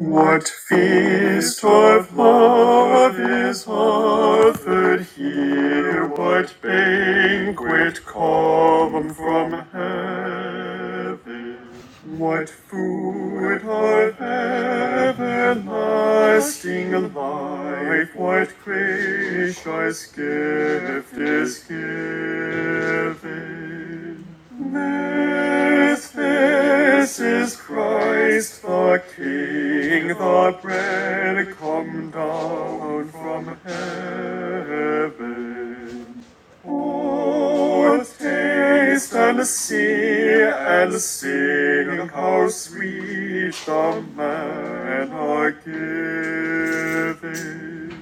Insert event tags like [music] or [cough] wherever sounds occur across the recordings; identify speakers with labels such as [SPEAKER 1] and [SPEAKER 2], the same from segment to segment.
[SPEAKER 1] What feast of love is offered here? What banquet come from heaven? What food of everlasting life? What gracious gift is given? This, this is Christ the King, the bread come down from heaven. Oh, taste and see and sing how sweet the manna giving.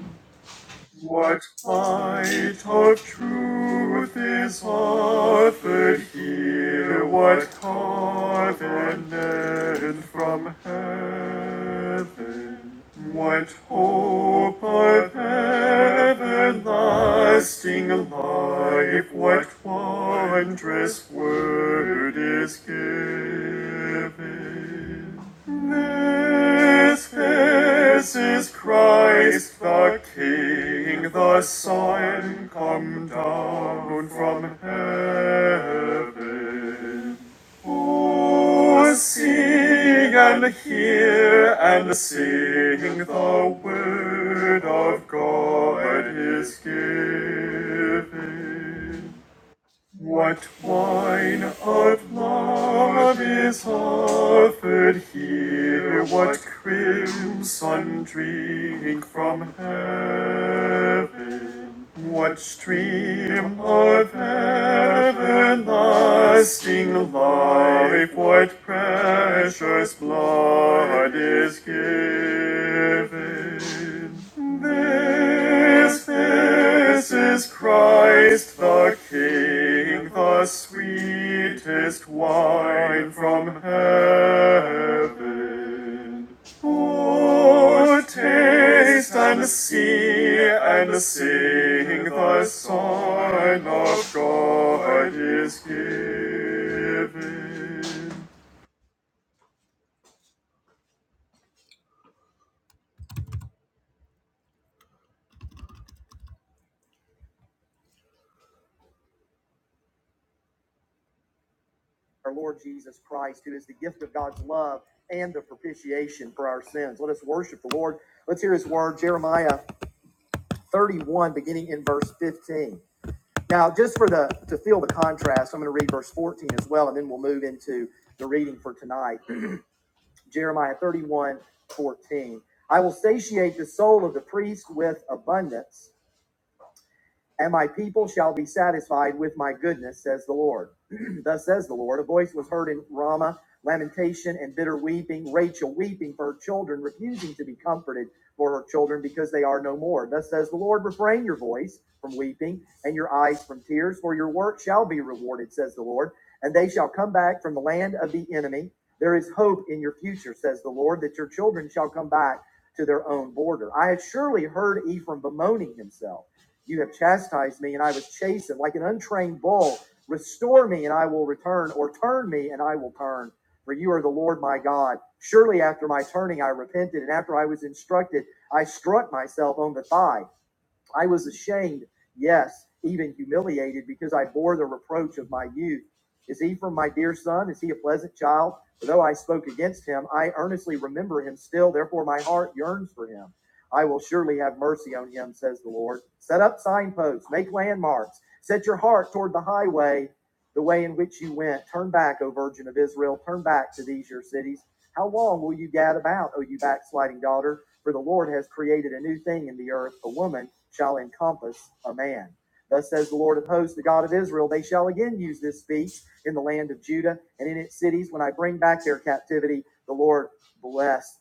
[SPEAKER 1] What light of truth is offered here? What covenant from heaven? What hope of everlasting life? What wondrous word is given? This, this is Christ the King, the Son, come down from heaven. Oh, sing and hear and sing the word of God is given. What wine of love is offered here? What crimson drink from heaven? What stream of everlasting life, what precious blood is given? This, this is Christ the King, the sweetest wine from heaven. Oh, taste and see and sing the sign of God is given. Our Lord Jesus Christ, who is the gift of God's love and the propitiation for our sins. Let us worship the Lord. Let's hear his word, Jeremiah 31, beginning in verse 15. Now, just for the to feel the contrast, I'm going to read verse 14 as well, and then we'll move into the reading for tonight. Jeremiah 31:14. I will satiate the soul of the priest with abundance, and my people shall be satisfied with my goodness, says the Lord. [clears throat] Thus says the Lord. A voice was heard in Ramah, lamentation and bitter weeping, Rachel weeping for her children, refusing to be comforted for her children because they are no more. Thus says the Lord, refrain your voice from weeping and your eyes from tears, for your work shall be rewarded, says the Lord, and they shall come back from the land of the enemy. There is hope in your future, says the Lord, that your children shall come back to their own border. I have surely heard Ephraim bemoaning himself. You have chastised me, and I was chastened like an untrained bull. Restore me, and I will return, or turn me, and I will turn. For you are the Lord my God. Surely after my turning, I repented, and after I was instructed, I struck myself on the thigh. I was ashamed, yes, even humiliated, because I bore the reproach of my youth. Is he from my dear son? Is he a pleasant child? For though I spoke against him, I earnestly remember him still. Therefore, my heart yearns for him. I will surely have mercy on him, says the Lord. Set up signposts, make landmarks, set your heart toward the highway, the way in which you went. Turn back, O virgin of Israel, turn back to these your cities. How long will you gad about, O you backsliding daughter? For the Lord has created a new thing in the earth, a woman shall encompass a man. Thus says the Lord of hosts, the God of Israel, they shall again use this speech in the land of Judah and in its cities when I bring back their captivity. The Lord bless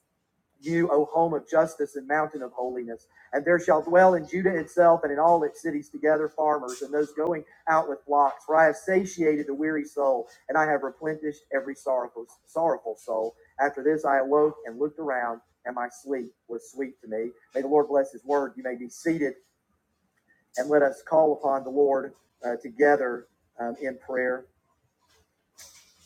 [SPEAKER 1] you, O home of justice and mountain of holiness. And there shall dwell in Judah itself and in all its cities together farmers and those going out with flocks. For I have satiated the weary soul, and I have replenished every sorrowful, sorrowful soul. After this I awoke and looked around, and my sleep was sweet to me. May the Lord bless his word. You may be seated, and let us call upon the Lord uh, together um, in prayer.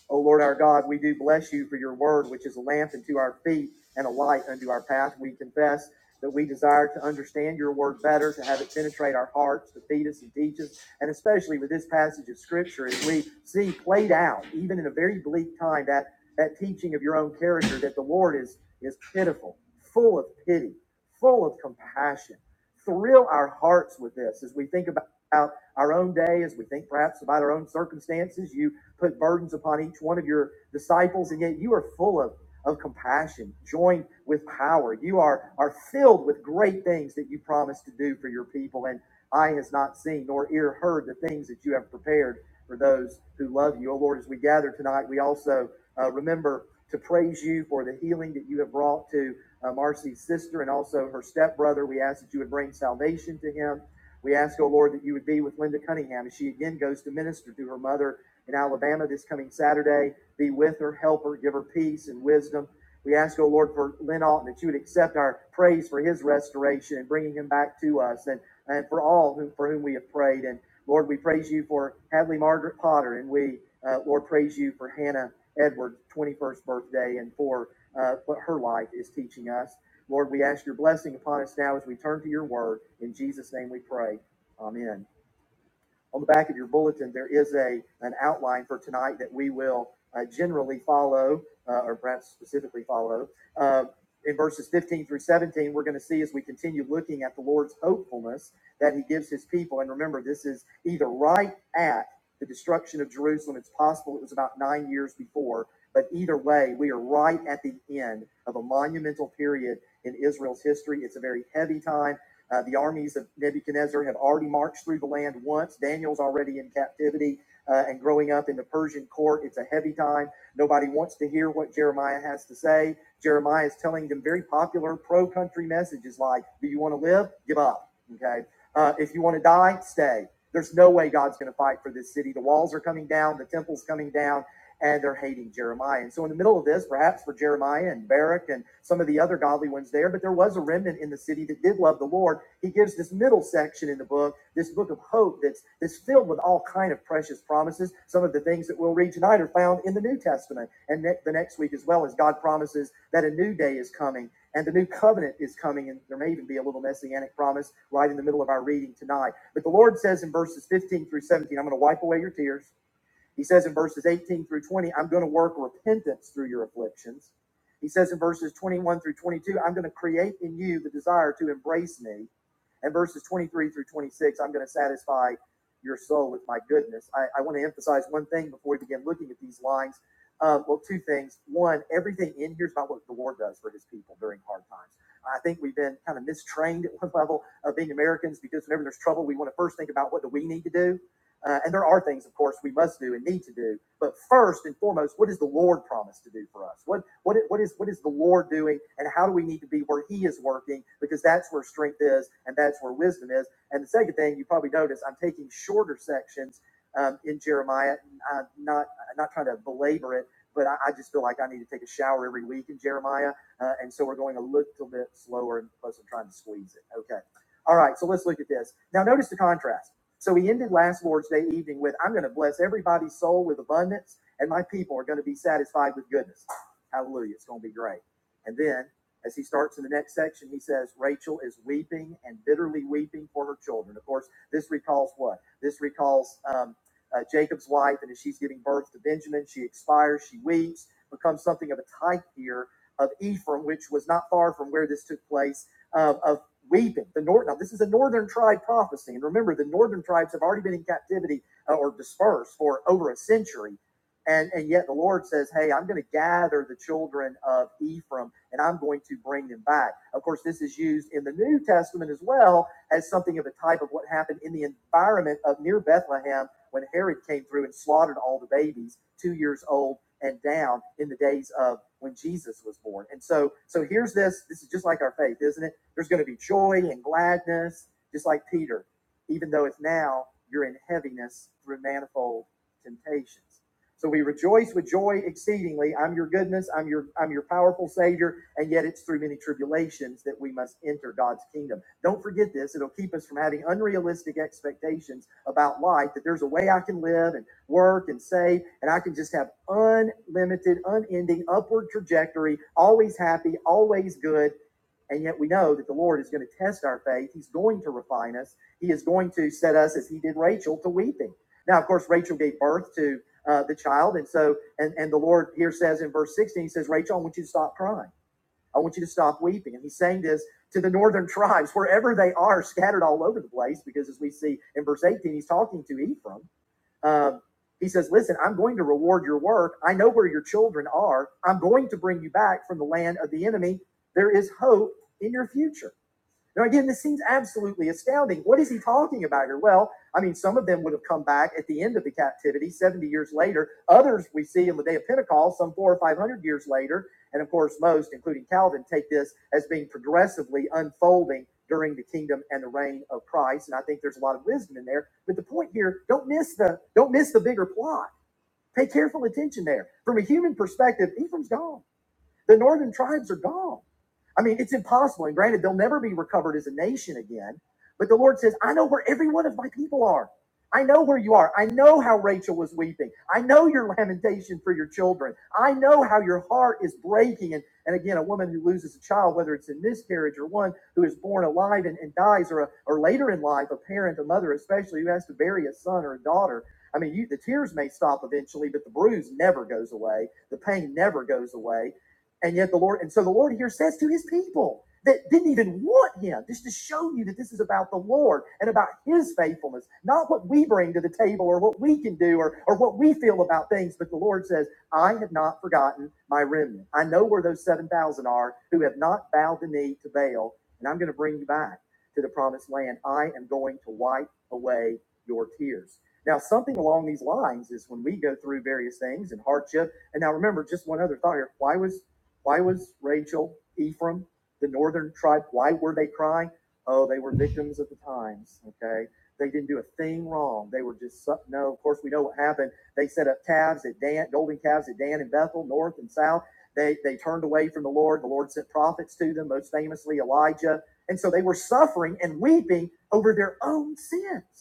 [SPEAKER 1] O Lord our God, we do bless you for your word, which is a lamp unto our feet and a light unto our path. We confess that we desire to understand your word better, to have it penetrate our hearts, to feed us and teach us, and especially with this passage of scripture, as we see played out, even in a very bleak time, that, that teaching of your own character, that the Lord is, is pitiful, full of pity, full of compassion. Thrill our hearts with this as we think about our own day, as we think perhaps about our own circumstances. You put burdens upon each one of your disciples, and yet you are full of, of compassion, joined with power. You are, are filled with great things that you promised to do for your people, and eye has not seen nor ear heard the things that you have prepared for those who love you. Oh Lord, as we gather tonight, we also uh, remember to praise you for the healing that you have brought to uh, Marcy's sister and also her stepbrother. We ask that you would bring salvation to him. We ask, oh Lord, that you would be with Linda Cunningham as she again goes to minister to her mother in Alabama this coming Saturday. Be with her, help her, give her peace and wisdom. We ask, O Lord, for Lynn Alton that you would accept our praise for his restoration and bringing him back to us, and, and for all whom, for whom we have prayed. And Lord, we praise you for Hadley Margaret Potter, and we, uh, Lord, praise you for Hannah Edwards' 21st birthday and for uh, what her life is teaching us. Lord, we ask your blessing upon us now as we turn to your word. In Jesus' name we pray. Amen on the back of your bulletin, there is a, an outline for tonight that we will uh, generally follow, uh, or perhaps specifically follow. Uh, in verses 15 through 17, we're going to see as we continue looking at the Lord's hopefulness that he gives his people. And remember, this is either right at the destruction of Jerusalem. It's possible it was about nine years before. But either way, we are right at the end of a monumental period in Israel's history. It's a very heavy time uh, the armies of Nebuchadnezzar have already marched through the land once. Daniel's already in captivity uh, and growing up in the Persian court. It's a heavy time. Nobody wants to hear what Jeremiah has to say. Jeremiah is telling them very popular pro country messages like, Do you want to live? Give up. Okay. Uh, if you want to die, stay. There's no way God's going to fight for this city. The walls are coming down, the temple's coming down and they're hating Jeremiah. And so, in the middle of this, perhaps for Jeremiah and Barak and some of the other godly ones there, but there was a remnant in the city that did love the Lord. He gives this middle section in the book, this book of hope that's that's filled with all kind of precious promises. Some of the things that we'll read tonight are found in the New Testament, and ne- the next week as well as God promises that a new day is coming and the new covenant is coming, and there may even be a little messianic promise right in the middle of our reading tonight. But the Lord says in verses 15 through 17, I'm going to wipe away your tears. He says in verses 18 through 20, I'm going to work repentance through your afflictions. He says in verses 21 through 22, I'm going to create in you the desire to embrace me. And verses 23 through 26, I'm going to satisfy your soul with my goodness. I, I want to emphasize one thing before we begin looking at these lines. Uh, well, two things. One, everything in here is about what the Lord does for his people during hard times. I think we've been kind of mistrained at one level of being Americans because whenever there's trouble, we want to first think about what do we need to do uh, and there are things, of course, we must do and need to do. But first and foremost, what does the Lord promise to do for us? What what what is what is the Lord doing, and how do we need to be where He is working? Because that's where strength is, and that's where wisdom is. And the second thing you probably notice, I'm taking shorter sections um, in Jeremiah. i not I'm not trying to belabor it, but I, I just feel like I need to take a shower every week in Jeremiah, uh, and so we're going a little bit slower, and plus I'm trying to squeeze it. Okay. All right, so let's look at this. Now, notice the contrast. So he ended last Lord's Day evening with, I'm going to bless everybody's soul with abundance, and my people are going to be satisfied with goodness. Hallelujah. It's going to be great. And then, as he starts in the next section, he says, Rachel is weeping and bitterly weeping for her children. Of course, this recalls what? This recalls um, uh, Jacob's wife, and as she's giving birth to Benjamin, she expires, she weeps, becomes something of a type here of Ephraim, which was not far from where this took place, uh, of weeping. The north now this is a northern tribe prophecy, and remember the northern tribes have already been in captivity uh, or dispersed for over a century, and and yet the Lord says, "Hey, I'm going to gather the children of Ephraim, and I'm going to bring them back." Of course, this is used in the New Testament as well as something of a type of what happened in the environment of near Bethlehem when Herod came through and slaughtered all the babies two years old and down in the days of when Jesus was born. And so so here's this this is just like our faith, isn't it? There's going to be joy and gladness, just like Peter, even though if now you're in heaviness through manifold temptations. So we rejoice with joy exceedingly. I'm your goodness, I'm your I'm your powerful savior, and yet it's through many tribulations that we must enter God's kingdom. Don't forget this, it'll keep us from having unrealistic expectations about life that there's a way I can live and work and save and I can just have unlimited, unending upward trajectory, always happy, always good and yet we know that the Lord is going to test our faith. He's going to refine us. He is going to set us, as He did Rachel, to weeping. Now, of course, Rachel gave birth to uh, the child. And so, and, and the Lord here says in verse 16, He says, Rachel, I want you to stop crying. I want you to stop weeping. And He's saying this to the northern tribes, wherever they are, scattered all over the place, because as we see in verse 18, He's talking to Ephraim. Um, he says, Listen, I'm going to reward your work. I know where your children are. I'm going to bring you back from the land of the enemy. There is hope in your future. Now, again, this seems absolutely astounding. What is he talking about here? Well, I mean, some of them would have come back at the end of the captivity 70 years later. Others we see in the day of Pentecost, some four or 500 years later. And of course, most, including Calvin, take this as being progressively unfolding during the kingdom and the reign of Christ. And I think there's a lot of wisdom in there. But the point here, don't miss the don't miss the bigger plot. Pay careful attention there. From a human perspective, Ephraim's gone. The northern tribes are gone I mean, it's impossible. And granted, they'll never be recovered as a nation again. But the Lord says, I know where every one of my people are. I know where you are. I know how Rachel was weeping. I know your lamentation for your children. I know how your heart is breaking. And, and again, a woman who loses a child, whether it's in miscarriage or one who is born alive and, and dies, or, a, or later in life, a parent, a mother, especially who has to bury a son or a daughter. I mean, you, the tears may stop eventually, but the bruise never goes away. The pain never goes away and yet the Lord, and so the Lord here says to his people that didn't even want him, just to show you that this is about the Lord and about his faithfulness, not what we bring to the table or what we can do or, or what we feel about things. But the Lord says, I have not forgotten my remnant. I know where those 7,000 are who have not bowed the knee to Baal, and I'm going to bring you back to the promised land. I am going to wipe away your tears. Now, something along these lines is when we go through various things and hardship. And now remember, just one other thought here. Why was why was Rachel, Ephraim, the northern tribe, why were they crying? Oh, they were victims of the times. Okay. They didn't do a thing wrong. They were just, no, of course, we know what happened. They set up calves at Dan, golden calves at Dan and Bethel, north and south. They, they turned away from the Lord. The Lord sent prophets to them, most famously Elijah. And so they were suffering and weeping over their own sins.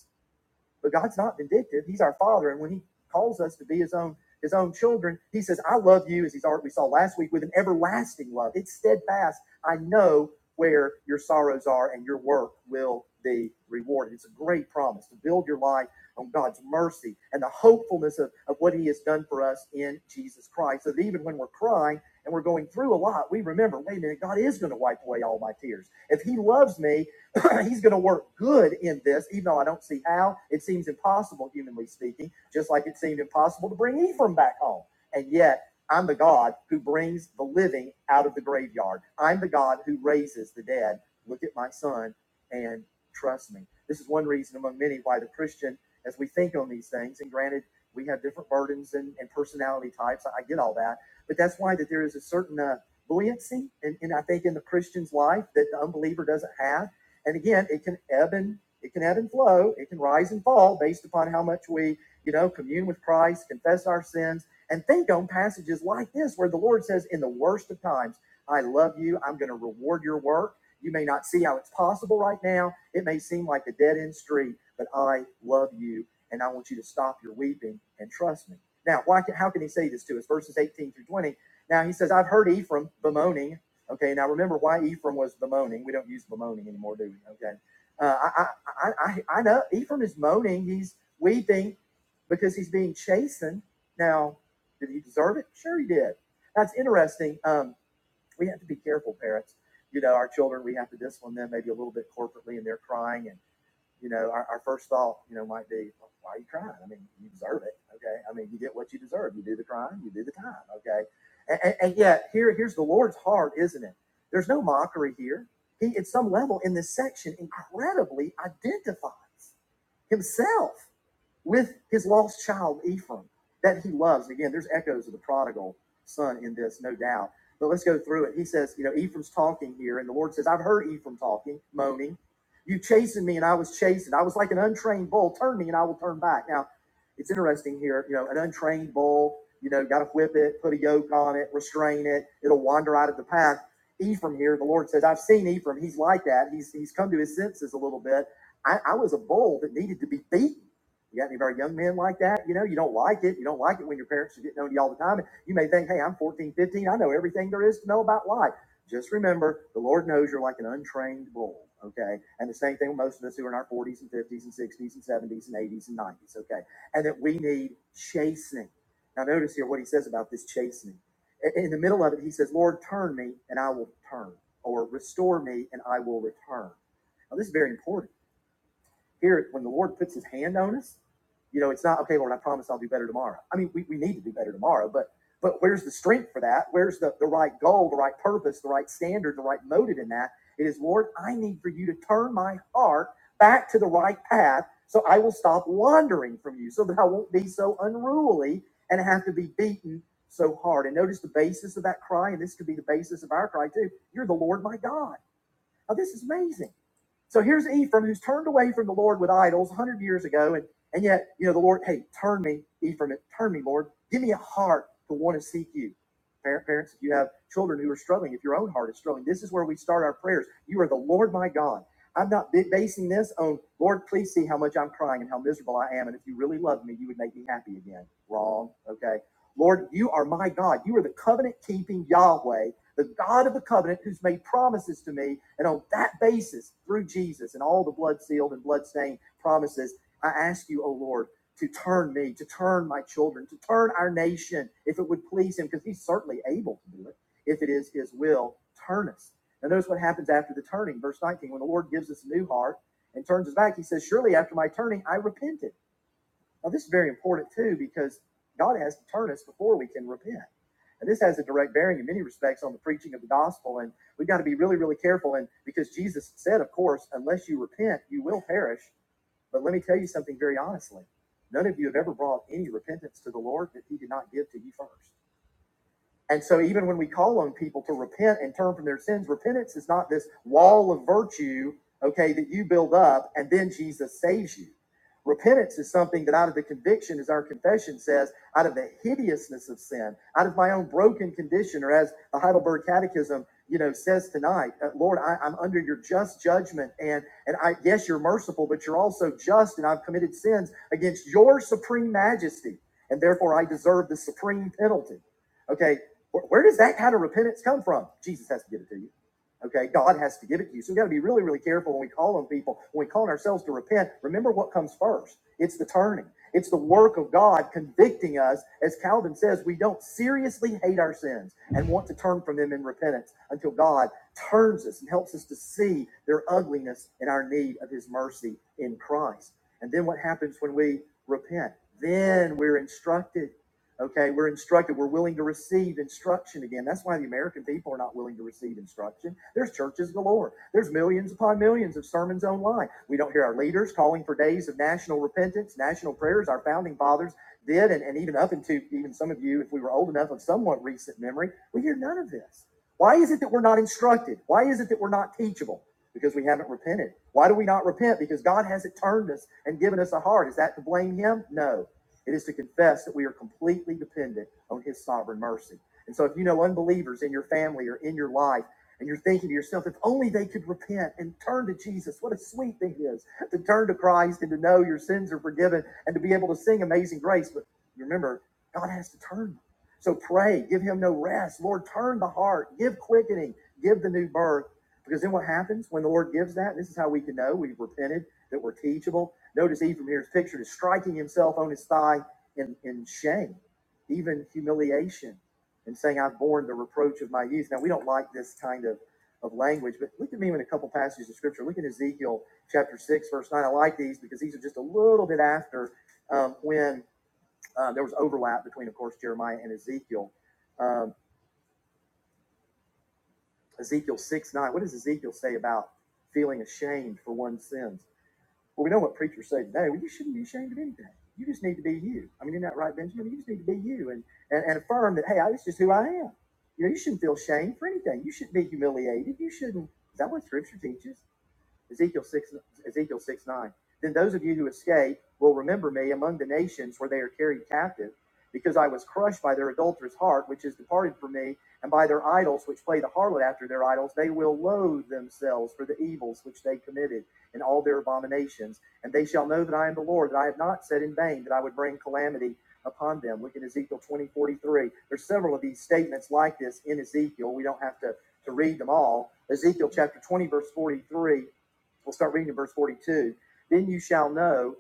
[SPEAKER 1] But God's not vindictive. He's our Father, and when He calls us to be His own His own children, He says, "I love you," as He's already we saw last week with an everlasting love. It's steadfast. I know where your sorrows are, and your work will be rewarded. It's a great promise to build your life on God's mercy and the hopefulness of, of what He has done for us in Jesus Christ. So that even when we're crying and we're going through a lot, we remember, wait a minute, God is going to wipe away all my tears. If He loves me, [clears throat] he's going to work good in this, even though I don't see how. It seems impossible, humanly speaking, just like it seemed impossible to bring Ephraim back home. And yet, I'm the God who brings the living out of the graveyard. I'm the God who raises the dead. Look at my son and trust me. This is one reason among many why the Christian, as we think on these things, and granted, we have different burdens and, and personality types. I, I get all that. But that's why that there is a certain uh, buoyancy, and, and I think in the Christian's life that the unbeliever doesn't have and again, it can ebb and it can ebb and flow. It can rise and fall based upon how much we, you know, commune with Christ, confess our sins, and think on passages like this where the Lord says, "In the worst of times, I love you. I'm going to reward your work. You may not see how it's possible right now. It may seem like a dead end street, but I love you, and I want you to stop your weeping and trust me." Now, why? Can, how can He say this to us? Verses 18 through 20. Now he says, "I've heard Ephraim bemoaning." Okay, now remember why Ephraim was bemoaning. We don't use bemoaning anymore, do we? Okay, uh, I, I, I, I know Ephraim is moaning. He's weeping because he's being chastened. Now, did he deserve it? Sure, he did. That's interesting. Um, we have to be careful, parents. You know, our children, we have to discipline them maybe a little bit corporately, and they're crying, and you know, our, our first thought, you know, might be, why are you crying? I mean, you deserve it. Okay. I mean, you get what you deserve. You do the crime, you do the time. Okay. And, and, and yet, here, here's the Lord's heart, isn't it? There's no mockery here. He, at some level in this section, incredibly identifies himself with his lost child Ephraim that he loves. Again, there's echoes of the prodigal son in this, no doubt. But let's go through it. He says, you know, Ephraim's talking here, and the Lord says, I've heard Ephraim talking, moaning. You chastened me, and I was chastened. I was like an untrained bull. Turn me, and I will turn back. Now, it's interesting here. You know, an untrained bull, you know, got to whip it, put a yoke on it, restrain it. It'll wander out of the path. Ephraim here, the Lord says, I've seen Ephraim. He's like that. He's he's come to his senses a little bit. I, I was a bull that needed to be beaten. You got any of our young men like that? You know, you don't like it. You don't like it when your parents are getting on you all the time. And You may think, hey, I'm 14, 15. I know everything there is to know about life. Just remember, the Lord knows you're like an untrained bull, okay? And the same thing with most of us who are in our 40s and 50s and 60s and 70s and 80s and 90s, okay? And that we need chastening. Now, notice here what he says about this chastening. In the middle of it, he says, Lord, turn me and I will turn, or restore me and I will return. Now, this is very important here, when the Lord puts his hand on us, you know, it's not okay, Lord, I promise I'll do better tomorrow. I mean, we, we need to do better tomorrow, but but where's the strength for that? Where's the, the right goal, the right purpose, the right standard, the right motive in that? It is, Lord, I need for you to turn my heart back to the right path so I will stop wandering from you, so that I won't be so unruly and have to be beaten so hard. And notice the basis of that cry, and this could be the basis of our cry too. You're the Lord my God. Oh, this is amazing. So here's Ephraim who's turned away from the Lord with idols 100 years ago. And, and yet, you know, the Lord, hey, turn me, Ephraim, turn me, Lord. Give me a heart to want to seek you. Parents, if you have children who are struggling, if your own heart is struggling, this is where we start our prayers. You are the Lord my God. I'm not basing this on, Lord, please see how much I'm crying and how miserable I am. And if you really loved me, you would make me happy again. Wrong. Okay. Lord, you are my God. You are the covenant keeping Yahweh the God of the covenant who's made promises to me. And on that basis, through Jesus and all the blood sealed and blood stained promises, I ask you, O Lord, to turn me, to turn my children, to turn our nation, if it would please him, because he's certainly able to do it. If it is his will, turn us. Now, notice what happens after the turning. Verse 19 When the Lord gives us a new heart and turns us back, he says, Surely after my turning, I repented. Now, this is very important too because God has to turn us before we can repent. And this has a direct bearing in many respects on the preaching of the gospel. And we've got to be really, really careful. And because Jesus said, of course, unless you repent, you will perish. But let me tell you something very honestly. None of you have ever brought any repentance to the Lord that He did not give to you first. And so, even when we call on people to repent and turn from their sins, repentance is not this wall of virtue, okay, that you build up and then Jesus saves you. Repentance is something that out of the conviction, as our confession says, out of the hideousness of sin, out of my own broken condition, or as the Heidelberg Catechism, you know, says tonight, uh, Lord, I, I'm under your just judgment, and and I yes, you're merciful, but you're also just, and I've committed sins against your supreme majesty, and therefore I deserve the supreme penalty. Okay, where, where does that kind of repentance come from? Jesus has to give it to you. Okay, God has to give it to you. So we have got to be really, really careful when we call on people, when we call on ourselves to repent. Remember what comes first it's the turning, it's the work of God convicting us. As Calvin says, we don't seriously hate our sins and want to turn from them in repentance until God turns us and helps us to see their ugliness and our need of His mercy in Christ. And then what happens when we repent? Then we're instructed Okay, we're instructed. We're willing to receive instruction again. That's why the American people are not willing to receive instruction. There's churches galore. There's millions upon millions of sermons online. We don't hear our leaders calling for days of national repentance, national prayers. Our founding fathers did, and, and even up into even some of you, if we were old enough of somewhat recent memory, we hear none of this. Why is it that we're not instructed? Why is it that we're not teachable? Because we haven't repented. Why do we not repent? Because God hasn't turned us and given us a heart. Is that to blame Him? No. It is to confess that we are completely dependent on His sovereign mercy. And so, if you know unbelievers in your family or in your life, and you're thinking to yourself, if only they could repent and turn to Jesus, what a sweet thing it is to turn to Christ and to know your sins are forgiven and to be able to sing Amazing Grace. But remember, God has to turn them. So pray, give Him no rest. Lord, turn the heart, give quickening, give the new birth. Because then what happens when the Lord gives that? This is how we can know we've repented that were teachable. Notice Ephraim here is pictured as striking himself on his thigh in, in shame, even humiliation, and saying, I've borne the reproach of my youth. Now, we don't like this kind of, of language, but look at me in a couple passages of scripture. Look at Ezekiel chapter 6, verse 9. I like these because these are just a little bit after um, when uh, there was overlap between, of course, Jeremiah and Ezekiel. Um, Ezekiel 6, 9. What does Ezekiel say about feeling ashamed for one's sins? Well, we know what preachers say today. Well, you shouldn't be ashamed of anything. You just need to be you. I mean, isn't that right, Benjamin? You just need to be you and, and, and affirm that, hey, I, this is who I am. You know, you shouldn't feel shame for anything. You shouldn't be humiliated. You shouldn't. Is that what Scripture teaches? Ezekiel 6, Ezekiel 6 9. Then those of you who escape will remember me among the nations where they are carried captive, because I was crushed by their adulterous heart, which is departed from me, and by their idols, which play the harlot after their idols. They will loathe themselves for the evils which they committed and all their abominations. And they shall know that I am the Lord, that I have not said in vain that I would bring calamity upon them. Look at Ezekiel twenty forty three. There's several of these statements like this in Ezekiel. We don't have to to read them all. Ezekiel chapter 20, verse 43 We'll start reading in verse 42. Then you shall know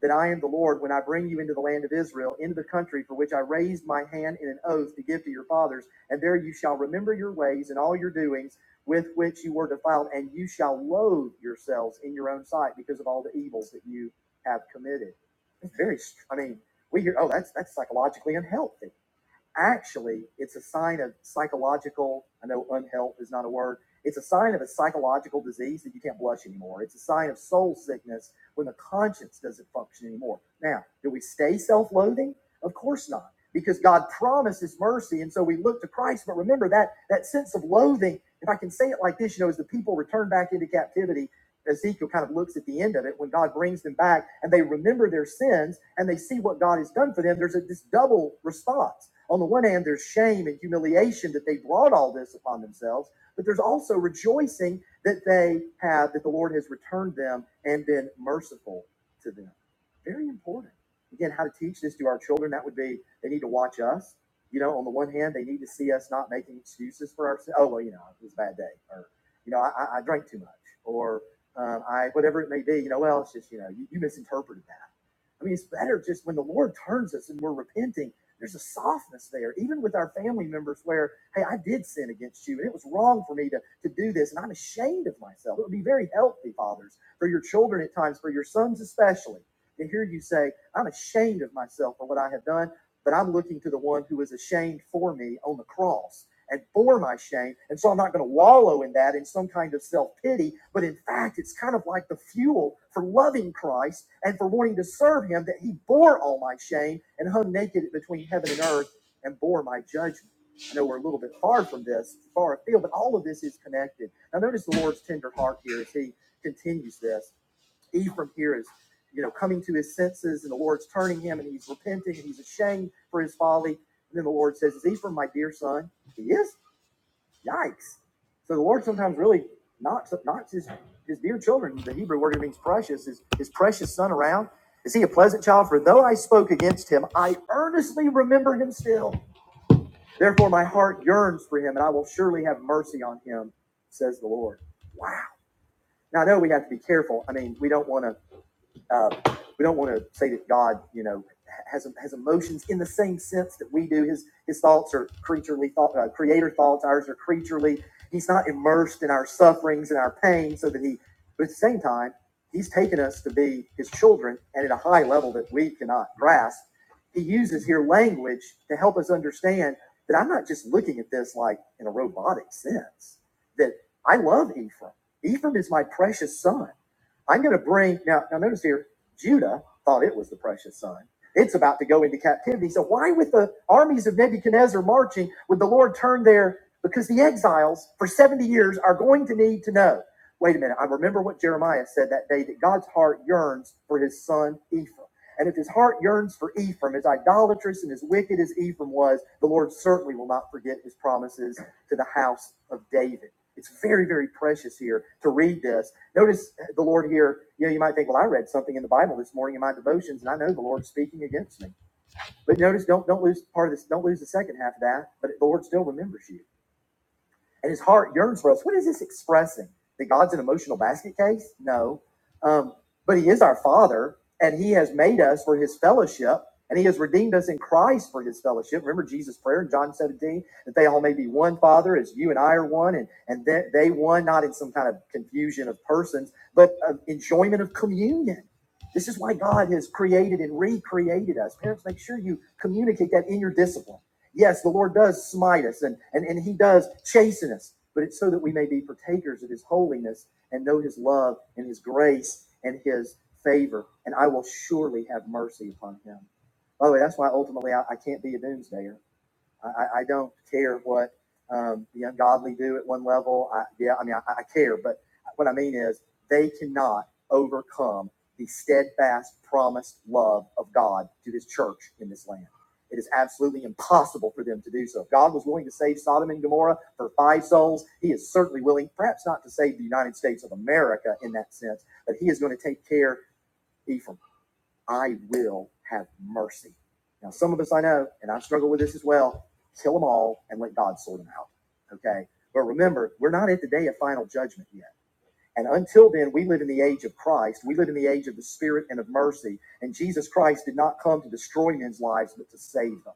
[SPEAKER 1] that I am the Lord when I bring you into the land of Israel, into the country for which I raised my hand in an oath to give to your fathers. And there you shall remember your ways and all your doings with which you were defiled, and you shall loathe yourselves in your own sight because of all the evils that you have committed. It's very, I mean, we hear, oh, that's that's psychologically unhealthy actually it's a sign of psychological i know unhealth is not a word it's a sign of a psychological disease that you can't blush anymore it's a sign of soul sickness when the conscience doesn't function anymore now do we stay self-loathing of course not because god promises mercy and so we look to christ but remember that that sense of loathing if i can say it like this you know as the people return back into captivity Ezekiel kind of looks at the end of it when God brings them back and they remember their sins and they see what God has done for them. There's a, this double response. On the one hand, there's shame and humiliation that they brought all this upon themselves, but there's also rejoicing that they have, that the Lord has returned them and been merciful to them. Very important. Again, how to teach this to our children, that would be they need to watch us. You know, on the one hand, they need to see us not making excuses for ourselves. Oh, well, you know, it was a bad day. Or you know, I, I drank too much, or um, I, whatever it may be, you know, well, it's just, you know, you, you misinterpreted that. I mean, it's better just when the Lord turns us and we're repenting, there's a softness there, even with our family members where, hey, I did sin against you and it was wrong for me to, to do this and I'm ashamed of myself. It would be very healthy, fathers, for your children at times, for your sons especially, to hear you say, I'm ashamed of myself for what I have done, but I'm looking to the one who was ashamed for me on the cross and for my shame. And so I'm not going to wallow in that in some kind of self pity. But in fact, it's kind of like the fuel for loving Christ and for wanting to serve him that he bore all my shame and hung naked between heaven and earth and bore my judgment. I know we're a little bit far from this, far afield, but all of this is connected. Now, notice the Lord's tender heart here as he continues this. Ephraim here is, you know, coming to his senses, and the Lord's turning him, and he's repenting, and he's ashamed for his folly. And then the Lord says, "Is Ephraim my dear son? He is. Yikes! So the Lord sometimes really knocks knocks his his dear children. The Hebrew word here means precious. Is his precious son around? Is he a pleasant child? For though I spoke against him, I earnestly remember him still. Therefore my heart yearns for him, and I will surely have mercy on him, says the Lord. Wow. Now I know we have to be careful. I mean, we don't want to uh, we don't want to say that God, you know, has has emotions in the same sense that we do. His his thoughts are creaturely thought, uh, creator thoughts. Ours are creaturely. He's not immersed in our sufferings and our pain, so that he. But at the same time, he's taken us to be his children, and at a high level that we cannot grasp. He uses here language to help us understand that I'm not just looking at this like in a robotic sense. That I love Ephraim. Ephraim is my precious son. I'm going to bring now. Now notice here Judah thought it was the precious son. It's about to go into captivity. So why with the armies of Nebuchadnezzar marching would the Lord turn there? Because the exiles for 70 years are going to need to know. Wait a minute. I remember what Jeremiah said that day that God's heart yearns for his son Ephraim. And if his heart yearns for Ephraim, as idolatrous and as wicked as Ephraim was, the Lord certainly will not forget his promises to the house of David. It's very, very precious here to read this Notice the Lord here, you know, you might think, well, I read something in the Bible this morning in my devotions, and I know the Lord's speaking against me. But notice, don't don't lose part of this, don't lose the second half of that, but the Lord still remembers you and his heart yearns for us. What is this expressing? That God's an emotional basket case? No. Um, but he is our father, and he has made us for his fellowship, and he has redeemed us in Christ for his fellowship. Remember Jesus' prayer in John 17 that they all may be one, Father, as you and I are one, and, and they, they one, not in some kind of confusion of persons, but of enjoyment of communion. This is why God has created and recreated us. Parents, make sure you communicate that in your discipline Yes, the Lord does smite us and, and, and he does chasten us, but it's so that we may be partakers of his holiness and know his love and his grace and his favor. And I will surely have mercy upon him. By the way, that's why ultimately I, I can't be a doomsdayer I, I- don't care what um, the ungodly do at one level. I, yeah, I mean, I, I care, but what I mean is they cannot overcome the steadfast, promised love of God to His church in this land. It is absolutely impossible for them to do so. If God was willing to save Sodom and Gomorrah for five souls. He is certainly willing, perhaps not to save the United States of America in that sense, but He is going to take care, Ephraim. I will have mercy. Now, some of us I know, and i struggle with this as well, kill them all and let God sort them out. Okay. But remember, we're not at the day of final judgment yet. And until then, we live in the age of Christ. We live in the age of the Spirit and of mercy. And Jesus Christ did not come to destroy men's lives, but to save them.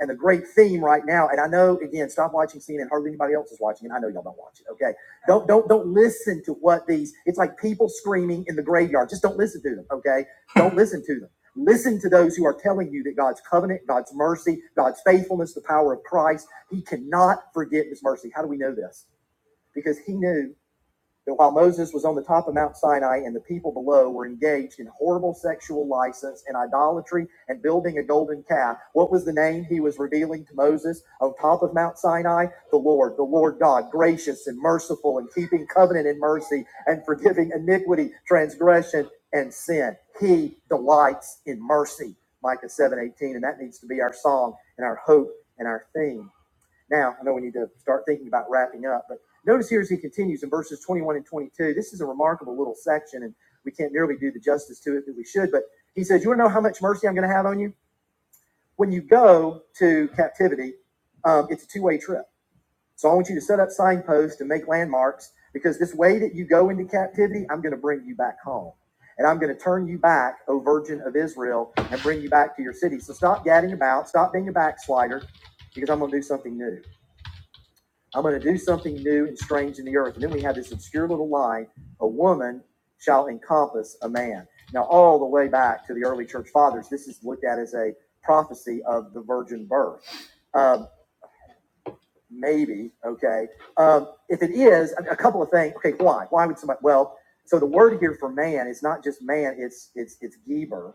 [SPEAKER 1] And the great theme right now, and I know again, stop watching CNN. Hardly anybody else is watching, and I know y'all don't watch it. Okay, don't don't don't listen to what these. It's like people screaming in the graveyard. Just don't listen to them. Okay, don't [laughs] listen to them. Listen to those who are telling you that God's covenant, God's mercy, God's faithfulness, the power of Christ. He cannot forget His mercy. How do we know this? Because He knew that while Moses was on the top of Mount Sinai and the people below were engaged in horrible sexual license and idolatry and building a golden calf, what was the name he was revealing to Moses on top of Mount Sinai? The Lord, the Lord God, gracious and merciful and keeping covenant in mercy and forgiving iniquity, transgression, and sin. He delights in mercy. Micah 7:18, and that needs to be our song and our hope and our theme. Now, I know we need to start thinking about wrapping up, but notice here as he continues in verses 21 and 22, this is a remarkable little section, and we can't nearly do the justice to it that we should. But he says, You want to know how much mercy I'm going to have on you? When you go to captivity, um, it's a two way trip. So I want you to set up signposts and make landmarks because this way that you go into captivity, I'm going to bring you back home. And I'm going to turn you back, O Virgin of Israel, and bring you back to your city. So stop gadding about, stop being a backslider, because I'm going to do something new. I'm going to do something new and strange in the earth. And then we have this obscure little line a woman shall encompass a man. Now, all the way back to the early church fathers, this is looked at as a prophecy of the virgin birth. Um, maybe, okay. Um, if it is, a a couple of things. Okay, why? Why would somebody? Well, so the word here for man is not just man, it's it's it's Geber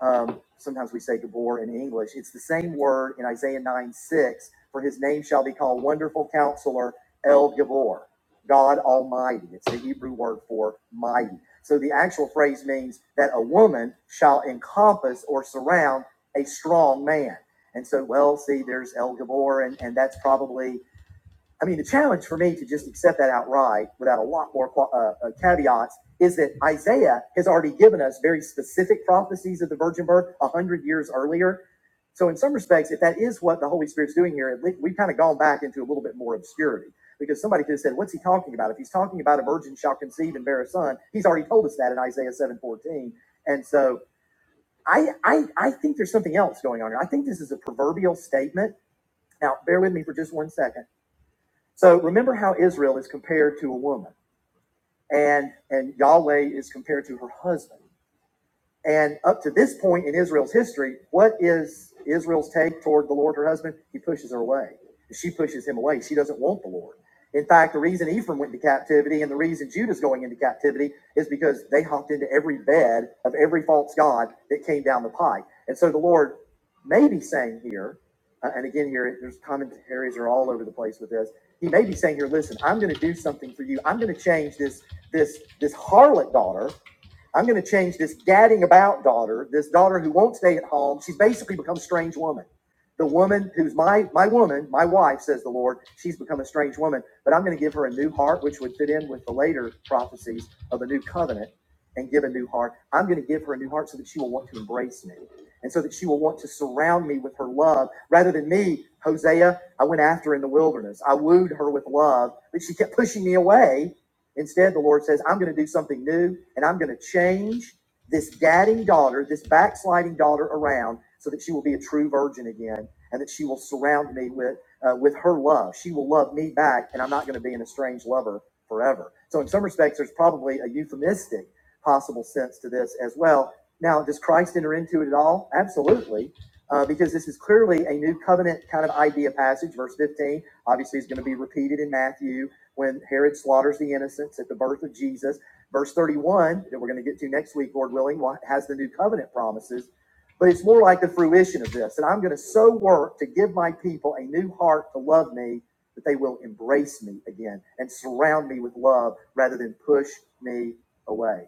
[SPEAKER 1] um, sometimes we say Gabor in English. It's the same word in Isaiah 9 6 for his name shall be called Wonderful Counselor, El Gabor, God Almighty. It's the Hebrew word for mighty. So the actual phrase means that a woman shall encompass or surround a strong man. And so, well, see, there's El Gabor, and, and that's probably I mean, the challenge for me to just accept that outright without a lot more uh, uh, caveats is that Isaiah has already given us very specific prophecies of the virgin birth a hundred years earlier. So, in some respects, if that is what the Holy Spirit's doing here, we've kind of gone back into a little bit more obscurity because somebody could have said, "What's he talking about?" If he's talking about a virgin shall conceive and bear a son, he's already told us that in Isaiah seven fourteen. And so, I I I think there's something else going on here. I think this is a proverbial statement. Now, bear with me for just one second so remember how Israel is compared to a woman, and and Yahweh is compared to her husband. And up to this point in Israel's history, what is Israel's take toward the Lord, her husband? He pushes her away. She pushes him away. She doesn't want the Lord. In fact, the reason Ephraim went into captivity and the reason Judah's going into captivity is because they hopped into every bed of every false god that came down the pike. And so the Lord may be saying here, uh, and again here, there's commentaries are all over the place with this. He may be saying here, listen, I'm going to do something for you. I'm going to change this this this harlot daughter I'm going to change this gadding about daughter, this daughter who won't stay at home. She's basically become a strange woman. The woman who's my my woman, my wife, says the Lord, she's become a strange woman. But I'm going to give her a new heart, which would fit in with the later prophecies of a new covenant, and give a new heart. I'm going to give her a new heart so that she will want to embrace me, and so that she will want to surround me with her love, rather than me, Hosea. I went after in the wilderness. I wooed her with love, but she kept pushing me away Instead, the Lord says, I'm going to do something new and I'm going to change this gadding daughter, this backsliding daughter around so that she will be a true virgin again and that she will surround me with, uh, with her love. She will love me back and I'm not going to be an estranged lover forever. So, in some respects, there's probably a euphemistic possible sense to this as well. Now, does Christ enter into it at all? Absolutely. Uh, because this is clearly a new covenant kind of idea passage. Verse 15 obviously is going to be repeated in Matthew when Herod slaughters the innocents at the birth of Jesus. Verse 31, that we're going to get to next week, Lord willing, has the new covenant promises, but it's more like the fruition of this. And I'm going to so work to give my people a new heart to love me that they will embrace me again and surround me with love rather than push me away.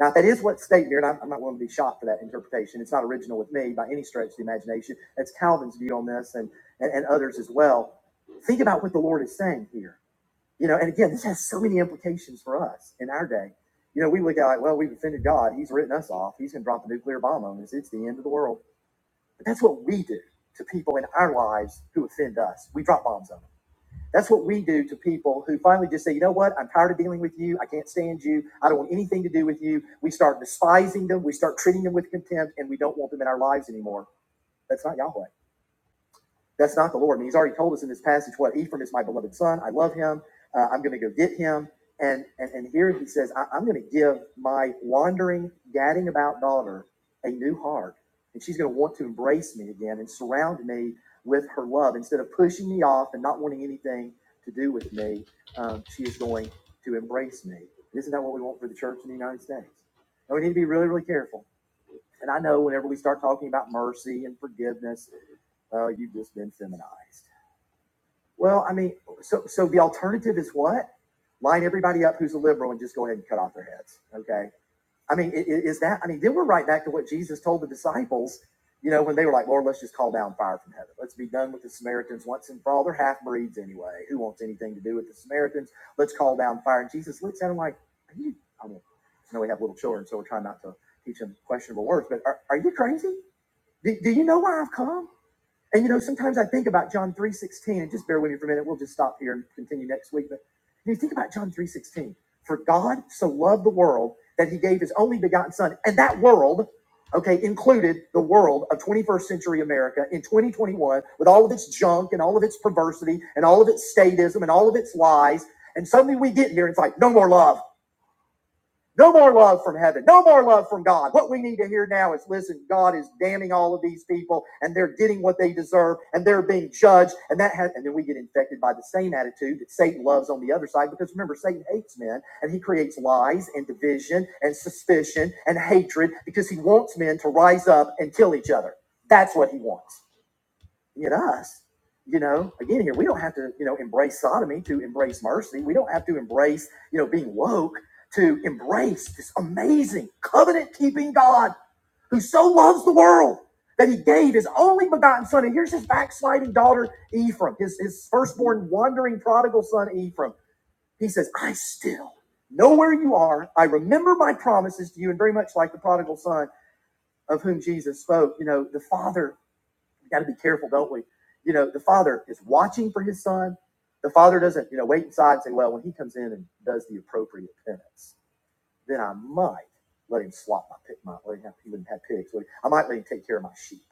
[SPEAKER 1] Now, if that is what's stated here, and I'm, I'm not willing to be shocked for that interpretation. It's not original with me by any stretch of the imagination. That's Calvin's view on this and, and, and others as well. Think about what the Lord is saying here. You know, and again, this has so many implications for us in our day. You know, we look at like, well, we've offended God. He's written us off. He's going to drop a nuclear bomb on us. It's the end of the world. But that's what we do to people in our lives who offend us. We drop bombs on them. That's what we do to people who finally just say, you know what? I'm tired of dealing with you. I can't stand you. I don't want anything to do with you. We start despising them. We start treating them with contempt, and we don't want them in our lives anymore. That's not Yahweh. That's not the Lord. And he's already told us in this passage what Ephraim is my beloved son. I love him. Uh, I'm going to go get him. And, and, and here he says, I, am going to give my wandering, gadding about daughter a new heart. And she's going to want to embrace me again and surround me with her love. Instead of pushing me off and not wanting anything to do with me, um, she is going to embrace me. Isn't that what we want for the church in the United States? And we need to be really, really careful and I know whenever we start talking about mercy and forgiveness, uh, you've just been feminized. Well, I mean, so so the alternative is what? Line everybody up who's a liberal and just go ahead and cut off their heads. Okay. I mean, is that? I mean, then we're right back to what Jesus told the disciples. You know, when they were like, "Lord, let's just call down fire from heaven. Let's be done with the Samaritans once and for all. They're half breeds anyway. Who wants anything to do with the Samaritans? Let's call down fire." And Jesus looks at them like, "Are you?" I mean, I know we have little children, so we're trying not to teach them questionable words. But are, are you crazy? Do, do you know why I've come? And you know, sometimes I think about John 3.16, and just bear with me for a minute, we'll just stop here and continue next week. But you think about John 3.16. For God so loved the world that he gave his only begotten son. And that world, okay, included the world of 21st century America in 2021 with all of its junk and all of its perversity and all of its statism and all of its lies. And suddenly we get here and it's like, no more love. No more love from heaven. No more love from God. What we need to hear now is listen, God is damning all of these people and they're getting what they deserve and they're being judged. And that has, and then we get infected by the same attitude that Satan loves on the other side. Because remember, Satan hates men and he creates lies and division and suspicion and hatred because he wants men to rise up and kill each other. That's what he wants at us. You know, again, here we don't have to, you know, embrace sodomy to embrace mercy. We don't have to embrace, you know, being woke to embrace this amazing covenant keeping God who so loves the world that he gave his only begotten son. And here's his backsliding daughter, Ephraim, his, his firstborn wandering prodigal son, Ephraim. He says, I still know where you are. I remember my promises to you. And very much like the prodigal son of whom Jesus spoke, you know, the father we got to be careful, don't we? You know, the father is watching for his son. The father doesn't, you know, wait inside and say, well, when he comes in and does the appropriate penance, then I might let him slop my pig. My, let him have, he wouldn't have pigs. Would he? I might let him take care of my sheep.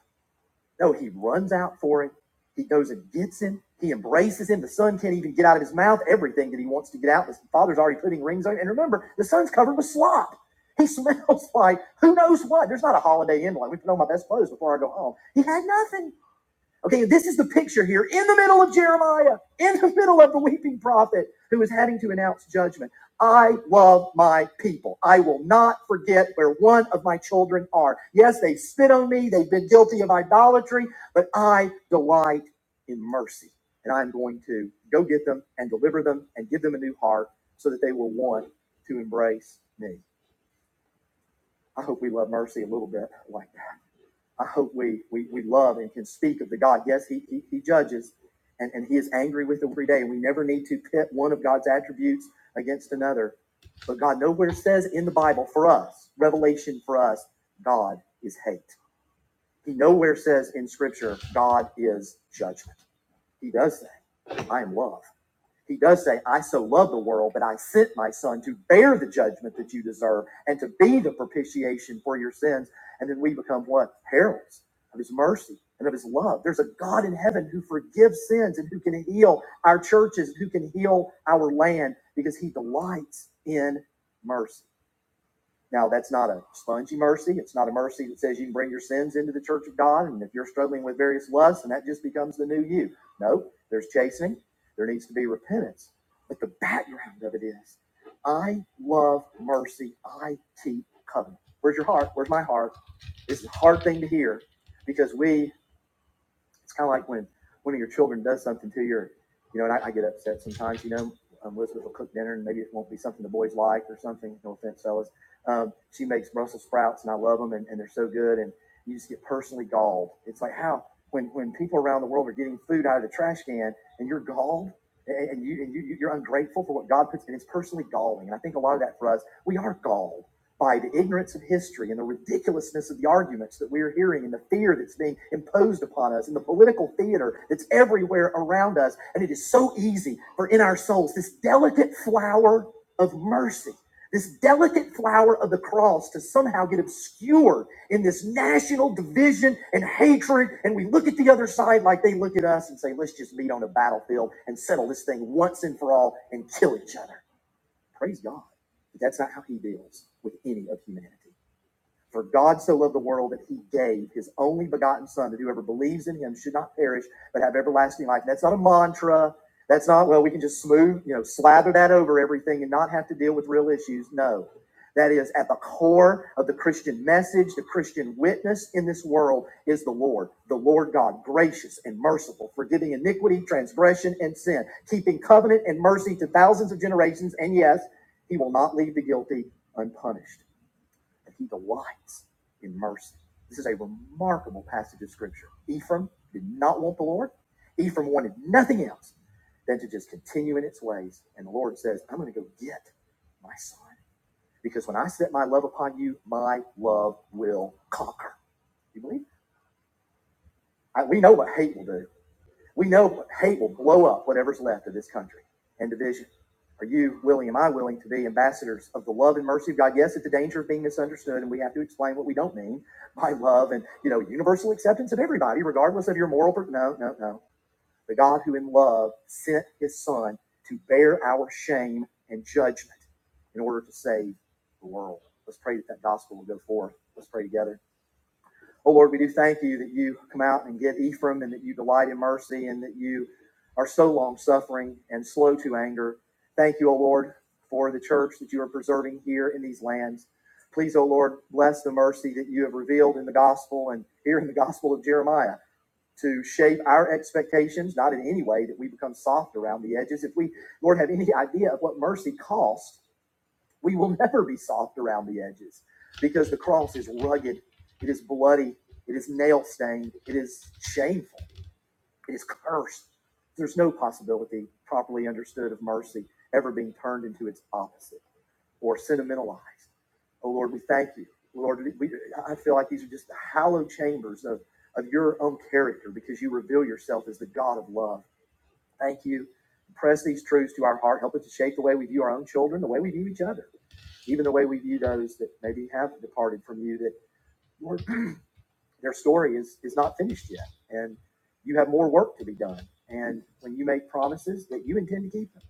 [SPEAKER 1] No, he runs out for him. He goes and gets him. He embraces him. The son can't even get out of his mouth everything that he wants to get out. The father's already putting rings on. it. And remember, the son's covered with slop. He [laughs] smells like who knows what. There's not a holiday inn like we put on my best clothes before I go home. He had nothing. Okay, this is the picture here in the middle of Jeremiah, in the middle of the weeping prophet who is having to announce judgment. I love my people. I will not forget where one of my children are. Yes, they spit on me, they've been guilty of idolatry, but I delight in mercy. And I'm going to go get them and deliver them and give them a new heart so that they will want to embrace me. I hope we love mercy a little bit like that. I hope we, we, we love and can speak of the God. Yes, he, he, he judges and, and he is angry with them every day. We never need to pit one of God's attributes against another. But God nowhere says in the Bible for us, revelation for us, God is hate. He nowhere says in scripture, God is judgment. He does say, I am love. He does say, I so love the world that I sent my son to bear the judgment that you deserve and to be the propitiation for your sins. And then we become what? Heralds of his mercy and of his love. There's a God in heaven who forgives sins and who can heal our churches, who can heal our land because he delights in mercy. Now, that's not a spongy mercy. It's not a mercy that says you can bring your sins into the church of God. And if you're struggling with various lusts, and that just becomes the new you. No, there's chastening. There needs to be repentance. But the background of it is I love mercy. I keep covenant. Where's your heart? Where's my heart? It's a hard thing to hear because we it's kind of like when one of your children does something to your, you know, and I, I get upset sometimes, you know, um, Elizabeth will cook dinner and maybe it won't be something the boys like or something. No offense, fellas. Um, she makes Brussels sprouts and I love them and, and they're so good. And you just get personally galled. It's like how, when, when people around the world are getting food out of the trash can and you're galled and and you, and you, you- you're ungrateful for what God puts in, it's personally galling. And I think a lot of that for us, we are galled by the ignorance of history and the ridiculousness of the arguments that we're hearing and the fear that's being imposed upon us and the political theater that's everywhere around us. And it is so easy for in our souls this delicate flower of mercy, this delicate flower of the cross to somehow get obscured in this national division and hatred. And we look at the other side like they look at us and say, let's just meet on a battlefield and settle this thing once and for all and kill each other. Praise God. But that's not how he deals with any of humanity. For God so loved the world that he gave his only begotten son that whoever believes in him should not perish but have everlasting life. And that's not a mantra. That's not, well, we can just smooth, you know, slather that over everything and not have to deal with real issues. No. That is at the core of the Christian message, the Christian witness in this world is the Lord, the Lord God, gracious and merciful, forgiving iniquity, transgression, and sin, keeping covenant and mercy to thousands of generations. And yes, he will not leave the guilty unpunished and he delights in mercy. This is a remarkable passage of scripture. Ephraim did not want the Lord. Ephraim wanted nothing else than to just continue in its ways. And the Lord says, I'm going to go get my son. Because when I set my love upon you, my love will conquer. You believe? I, we know what hate will do. We know hate will blow up whatever's left of this country and division. Are you willing? Am I willing to be ambassadors of the love and mercy of God? Yes, at the danger of being misunderstood, and we have to explain what we don't mean by love and you know universal acceptance of everybody, regardless of your moral. Per- no, no, no. The God who in love sent His Son to bear our shame and judgment in order to save the world. Let's pray that that gospel will go forth. Let's pray together. Oh Lord, we do thank you that you come out and get Ephraim and that you delight in mercy and that you are so long suffering and slow to anger. Thank you, O Lord, for the church that you are preserving here in these lands. Please, O Lord, bless the mercy that you have revealed in the gospel and here in the gospel of Jeremiah to shape our expectations, not in any way that we become soft around the edges. If we, Lord, have any idea of what mercy costs, we will [laughs] never be soft around the edges because the cross is rugged, it is bloody, it is nail stained, it is shameful, it is cursed. There's no possibility, properly understood, of mercy ever being turned into its opposite or sentimentalized. Oh Lord, we thank you. Lord, we, I feel like these are just the hallowed chambers of, of your own character because you reveal yourself as the God of love. Thank you. Press these truths to our heart. Help us to shape the way we view our own children, the way we view each other even the way we view those that maybe have departed from you that your, [clears throat] their story is is not finished yet and you have more work to be done and when you make promises that you intend to keep them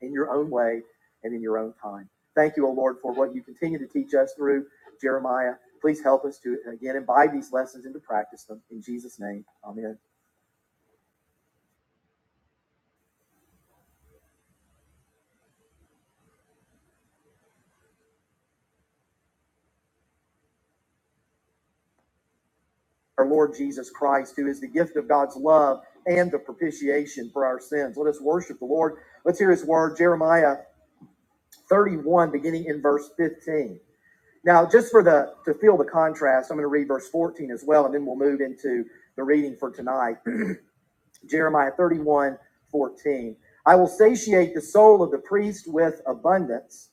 [SPEAKER 1] in your own way and in your own time thank you o lord for what you continue to teach us through jeremiah please help us to again imbibe these lessons and to practice them in jesus name amen our lord jesus christ who is the gift of god's love and the propitiation for our sins let us worship the lord let's hear his word jeremiah 31, beginning in verse 15. Now, just for the to feel the contrast, I'm going to read verse 14 as well, and then we'll move into the reading for tonight. Jeremiah 31 14. I will satiate the soul of the priest with abundance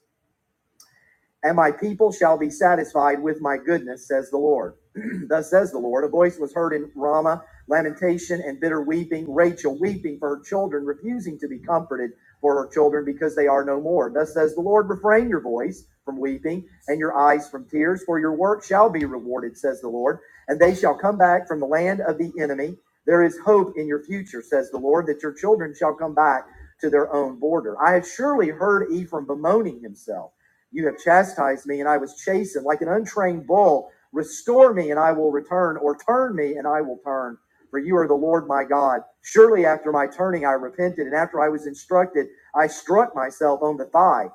[SPEAKER 1] and my people shall be satisfied with my goodness, says the Lord. [clears throat] Thus says the Lord, a voice was heard in Ramah, lamentation and bitter weeping, Rachel weeping for her children, refusing to be comforted for her children because they are no more. Thus says the Lord, refrain your voice from weeping and your eyes from tears, for your work shall be rewarded, says the Lord, and they shall come back from the land of the enemy. There is hope in your future, says the Lord, that your children shall come back to their own border. I have surely heard Ephraim bemoaning himself. You have chastised me, and I was chastened like an untrained bull. Restore me, and I will return, or turn me, and I will turn. For you are the Lord my God. Surely after my turning, I repented, and after I was instructed, I struck myself on the thigh.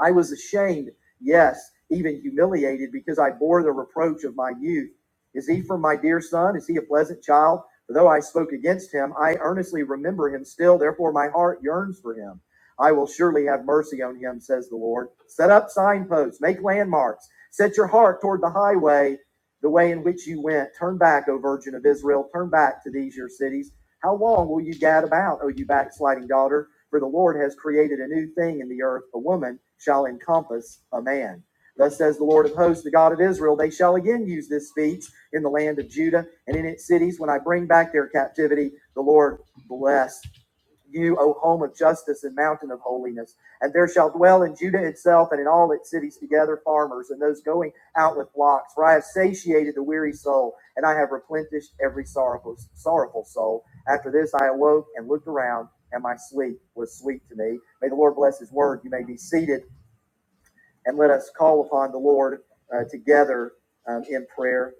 [SPEAKER 1] I was ashamed, yes, even humiliated, because I bore the reproach of my youth. Is he from my dear son? Is he a pleasant child? For though I spoke against him, I earnestly remember him still. Therefore, my heart yearns for him. I will surely have mercy on him, says the Lord. Set up signposts, make landmarks, set your heart toward the highway, the way in which you went. Turn back, O Virgin of Israel, turn back to these your cities. How long will you gad about, O you backsliding daughter? For the Lord has created a new thing in the earth, a woman shall encompass a man. Thus says the Lord of hosts, the God of Israel, they shall again use this speech in the land of Judah and in its cities when I bring back their captivity. The Lord bless you, O home of justice and mountain of holiness. And there shall dwell in Judah itself and in all its cities together farmers and those going out with flocks. For I have satiated the weary soul, and I have replenished every sorrowful, sorrowful soul. After this I awoke and looked around, and my sleep was sweet to me. May the Lord bless his word. You may be seated, and let us call upon the Lord uh, together um, in prayer.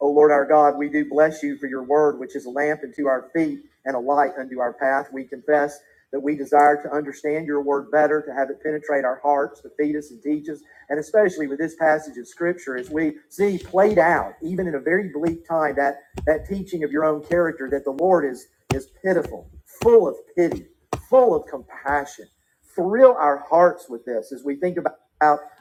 [SPEAKER 1] O Lord our God, we do bless you for your word, which is a lamp unto our feet and a light unto our path. We confess that we desire to understand your word better, to have it penetrate our hearts, to feed us and teach us, and especially with this passage of scripture, as we see played out, even in a very bleak time, that, that teaching of your own character that the Lord is, is pitiful, full of pity, full of compassion thrill our hearts with this as we think about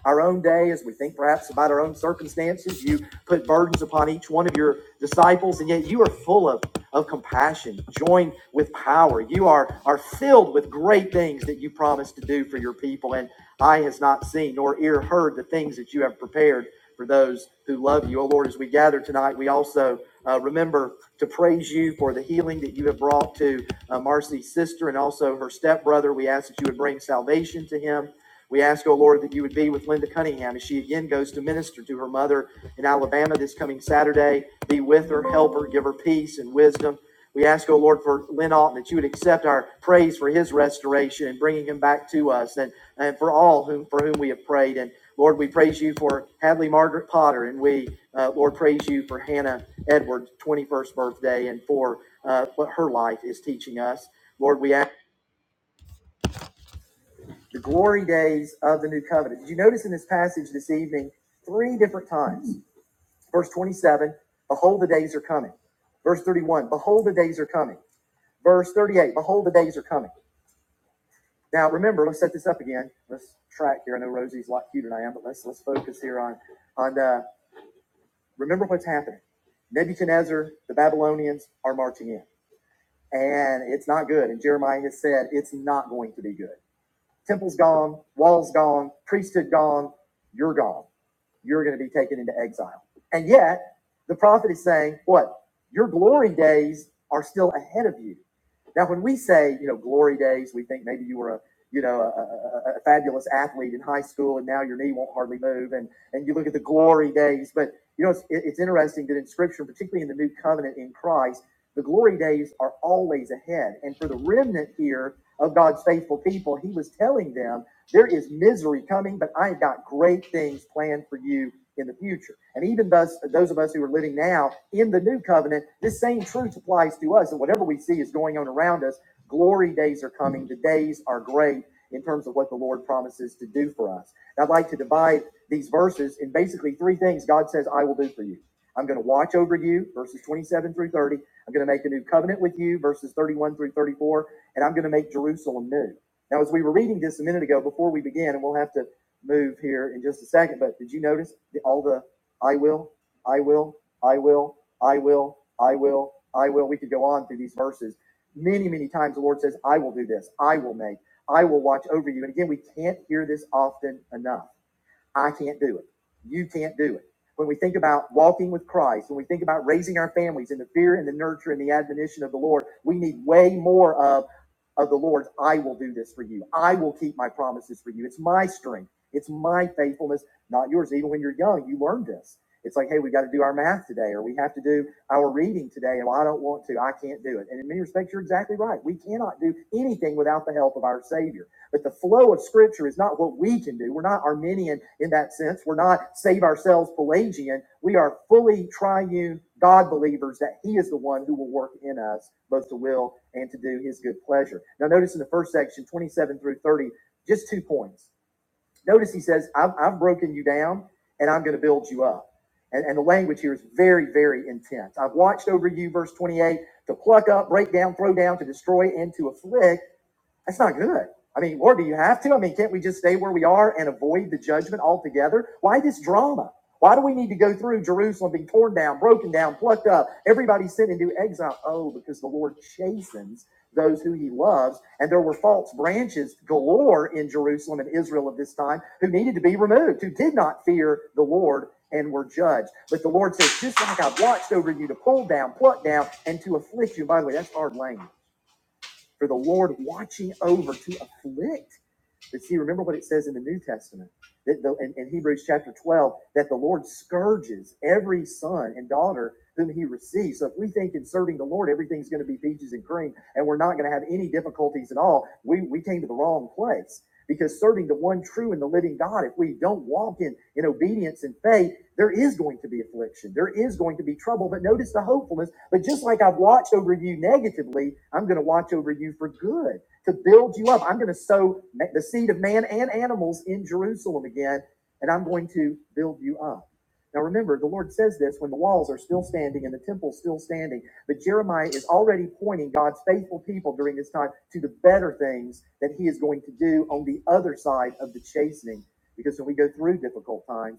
[SPEAKER 1] our own day, as we think perhaps about our own circumstances. You put burdens upon each one of your disciples, and yet you are full of, of compassion, joined with power. You are, are filled with great things that you promised to do for your people, and eye has not seen nor ear heard the things that you have prepared for those who love you. Oh Lord, as we gather tonight, we also uh, remember to praise you for the healing that you have brought to uh, Marcy's sister and also her stepbrother. We ask that you would bring salvation to him we ask, O Lord, that you would be with Linda Cunningham as she again goes to minister to her mother in Alabama this coming Saturday. Be with her, help her, give her peace and wisdom. We ask, O Lord, for Lynn Alton that you would accept our praise for his restoration and bringing him back to us and, and for all whom, for whom we have prayed. And Lord, we praise you for Hadley Margaret Potter, and we, uh, Lord, praise you for Hannah Edwards' 21st birthday and for uh, what her life is teaching us. Lord, we ask the glory days of the new covenant. Did you notice in this passage this evening three different times? Verse 27, behold, the days are coming. Verse 31, behold, the days are coming. Verse 38, behold, the days are coming. Now remember, let's set this up again. Let's track here. I know Rosie's a lot cuter than I am, but let's let's focus here on on uh, remember what's happening. Nebuchadnezzar, the Babylonians are marching in, and it's not good. And Jeremiah has said it's not going to be good. Temple's gone, walls gone, priesthood gone, you're gone. you're going to be taken into exile. And yet, the prophet is saying, what? Your glory days are still ahead of you. Now, when we say, you know, glory days, we think maybe you were a, you know, a, a, a fabulous athlete in high school and now your knee won't hardly move. And, and you look at the glory days. But, you know, it's, it's interesting that in Scripture, particularly in the new covenant in Christ, the glory days are always ahead. And for the remnant here of God's faithful people, he was telling them, there is misery coming, but I've got great things planned for you in the future. And even thus, those of us who are living now in the new covenant, this same truth applies to us. And whatever we see is going on around us, glory days are coming. The days are great in terms of what the Lord promises to do for us. And I'd like to divide these verses in basically three things God says, I will do for you. I'm going to watch over you, verses 27 through 30. I'm going to make a new covenant with you, verses 31 through 34. And I'm going to make Jerusalem new. Now, as we were reading this a minute ago before we began, and we'll have to move here in just a second, but did you notice all the I will, I will, I will, I will, I will, I will. We could go on through these verses. Many, many times the Lord says, I will do this, I will make, I will watch over you. And again, we can't hear this often enough. I can't do it. You can't do it. When we think about walking with Christ, when we think about raising our families in the fear and the nurture and the admonition of the Lord, we need way more of, of the Lord's I will do this for you. I will keep my promises for you. It's my strength. It's my faithfulness, not yours. Even when you're young, you learn this. It's like, hey, we got to do our math today, or we have to do our reading today, and well, I don't want to. I can't do it. And in many respects, you're exactly right. We cannot do anything without the help of our Savior. But the flow of Scripture is not what we can do. We're not Arminian in that sense. We're not save ourselves Pelagian. We are fully triune God believers that He is the one who will work in us both to will and to do His good pleasure. Now, notice in the first section, 27 through 30, just two points. Notice He says, I've, I've broken you down and I'm going to build you up. And, and the language here is very, very intense. I've watched over you, verse 28, to pluck up, break down, throw down, to destroy, and to afflict. That's not good. I mean, Lord, do you have to? I mean, can't we just stay where we are and avoid the judgment altogether? Why this drama? Why do we need to go through Jerusalem being torn down, broken down, plucked up, everybody sent into exile? Oh, because the Lord chastens those who he loves. And there were false branches galore in Jerusalem and Israel of this time who needed to be removed, who did not fear the Lord and were judged. But the Lord says, just like I've watched over you to pull down, pluck down, and to afflict you. By the way, that's hard language for the Lord watching over to afflict but see, remember what it says in the New Testament that the, in, in Hebrews chapter 12 that the Lord scourges every son and daughter whom he receives. So if we think in serving the Lord everything's going to be peaches and cream and we're not going to have any difficulties at all, we, we came to the wrong place. Because serving the one true and the living God, if we don't walk in, in obedience and faith, there is going to be affliction. There is going to be trouble. But notice the hopefulness. But just like I've watched over you negatively, I'm going to watch over you for good to build you up. I'm going to sow the seed of man and animals in Jerusalem again, and I'm going to build you up. Now remember, the Lord says this when the walls are still standing and the temple still standing. But Jeremiah is already pointing God's faithful people during this time to the better things that he is going to do on the other side of the chastening. Because when we go through difficult times,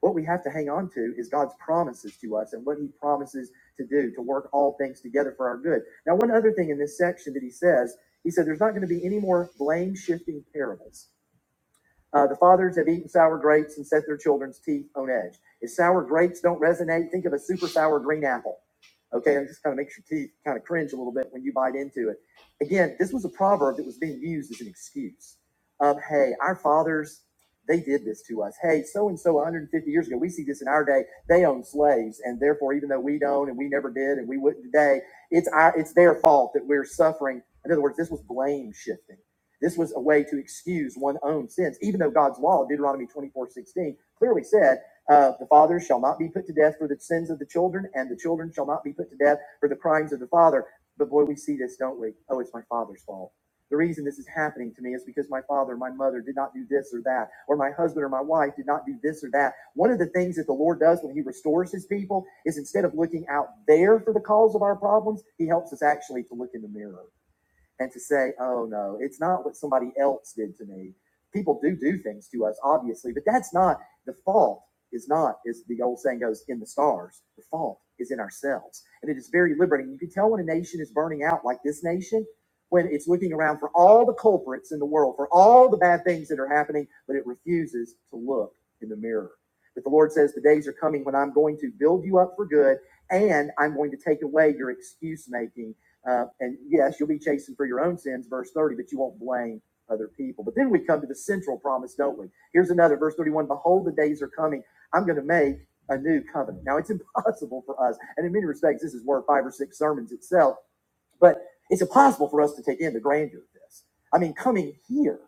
[SPEAKER 1] what we have to hang on to is God's promises to us and what He promises to do, to work all things together for our good. Now, one other thing in this section that He says, He said, there's not going to be any more blame shifting parables. Uh, the fathers have eaten sour grapes and set their children's teeth on edge. If sour grapes don't resonate, think of a super sour green apple. Okay, and just kind of makes your teeth kind of cringe a little bit when you bite into it. Again, this was a proverb that was being used as an excuse. Um, hey, our fathers, they did this to us. Hey, so and so 150 years ago, we see this in our day. They owned slaves, and therefore, even though we don't and we never did and we wouldn't today, it's our it's their fault that we're suffering. In other words, this was blame shifting this was a way to excuse one's own sins, even though God's law, Deuteronomy 24 16, clearly said, uh, The fathers shall not be put to death for the sins of the children, and the children shall not be put to death for the crimes of the father. But boy, we see this, don't we? Oh, it's my father's fault. The reason this is happening to me is because my father, or my mother did not do this or that, or my husband or my wife did not do this or that. One of the things that the Lord does when He restores His people is instead of looking out there for the cause of our problems, He helps us actually to look in the mirror and to say, oh no, it's not what somebody else did to me. People do do things to us, obviously, but that's not the fault. Is not, as the old saying goes, in the stars. The fault is in ourselves, and it is very liberating. You can tell when a nation is burning out, like this nation, when it's looking around for all the culprits in the world, for all the bad things that are happening, but it refuses to look in the mirror. But the Lord says, the days are coming when I'm going to build you up for good, and I'm going to take away your excuse making uh, and yes, you'll be chasing for your own sins, verse 30, but you won't blame other people. But then we come to the central promise, don't we? Here's another, verse 31 Behold, the days are coming. I'm going to make a new covenant. Now, it's [laughs] impossible for us. And in many respects, this is worth five or six sermons itself, but it's impossible for us to take in the grandeur of this. I mean, coming here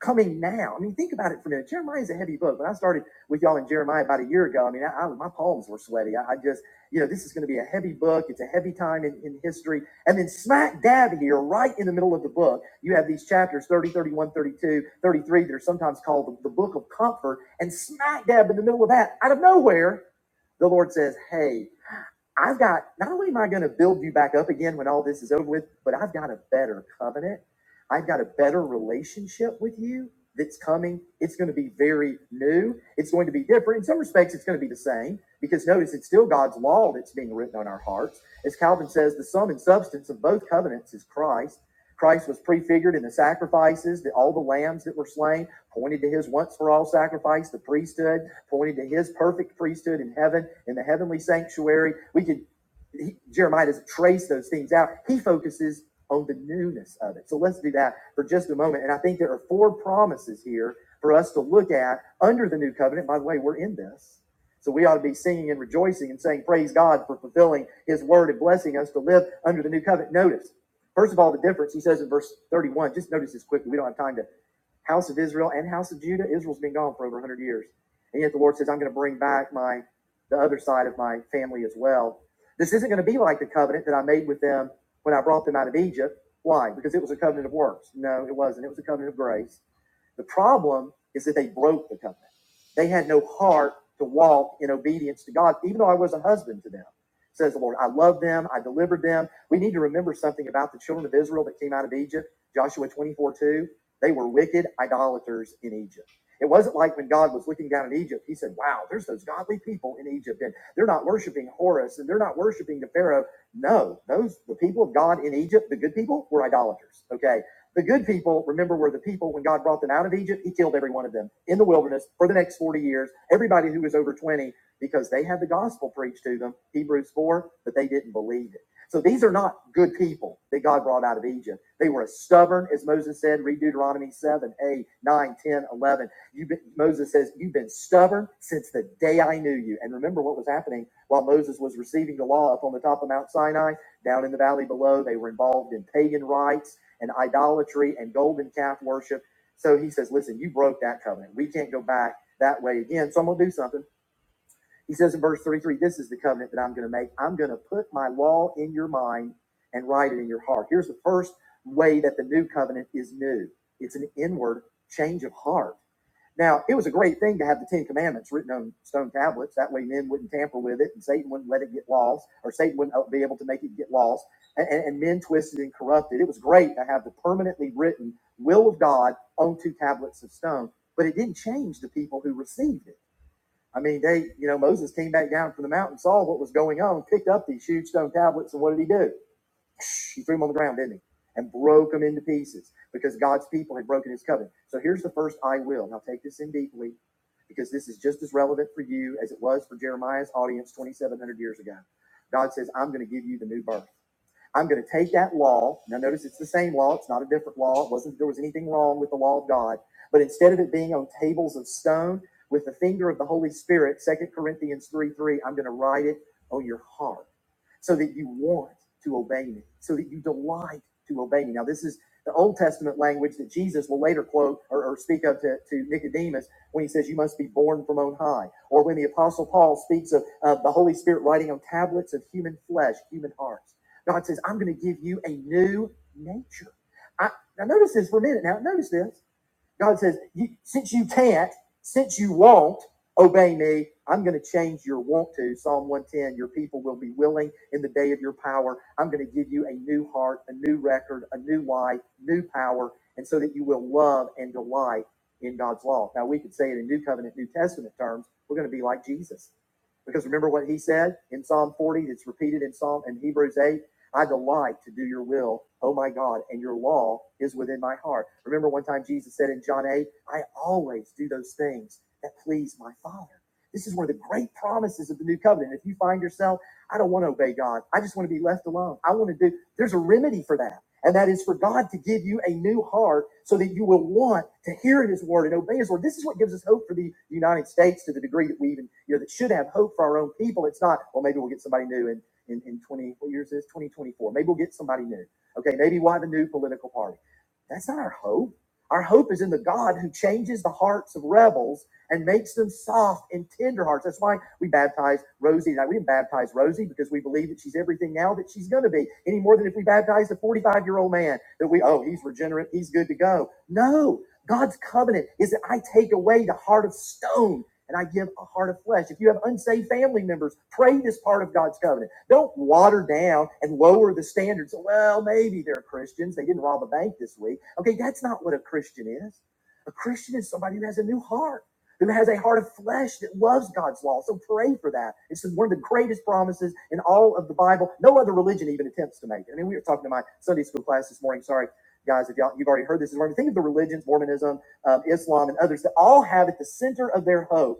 [SPEAKER 1] coming now. I mean, think about it for a minute. Jeremiah is a heavy book. When I started with y'all in Jeremiah about a year ago, I mean, I, I- my palms were sweaty. I, I just, you know, this is going to be a heavy book. It's a heavy time in, in history. And then smack dab here, right in the middle of the book, you have these chapters 30, 31, 32, 33, that are sometimes called the, the book of comfort. And smack dab in the middle of that, out of nowhere, the Lord says, Hey, I've got, not only am I going to build you back up again when all this is over with, but I've got a better covenant. I've got a better relationship with you that's coming. It's going to be very new. It's going to be different. In some respects, it's going to be the same because notice it's still God's law that's being written on our hearts. As Calvin says, the sum and substance of both covenants is Christ. Christ was prefigured in the sacrifices, the, all the lambs that were slain pointed to his once for all sacrifice, the priesthood, pointed to his perfect priesthood in heaven, in the heavenly sanctuary. We could, he, Jeremiah doesn't trace those things out. He focuses on the newness of it. So let's do that for just a moment. And I think there are four promises here for us to look at under the new covenant. By the way, we're in this. So we ought to be singing and rejoicing and saying, Praise God for fulfilling his word and blessing us to live under the new covenant. Notice, first of all, the difference he says in verse 31. Just notice this quickly. We don't have time to house of Israel and house of Judah. Israel's been gone for over 100 years. And yet the Lord says, I'm going to bring back my the other side of my family as well. This isn't going to be like the covenant that I made with them when I brought them out of Egypt. Why? Because it was a covenant of works. No, it wasn't. It was a covenant of grace. The problem is that they broke the covenant. They had no heart to walk in obedience to God, even though I was a husband to them. Says the Lord, I love them, I delivered them. We need to remember something about the children of Israel that came out of Egypt, Joshua 24 2. They were wicked idolaters in Egypt. It wasn't like when God was looking down in Egypt, he said, Wow, there's those godly people in Egypt, and they're not worshiping Horus and they're not worshiping the Pharaoh. No, those the people of God in Egypt, the good people, were idolaters. Okay. The good people, remember, were the people when God brought them out of Egypt. He killed every one of them in the wilderness for the next 40 years. Everybody who was over 20, because they had the gospel preached to them, Hebrews 4, but they didn't believe it. So these are not good people that God brought out of Egypt. They were as stubborn, as Moses said, read Deuteronomy 7, 8, 9, 10, eleven. You've been, Moses says, You've been stubborn since the day I knew you. And remember what was happening while Moses was receiving the law up on the top of Mount Sinai, down in the valley below. They were involved in pagan rites and idolatry and golden calf worship. So he says, listen, you broke that covenant. We can't go back that way again. So I'm going to do something. He says in verse 33, This is the covenant that I'm going to make. I'm going to put my law in your mind and write it in your heart. Here's the first way that the new covenant is new it's an inward change of heart. Now, it was a great thing to have the Ten Commandments written on stone tablets. That way, men wouldn't tamper with it, and Satan wouldn't let it get lost, or Satan wouldn't uh, be able to make it get lost, and, and, and men twisted and corrupted. It was great to have the permanently written will of God on two tablets of stone, but it didn't change the people who received it. I mean, they, you know, Moses came back down from the mountain, saw what was going on, picked up these huge stone tablets, and what did he do? He threw them on the ground, didn't he? And broke them into pieces because God's people had broken his covenant. So here's the first I will. Now take this in deeply because this is just as relevant for you as it was for Jeremiah's audience 2,700 years ago. God says, I'm going to give you the new birth. I'm going to take that law. Now, notice it's the same law. It's not a different law. It wasn't that there was anything wrong with the law of God. But instead of it being on tables of stone with the finger of the Holy Spirit, Second Corinthians 3 3, I'm going to write it on your heart so that you want to obey me, so that you delight to obey me. Now, this is the Old Testament language that Jesus will later quote or, or speak of to, to Nicodemus when he says, You must be born from on high. Or when the Apostle Paul speaks of, of the Holy Spirit writing on tablets of human flesh, human hearts. God says, I'm going to give you a new nature. I, now, notice this for a minute now. Notice this. God says, you, since you can't, since you won't obey me, I'm going to change your want to. Psalm 110 Your people will be willing in the day of your power. I'm going to give you a new heart, a new record, a new life, new power, and so that you will love and delight in God's law. Now, we could say it in New Covenant, New Testament terms. We're going to be like Jesus. Because remember what he said in Psalm 40, it's repeated in Psalm and Hebrews 8. I delight to do your will, oh my God, and your law is within my heart. Remember one time Jesus said in John 8, I always do those things that please my Father. This is one of the great promises of the new covenant. If you find yourself, I don't want to obey God. I just want to be left alone. I want to do, there's a remedy for that. And that is for God to give you a new heart so that you will want to hear his word and obey his word. This is what gives us hope for the United States to the degree that we even, you know, that should have hope for our own people. It's not, well, maybe we'll get somebody new and in, in 20, what year is this? 2024. Maybe we'll get somebody new. Okay, maybe we'll have a new political party. That's not our hope. Our hope is in the God who changes the hearts of rebels and makes them soft and tender hearts. That's why we baptize Rosie. Now, we didn't baptize Rosie because we believe that she's everything now that she's going to be, any more than if we baptized a 45 year old man that we, oh, he's regenerate, he's good to go. No, God's covenant is that I take away the heart of stone and I give a heart of flesh. If you have unsaved family members, pray this part of God's covenant. Don't water down and lower the standards. Well, maybe they're Christians. They didn't rob a bank this week. Okay, that's not what a Christian is. A Christian is somebody who has a new heart, who has a heart of flesh that loves God's law. So pray for that. It's one of the greatest promises in all of the Bible. No other religion even attempts to make it. I mean, we were talking to my Sunday school class this morning. Sorry, guys, if y'all, you've already heard this. Think of the religions, Mormonism, um, Islam, and others that all have at the center of their hope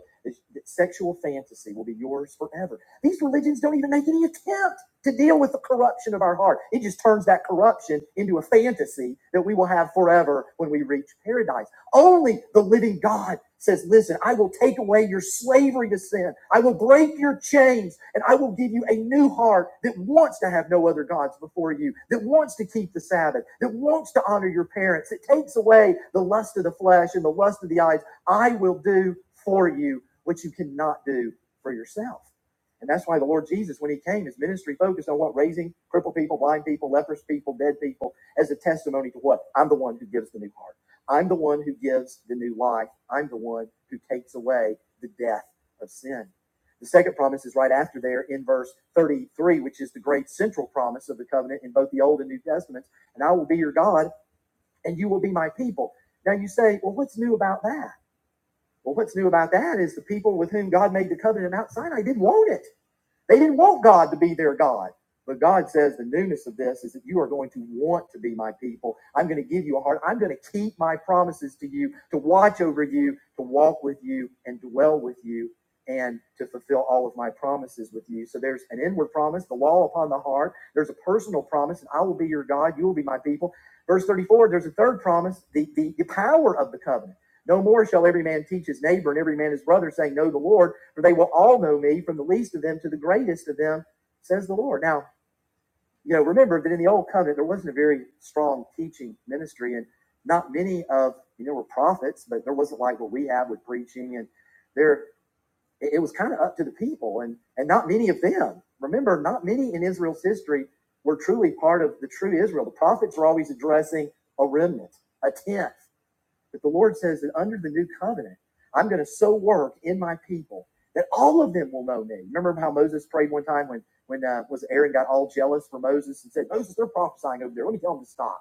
[SPEAKER 1] Sexual fantasy will be yours forever. These religions don't even make any attempt to deal with the corruption of our heart. It just turns that corruption into a fantasy that we will have forever when we reach paradise. Only the living God says, Listen, I will take away your slavery to sin. I will break your chains and I will give you a new heart that wants to have no other gods before you, that wants to keep the Sabbath, that wants to honor your parents. It takes away the lust of the flesh and the lust of the eyes. I will do for you which you cannot do for yourself. And that's why the Lord Jesus, when he came, his ministry focused on what? Raising crippled people, blind people, leprous people, dead people as a testimony to what? I'm the one who gives the new heart. I'm the one who gives the new life. I'm the one who takes away the death of sin. The second promise is right after there in verse 33, which is the great central promise of the covenant in both the Old and New Testaments. And I will be your God, and you will be my people. Now you say, well, what's new about that? Well, what's new about that is the people with whom God made the covenant at Mount Sinai didn't want it. They didn't want God to be their God. But God says the newness of this is that you are going to want to be my people. I'm going to give you a heart. I'm going to keep my promises to you, to watch over you, to walk with you, and dwell with you, and to fulfill all of my promises with you. So there's an inward promise, the law upon the heart. There's a personal promise, and I will be your God. You will be my people. Verse 34, there's a third promise, the, the, the power of the covenant. No more shall every man teach his neighbor and every man his brother, saying, Know the Lord for they will all know me from the least of them to the greatest of them, says the Lord. Now, you know, remember that in the old covenant, there wasn't a very strong teaching ministry, and not many of, you know, were prophets, but there wasn't like what we have with preaching, and there, it was kind of up to the people, and, and not many of them. Remember, not many in Israel's history were truly part of the true Israel. The prophets were always addressing a remnant, a tenth. But the Lord says that under the new covenant, I'm going to so work in my people that all of them will know me. Remember how Moses prayed one time when when uh, was Aaron got all jealous for Moses and said, Moses, they're prophesying over there. Let me tell them to stop.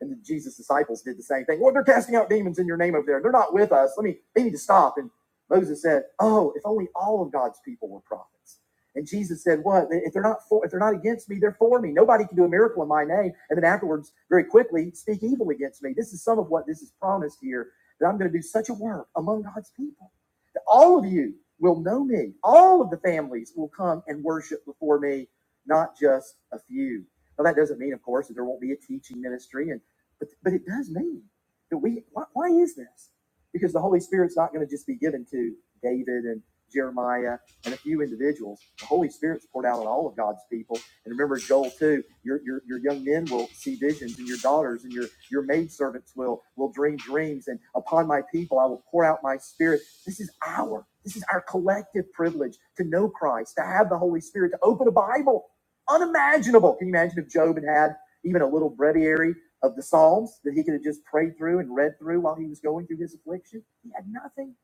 [SPEAKER 1] And then Jesus' disciples did the same thing. Well, they're casting out demons in your name over there. They're not with us. Let me, they need to stop. And Moses said, Oh, if only all of God's people were prophets. And Jesus said, What? If they're not for, if they're not against me, they're for me. Nobody can do a miracle in my name. And then afterwards, very quickly, speak evil against me. This is some of what this is promised here that I'm going to do such a work among God's people that all of you will know me. All of the families will come and worship before me, not just a few. Now, that doesn't mean, of course, that there won't be a teaching ministry. and but but it does mean that we. Why, why is this? Because the Holy Spirit's not going to just be given to David and Jeremiah and a few individuals. The Holy Spirit's poured out on all of God's people. And remember Joel too. Your your, your young men will see visions, and your daughters and your your maidservants will will dream dreams. And upon my people I will pour out my Spirit. This is our. This is our collective privilege to know Christ, to have the Holy Spirit, to open a Bible. Unimaginable. Can you imagine if Job had had even a little breviary of the Psalms that he could have just prayed through and read through while he was going through his affliction. He had nothing.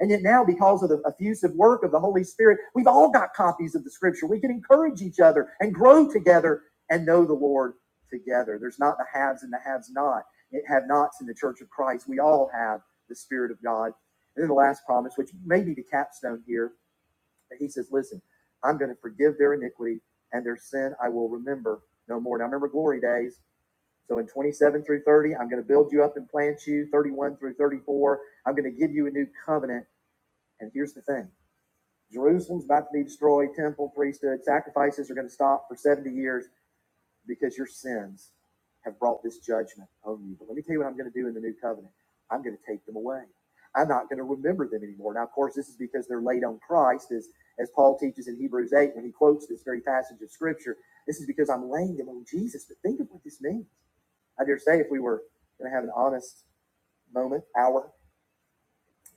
[SPEAKER 1] And yet now, because of the effusive work of the Holy Spirit, we've all got copies of the scripture. We can encourage each other and grow together and know the Lord together. There's not the haves and the haves not. It have nots in the church of Christ. We all have the Spirit of God. And then the last promise, which may be the capstone here, that he says, Listen, I'm going to forgive their iniquity and their sin I will remember no more. Now remember glory days so in 27 through 30, I'm going to build you up and plant you. 31 through 34, I'm going to give you a new covenant. And here's the thing Jerusalem's about to be destroyed, temple, priesthood, sacrifices are going to stop for 70 years because your sins have brought this judgment on you. But let me tell you what I'm going to do in the new covenant I'm going to take them away. I'm not going to remember them anymore. Now, of course, this is because they're laid on Christ, as, as Paul teaches in Hebrews 8 when he quotes this very passage of Scripture. This is because I'm laying them on Jesus. But think of what this means. I dare say if we were going to have an honest moment, hour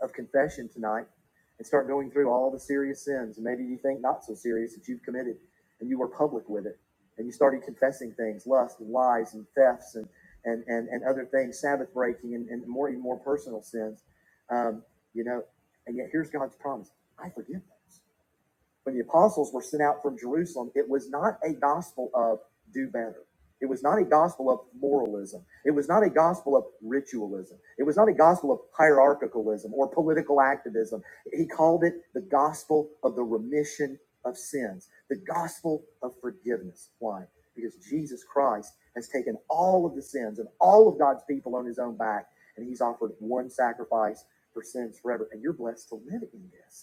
[SPEAKER 1] of confession tonight and start going through all the serious sins, and maybe you think not so serious that you've committed and you were public with it and you started confessing things, lust and lies and thefts and, and, and, and other things, Sabbath breaking and, and more, even more personal sins, um, you know, and yet here's God's promise. I forgive those. When the apostles were sent out from Jerusalem, it was not a gospel of do better. It was not a gospel of moralism. It was not a gospel of ritualism. It was not a gospel of hierarchicalism or political activism. He called it the gospel of the remission of sins, the gospel of forgiveness. Why? Because Jesus Christ has taken all of the sins of all of God's people on his own back, and he's offered one sacrifice for sins forever. And you're blessed to live in this.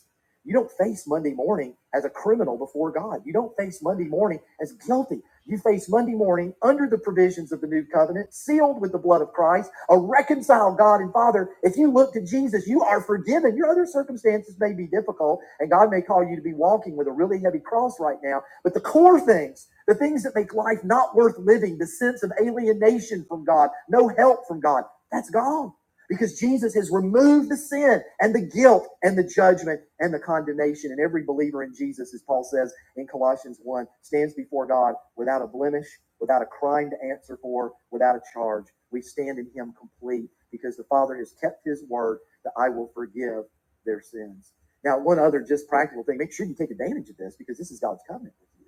[SPEAKER 1] You don't face Monday morning as a criminal before God. You don't face Monday morning as guilty. You face Monday morning under the provisions of the new covenant, sealed with the blood of Christ, a reconciled God and Father. If you look to Jesus, you are forgiven. Your other circumstances may be difficult, and God may call you to be walking with a really heavy cross right now. But the core things, the things that make life not worth living, the sense of alienation from God, no help from God, that's gone because Jesus has removed the sin and the guilt and the judgment and the condemnation. And every believer in Jesus, as Paul says in Colossians 1, stands before God without a blemish, without a crime to answer for, without a charge. We stand in Him complete because the Father has kept His word that I will forgive their sins. Now, one other just practical thing make sure you take advantage of this because this is God's covenant with you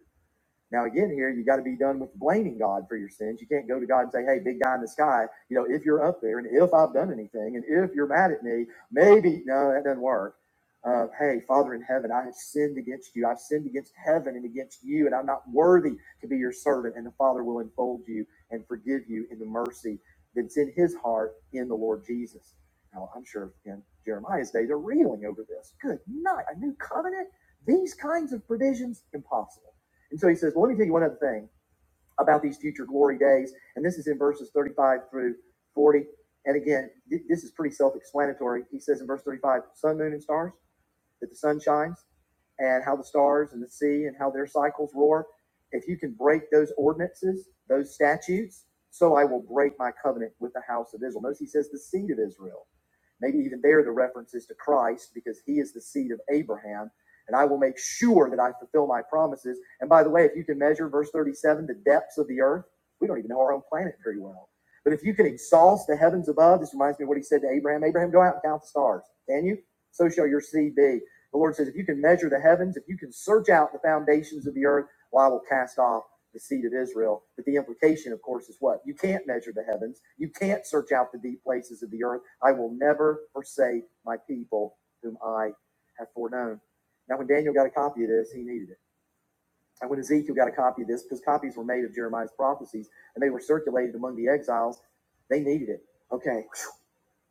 [SPEAKER 1] now again, here you got to be done with blaming God for your sins. You can't go to God and say, "Hey, big guy in the sky, you know, if you're up there and if I've done anything and if you're mad at me, maybe no, that doesn't work." Uh, hey, Father in heaven, I have sinned against you. I've sinned against heaven and against you, and I'm not worthy to be your servant. And the Father will enfold you and forgive you in the mercy that's in His heart in the Lord Jesus. Now, I'm sure in Jeremiah's day they're reeling over this. Good night, a new covenant. These kinds of provisions impossible and so he says, well, let me tell you one other thing about these future glory days. And this is in verses 35 through 40. And again, th- this is pretty self explanatory. He says in verse 35, sun, moon, and stars, that the sun shines, and how the stars and the sea and how their cycles roar. If you can break those ordinances, those statutes, so I will break my covenant with the house of Israel. Notice he says the seed of Israel. Maybe even there the reference is to Christ because he is the seed of Abraham. And I will make sure that I fulfill my promises. And by the way, if you can measure verse 37, the depths of the earth, we don't even know our own planet very well. But if you can exhaust the heavens above, this reminds me of what he said to Abraham Abraham, go out and count the stars. Can you? So shall your seed be. The Lord says, if you can measure the heavens, if you can search out the foundations of the earth, well, I will cast off the seed of Israel. But the implication, of course, is what? You can't measure the heavens. You can't search out the deep places of the earth. I will never forsake my people whom I have foreknown. Now, when Daniel got a copy of this, he needed it. And when Ezekiel got a copy of this, because copies were made of Jeremiah's prophecies and they were circulated among the exiles, they needed it. Okay.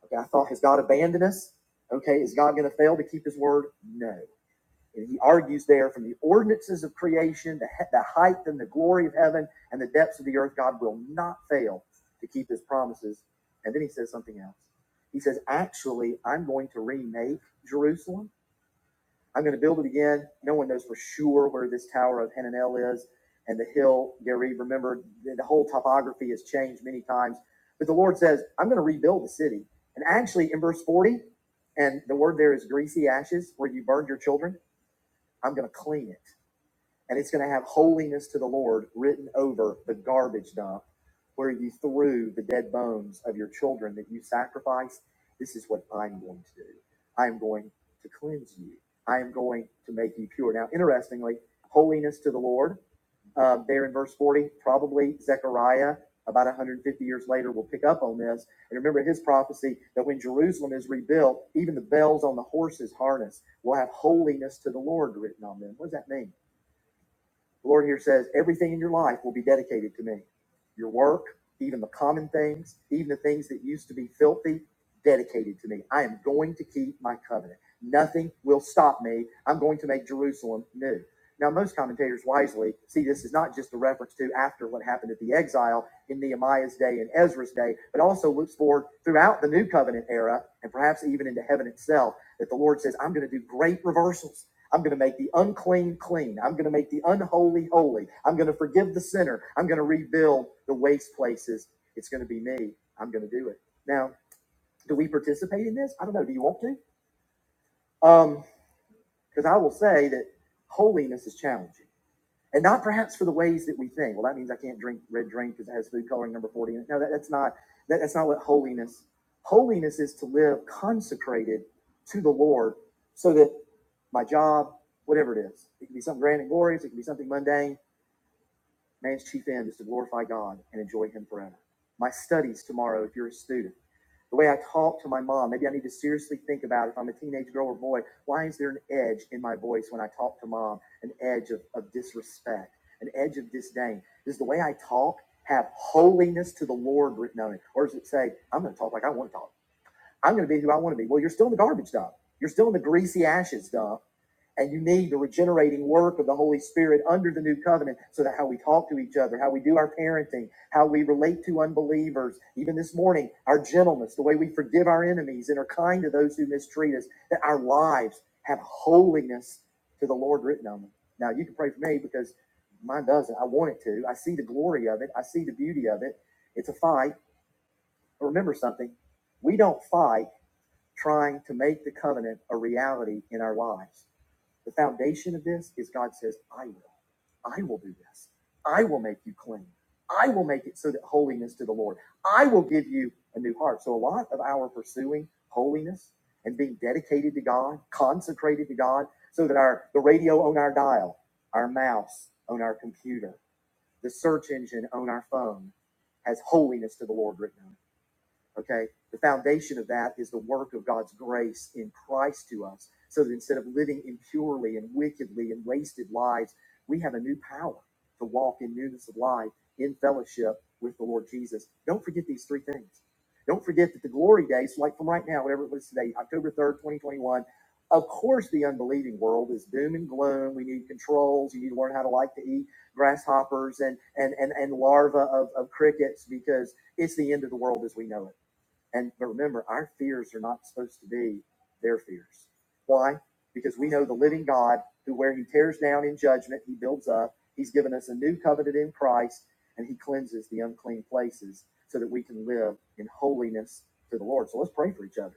[SPEAKER 1] Okay. I thought, has God abandoned us? Okay. Is God going to fail to keep his word? No. And he argues there from the ordinances of creation, the, the height and the glory of heaven and the depths of the earth, God will not fail to keep his promises. And then he says something else. He says, Actually, I'm going to remake Jerusalem. I'm going to build it again. No one knows for sure where this Tower of Hananel is and the hill, Gerizim. Remember, the whole topography has changed many times. But the Lord says, I'm going to rebuild the city. And actually, in verse 40, and the word there is greasy ashes, where you burned your children I'm going to clean it. And it's going to have holiness to the Lord written over the garbage dump where you threw the dead bones of your children that you sacrificed. This is what I'm going to do. I am going to cleanse you. I am going to make you pure. Now, interestingly, holiness to the Lord uh, there in verse 40. Probably Zechariah, about 150 years later, will pick up on this. And remember his prophecy that when Jerusalem is rebuilt, even the bells on the horses' harness will have holiness to the Lord written on them. What does that mean? The Lord here says, everything in your life will be dedicated to me. Your work, even the common things, even the things that used to be filthy, dedicated to me. I am going to keep my covenant. Nothing will stop me. I'm going to make Jerusalem new. Now, most commentators wisely see this as not just a reference to after what happened at the exile in Nehemiah's day and Ezra's day, but also looks forward throughout the new covenant era and perhaps even into heaven itself that the Lord says, I'm going to do great reversals. I'm going to make the unclean clean. I'm going to make the unholy holy. I'm going to forgive the sinner. I'm going to rebuild the waste places. It's going to be me. I'm going to do it. Now, do we participate in this? I don't know. Do you want to? Um, Because I will say that holiness is challenging and not perhaps for the ways that we think. Well, that means I can't drink red drink because it has food coloring number forty. in it. No, that, that's not that, that's not what holiness. Holiness is to live consecrated to the Lord, so that my job, whatever it is, it can be something grand and glorious, it can be something mundane. Man's chief end is to glorify God and enjoy Him forever. My studies tomorrow, if you're a student, the way I talk to my mom, maybe I need to seriously think about if I'm a teenage girl or boy, why is there an edge in my voice when I talk to mom? An edge of, of disrespect, an edge of disdain. Does the way I talk have holiness to the Lord written on it? Or does it say, I'm going to talk like I want to talk? I'm going to be who I want to be? Well, you're still in the garbage dump. You're still in the greasy ashes dump and you need the regenerating work of the Holy Spirit under the new covenant so that how we talk to each other, how we do our parenting, how we relate to unbelievers, even this morning, our gentleness, the way we forgive our enemies and are kind to those who mistreat us, that our lives have holiness to the Lord written on them. Now, you can pray for me because mine doesn't. I want it to. I see the glory of it, I see the beauty of it. It's a fight. But remember something we don't fight trying to make the covenant a reality in our lives the foundation of this is God says, I will. I will do this. I will make you clean. I will make it so that holiness to the Lord. I will give you a new heart. So a lot of our pursuing holiness and being dedicated to God, consecrated to God, so that our the radio on our dial, our mouse on our computer, the search engine on our phone has holiness to the Lord written on it. Okay. The foundation of that is the work of God's grace in Christ to us. So that instead of living impurely and wickedly and wasted lives, we have a new power to walk in newness of life in fellowship with the Lord Jesus. Don't forget these three things. Don't forget that the glory days, like from right now, whatever it was today, October 3rd, 2021, of course the unbelieving world is doom and gloom. We need controls. You need to learn how to like to eat grasshoppers and and and, and larvae of, of crickets because it's the end of the world as we know it and but remember, our fears are not supposed to be their fears. Why? Because we know the living God, who where he tears down in judgment, he builds up. He's given us a new covenant in Christ, and he cleanses the unclean places so that we can live in holiness to the Lord. So let's pray for each other.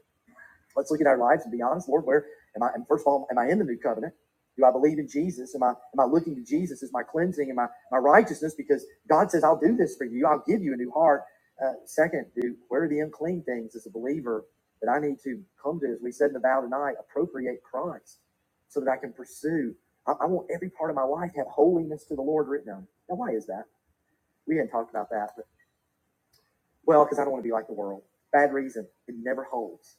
[SPEAKER 1] Let's look at our lives and be honest, Lord. Where am I? And first of all, am I in the new covenant? Do I believe in Jesus? Am I am I looking to Jesus as my cleansing and my my righteousness? Because God says, "I'll do this for you. I'll give you a new heart." Uh, second, do where are the unclean things as a believer that I need to come to? As we said in the vow tonight, appropriate Christ so that I can pursue. I, I want every part of my life to have holiness to the Lord written on. it. Now, why is that? We didn't talk about that. But, well, because I don't want to be like the world. Bad reason. It never holds.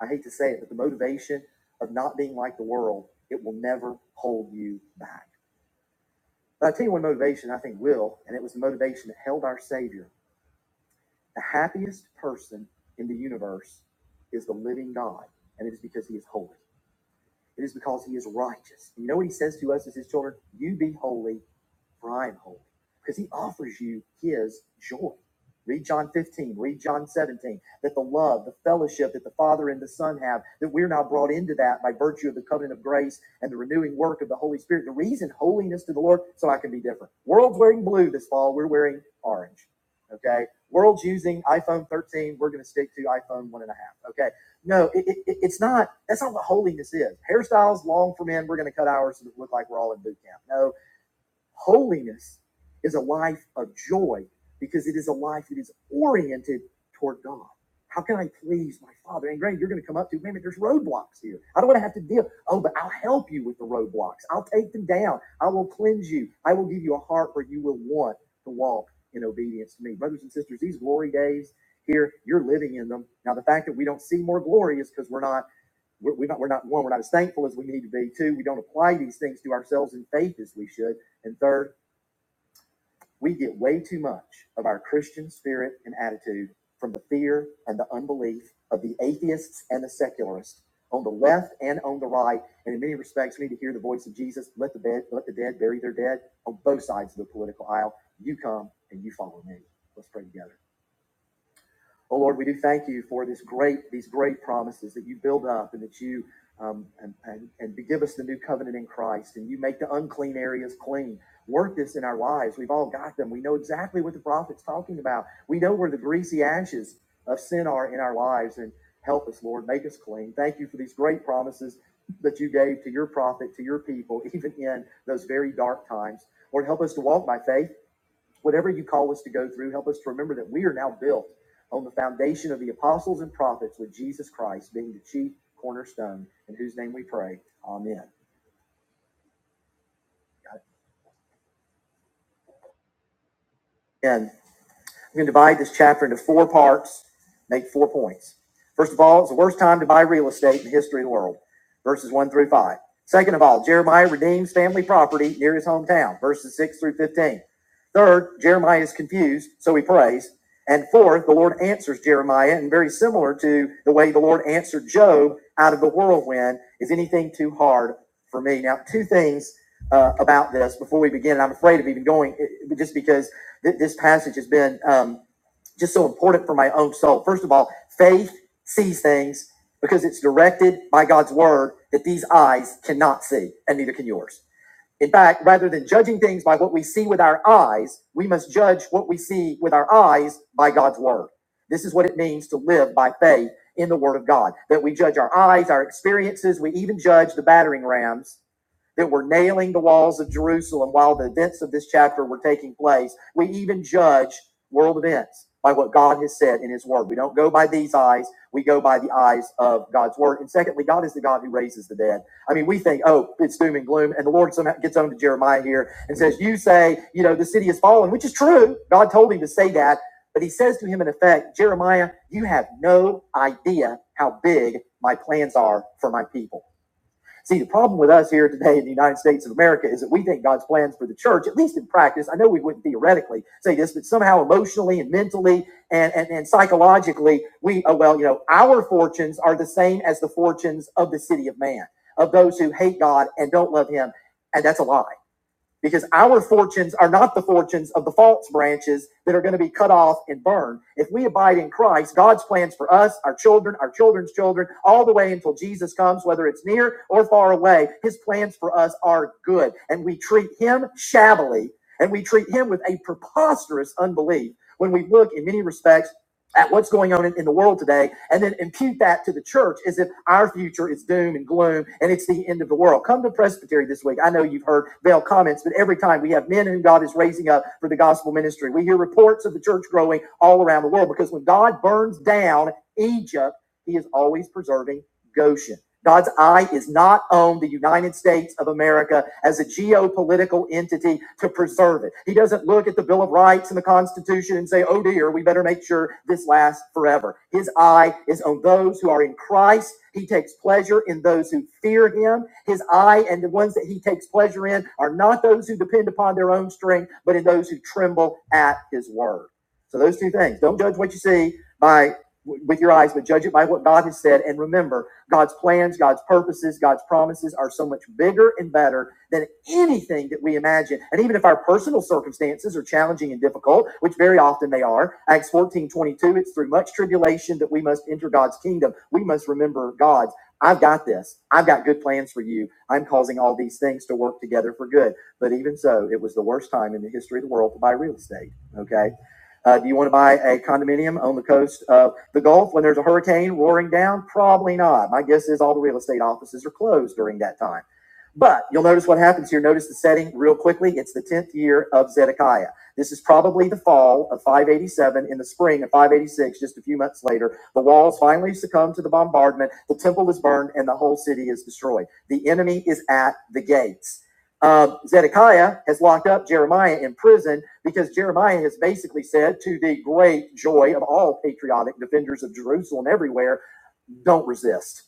[SPEAKER 1] I hate to say it, but the motivation of not being like the world, it will never hold you back. But I tell you one motivation I think will, and it was the motivation that held our Savior. The happiest person in the universe is the living God, and it is because he is holy. It is because he is righteous. And you know what he says to us as his children? You be holy bride holding because he offers you his joy. Read John 15, read John 17, that the love, the fellowship that the Father and the Son have, that we're now brought into that by virtue of the covenant of grace and the renewing work of the Holy Spirit. The reason holiness to the Lord, so I can be different. World's wearing blue this fall, we're wearing orange. Okay. World's using iPhone 13, we're going to stick to iPhone one and a half. Okay. No, it, it, it's not. That's not what holiness is. Hairstyles long for men. We're going to cut ours so that we look like we're all in boot camp. No, Holiness is a life of joy because it is a life that is oriented toward God. How can I please my Father? And Greg, you're going to come up to, man, but there's roadblocks here. I don't want to have to deal. Oh, but I'll help you with the roadblocks. I'll take them down. I will cleanse you. I will give you a heart where you will want to walk in obedience to me. Brothers and sisters, these glory days here, you're living in them. Now, the fact that we don't see more glory is because we're not we're, we're not we're not one we're not as thankful as we need to be two we don't apply these things to ourselves in faith as we should and third we get way too much of our Christian spirit and attitude from the fear and the unbelief of the atheists and the secularists on the left and on the right. And in many respects, we need to hear the voice of Jesus. Let the bed, let the dead bury their dead on both sides of the political aisle. You come and you follow me. Let's pray together. Oh Lord, we do thank you for this great, these great promises that you build up and that you um, and, and, and give us the new covenant in Christ and you make the unclean areas clean. Work this in our lives. We've all got them. We know exactly what the prophet's talking about. We know where the greasy ashes of sin are in our lives and help us, Lord, make us clean. Thank you for these great promises that you gave to your prophet, to your people, [laughs] even in those very dark times. Lord, help us to walk by faith Whatever you call us to go through, help us to remember that we are now built on the foundation of the apostles and prophets with Jesus Christ being the chief cornerstone, in whose name we pray. Amen. And We am going to divide this chapter into four parts, make four points. First of all, it's the worst time to buy real estate in the history of the world, verses 1 through 5. Second of all, Jeremiah redeems family property near his hometown, verses 6 through 15. Third, Jeremiah is confused, so he prays. And fourth, the Lord answers Jeremiah, and very similar to the way the Lord answered Job out of the whirlwind is anything too hard for me? Now, two things uh, about this before we begin. and I'm afraid of even going, eh, just because Th- this passage has been um, just so important for my own soul. First of all, faith sees things because it's directed by God's word that these eyes cannot see, and neither can yours. In fact, rather than judging things by what we see with our eyes, we must judge what we see with our eyes by God's word. This is what it means to live by faith in the word of God, that we judge our eyes, our experiences, we even judge the battering rams that were nailing the walls of Jerusalem while the events of this chapter were taking place. We even judge world events by what God has said in His Word. We don't go by these eyes, we go by the eyes of God's Word. And secondly, God is the God who raises the dead. I mean, we think, oh, it's doom and gloom. And the Lord somehow gets on to Jeremiah here and says, You say, you know, the city is fallen, which is true. God told him to say that. But he says to him, in effect, Jeremiah, you have no idea how big my plans are for my people. See, the problem with us here today in the United States of America is that we think God's plans for the church, at least in practice, I know we wouldn't theoretically say this, but somehow emotionally and mentally and, and, and psychologically, we, oh, well, you know, our fortunes are the same as the fortunes of the city of man, of those who hate God and don't love him. And that's a lie because our fortunes are not the fortunes of the false branches that are going to be cut off and burned. If we abide in Christ, God's plans for us, our children, our children's children, all the way until Jesus comes, whether it's near or far away, his plans for us are good. And we treat him shabbily and we treat him with a preposterous unbelief when we look in many respects at what's going on in, in the world today and then impute that to the church as if our future is doom and gloom and it's the end of the world. Come to Presbytery this week. I know you've heard veiled comments, but every time we have men whom God is raising up for the gospel ministry, we hear reports of the church growing all around the world because when God burns down Egypt, he is always preserving Goshen. God's eye is not on the United States of America as a geopolitical entity to preserve it. He doesn't look at the Bill of Rights and the Constitution and say, oh dear, we better make sure this lasts forever. His eye is on those who are in Christ. He takes pleasure in those who fear him. His eye and the ones that he takes pleasure in are not those who depend upon their own strength, but in those who tremble at his word. So those two things. Don't judge what you see by with your eyes, but judge it by what God has said. And remember, God's plans, God's purposes, God's promises are so much bigger and better than anything that we imagine. And even if our personal circumstances are challenging and difficult, which very often they are, Acts 14 22. it's through much tribulation that we must enter God's kingdom. We must remember God's. I've got this. I've got good plans for you. I'm causing all these things to work together for good. But even so, it was the worst time in the history of the world to buy real estate. Okay. Uh, do you want to buy a condominium on the coast of? The Gulf, when there's a hurricane roaring down, probably not. My guess is all the real estate offices are closed during that time. But you'll notice what happens here. Notice the setting real quickly. It's the 10th year of Zedekiah. This is probably the fall of 587 in the spring of 586, just a few months later. The walls finally succumb to the bombardment. The temple is burned and the whole city is destroyed. The enemy is at the gates uh, Zedekiah has locked up Jeremiah in prison because Jeremiah has basically said, to the great joy of all patriotic defenders of Jerusalem everywhere, don't resist.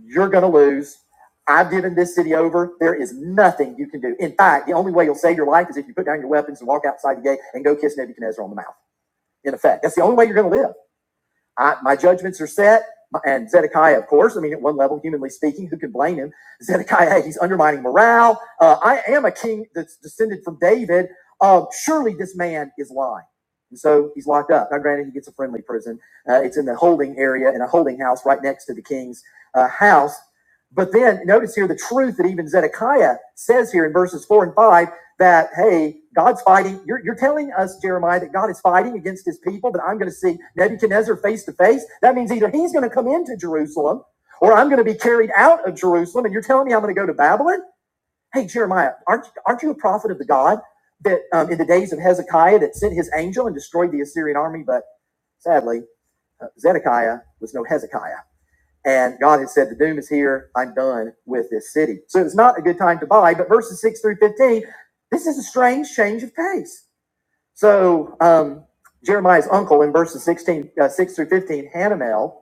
[SPEAKER 1] You're going to lose. I've given this city over. There is nothing you can do. In fact, the only way you'll save your life is if you put down your weapons and walk outside the gate and go kiss Nebuchadnezzar on the mouth. In effect, that's the only way you're going to live. I, my judgments are set. And Zedekiah, of course, I mean, at one level, humanly speaking, who can blame him? Zedekiah, hey, he's undermining morale. Uh, I am a king that's descended from David. Uh, surely this man is lying. And so he's locked up. Now, granted, he gets a friendly prison. Uh, it's in the holding area in a holding house right next to the king's uh, house. But then notice here the truth that even Zedekiah says here in verses four and five that hey god's fighting you're, you're telling us jeremiah that god is fighting against his people but i'm going to see nebuchadnezzar face to face that means either he's going to come into jerusalem or i'm going to be carried out of jerusalem and you're telling me i'm going to go to babylon hey jeremiah aren't, aren't you a prophet of the god that um, in the days of hezekiah that sent his angel and destroyed the assyrian army but sadly uh, zedekiah was no hezekiah and God has said, the doom is here. I'm done with this city. So it's not a good time to buy. But verses 6 through 15, this is a strange change of pace. So um, Jeremiah's uncle in verses 16, uh, 6 through 15, Hanamel,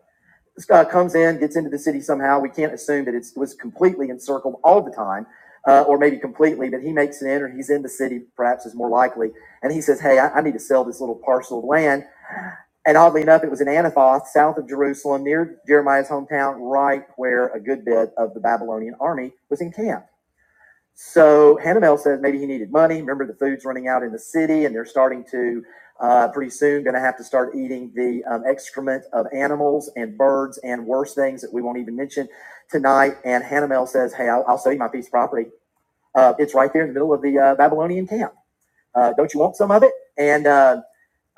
[SPEAKER 1] this guy comes in, gets into the city somehow. We can't assume that it's, it was completely encircled all the time, uh, or maybe completely, but he makes an enter. He's in the city, perhaps is more likely. And he says, Hey, I, I need to sell this little parcel of land and oddly enough, it was in Anathoth, south of Jerusalem, near Jeremiah's hometown, right where a good bit of the Babylonian army was encamped. So Hanamel says maybe he needed money. Remember, the food's running out in the city, and they're starting to uh, pretty soon going to have to start eating the um, excrement of animals and birds and worse things that we won't even mention tonight. And Hanamel says, "Hey, I'll, I'll sell you my piece of property. Uh, it's right there in the middle of the uh, Babylonian camp. Uh, don't you want some of it?" And uh,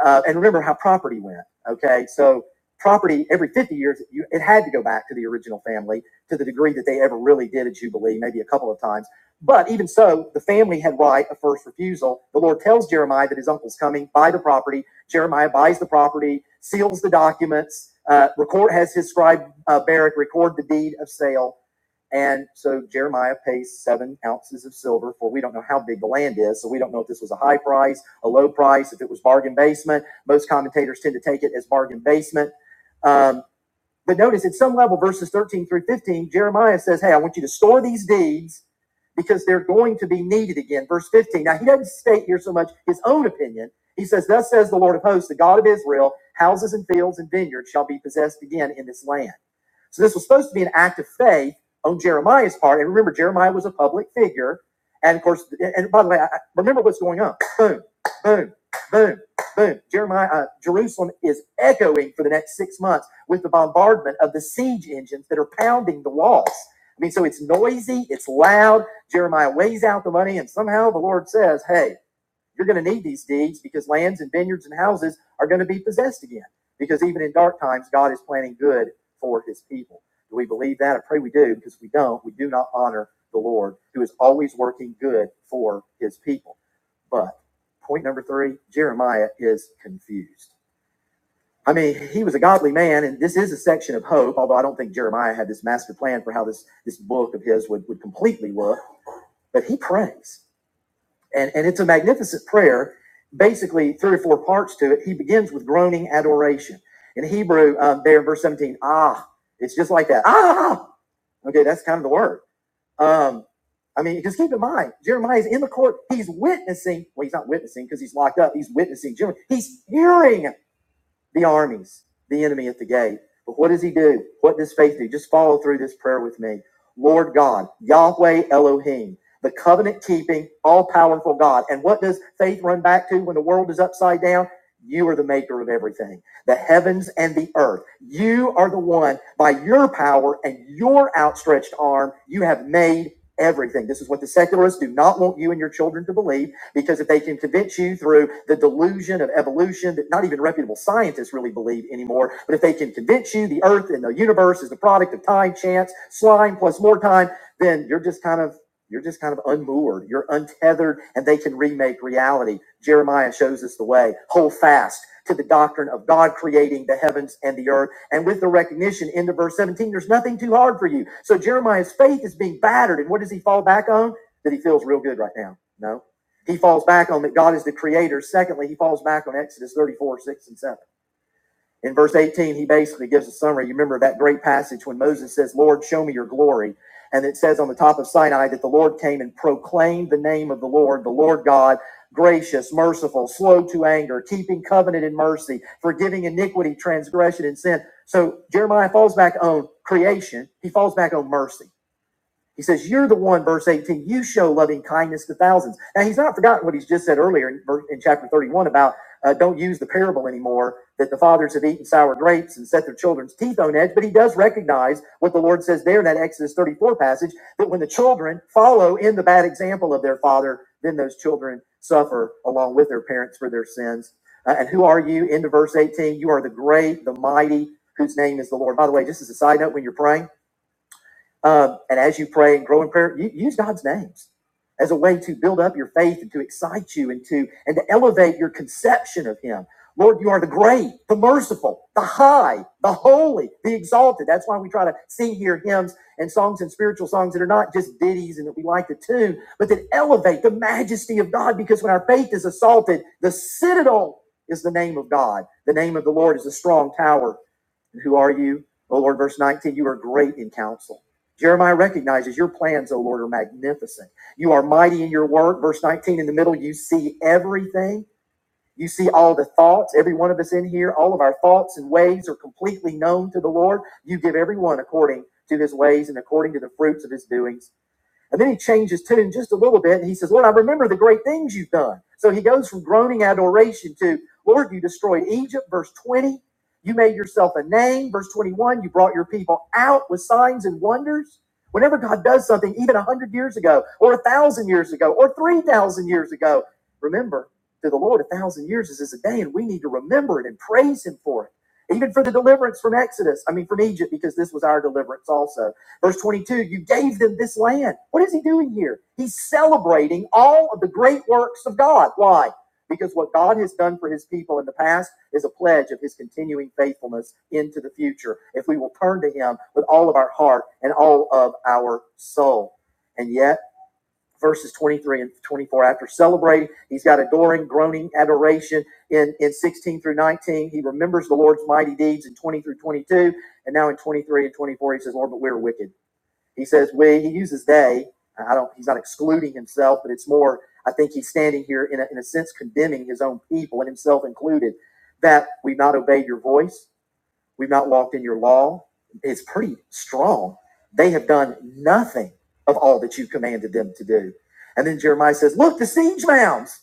[SPEAKER 1] uh, and remember how property went. Okay, so property every 50 years it had to go back to the original family to the degree that they ever really did a jubilee, maybe a couple of times. But even so, the family had right of first refusal. The Lord tells Jeremiah that his uncle's coming, buy the property. Jeremiah buys the property, seals the documents, uh, record has his scribe uh, Barak record the deed of sale and so Jeremiah pays seven ounces of silver for we don't know how big the land is. So we don't know if this was a high price, a low price, if it was bargain basement. Most commentators tend to take it as bargain basement. Um, but notice at some level, verses 13 through 15, Jeremiah says, Hey, I want you to store these deeds because they're going to be needed again. Verse 15. Now, he doesn't state here so much his own opinion. He says, Thus says the Lord of hosts, the God of Israel, houses and fields and vineyards shall be possessed again in this land. So this was supposed to be an act of faith on Jeremiah's part. And remember, Jeremiah was a public figure. And of course, and by the way, I, remember what's going on. Boom, boom, boom, boom. Jeremiah, uh, Jerusalem is echoing for the next six months with the bombardment of the siege engines that are pounding the walls. I mean, so it's noisy, it's loud. Jeremiah weighs out the money, and somehow the Lord says, "Hey." You're going to need these deeds because lands and vineyards and houses are going to be possessed again. Because even in dark times, God is planning good for his people. Do we believe that? I pray we do because if we don't, we do not honor the Lord who is always working good for his people. But point number three Jeremiah is confused. I mean, he was a godly man, and this is a section of hope, although I don't think Jeremiah had this master plan for how this, this book of his would, would completely look. But he prays and, and it's a magnificent prayer. Basically, three or four parts to it. He begins with groaning adoration. In Hebrew, um, there in verse 17, ah, it's just like that. Ah, okay, that's kind of the word. Um, I mean, just keep in mind, Jeremiah is in the court. He's witnessing. Well, he's not witnessing because he's locked up. He's witnessing. He's hearing the armies, the enemy at the gate. But what does he do? What does faith do? Just follow through this prayer with me. Lord God, Yahweh Elohim, the covenant keeping, all powerful God. And what does faith run back to when the world is upside down? You are the maker of everything, the heavens and the earth. You are the one by your power and your outstretched arm, you have made everything. This is what the secularists do not want you and your children to believe. Because if they can convince you through the delusion of evolution that not even reputable scientists really believe anymore, but if they can convince you the earth and the universe is the product of time, chance, slime plus more time, then you're just kind of you're just kind of unmoored, you're untethered, and they can remake reality. Jeremiah shows us the way. Hold fast to the doctrine of God creating the heavens and the earth. And with the recognition into verse 17, there's nothing too hard for you. So Jeremiah's faith is being battered. And what does he fall back on? That he feels real good right now. No he falls back on that God is the creator. Secondly, he falls back on Exodus 34, 6 and 7. In verse 18, he basically gives a summary. You remember that great passage when Moses says, Lord, show me your glory. And it says on the top of Sinai that the Lord came and proclaimed the name of the Lord, the Lord God, gracious, merciful, slow to anger, keeping covenant and mercy, forgiving iniquity, transgression, and sin. So Jeremiah falls back on creation. He falls back on mercy. He says, You're the one, verse 18, you show loving kindness to thousands. Now, he's not forgotten what he's just said earlier in, in chapter 31 about uh, don't use the parable anymore, that the fathers have eaten sour grapes and set their children's teeth on edge. But he does recognize what the Lord says there in that Exodus 34 passage that when the children follow in the bad example of their father, then those children suffer along with their parents for their sins. Uh, and who are you? Into verse 18, you are the great, the mighty, whose name is the Lord. By the way, just as a side note, when you're praying, um, and as you pray and grow in prayer, use God's names as a way to build up your faith and to excite you and to and to elevate your conception of Him. Lord, you are the great, the merciful, the high, the holy, the exalted. That's why we try to sing here hymns and songs and spiritual songs that are not just ditties and that we like to tune, but that elevate the majesty of God. Because when our faith is assaulted, the citadel is the name of God. The name of the Lord is a strong tower who are you? O Lord, verse 19, you are great in counsel. Jeremiah recognizes your plans, O Lord, are magnificent. You are mighty in your work. Verse 19, in the middle, you see everything. You see all the thoughts. Every one of us in here, all of our thoughts and ways are completely known to the Lord. You give everyone according to his ways and according to the fruits of his doings. And then he changes tune just a little bit and he says, Lord, I remember the great things you've done. So he goes from groaning adoration to, Lord, you destroyed Egypt, verse 20. You made yourself a name, verse 21. You brought your people out with signs and wonders. Whenever God does something, even 100 years ago, or 1,000 years ago, or 3,000 years ago, remember, to the Lord, a 1,000 years is as a day, and we need to remember it and praise Him for it. Even for the deliverance from Exodus, I mean, from Egypt, because this was our deliverance also Verse 22, you gave them this land. What is he doing here? He's celebrating all of the great works of God. Why? Because what God has done for his people in the past is a pledge of his continuing faithfulness into the future if we will turn to him with all of our heart and all of our soul. And yet, verses 23 and 24, after celebrating, he's got adoring, groaning adoration in, in 16 through 19. He remembers the Lord's mighty deeds in 20 through 22. And now in 23 and 24, he says, Lord, but we're wicked. He says we. He uses they. I don't. He's not excluding himself, but it's more. I think he's standing here in a, in a sense condemning his own people and himself included. That we've not obeyed your voice. We've not walked in your law. It's pretty strong. They have done nothing of all that you commanded them to do. And then Jeremiah says, "Look, the siege mounds.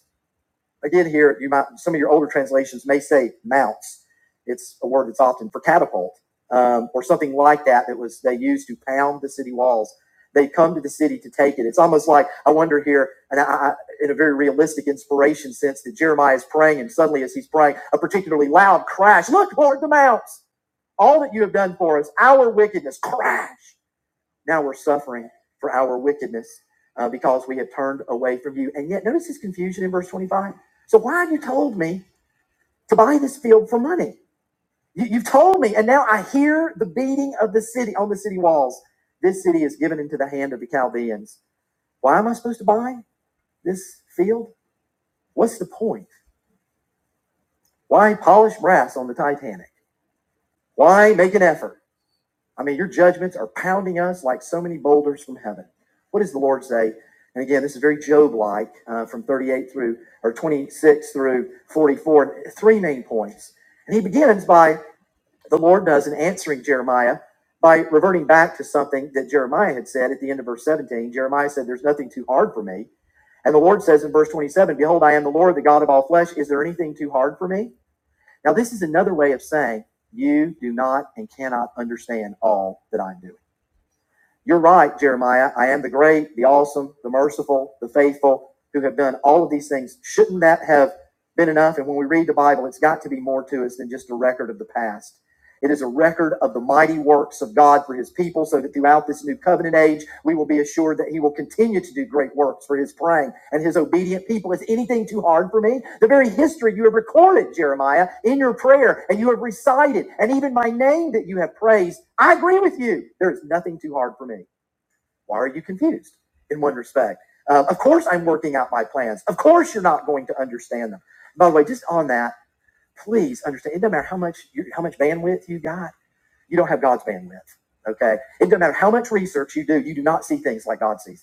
[SPEAKER 1] Again, here you might some of your older translations may say mounts. It's a word that's often for catapult um, or something like that. That was they used to pound the city walls. They come to the city to take it. It's almost like I wonder here, and I, I, in a very realistic inspiration sense, that Jeremiah is praying, and suddenly as he's praying, a particularly loud crash. Look, Lord, the mounts! All that you have done for us, our wickedness, crash now we're suffering for our wickedness uh, because we have turned away from you. And yet, notice his confusion in verse 25. So, why have you told me to buy this field for money? You, you've told me, and now I hear the beating of the city on the city walls. This city is given into the hand of the Chaldeans. Why am I supposed to buy this field? What's the point? Why polish brass on the Titanic? Why make an effort? I mean, your judgments are pounding us like so many boulders from heaven. What does the Lord say? And again, this is very Job like uh, from 38 through or 26 through 44, three main points. And he begins by the Lord does in answering Jeremiah by reverting back to something that Jeremiah had said at the end of verse 17. Jeremiah said, There's nothing too hard for me. And the Lord says in verse 27, Behold, I am the Lord, the God of all flesh. Is there anything too hard for me? Now, this is another way of saying, You do not and cannot understand all that I'm doing. You're right, Jeremiah. I am the great, the awesome, the merciful, the faithful, who have done all of these things. Shouldn't that have been enough? And when we read the Bible, it's got to be more to us than just a record of the past. It is a record of the mighty works of God for his people, so that throughout this new covenant age, we will be assured that he will continue to do great works for his praying and his obedient people. Is anything too hard for me? The very history you have recorded, Jeremiah, in your prayer, and you have recited, and even my name that you have praised, I agree with you. There is nothing too hard for me. Why are you confused in one respect? Um, of course, I'm working out my plans. Of course, you're not going to understand them. By the way, just on that, please understand. It doesn't matter how much you, how much bandwidth you got. You don't have God's bandwidth. Okay. It doesn't matter how much research you do. You do not see things like God sees them.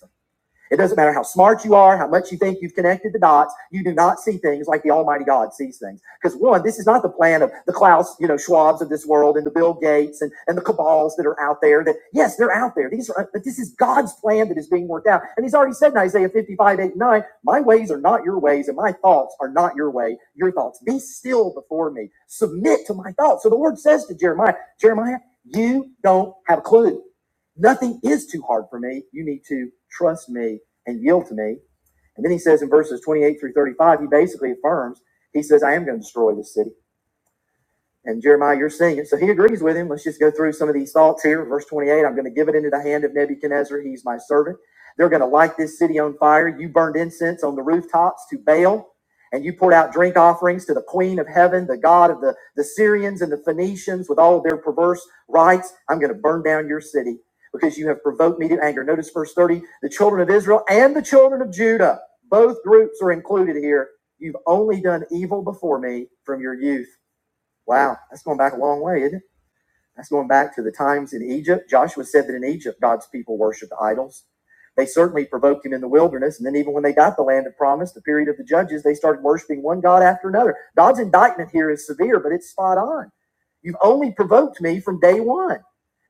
[SPEAKER 1] It doesn't matter how smart you are, how much you think you've connected the dots, you do not see things like the Almighty God sees things. Because one, this is not the plan of the Klaus, you know, Schwabs of this world and the Bill Gates and, and the cabals that are out there that, yes, they're out there. These are, but this is God's plan that is being worked out. And he's already said in Isaiah 55, 8, 9: my ways are not your ways and my thoughts are not your way, your thoughts. Be still before me. Submit to my thoughts. So the Lord says to Jeremiah, Jeremiah, you don't have a clue. Nothing is too hard for me. You need to trust me and yield to me. And then he says in verses 28 through 35, he basically affirms, he says, I am going to destroy this city. And Jeremiah, you're seeing it. So he agrees with him. Let's just go through some of these thoughts here. Verse 28 I'm going to give it into the hand of Nebuchadnezzar. He's my servant. They're going to light this city on fire. You burned incense on the rooftops to Baal, and you poured out drink offerings to the queen of heaven, the God of the, the Syrians and the Phoenicians with all of their perverse rites. I'm going to burn down your city because you have provoked me to anger. Notice verse 30 the children of Israel and the children of Judah, both groups are included here. You've only done evil before me from your youth. Wow, that's going back a long way, isn't it? That's going back to the times in Egypt. Joshua said that in Egypt, God's people worshiped idols. They certainly provoked him in the wilderness. And then, even when they got the land of promise, the period of the judges, they started worshiping one God after another. God's indictment here is severe, but it's spot on. You've only provoked me from day one.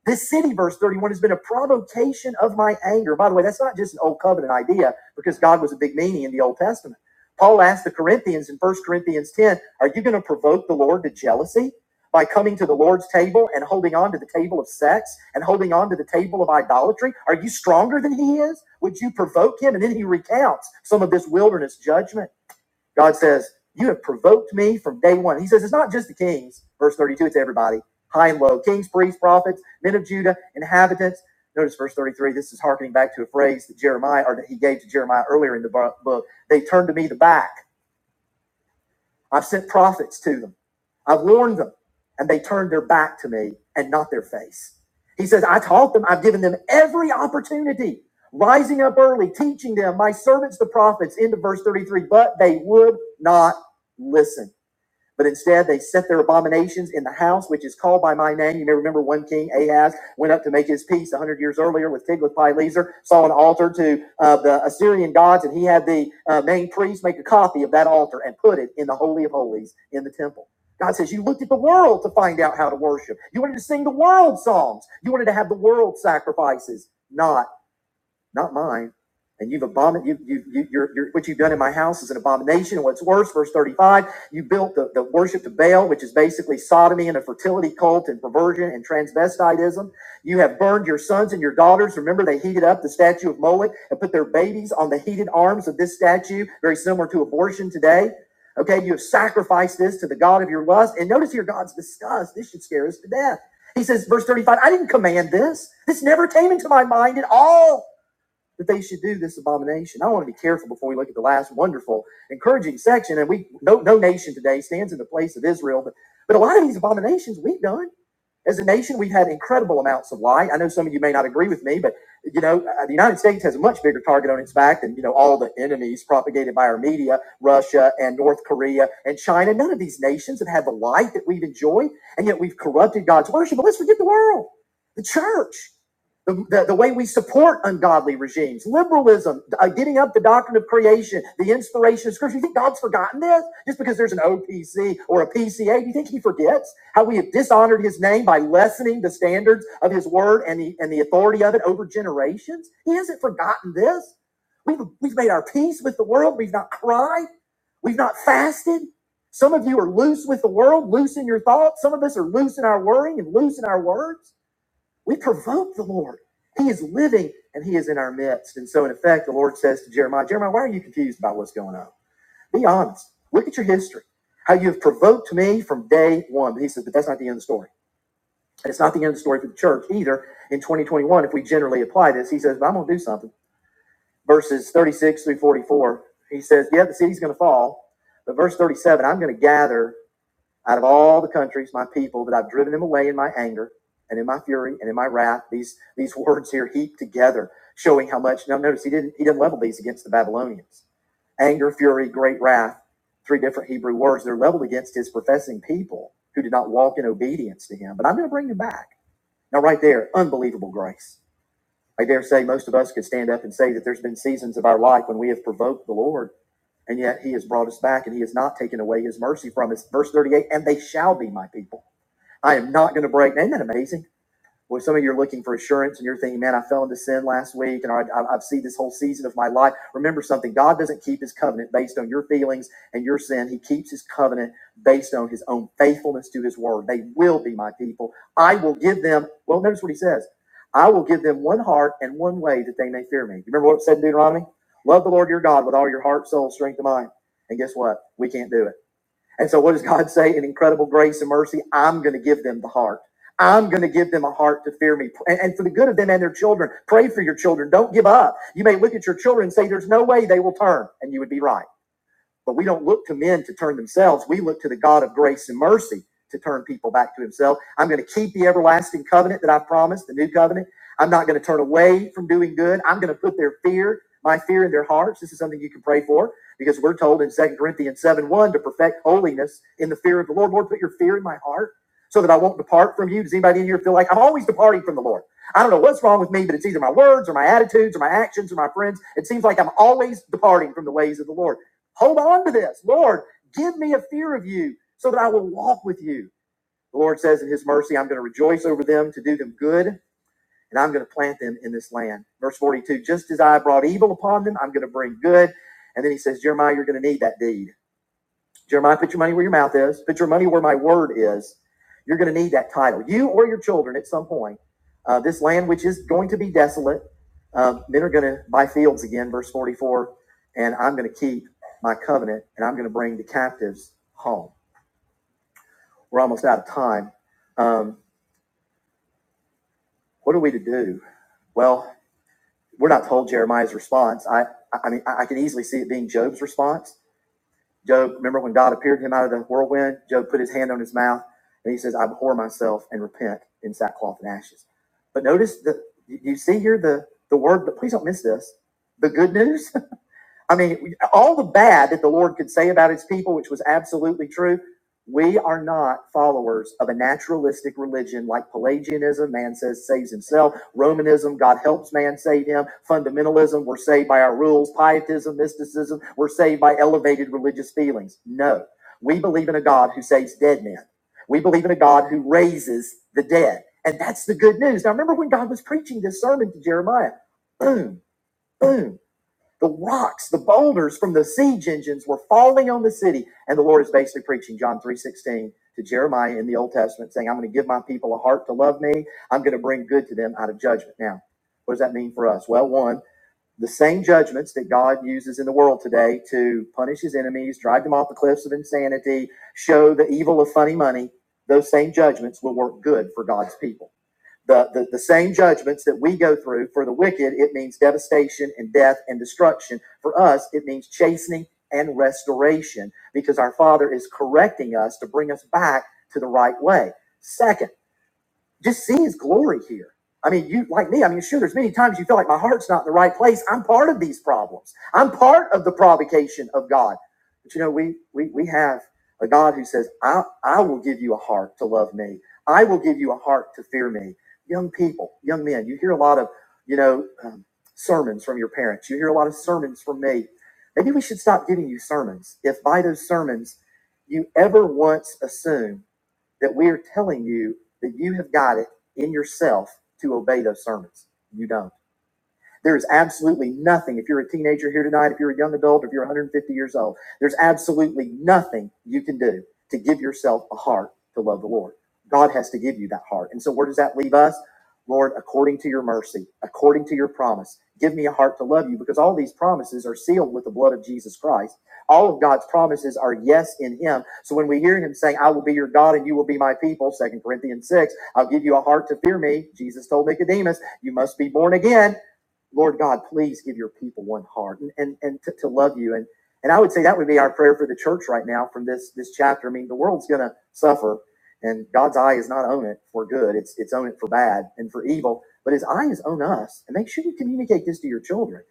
[SPEAKER 1] This city, verse 31, has been a provocation of my anger. By the way, that's not just an old covenant idea because God was a big meanie in the Old Testament. Paul asked the Corinthians in First Corinthians 10, Are you going to provoke the Lord to jealousy? by coming to the Lord's table and holding on to the table of sex and holding on to the table of idolatry? Are you stronger than he is? Would you provoke him? And then he recounts some of this wilderness judgment. God says, You have provoked me from day one. He says, It's not just the kings, verse 32, it's everybody, high and low, kings, priests, prophets, men of Judah, inhabitants. Notice verse 33. This is hearkening back to a phrase that Jeremiah or that he gave to Jeremiah earlier in the book. They turned to me the back I've sent prophets to them. I've warned them, and they turned their back to me and not their face. He says, I taught them, I've given them every opportunity, rising up early, teaching them, my servants, the prophets, into verse 33, but they would not listen. But instead, they set their abominations in the house which is called by my name. You may remember one king, Ahaz, went up to make his peace 100 years earlier with Tiglath-Pileser, saw an altar to uh, the Assyrian gods, and he had the uh, main priest make a copy of that altar and put it in the Holy of Holies in the temple. God says, You looked at the world to find out how to worship. You wanted to sing the world songs. You wanted to have the world sacrifices, not not mine. And you've abomin you, you, you, you're, you're, what you've done in my house is an abomination. And what's worse, verse 35, you built the, the worship of Baal, which is basically sodomy and a fertility cult and perversion and transvestitism. You have burned your sons and your daughters. Remember, they heated up the statue of Moloch and put their babies on the heated arms of this statue, very similar to abortion today. Okay, you have sacrificed this to the God of your lust. And notice here, God's disgust. This should scare us to death. He says, verse 35, I didn't command this. This never came into my mind at all that they should do this abomination. I want to be careful before we look at the last wonderful, encouraging section. And we no no nation today stands in the place of Israel, but but a lot of these abominations we've done. As a nation, we've had incredible amounts of light. I know some of you may not agree with me, but you know, uh, the United States has a much bigger target on its back than you know all the enemies propagated by our media, Russia and North Korea and China. None of these nations have had the light that we've enjoyed, and yet we've corrupted God's worship. But let's forget the world, the church the, the, the way we support ungodly regimes, liberalism, uh, getting up the doctrine of creation, the inspiration of scripture. You think God's forgotten this just because there's an OPC or a PCA? Do you think He forgets? how we have dishonored his name by lessening the standards of his word and the, and the authority of it over generations. He hasn't forgotten this. We've, we've made our peace with the world. We've not cried. We've not fasted. Some of you are loose with the world, loose in your thoughts. Some of us are loose in our worrying and loose in our words. We provoke the Lord. He is living and he is in our midst. And so, in effect, the Lord says to Jeremiah, Jeremiah, why are you confused about what's going on? Be honest. Look at your history. How you have provoked me from day one. But he says, but that's not the end of the story. And it's not the end of the story for the church either. In 2021, if we generally apply this, he says, but I'm going to do something. Verses 36 through 44, he says, yeah, the city's going to fall. But verse 37, I'm going to gather out of all the countries my people that I've driven them away in my anger and in my fury and in my wrath. These, these words here heaped together, showing how much. Now, notice he didn't, he didn't level these against the Babylonians anger, fury, great wrath, three different Hebrew words. They're leveled against his professing people who did not walk in obedience to him. But I'm going to bring them back. Now, right there, unbelievable grace. I dare say most of us could stand up and say that there's been seasons of our life when we have provoked the Lord, and yet he has brought us back and he has not taken away his mercy from us. Verse 38 And they shall be my people. I am not going to break. Isn't that amazing? where some of you are looking for assurance and you're thinking, man, I fell into sin last week and I, I, I've seen this whole season of my life. Remember something God doesn't keep his covenant based on your feelings and your sin. He keeps his covenant based on his own faithfulness to his word. They will be my people. I will give them, well, notice what he says I will give them one heart and one way that they may fear me. You remember what it said in Deuteronomy? Love the Lord your God with all your heart, soul, strength, and mind. And guess what? We can't do it. And so what does God say? In incredible grace and mercy, I'm going to give them the heart. I'm going to give them a heart to fear me and, and for the good of them and their children. Pray for your children. Don't give up. You may look at your children and say, there's no way they will turn. And you would be right. But we don't look to men to turn themselves. We look to the God of grace and mercy to turn people back to himself. I'm going to keep the everlasting covenant that I promised, the new covenant. I'm not going to turn away from doing good. I'm going to put their fear, my fear in their hearts. This is something you can pray for because we're told in Second Corinthians 7 1 to perfect holiness in the fear of the Lord. Lord, put your fear in my heart so that I won't depart from you. Does anybody in here feel like I'm always departing from the Lord? I don't know what's wrong with me, but it's either my words or my attitudes or my actions or my friends. It seems like I'm always departing from the ways of the Lord. Hold on to this. Lord, give me a fear of you so that I will walk with you. The Lord says in his mercy, I'm going to rejoice over them to do them good, and I'm going to plant them in this land. Verse 42 Just as I brought evil upon them, I'm going to bring good. And then he says, Jeremiah, you're going to need that deed. Jeremiah, put your money where your mouth is. Put your money where my word is. You're going to need that title, you or your children, at some point. Uh, this land, which is going to be desolate, uh, men are going to buy fields again, verse 44. And I'm going to keep my covenant, and I'm going to bring the captives home. We're almost out of time. Um, what are we to do? Well, we're not told Jeremiah's response. I, I mean, I can easily see it being Job's response Job, remember when God appeared to him out of the whirlwind? Job put his hand on his mouth and he says, I abhor myself and repent in sackcloth and ashes. But notice that you see here the, the word, but please don't miss this. The good news I mean, all the bad that the Lord could say about his people, which was absolutely true, we are not followers of a naturalistic religion like Pelagianism, man says saves himself, Romanism, God helps man save him, fundamentalism, we're saved by our rules, pietism, mysticism, we're saved by elevated religious feelings. No, we believe in a God who saves dead men. We believe in a God who raises the dead. And that's the good news. Now, remember when God was preaching this sermon to Jeremiah? Boom, boom the rocks, the boulders from the siege engines were falling on the city. And the Lord is basically preaching John 3.16 to Jeremiah in the Old Testament, saying, I'm going to give my people a heart to love me. I'm going to bring good to them out of judgment. Now, what does that mean for us? Well, one, the same judgments that God uses in the world today to punish his enemies, drive them off the cliffs of insanity, show the evil of funny money, those same judgments will work good for God's people. The, the, the same judgments that we go through for the wicked, it means devastation and death and destruction. For us, it means chastening and restoration because our Father is correcting us to bring us back to the right way. Second, just see his glory here. I mean, you like me, I mean, sure, there's many times you feel like my heart's not in the right place. I'm part of these problems. I'm part of the provocation of God. But you know, we we we have a God who says, I, I will give you a heart to love me. I will give you a heart to fear me. Young people, young men, you hear a lot of, you know, um, sermons from your parents. You hear a lot of sermons from me. Maybe we should stop giving you sermons. If by those sermons you ever once assume that we are telling you that you have got it in yourself to obey those sermons. You don't. There is absolutely nothing, if you're a teenager here tonight, if you're a young adult, if you're 150 years old, there's absolutely nothing you can do to give yourself a heart to love the Lord. God has to give you that heart. And so, where does that leave us? Lord, according to your mercy, according to your promise, give me a heart to love you because all these promises are sealed with the blood of Jesus Christ. All of God's promises are yes in him. So when we hear him saying, I will be your God and you will be my people, Second Corinthians 6, I'll give you a heart to fear me. Jesus told Nicodemus, you must be born again. Lord God, please give your people one heart and, and, and to, to love you. And, and I would say that would be our prayer for the church right now from this, this chapter. I mean, the world's going to suffer and God's eye is not on it for good. It's, it's on it for bad and for evil, but his eye is on us and make sure you communicate this to your children.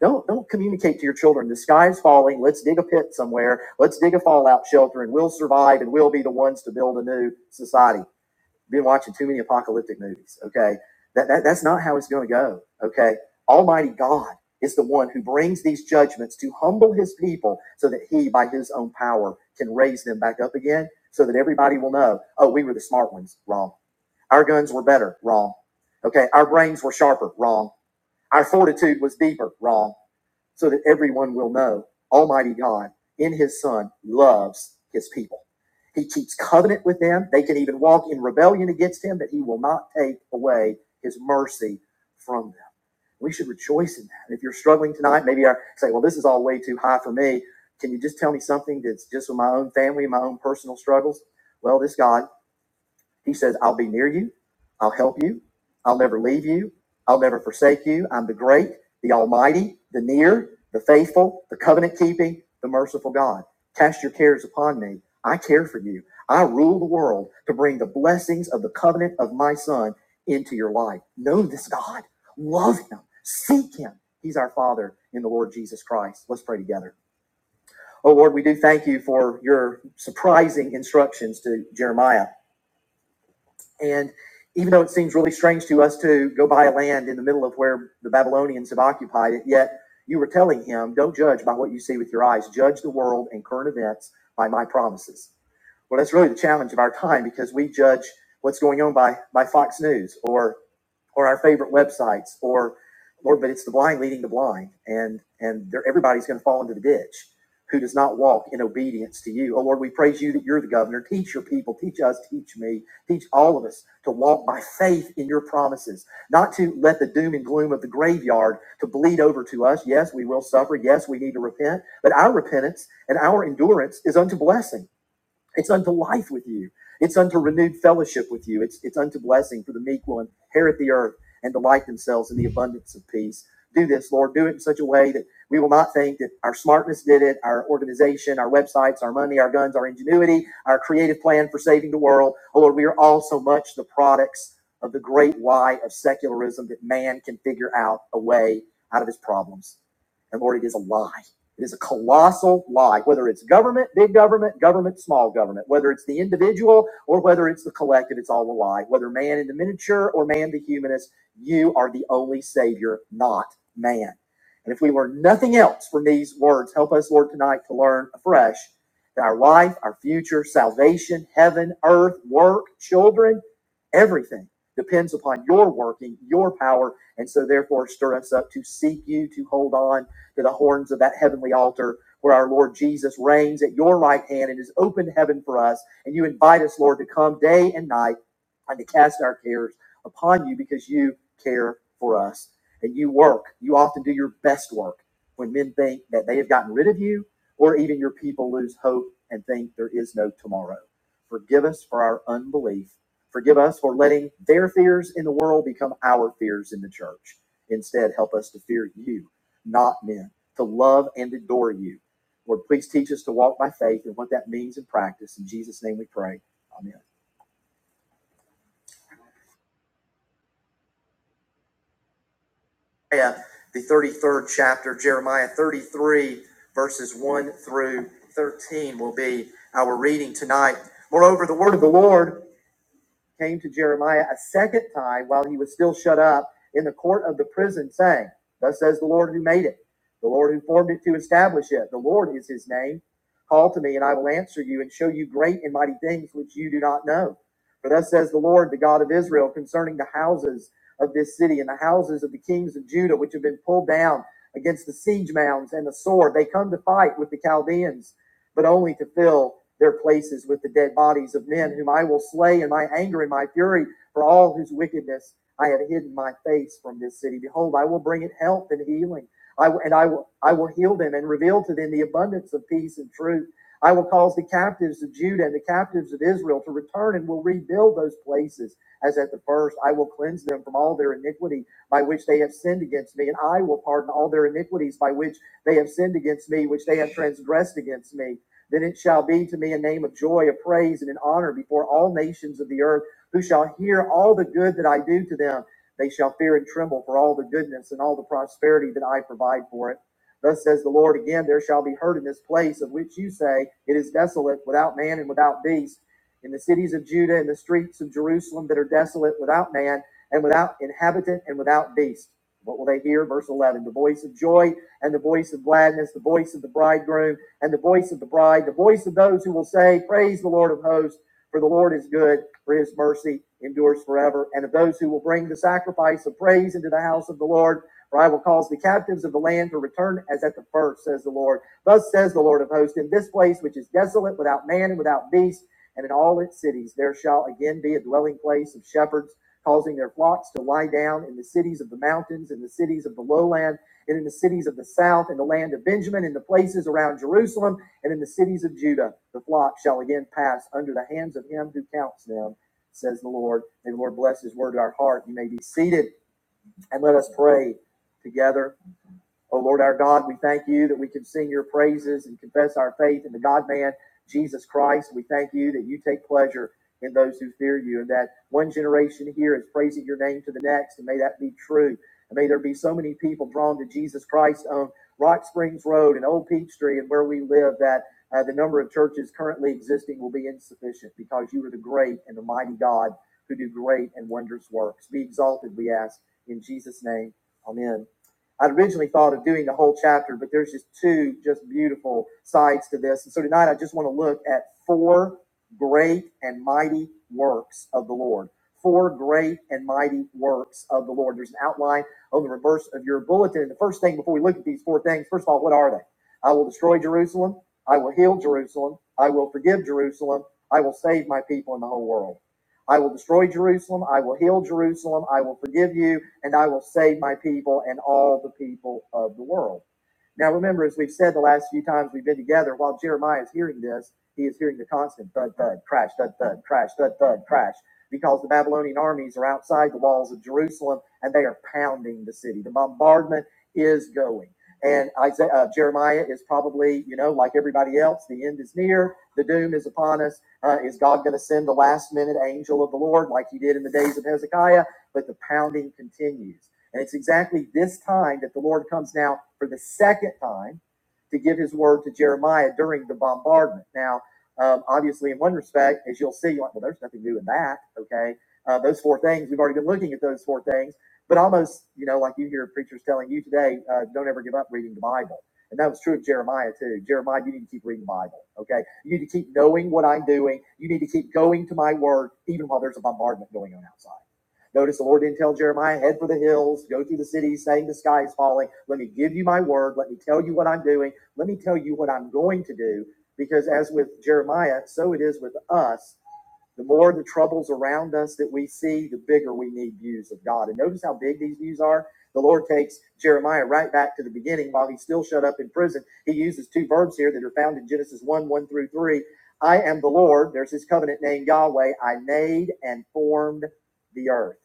[SPEAKER 1] Don't, don't communicate to your children. The sky is falling. Let's dig a pit somewhere. Let's dig a fallout shelter and we'll survive and we'll be the ones to build a new society been watching too many apocalyptic movies. Okay, that, that that's not how it's going to go. Okay, Almighty God is the one who brings these judgments to humble His people, so that He, by His own power, can raise them back up again, so that everybody will know, oh, we were the smart ones. Wrong. Our guns were better. Wrong. Okay, our brains were sharper. Wrong. Our fortitude was deeper. Wrong so that everyone will know Almighty God in His Son loves His people. He keeps covenant with them. They can even walk in rebellion against Him, but He will not take away His mercy from them. We should rejoice in that. And If you're struggling tonight, maybe I say, well, this is all way too high for me. Can you just tell me something that's just with my own family, my own personal struggles? Well, this God he says, I'll be near you. I'll help you. I'll never leave you. I'll never forsake you. I'm the great, the almighty, the near, the faithful, the covenant keeping, the merciful God. Cast your cares upon me. I care for you. I rule the world to bring the blessings of the covenant of my son into your life. Know this God. Love him. Seek him. He's our Father in the Lord Jesus Christ. Let's pray together. Oh Lord, we do thank you for your surprising instructions to Jeremiah. And even though it seems really strange to us to go buy land in the middle of where the Babylonians have occupied it, yet you were telling him, don't judge by what you see with your eyes, judge the world and current events by my promises. Well, that's really the challenge of our time because we judge what's going on by, by Fox News or or our favorite websites or Lord, but it's the blind leading the blind, and and they're, everybody's going to fall into the ditch who does not walk in obedience to you. Oh Lord, we praise you that you're the governor. Teach your people, teach us, teach me, teach all of us to walk by faith in your promises, not to let the doom and gloom of the graveyard to bleed over to us. Yes, we will suffer. Yes, we need to repent, but our repentance and our endurance is unto blessing. It's unto life with you. It's unto renewed fellowship with you. It's, it's unto blessing for the meek will inherit the earth and delight themselves in the abundance of peace. Do this, Lord. Do it in such a way that we will not think that our smartness did it, our organization, our websites, our money, our guns, our ingenuity, our creative plan for saving the world. Oh, Lord, we are all so much the products of the great why of secularism that man can figure out a way out of his problems. And Lord, it is a lie. It is a colossal lie, whether it's government, big government, government, small government, whether it's the individual or whether it's the collective, it's all a lie. Whether man in the miniature or man the humanist, you are the only savior, not man. And if we learn nothing else from these words, help us, Lord, tonight to learn afresh that our life, our future, salvation, heaven, earth, work, children, everything depends upon your working, your power. And so, therefore, stir us up to seek you, to hold on to the horns of that heavenly altar where our Lord Jesus reigns at your right hand and is open heaven for us. And you invite us, Lord, to come day and night and to cast our cares upon you because you care for us. And you work. You often do your best work when men think that they have gotten rid of you or even your people lose hope and think there is no tomorrow. Forgive us for our unbelief. Forgive us for letting their fears in the world become our fears in the church. Instead, help us to fear you not men, to love and adore you. Lord, please teach us to walk by faith and what that means in practice. In Jesus' name we pray. Amen. Yeah, the 33rd chapter, Jeremiah 33, verses 1 through 13 will be our reading tonight. Moreover, the word of the Lord came to Jeremiah a second time while he was still shut up in the court of the prison, saying, Thus says the Lord who made it, the Lord who formed it to establish it. The Lord is his name. Call to me, and I will answer you and show you great and mighty things which you do not know. For thus says the Lord, the God of Israel, concerning the houses of this city and the houses of the kings of Judah, which have been pulled down against the siege mounds and the sword. They come to fight with the Chaldeans, but only to fill their places with the dead bodies of men, whom I will slay in my anger and my fury, for all whose wickedness I have hidden my face from this city. Behold, I will bring it health and healing. I, and I will, I will heal them and reveal to them the abundance of peace and truth. I will cause the captives of Judah and the captives of Israel to return and will rebuild those places as at the first. I will cleanse them from all their iniquity by which they have sinned against me, and I will pardon all their iniquities by which they have sinned against me, which they have transgressed against me. Then it shall be to me a name of joy, a praise, and an honor before all nations of the earth, who shall hear all the good that I do to them. They shall fear and tremble for all the goodness and all the prosperity that I provide for it. Thus says the Lord again, there shall be heard in this place of which you say, It is desolate, without man and without beast, in the cities of Judah and the streets of Jerusalem that are desolate, without man and without inhabitant and without beast. What will they hear? Verse 11 The voice of joy and the voice of gladness, the voice of the bridegroom and the voice of the bride, the voice of those who will say, Praise the Lord of hosts, for the Lord is good, for his mercy endures forever, and of those who will bring the sacrifice of praise into the house of the Lord. For I will cause the captives of the land to return as at the first, says the Lord. Thus says the Lord of hosts, in this place which is desolate, without man and without beast, and in all its cities, there shall again be a dwelling place of shepherds, causing their flocks to lie down in the cities of the mountains, in the cities of the lowland and in the cities of the south, in the land of Benjamin, in the places around Jerusalem, and in the cities of Judah, the flock shall again pass under the hands of him who counts them, says the Lord. May the Lord bless his word to our heart. You may be seated and let us pray together. O Lord our God, we thank you that we can sing your praises and confess our faith in the God man, Jesus Christ. We thank you that you take pleasure in those who fear you and that one generation here is praising your name to the next. And may that be true. And may there be so many people drawn to Jesus Christ on Rock Springs Road and Old Peachtree and where we live that uh, the number of churches currently existing will be insufficient because you are the great and the mighty God who do great and wondrous works. Be exalted, we ask. In Jesus' name, amen. I originally thought of doing a whole chapter, but there's just two just beautiful sides to this. And so tonight I just want to look at four great and mighty works of the Lord. Four great and mighty works of the Lord. There's an outline on the reverse of your bulletin. And the first thing before we look at these four things, first of all, what are they? I will destroy Jerusalem. I will heal Jerusalem. I will forgive Jerusalem. I will save my people in the whole world. I will destroy Jerusalem. I will heal Jerusalem. I will forgive you and I will save my people and all the people of the world. Now, remember, as we've said the last few times we've been together, while Jeremiah is hearing this, he is hearing the constant thud, thud, crash, thud, thud, crash, thud, thud, crash, because the Babylonian armies are outside the walls of Jerusalem and they are pounding the city. The bombardment is going. And Isaiah, uh, Jeremiah is probably, you know, like everybody else, the end is near, the doom is upon us. Uh, is God going to send the last minute angel of the Lord like he did in the days of Hezekiah? But the pounding continues. And it's exactly this time that the Lord comes now for the second time to give his word to Jeremiah during the bombardment. Now, um, obviously, in one respect, as you'll see, you're like, well, there's nothing new in that, okay? Uh, those four things, we've already been looking at those four things, but almost, you know, like you hear preachers telling you today, uh, don't ever give up reading the Bible. And that was true of Jeremiah too. Jeremiah, you need to keep reading the Bible, okay? You need to keep knowing what I'm doing. You need to keep going to my word, even while there's a bombardment going on outside. Notice the Lord didn't tell Jeremiah, head for the hills, go through the city, saying the sky is falling. Let me give you my word. Let me tell you what I'm doing. Let me tell you what I'm going to do. Because as with Jeremiah, so it is with us. The more the troubles around us that we see, the bigger we need views of God. And notice how big these views are. The Lord takes Jeremiah right back to the beginning while he's still shut up in prison. He uses two verbs here that are found in Genesis 1 1 through 3. I am the Lord. There's his covenant name, Yahweh. I made and formed the earth.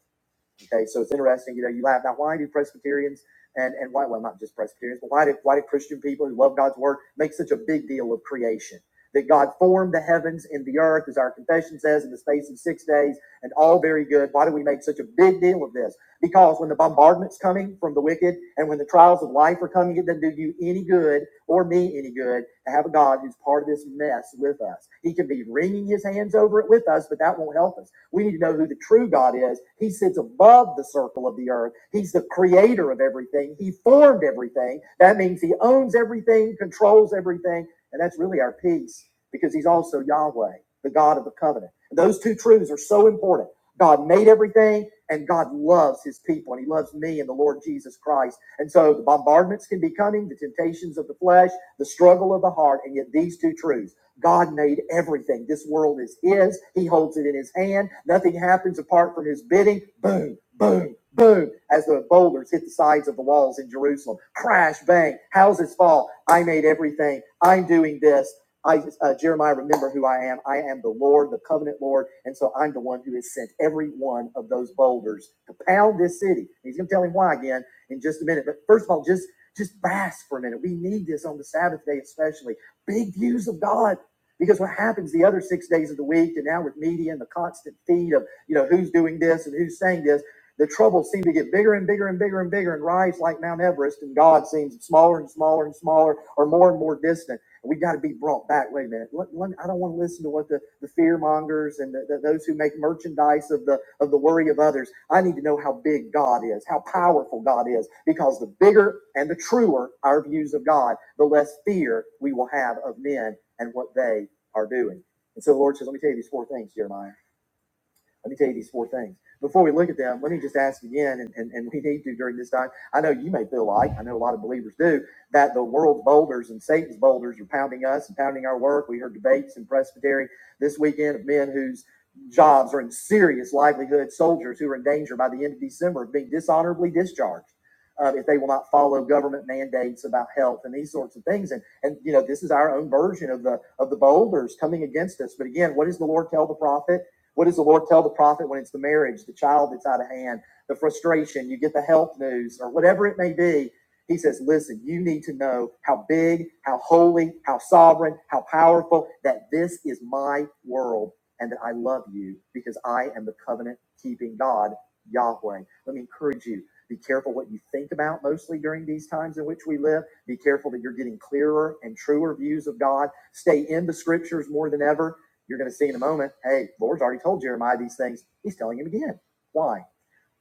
[SPEAKER 1] Okay, so it's interesting, you know, you have now why do Presbyterians and, and why well not just Presbyterians, but why do why do Christian people who love God's word make such a big deal of creation? That God formed the heavens and the earth, as our confession says, in the space of six days, and all very good. Why do we make such a big deal of this? Because when the bombardment's coming from the wicked and when the trials of life are coming, it doesn't do you any good or me any good to have a God who's part of this mess with us. He can be wringing his hands over it with us, but that won't help us. We need to know who the true God is. He sits above the circle of the earth. He's the creator of everything. He formed everything. That means he owns everything, controls everything, and that's really our peace because he's also Yahweh, the God of the covenant. Those two truths are so important. God made everything. And God loves his people and he loves me and the Lord Jesus Christ. And so the bombardments can be coming, the temptations of the flesh, the struggle of the heart, and yet these two truths. God made everything. This world is his. He holds it in his hand. Nothing happens apart from his bidding. Boom, boom, boom. As the boulders hit the sides of the walls in Jerusalem, crash, bang, houses fall. I made everything. I'm doing this. I, uh, Jeremiah, remember who I am. I am the Lord, the covenant Lord. And so I'm the one who has sent every one of those boulders to pound this city. He's going to tell him why again in just a minute. But first of all, just, just bask for a minute. We need this on the Sabbath day, especially big views of God. Because what happens the other six days of the week, and now with media and the constant feed of, you know, who's doing this and who's saying this, the troubles seem to get bigger and bigger and bigger and bigger and rise like Mount Everest, and God seems smaller and smaller and smaller or more and more distant. We got to be brought back. Wait a minute. Let, let, I don't want to listen to what the, the fear mongers and the, the, those who make merchandise of the of the worry of others. I need to know how big God is, how powerful God is, because the bigger and the truer our views of God, the less fear we will have of men and what they are doing. And so the Lord says, let me tell you these four things, Jeremiah. Let me tell you these four things. Before we look at them, let me just ask again, and, and, and we need to during this time. I know you may feel like, I know a lot of believers do, that the world's boulders and Satan's boulders are pounding us and pounding our work. We heard debates in Presbytery this weekend of men whose jobs are in serious livelihood, soldiers who are in danger by the end of December of being dishonorably discharged. uh, if they will not follow government mandates about health and these sorts of things, and and you know this is our own version of the of the boulders coming against us. But again, what does the Lord tell the prophet? What does the Lord tell the prophet when it's the marriage, the child that's out of hand, the frustration, you get the health news, or whatever it may be? He says, Listen, you need to know how big, how holy, how sovereign, how powerful, that this is my world and that I love you because I am the covenant keeping God, Yahweh. Let me encourage you be careful what you think about mostly during these times in which we live. Be careful that you're getting clearer and truer views of God. Stay in the scriptures more than ever you're going to see in a moment, hey, the Lord's already told Jeremiah these things. He's telling him again. Why?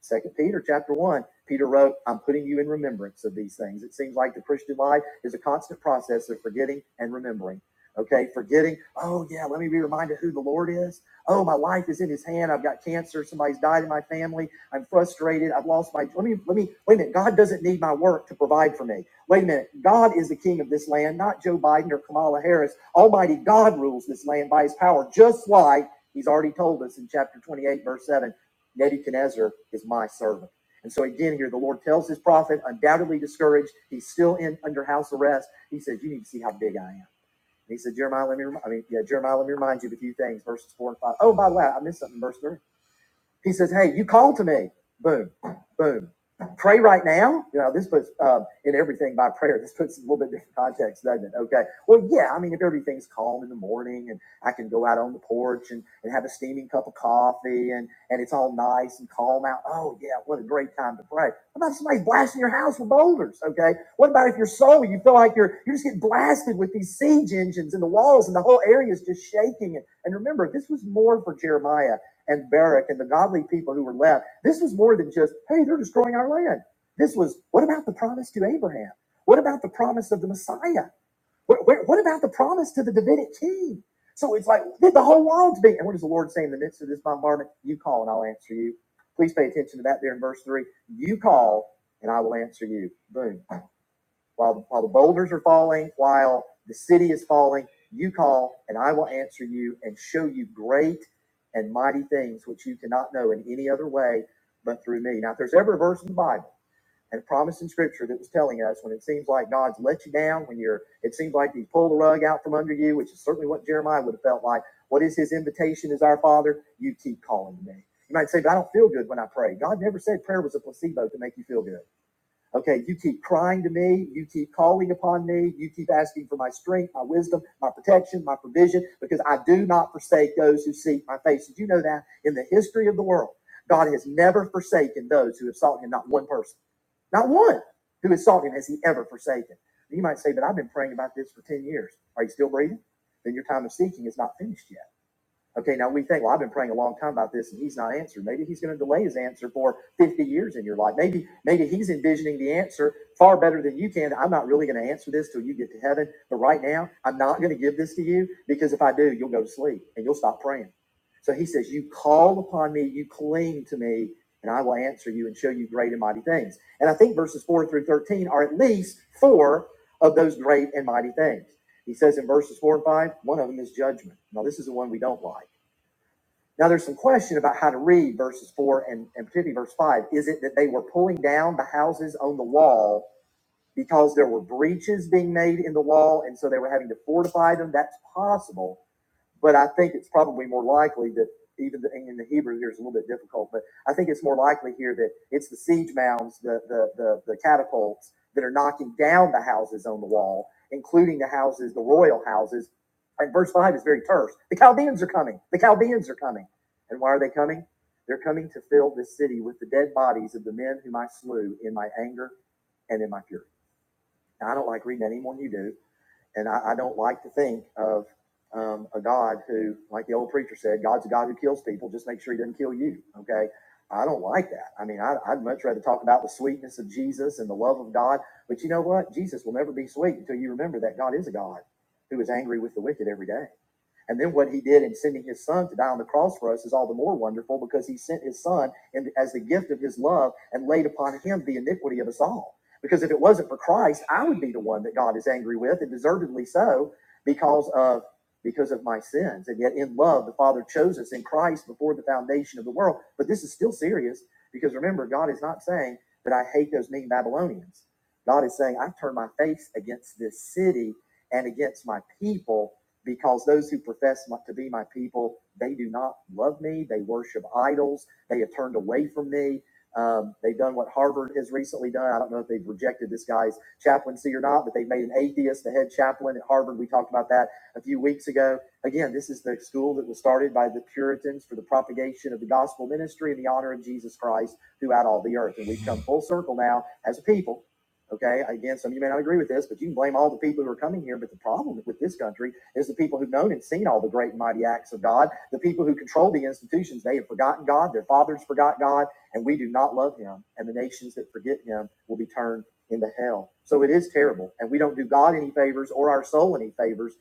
[SPEAKER 1] Second Peter chapter one, Peter wrote, I'm putting you in remembrance of these things. It seems like the Christian life is a constant process of forgetting and remembering. Okay, forgetting, oh yeah, let me be reminded who the Lord is. Oh, my life is in his hand. I've got cancer, somebody's died in my family. I'm frustrated. I've lost my let me let me wait a minute. God doesn't need my work to provide for me. Wait a minute. God is the king of this land, not Joe Biden or Kamala Harris. Almighty God rules this land by his power, just like he's already told us in chapter 28, verse 7. Nebuchadnezzar is my servant. And so again here, the Lord tells his prophet, undoubtedly discouraged, he's still in under house arrest. He says, "You need to see how big I am." And he said, "Jeremiah, let me, I mean, yeah, Jeremiah, let me remind you of a few things." Verses four and five. Oh, by the way, I missed something. in Verse three. He says, "Hey, you call to me. Boom, boom. Pray right now." You know, this puts uh, in everything by prayer. This puts a little bit different context, doesn't it? Okay. Well, yeah. I mean, if everything's calm in the morning, and I can go out on the porch and, and have a steaming cup of coffee, and and it's all nice and calm out. Oh yeah, what a great time to pray. What about somebody blasting your house with boulders? Okay. What about if your soul, you feel like you're you're just getting blasted with these siege engines and the walls and the whole area is just shaking? And, and remember, this was more for Jeremiah and Barak and the godly people who were left, this was more than just, hey, they're destroying our land. This was, what about the promise to Abraham? What about the promise of the Messiah? What, what, what about the promise to the Davidic king? So it's like the whole world's being. And what does the Lord say in the midst of this bombardment? You call and I'll answer you. Please pay attention to that there in verse three. You call and I will answer you. Boom while while the boulders are falling, while the city is falling, you call and I will answer you and show you great and mighty things which you cannot know in any other way but through me. Now, if there's ever a verse in the Bible and a promise in Scripture that was telling us when it seems like God's let you down, when you're it seems like He's pulled the rug out from under you, which is certainly what Jeremiah would have felt like. What is His invitation? as our Father? You keep calling to me. You might say, but I don't feel good when I pray. God never said prayer was a placebo to make you feel good. Okay, you keep crying to me. You keep calling upon me. You keep asking for my strength, my wisdom, my protection, my provision, because I do not forsake those who seek my face. Did you know that in the history of the world, God has never forsaken those who have sought Him? Not one person, not one who has sought Him has He ever forsaken. You might say, but I've been praying about this for 10 years. Are you still breathing? Then your time of seeking is not finished yet. Okay, now we think, well, I've been praying a long time about this and he's not answered. Maybe he's going to delay his answer for 50 years in your life. Maybe, maybe he's envisioning the answer far better than you can. I'm not really going to answer this till you get to heaven. But right now, I'm not going to give this to you because if I do, you'll go to sleep and you'll stop praying. So he says, You call upon me, you cling to me, and I will answer you and show you great and mighty things. And I think verses 4 through 13 are at least four of those great and mighty things. He says in verses 4 and 5, one of them is judgment. Now, this is the one we don't like now, there's some question about how to read verses four and, and particularly verse five. Is it that they were pulling down the houses on the wall because there were breaches being made in the wall, and so they were having to fortify them? That's possible. But I think it's probably more likely that even the, in the Hebrew here is a little bit difficult, but I think it's more likely here that it's the siege mounds, the, the, the, the catapults that are knocking down the houses on the wall, including the houses, the royal houses. And verse 5 is very terse. The Chaldeans are coming. The Chaldeans are coming. And why are they coming? They're coming to fill this city with the dead bodies of the men whom I slew in my anger and in my fury. Now, I don't like reading that any more than you do, and I, I don't like to think of um, a God who, like the old preacher said, God's a God who kills people. Just make sure he doesn't kill you. Okay. I don't like that. I mean, I, I'd much rather talk about the sweetness of Jesus and the love of God. But you know what? Jesus will never be sweet until you remember that God is a God who is angry with the wicked every day. And then what he did in sending his son to die on the cross for us is all the more wonderful because he sent his son and as the gift of his love and laid upon him the iniquity of us all. Because if it wasn't for Christ, I would be the one that God is angry with, and deservedly so, because of because of my sins. And yet in love, the Father chose us in Christ before the foundation of the world. But this is still serious because remember, God is not saying that I hate those mean Babylonians. God is saying, I turn my face against this city and against my people because those who profess to be my people, they do not love me. They worship idols. They have turned away from me. Um, they've done what Harvard has recently done. I don't know if they've rejected this guy's chaplaincy or not, but they've made an atheist the head chaplain at Harvard. We talked about that a few weeks ago. Again, this is the school that was started by the Puritans for the propagation of the gospel ministry and the honor of Jesus Christ throughout all the earth. And we've come full circle now as a people. Okay, again, some of you may not agree with this, but you can blame all the people who are coming here. But the problem with this country it was the people who've known and seen all the great and mighty acts of God. The people who control the institutions, they have forgotten God. Their fathers forgot God, and we do not love Him. And the nations that forget Him will be turned into hell. So it is terrible. And we don't do God any favors or our soul any favors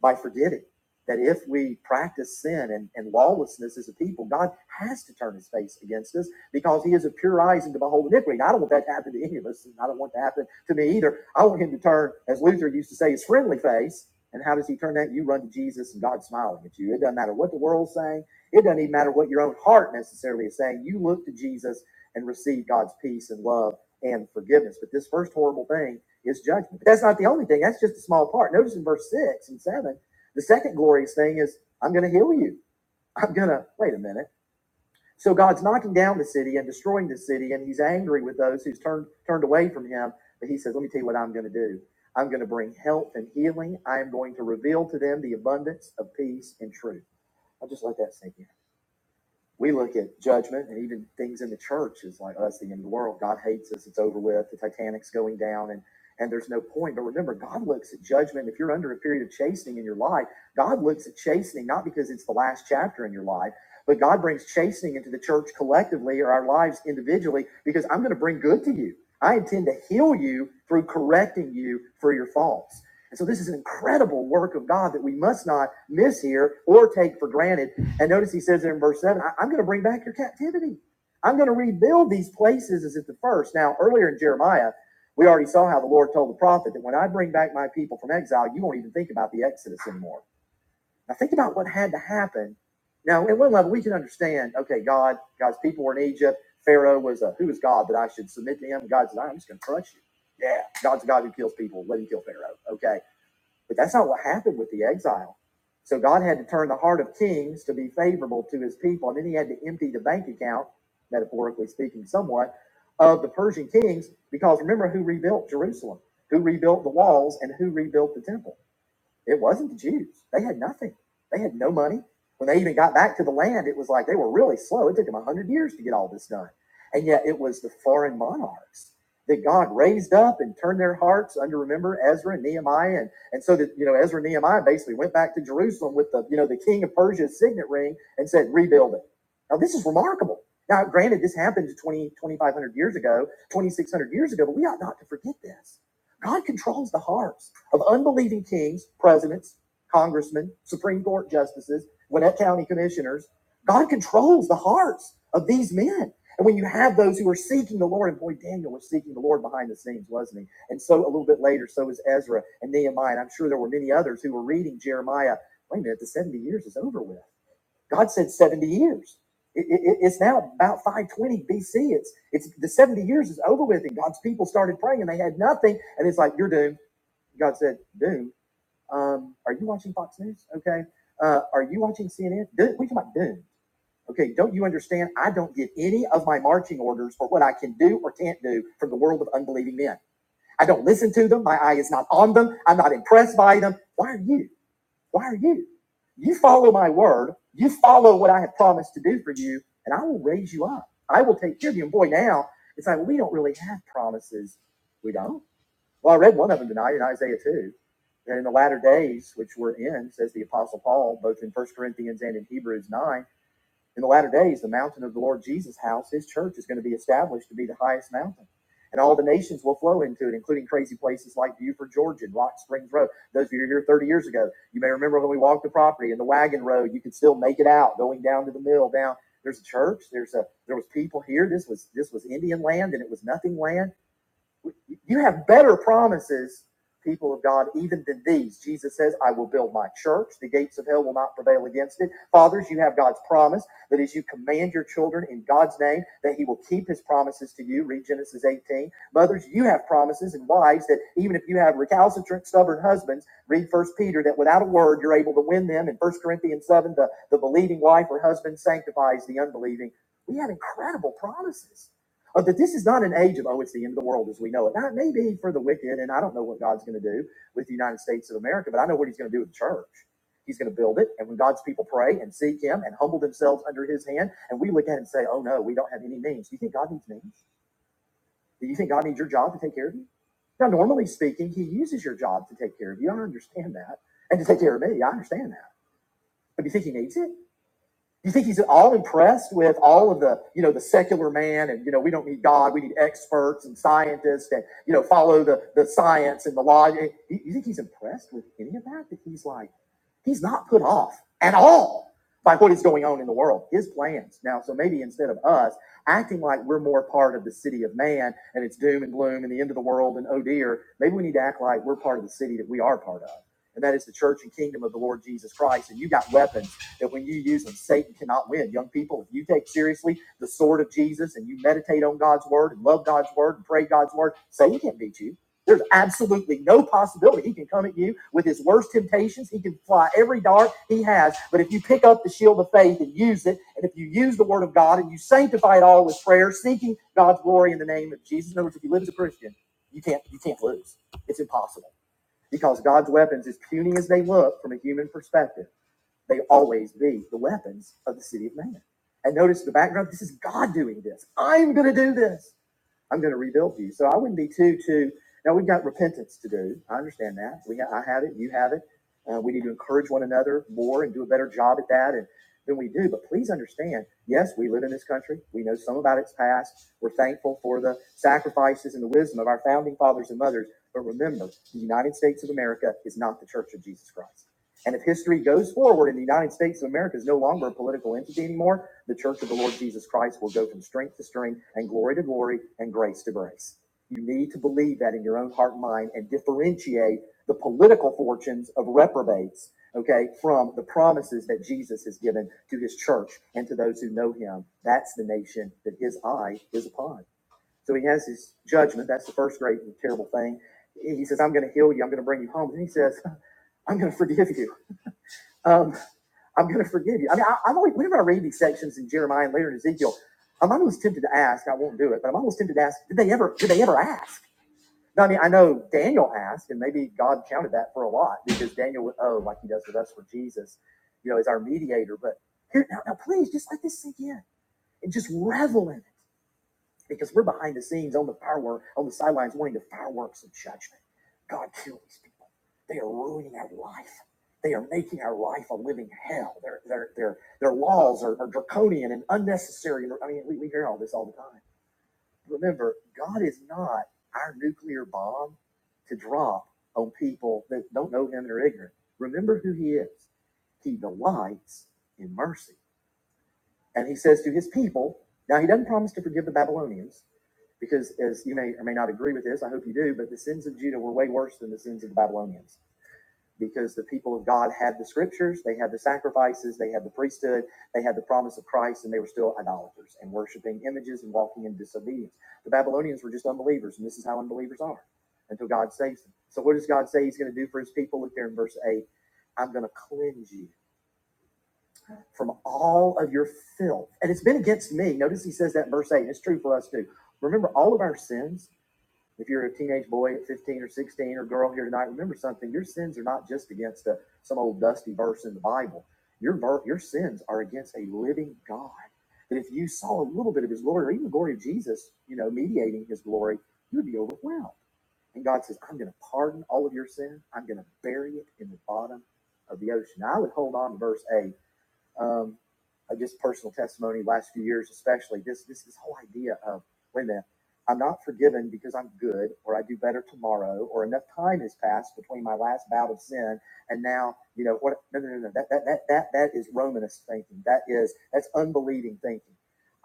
[SPEAKER 1] by forgetting that if we practice sin and, and lawlessness as a people, God has to turn his face against us because he is of pure eyes and to behold iniquity. And I don't want that to happen to any of us, and I don't want it to happen to me either. I want him to turn, as Luther used to say, his friendly face and how does he turn that? You run to Jesus and God's smiling at you. It doesn't matter what the world's saying. It doesn't even matter what your own heart necessarily is saying. You look to Jesus and receive God's peace and love and forgiveness. But this first horrible thing is judgment. But that's not the only thing. That's just a small part. Notice in verse six and seven, the second glorious thing is, I'm going to heal you. I'm going to, wait a minute. So God's knocking down the city and destroying the city, and he's angry with those who's turned turned away from him. But he says, Let me tell you what I'm going to do. I'm going to bring health and healing. I am going to reveal to them the abundance of peace and truth. I'll just let that sink in we look at judgment and even things in the church is like, oh, that's the end of the world. God hates us. It's over with. The Titanic's going down and, and there's no point. But remember, God looks at judgment. If you're under a period of chastening in your life, God looks at chastening, not because it's the last chapter in your life, but God brings chastening into the church collectively or our lives individually because I'm going to bring good to you. I intend to heal you through correcting you for your faults. And so this is an incredible work of God that we must not miss here or take for granted and notice he says there in verse 7, I, am going to bring back your captivity. I'm going to rebuild these places as at the first. Now, earlier in Jeremiah, we already saw how the Lord told the prophet that when I bring back my people from exile, you won't even think about the Exodus anymore. Now, think about what had to happen. Now, at one level, we can understand, okay, God, God's people were in Egypt. Pharaoh was a, who is God that I should submit to him? God says, I'm just going to crush you. Yeah, God's a God who kills people. Let him kill Pharaoh. Okay but that's not what happened with the exile. So God had to turn the heart of kings to be favorable to his people. And then he had to empty the bank account, metaphorically speaking, somewhat, of the Persian kings, because remember who rebuilt Jerusalem, who rebuilt the walls, and who rebuilt the temple. It wasn't the Jews. They had nothing. They had no money. When they even got back to the land, it was like they were really slow. It took them 100 years to get all this done. And yet it was the foreign monarchs that God raised up and turned their hearts under, remember, Ezra and Nehemiah. And, and so that, you know, Ezra and Nehemiah basically went back to Jerusalem with the, you know, the king of Persia's signet ring and said, rebuild it. Now, this is remarkable. Now, granted, this happened 20, 2,500 years ago, 2,600 years ago, but we ought not to forget this God controls the hearts of unbelieving kings, presidents, congressmen, Supreme Court justices, Gwinnett County commissioners. God controls the hearts of these men. And when you have those who are seeking the Lord, and boy, Daniel was seeking the Lord behind the scenes, wasn't he? And so a little bit later, so is Ezra and Nehemiah. And I'm sure there were many others who were reading Jeremiah. Wait a minute, the 70 years is over with. God said 70 years. It- it- it's now about 520 BC. It's it's the 70 years is over with, and God's people started praying and they had nothing, and it's like you're doomed. God said, doomed. Um, are you watching Fox News? Okay. Uh, are you watching CNN? Doom, we talking about doomed. Okay. Don't you understand? I don't get any of my marching orders for what I can do or can't do from the world of unbelieving men. I don't listen to them. My eye is not on them. I'm not impressed by them. Why are you? Why are you? You follow my word. You follow what I have promised to do for you, and I will raise you up. I will take care of you. And boy, now it's like well, we don't really have promises. We don't. Well, I read one of them tonight in Isaiah 2 that in the latter days, which we're in, says the Apostle Paul, both in First Corinthians and in Hebrews 9, in the latter days, the mountain of the Lord Jesus' house, his church, is going to be established to be the highest mountain. And all the nations will flow into it, including crazy places like Buford, Georgia, and Rock Springs Road. Those of you who were here 30 years ago, you may remember when we walked the property and the wagon road, you could still make it out going down to the mill, down. There's a church. There's a there was people here. This was this was Indian land and it was nothing land you have better promises, people of God, even than these. Jesus says, I will build my church. The gates of hell will not prevail against it. Fathers, you have God's promise that as you command your children in God's name, that he will keep his promises to you. Read Genesis 18. Mothers, you have promises and wives that even if you have recalcitrant, stubborn husbands, read First Peter, that without a word, you're able to win them. In First Corinthians 7, the, the believing wife or husband sanctifies the unbelieving. We have incredible promises uh, that this is not an age of, oh, it's the end of the world as we know it. Now, it may be for the wicked, and I don't know what God's going to do with the United States of America, but I know what He's going to do with the church. He's going to build it, and when God's people pray and seek Him and humble themselves under His hand, and we look at it and say, oh, no, we don't have any means. Do you think God needs means? Do you think God needs your job to take care of you? Now, normally speaking, He uses your job to take care of you. I understand that. And to take care of me, I understand that. But do you think He needs it? You think he's all impressed with all of the, you know, the secular man and, you know, we don't need God. We need experts and scientists and, you know, follow the, the science and the law. You, you think he's impressed with any of that? That he's like, he's not put off at all by what is going on in the world, his plans. Now, so maybe instead of us acting like we're more part of the city of man and it's doom and gloom and the end of the world and oh dear, maybe we need to act like we're part of the city that we are part of. And that is the church and kingdom of the Lord Jesus Christ. And you got weapons that when you use them, Satan cannot win. Young people, if you take seriously the sword of Jesus and you meditate on God's word and love God's word and pray God's word, Satan can't beat you. There's absolutely no possibility he can come at you with his worst temptations. He can fly every dart he has. But if you pick up the shield of faith and use it, and if you use the word of God and you sanctify it all with prayer, seeking God's glory in the name of Jesus. In other words, if you live as a Christian, you can't you can't lose. It's impossible. Because God's weapons, as puny as they look from a human perspective, they always be the weapons of the city of man. And notice the background. This is God doing this. I'm going to do this. I'm going to rebuild you. So I wouldn't be too too. Now we've got repentance to do. I understand that. We I have it. You have it. Uh, we need to encourage one another more and do a better job at that. And than we do. But please understand, yes, we live in this country. We know some about its past. We're thankful for the sacrifices and the wisdom of our founding fathers and mothers. But remember, the United States of America is not the Church of Jesus Christ. And if history goes forward and the United States of America is no longer a political entity anymore, the Church of the Lord Jesus Christ will go from strength to strength and glory to glory and grace to grace. You need to believe that in your own heart and mind and differentiate the political fortunes of reprobates, okay, from the promises that Jesus has given to his church and to those who know him. That's the nation that his eye is upon. So he has his judgment. That's the first great and terrible thing. He says, I'm going to heal you. I'm going to bring you home. And he says, I'm going to forgive you um, I'm going to forgive you. I mean, I, I'm always, whenever I read these sections in Jeremiah and later in Ezekiel, I'm almost tempted to ask. I won't do it, but I'm almost tempted to ask: Did they ever? Did they ever ask? No, I mean, I know Daniel asked, and maybe God counted that for a lot because Daniel would owe like He does with us for Jesus, you know, as our mediator. But here, now, now please, just let this sink in and just revel in it because we're behind the scenes on the firework, on the sidelines, wanting the fireworks of judgment. God, kill these people. They are ruining our life. They are making our life a living hell. Their their their their laws are, are draconian and unnecessary. I mean, we, we hear all this all the time. Remember, God is not our nuclear bomb to drop on people that don't know Him and are ignorant. Remember who He is. He delights in mercy. And he says to his people, now he doesn't promise to forgive the Babylonians, because as you may or may not agree with this, I hope you do, but the sins of Judah were way worse than the sins of the Babylonians because the people of God had the scriptures, they had the sacrifices, they had the priesthood, they had the promise of Christ, and they were still idolaters and worshiping images and walking in disobedience. The Babylonians were just unbelievers, and this is how unbelievers are until God saves them. So, what does God say He's going to do for His people? Look there in verse 8 I'm going to cleanse you from all of your filth. And it's been against me. Notice he says that in verse 8, and it's true for us too. Remember all of our sins. If you're a teenage boy at 15 or 16 or girl here tonight, remember something. Your sins are not just against a, some old dusty verse in the Bible. Your, your sins are against a living God. That if you saw a little bit of his glory or even the glory of Jesus, you know, mediating his glory, you would be overwhelmed. And God says, I'm going to pardon all of your sin. I'm going to bury it in the bottom of the ocean. Now, I would hold on to verse 8 um, uh, just personal testimony last few years especially this this this whole idea of wait a minute i'm not forgiven because i'm good or i do better tomorrow or enough time has passed between my last bout of sin and now you know what no no no no that that that that, that is romanist thinking that is that's unbelieving thinking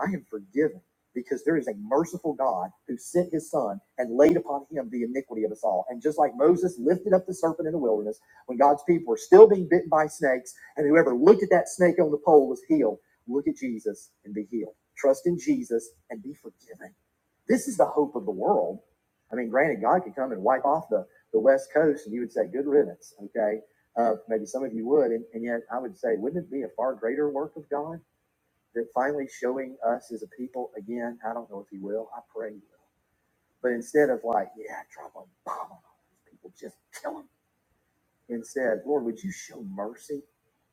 [SPEAKER 1] i am forgiven because there is a merciful God who sent his son and laid upon him the iniquity of us all. And just like Moses lifted up the serpent in the wilderness, when God's people were still being bitten by snakes, and whoever looked at that snake on the pole was healed. Look at Jesus and be healed. Trust in Jesus and be forgiven. This is the hope of the world. I mean, granted, God could come and wipe off the, the West Coast and you would say, good riddance, okay? Uh, maybe some of you would. And, and yet I would say, wouldn't it be a far greater work of God that finally showing us as a people again? I don't know if He will. I pray He will. But instead of like, yeah, drop a bomb on all these people, just kill them." and said, Lord, would you show mercy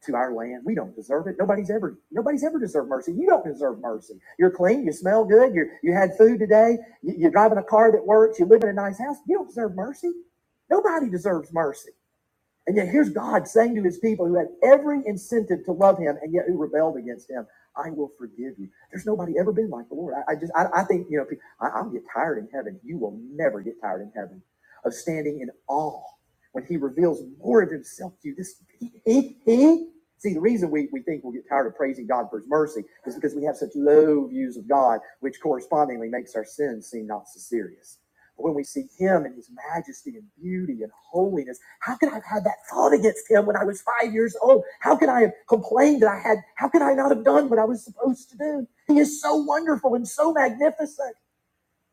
[SPEAKER 1] to our land? We don't deserve it. Nobody's ever nobody's ever deserved mercy. You don't deserve mercy. You're clean, you smell good, you you had food today, you, you're driving a car that works, you live in a nice house. You don't deserve mercy. Nobody deserves mercy. And yet here's God saying to his people who had every incentive to love him and yet who rebelled against him, I will forgive you. There's nobody ever been like the Lord. I, I just, I, I think, you know, I, I'll get tired in heaven. You will never get tired in heaven of standing in awe when he reveals more of himself to you. This, he, he, he. See, the reason we, we think we'll get tired of praising God for his mercy is because we have such low views of God, which correspondingly makes our sin seem not so serious when we see him and his majesty and beauty and holiness, how could I have had that thought against him when I was five years old? How could I have complained that I had, how could I not have done what I was supposed to do? He is so wonderful and so magnificent.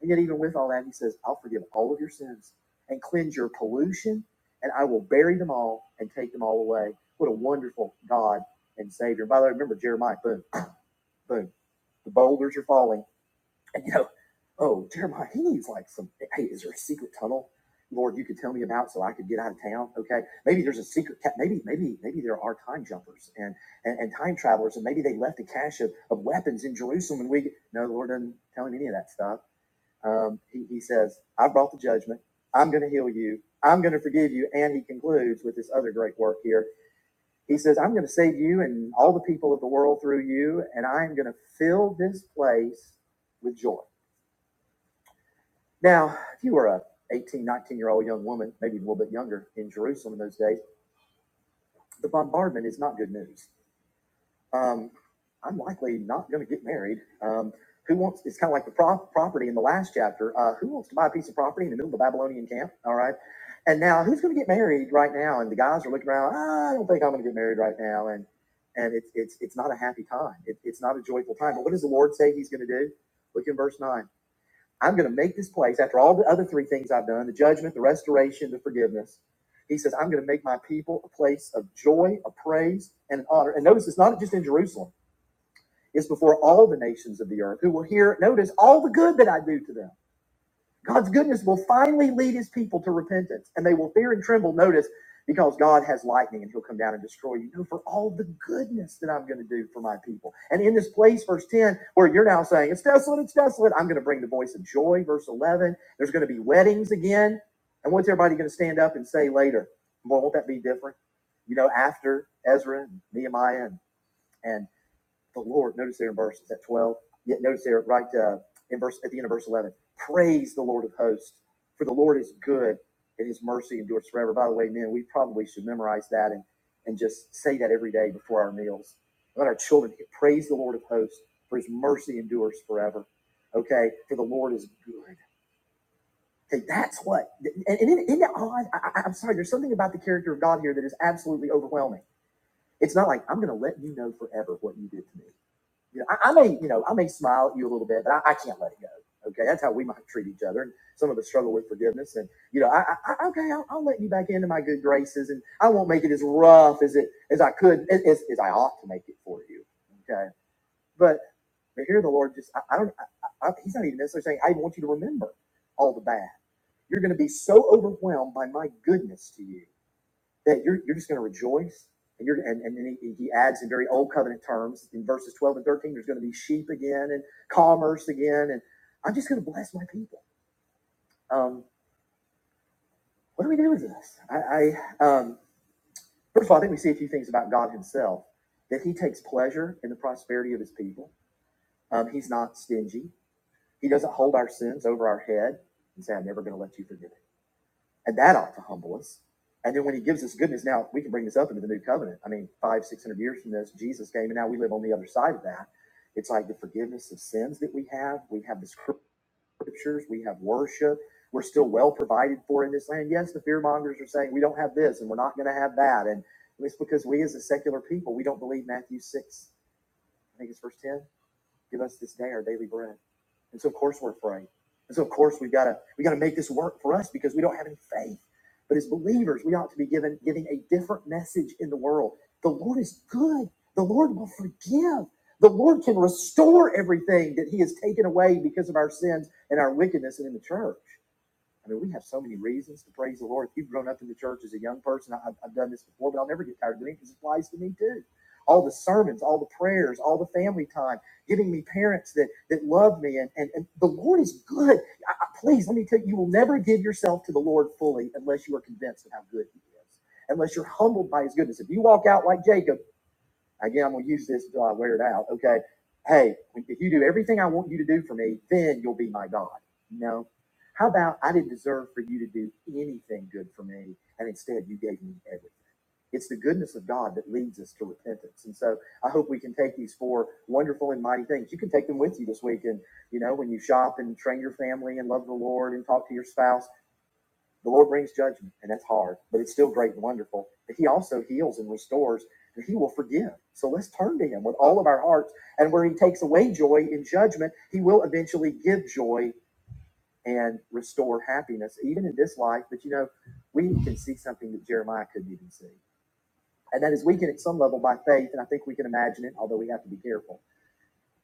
[SPEAKER 1] And yet, even with all that, he says, I'll forgive all of your sins and cleanse your pollution, and I will bury them all and take them all away. What a wonderful God and Savior. By the way, remember Jeremiah, boom, boom, the boulders are falling and you know, oh, Jeremiah, he needs like some, hey, is there a secret tunnel, Lord, you could tell me about so I could get out of town? Okay. Maybe there's a secret, maybe, maybe, maybe there are time jumpers and, and, and time travelers, and maybe they left a cache of, of weapons in Jerusalem. And we, no, the Lord doesn't tell him any of that stuff. Um, he, he says, I brought the judgment. I'm going to heal you. I'm going to forgive you. And he concludes with this other great work here. He says, I'm going to save you and all the people of the world through you, and I am going to fill this place with joy. Now, if you were a 18, 19 year old young woman, maybe a little bit younger in Jerusalem in those days, the bombardment is not good news. Um, I'm likely not going to get married. Um, who wants? It's kind of like the pro- property in the last chapter. Uh, who wants to buy a piece of property in the middle of the Babylonian camp? All right. And now, who's going to get married right now? And the guys are looking around. "Ah, I don't think I'm going to get married right now. And and it's it's it's not a happy time. It, it's not a joyful time. But what does the Lord say He's going to do? Look in verse nine. I'm going to make this place, after all the other three things I've done the judgment, the restoration, the forgiveness. He says, I'm going to make my people a place of joy, of praise, and honor. And notice it's not just in Jerusalem, it's before all the nations of the earth who will hear, notice all the good that I do to them. God's goodness will finally lead his people to repentance, and they will fear and tremble, notice, because God has lightning and he'll come down and destroy you. No, for all the goodness that I'm going to do for my people. And in this place, verse 10, where you're now saying, it's desolate, it's desolate, I'm going to bring the voice of joy. Verse 11, there's going to be weddings again. And what's everybody going to stand up and say later? Boy, won't that be different? You know, after Ezra and Nehemiah and, and the Lord. Notice there in verse at twelve. Yet notice there right uh, in verse at the end of verse eleven. Praise the Lord of hosts, for the Lord is good, and His mercy endures forever. By the way, men, we probably should memorize that and and just say that every day before our meals. Let our children praise the Lord of hosts, for His mercy endures forever. Okay, for the Lord is good. Okay, that's what. And, and isn't it odd? I, I- I'm sorry. There's something about the character of God here that is absolutely overwhelming. It's not like I'm going to let you know forever what you did to me. You know, I, I may, you know, I may smile at you a little bit, but I, I can't let it go. Okay, that's how we might treat each other. And some of us struggle with forgiveness, and you know, I, I okay, I'll, I'll let you back into my good graces, and I won't make it as rough as it as I could as, as as I ought to make it for you. Okay, but but here the Lord just, I, I don't, I, I, He's not even necessarily saying I want you to remember all the bad. You're going to be so overwhelmed by my goodness to you that you're, you're just going to rejoice. And, you're, and, and then he, he adds in very old covenant terms in verses 12 and 13, there's going to be sheep again and commerce again. And I'm just going to bless my people. Um, what do we do with this? I, I um, First of all, I think we see a few things about God himself that he takes pleasure in the prosperity of his people. Um, he's not stingy, he doesn't hold our sins over our head and say, I'm never going to let you forgive it. and that ought to humble us. And then when he gives us goodness, now we can bring this up into the new covenant. I mean, five, six hundred years from this, Jesus came, and now we live on the other side of that. It's like the forgiveness of sins that we have. We have the scriptures, we have worship. We're still well provided for in this land. Yes, the fear mongers are saying we don't have this and we're not going to have that. And it's because we, as a secular people, we don't believe Matthew 6, I think it's verse 10 Give us this day our daily bread. And so of course we're afraid. And so of course we've got to we got to make this work for us because we don't have any faith. But as believers, we ought to be given giving a different message in the world. The Lord is good. The Lord will forgive. The Lord can restore everything that He has taken away because of our sins and our wickedness and in the church. I mean, we have so many reasons to praise the Lord. If you've grown up in the church as a young person, I, I've, done this before, but I'll never get tired of doing it because it applies to me too. All the sermons, all the prayers, all the family time, giving me parents that that love me, and and, and the Lord is good. I, I, please let me tell you, you will never give yourself to the Lord fully unless you are convinced of how good He is, unless you're humbled by His goodness. If you walk out like Jacob Again, I'm gonna use this until I wear it out. Okay. Hey, if you do everything I want you to do for me, then you'll be my God. No. How about I didn't deserve for you to do anything good for me, and instead you gave me everything. It's the goodness of God that leads us to repentance. And so I hope we can take these four wonderful and mighty things. You can take them with you this week. And, you know, when you shop and train your family and love the Lord and talk to your spouse, the Lord brings judgment, and that's hard, but it's still great and wonderful. But He also heals and restores, and He will forgive. So let's turn to Him with all of our hearts. And where He takes away joy in judgment, He will eventually give joy and restore happiness, even in this life. But you know, we can see something that Jeremiah couldn't even see. And that is we can, at some level, by faith, and I think we can imagine it, although we have to be careful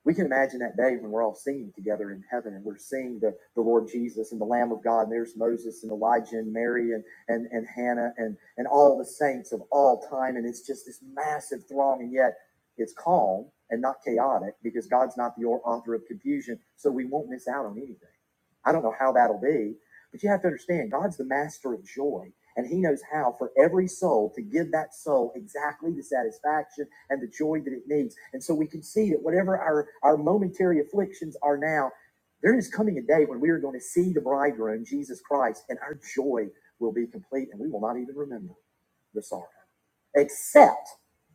[SPEAKER 1] we can imagine that day when we're all singing together in heaven and we're seeing the, the Lord Jesus and the Lamb of God, and there's Moses and Elijah and Mary and, and, and Hannah and, and all the saints of all time. And it's just this massive throng, and yet it's calm and not chaotic because God's not the author of confusion, so we won't miss out on anything. I don't know how that'll be, but you have to understand, God's the master of joy, and He knows how for every soul to give that soul exactly the satisfaction and the joy that it needs. And so we can see that whatever our, our momentary afflictions are now, there is coming a day when we are going to see the bridegroom, Jesus Christ, and our joy will be complete, and we will not even remember the sorrow except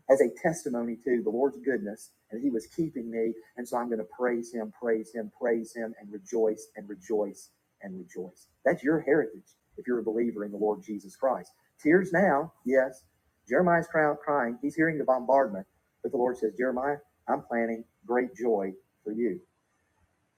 [SPEAKER 1] as a testimony to the Lord's goodness and He was keeping me. And so I'm going to praise Him, praise Him, praise Him, and rejoice and rejoice and rejoice. That's your heritage if you're a believer in the Lord Jesus Christ. Tears now, yes. Jeremiah's cry- crying. He's hearing the bombardment, but the Lord says, Jeremiah, I'm planning great joy for you.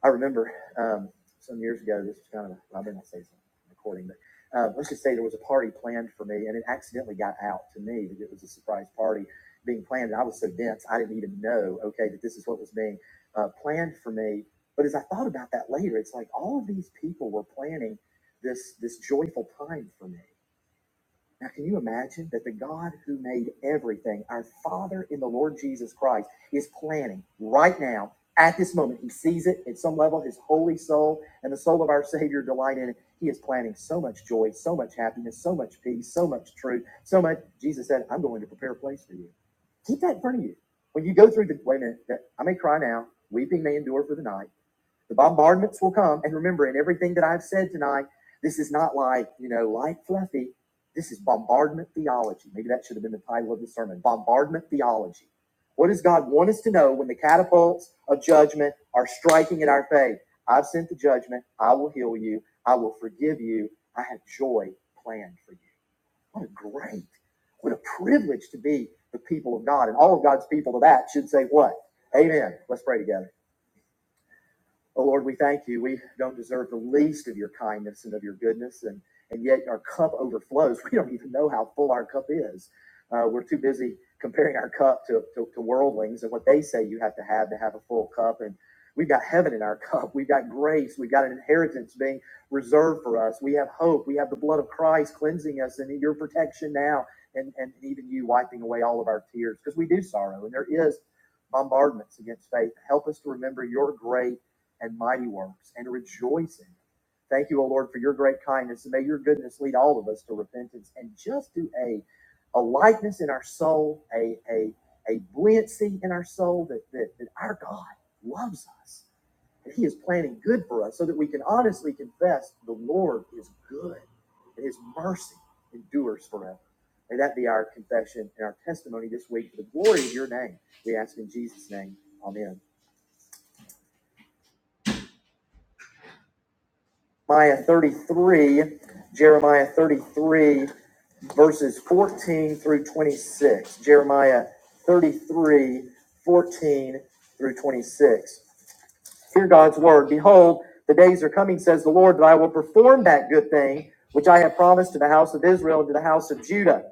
[SPEAKER 1] I remember um, some years ago, this was kind of, I may not say it's recording, but uh, let's just say there was a party planned for me and it accidentally got out to me that it was a surprise party being planned. And I was so dense, I didn't even know, okay, that this is what was being uh, planned for me. But as I thought about that later, it's like all of these people were planning this this joyful time for me. Now, can you imagine that the God who made everything, our Father in the Lord Jesus Christ, is planning right now, at this moment? He sees it at some level, his holy soul and the soul of our Savior delight in it. He is planning so much joy, so much happiness, so much peace, so much truth, so much. Jesus said, I'm going to prepare a place for you. Keep that in front of you. When you go through the, wait a minute, I may cry now, weeping may endure for the night the bombardments will come. And remember, in everything that I've said tonight, this is not like, you know, light fluffy. This is bombardment theology. Maybe that should have been the title of the sermon bombardment theology. What does God want us to know when the catapults of judgment are striking at our faith? I've sent the judgment. I will heal you. I will forgive you. I have joy planned for you. What a great, what a privilege to be the people of God. And all of God's people to that should say, What? Amen. Let's pray together. Oh Lord, we thank you. We don't deserve the least of your kindness and of your goodness, and, and yet our cup overflows. [laughs] We don't even know how full our cup is. Uh, we're too busy comparing our cup to, to, to worldlings and what they say you have to have to have a full cup. And we've got heaven in our [laughs] cup. We've got grace. We've got an inheritance being reserved for us. We have hope. We have the blood of Christ cleansing us and your protection now, and, and even you wiping away all of our tears because we do sorrow, and there is bombardments against faith. Help us to remember your great and mighty works and rejoice in them. Thank you, O Lord, for your great kindness. And may your goodness lead all of us to repentance and just to a, a lightness in our soul, a, a, a buoyancy in our soul that, that, that our God loves us. that he is planning good for us so that we can honestly confess the Lord is good and his mercy endures forever. May that be our confession and our testimony this week for the glory of your name. We ask in Jesus' name. Amen. Jeremiah 33, Jeremiah 33, verses 14 through 26. Jeremiah 33, 14 through 26. Hear God's word. Behold, the days are coming, says the Lord, that I will perform that good thing which I have promised to the house of Israel and to the house of Judah.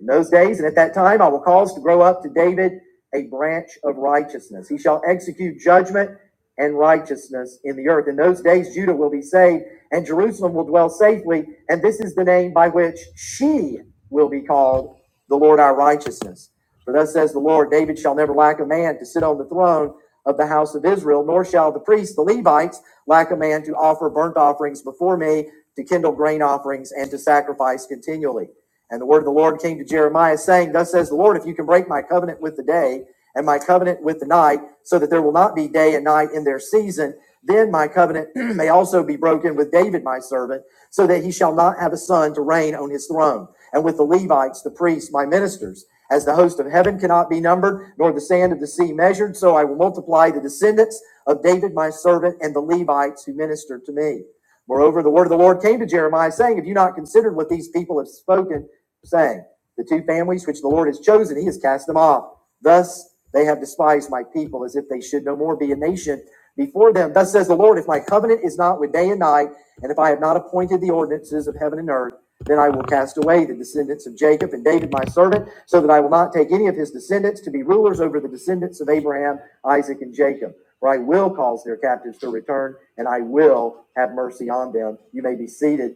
[SPEAKER 1] In those days and at that time, I will cause to grow up to David a branch of righteousness. He shall execute judgment and righteousness in the earth. In those days, Judah will be saved and Jerusalem will dwell safely. And this is the name by which she will be called the Lord our righteousness. For thus says the Lord, David shall never lack a man to sit on the throne of the house of Israel, nor shall the priests, the Levites, lack a man to offer burnt offerings before me, to kindle grain offerings, and to sacrifice continually. And the word of the Lord came to Jeremiah, saying, Thus says the Lord, if you can break my covenant with the day, and my covenant with the night, so that there will not be day and night in their season. Then my covenant [clears throat] may also be broken with David, my servant, so that he shall not have a son to reign on his throne, and with the Levites, the priests, my ministers. As the host of heaven cannot be numbered, nor the sand of the sea measured, so I will multiply the descendants of David, my servant, and the Levites who minister to me. Moreover, the word of the Lord came to Jeremiah, saying, Have you not considered what these people have spoken, saying, The two families which the Lord has chosen, he has cast them off Thus they have despised my people as if they should no more be a nation before them. Thus says the Lord, if my covenant is not with day and night, and if I have not appointed the ordinances of heaven and earth, then I will cast away the descendants of Jacob and David my servant, so that I will not take any of his descendants to be rulers over the descendants of Abraham, Isaac, and Jacob. For I will cause their captives to return, and I will have mercy on them. You may be seated.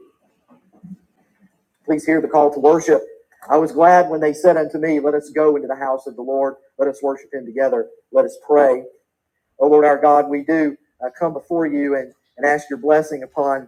[SPEAKER 1] Please hear the call to worship. I was glad when they said unto me, Let us go into the house of the Lord. Let us worship him together. Let us pray. O Lord our God, we do uh, come before you and, and ask your blessing upon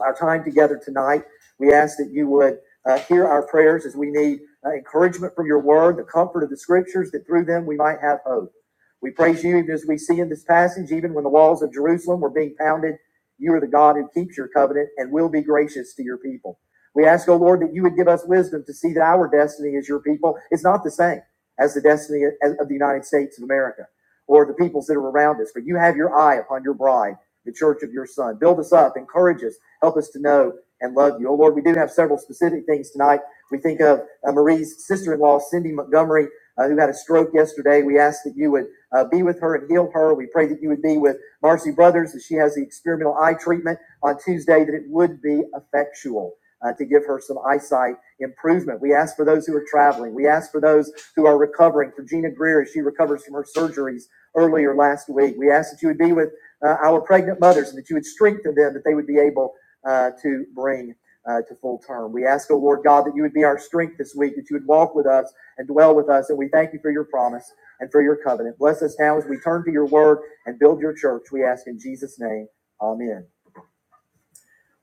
[SPEAKER 1] our time together tonight. We ask that you would uh, hear our prayers as we need uh, encouragement from your word, the comfort of the scriptures, that through them we might have hope. We praise you even as we see in this passage, even when the walls of Jerusalem were being pounded, you are the God who keeps your covenant and will be gracious to your people. We ask, O Lord, that you would give us wisdom to see that our destiny as your people is not the same as the destiny of the United States of America or the peoples that are around us, For you have your eye upon your bride the church of your son. Build us up, encourage us, Help us to know and love you. Oh Lord, we do have several specific things tonight. We think of uh, Marie's sister in law, Cindy Montgomery, uh, who had a stroke yesterday. We ask that you would uh, be with her and heal her. We pray that you would be with Marcy Brothers as she has the experimental eye treatment on Tuesday, that it would be effectual. uh, to give her some eyesight improvement. We ask for those who are traveling. We ask for those who are recovering. For Gina Greer, as she recovers from her surgeries earlier last week, we ask that you would be with uh, our pregnant mothers and that you would strengthen them, that they would be able uh, to bring uh, to full term. We ask, O Lord God, that you would be our strength this week, that you would walk with us and dwell with us. And we thank you for your promise and for your covenant. Bless us now as we turn to your word and build your church. We ask in Jesus' name. Amen.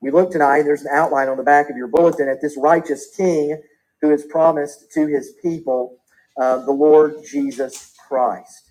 [SPEAKER 1] We look tonight, and there's an outline on the back of your bulletin at this righteous king who is promised to his people, uh, the Lord Jesus Christ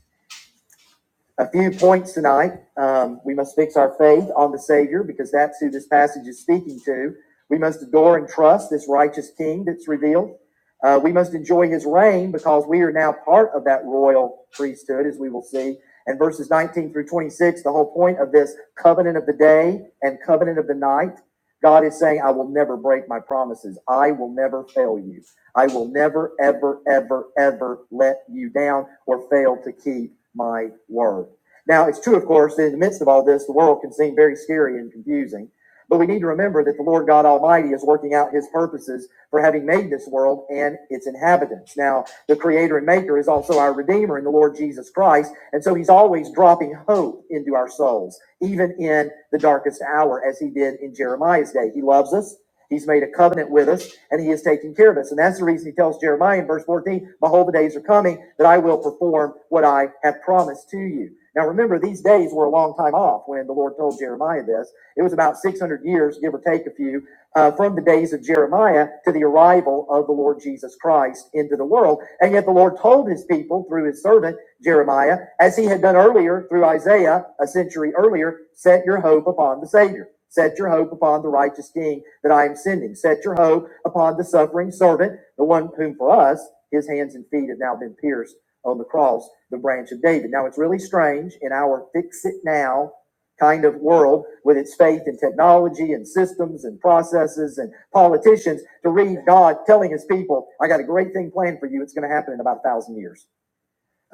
[SPEAKER 1] a few points tonight. Um, we must fix our faith on the Savior because that's who this passage is speaking to. We must adore and trust this righteous King that's revealed. Uh, we must enjoy his reign because we are now part of that royal priesthood, as we will see. And verses 19 through 26, the whole point of this covenant of the day and covenant of the night, God is saying, I will never break my promises. I will never fail you. I will never, ever, ever, ever let you down or fail to keep my word. Now, it's true, of course, that in the midst of all this, the world can seem very scary and confusing. But we need to remember that the Lord God Almighty is working out his purposes for having made this world and its inhabitants. Now, the creator and maker is also our redeemer in the Lord Jesus Christ. And so he's always dropping hope into our souls, even in the darkest hour, as he did in Jeremiah's day. He loves us. He's made a covenant with us and he is taking care of us. And that's the reason he tells Jeremiah in verse 14, Behold, the days are coming that I will perform what I have promised to you. Now remember, these days were a long time off when the Lord told Jeremiah this. It was about 600 years, give or take a few, uh, from the days of Jeremiah to the arrival of the Lord Jesus Christ into the world. And yet the Lord told his people through his servant Jeremiah, as he had done earlier through Isaiah a century earlier, set your hope upon the Savior. Set your hope upon the righteous King that I am sending. Set your hope upon the suffering servant, the one whom for us his hands and feet have now been pierced on the cross, the branch of David. Now it's really strange in our fix it now kind of world with its faith in technology and systems and processes and politicians to read God telling his people, I got a great thing planned for you. It's going to happen in about a thousand years.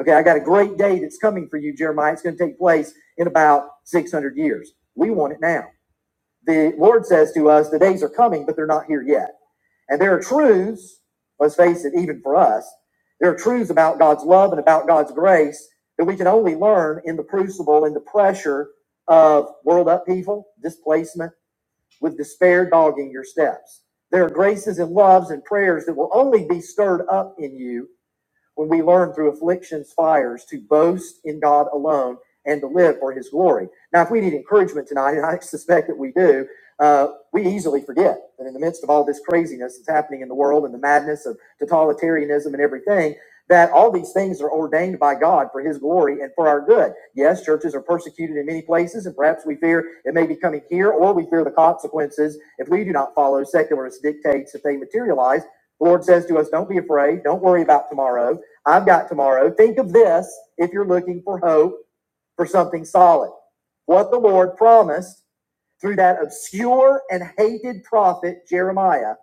[SPEAKER 1] Okay, I got a great day that's coming for you, Jeremiah. It's going to take place in about 600 years. We want it now. The Lord says to us, the days are coming, but they're not here yet. And there are truths, let's face it, even for us, there are truths about God's love and about God's grace that we can only learn in the crucible in the pressure of world upheaval, displacement, with despair dogging your steps. There are graces and loves and prayers that will only be stirred up in you when we learn through afflictions, fires, to boast in God alone and to live for his glory. Now, if we need encouragement tonight, and I suspect that we do, uh, we easily forget that in the midst of all this craziness that's happening in the world and the madness of totalitarianism and everything, that all these things are ordained by God for his glory and for our good. Yes, churches are persecuted in many places, and perhaps we fear it may be coming here, or we fear the consequences if we do not follow secularist dictates if they materialize. The Lord says to us, Don't be afraid, don't worry about tomorrow. I've got tomorrow. Think of this if you're looking for hope for something solid. What the Lord promised through that obscure and hated prophet Jeremiah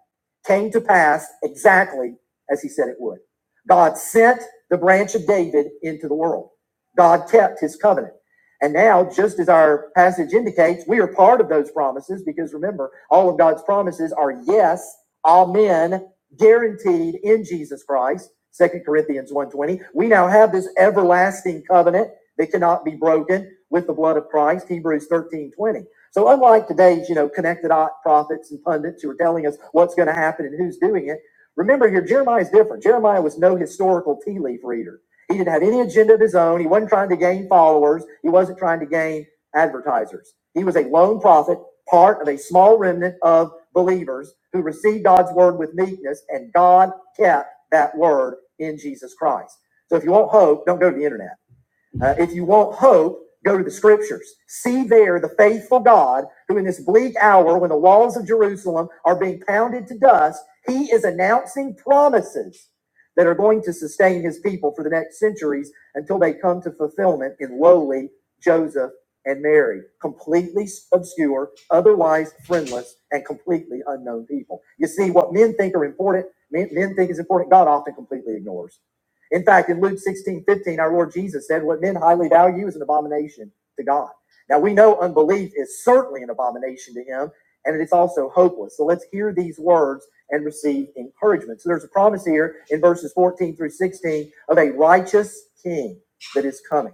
[SPEAKER 1] came to pass exactly as he said it would. God sent the branch of David into the world. God kept his covenant. And now, just as our passage indicates, we are part of those promises because remember, all of God's promises are yes, amen, guaranteed in Jesus Christ. Second Corinthians one twenty. We now have this everlasting covenant that cannot be broken with the blood of Christ, Hebrews 13:20. So unlike today's, you know, connected prophets and pundits who are telling us what's going to happen and who's doing it, remember here Jeremiah is different. Jeremiah was no historical tea leaf reader. He didn't have any agenda of his own. He wasn't trying to gain followers. He wasn't trying to gain advertisers. He was a lone prophet, part of a small remnant of believers who received God's word with meekness, and God kept that word in Jesus Christ. So if you want hope, don't go to the internet. Uh, if you want hope, go to the scriptures. See there the faithful God who, in this bleak hour when the walls of Jerusalem are being pounded to dust, he is announcing promises that are going to sustain his people for the next centuries until they come to fulfillment in lowly Joseph and Mary. Completely obscure, otherwise friendless, and completely unknown people. You see, what men think are important, men, men think is important, God often completely ignores. In fact, in Luke 16 15, our Lord Jesus said, What men highly value is an abomination to God. Now we know unbelief is certainly an abomination to him, and it's also hopeless. So let's hear these words and receive encouragement. So there's a promise here in verses 14 through 16 of a righteous king that is coming.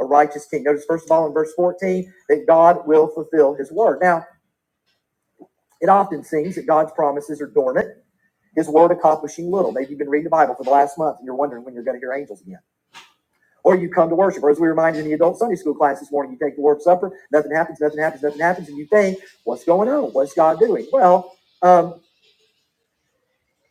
[SPEAKER 1] A righteous king. Notice first of all in verse 14 that God will fulfill his word. Now, it often seems that God's promises are dormant, his word accomplishing little. Maybe you've been reading the Bible for the last month and you're wondering when you're going to hear angels again. Or you come to worship, or as we reminded in the adult Sunday school class this morning, you take the Lord's Supper, nothing happens, nothing happens, nothing happens, and you think, what's going on? What's God doing? Well, um,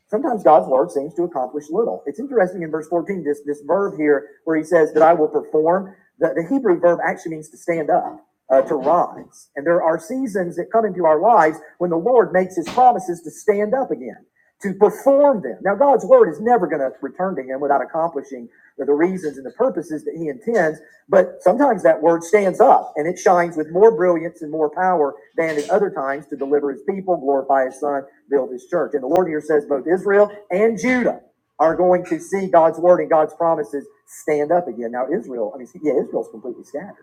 [SPEAKER 1] sometimes God's word seems to accomplish little. It's interesting in verse 14, this, this verb here where he says that I will perform, the, the Hebrew verb actually means to stand up. Uh, to rise. And there are seasons that come into our lives when the Lord makes his promises to stand up again, to perform them. Now, God's word is never going to return to him without accomplishing the the reasons and the purposes that he intends. But sometimes that word stands up and it shines with more brilliance and more power than at other times to deliver his people, glorify his son, build his church. And the Lord here says both Israel and Judah are going to see God's word and God's promises stand up again. Now Israel, I mean, yeah, Israel's completely scattered.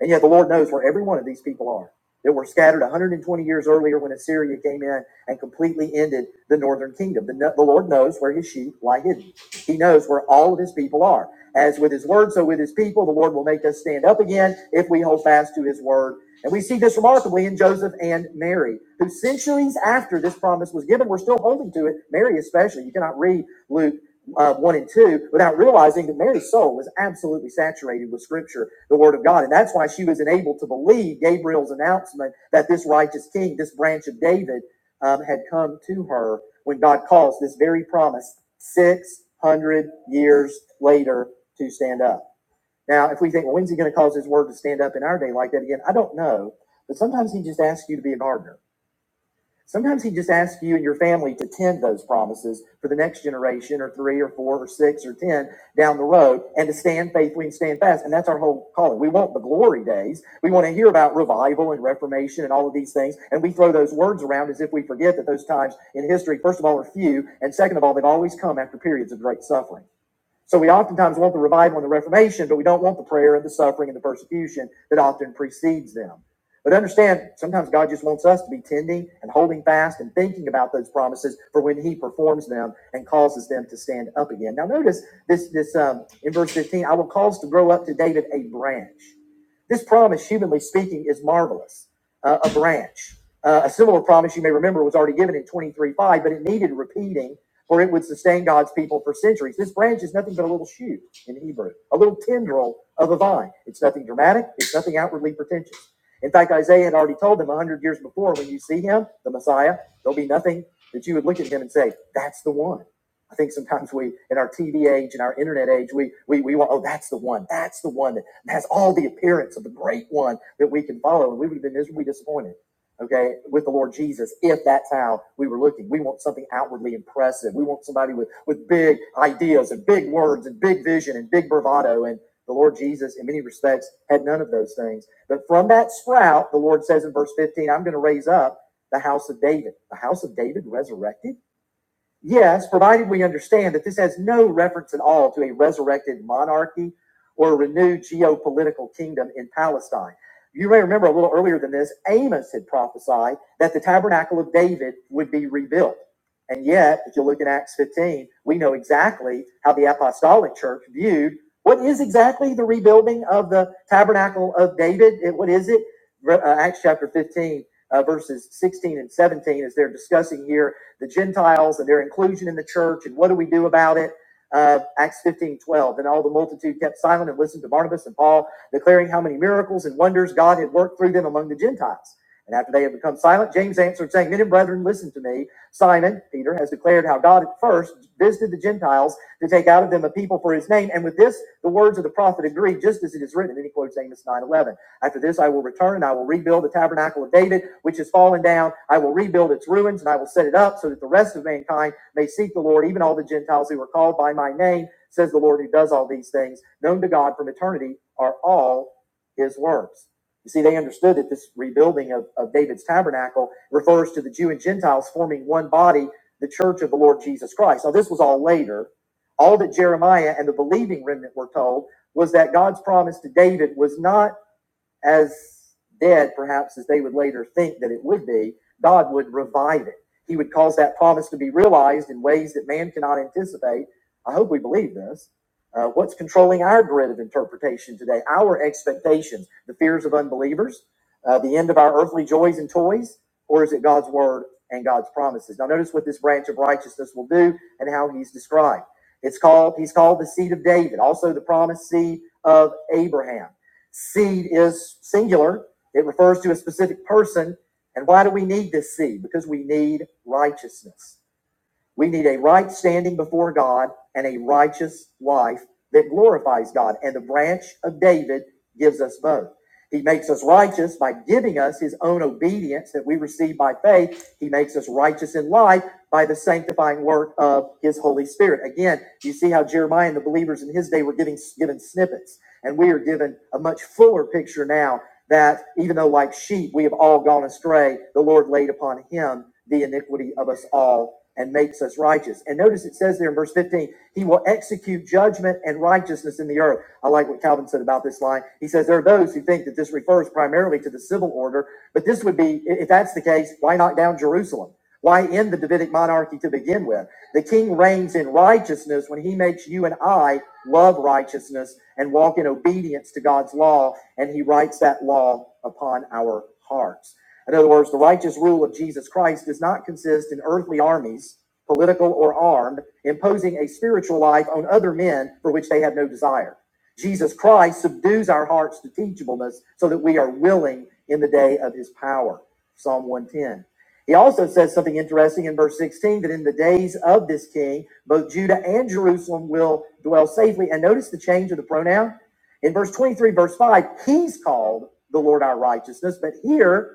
[SPEAKER 1] And yet the Lord knows where every one of these people are that were scattered 120 years earlier when Assyria came in and completely ended the northern kingdom. The, no- the Lord knows where his sheep lie hidden. He knows where all of his people are. As with his word, so with his people, the Lord will make us stand up again if we hold fast to his word. And we see this remarkably in Joseph and Mary, who centuries after this promise was given, were still holding to it. Mary, especially. You cannot read Luke uh, 1 and 2 without realizing that Mary's soul was absolutely saturated with Scripture, the Word of God. And that's why she was enabled to believe Gabriel's announcement that this righteous king, this branch of David, um, had come to her when God caused this very promise 600 years later to stand up. Now, if we think, well, when's he going to cause his word to stand up in our day like that again? I don't know. But sometimes he just asks you to be a gardener. Sometimes he just asks you and your family to tend those promises for the next generation or three or four or six or 10 down the road and to stand faithfully and stand fast. And that's our whole calling. We want the glory days. We want to hear about revival and reformation and all of these things. And we throw those words around as if we forget that those times in history, first of all, are few. And second of all, they've always come after periods of great suffering. So we oftentimes want the revival and the Reformation, but we don't want the prayer and the suffering and the persecution that often precedes them. But understand, sometimes God just wants us to be tending and holding fast and thinking about those promises for when He performs them and causes them to stand up again. Now, notice this: this um, in verse fifteen, I will cause to grow up to David a branch. This promise, humanly speaking, is marvelous. Uh, a branch. Uh, a similar promise you may remember was already given in 23:5, but it needed repeating for it would sustain God's people for centuries. This branch is nothing but a little shoot in Hebrew, a little tendril of a vine. It's nothing dramatic, it's nothing outwardly pretentious. In fact, Isaiah had already told them a hundred years before when you see him, the Messiah, there'll be nothing that you would look at him and say, That's the one. I think sometimes we, in our TV age and our internet age, we, we, we want, oh, that's the one. That's the one that has all the appearance of the great one that we can follow. And we would have been miserably disappointed okay, with the Lord Jesus, if that's how we were looking. We want something outwardly impressive. We want somebody with, with big ideas and big words and big vision and big bravado. And the Lord Jesus, in many respects, had none of those things. But from that sprout, the Lord says in verse 15, I'm going to raise up the house of David. The house of David resurrected? Yes, provided we understand that this has no reference at all to a resurrected monarchy or a renewed geopolitical kingdom in Palestine. You may remember a little earlier than this, Amos had prophesied that the tabernacle of David would be rebuilt. And yet, if you look in Acts 15, we know exactly how the apostolic church viewed what is exactly the rebuilding of the tabernacle of David. It- What is it? uh, Acts chapter 15, uh, verses 16 and 17, as they're discussing here the Gentiles and their inclusion in the church, and what do we do about it? Uh, Acts 15 12. And all the multitude kept silent and listened to Barnabas and Paul, declaring how many miracles and wonders God had worked through them among the Gentiles. And after they had become silent, James answered, saying, Men and brethren, listen to me. Simon, Peter, has declared how God at first visited the Gentiles to take out of them a people for his name. And with this, the words of the prophet agree, just as it is written. And then he quotes Amos 9:11. After this, I will return. I will rebuild the tabernacle of David, which is fallen down. I will rebuild its ruins and I will set it up so that the rest of mankind may seek the Lord, even all the Gentiles who are called by my name, says the Lord who does all these things. Known to God from eternity are all his works. You see, they understood that this rebuilding of, of David's tabernacle refers to the Jew and Gentiles forming one body, the church of the Lord Jesus Christ. Now, this was all later. All that Jeremiah and the believing remnant were told was that God's promise to David was not as dead, perhaps, as they would later think that it would be, God would revive it. He would cause that promise to be realized in ways that man cannot anticipate. I hope we believe this. Uh, what's controlling our grid of interpretation today? Our expectations, the fears of unbelievers, uh, the end of our earthly joys and toys, or is it God's word and God's promises? Now, notice what this branch of righteousness will do and how he's described. It's called, he's called the seed of David, also the promised seed of Abraham. Seed is singular, it refers to a specific person. And why do we need this seed? Because we need righteousness. We need a right standing before God and a righteous life that glorifies God. And the branch of David gives us both. He makes us righteous by giving us his own obedience that we receive by faith. He makes us righteous in life by the sanctifying work of his Holy Spirit. Again, you see how Jeremiah and the believers in his day were giving given snippets, and we are given a much fuller picture now that even though like sheep we have all gone astray, the Lord laid upon him the iniquity of us all and makes us righteous. And notice it says there in verse 15, he will execute judgment and righteousness in the earth. I like what Calvin said about this line. He says there are those who think that this refers primarily to the civil order, but this would be, if that's the case, why knock down Jerusalem? Why end the Davidic monarchy to begin with? The king reigns in righteousness when he makes you and I love righteousness and walk in obedience to God's law, and he writes that law upon our hearts. In other words, the righteous rule of Jesus Christ does not consist in earthly armies, political or armed, imposing a spiritual life on other men for which they have no desire. Jesus Christ subdues our hearts to teachableness so that we are willing in the day of his power. Psalm 110. He also says something interesting in verse 16 that in the days of this king, both Judah and Jerusalem will dwell safely. And notice the change of the pronoun. In verse 23, verse 5, he's called the Lord our righteousness. But here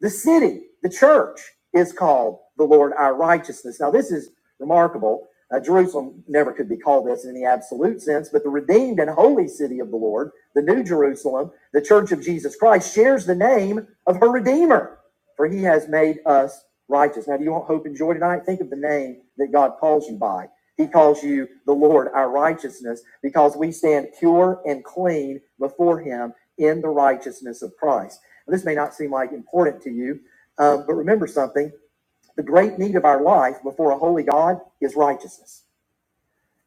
[SPEAKER 1] the city, the church, is called the Lord our righteousness. Now, this is remarkable. Uh, Jerusalem never could be called this in the absolute sense, but the redeemed and holy city of the Lord, the New Jerusalem, the church of Jesus Christ, shares the name of her Redeemer, for he has made us righteous. Now, do you want hope and joy tonight? Think of the name that God calls you by. He calls you the Lord, our righteousness, because we stand pure and clean before him in the righteousness of Christ. This may not seem like important to you, um, but remember something. The great need of our life before a holy God is righteousness.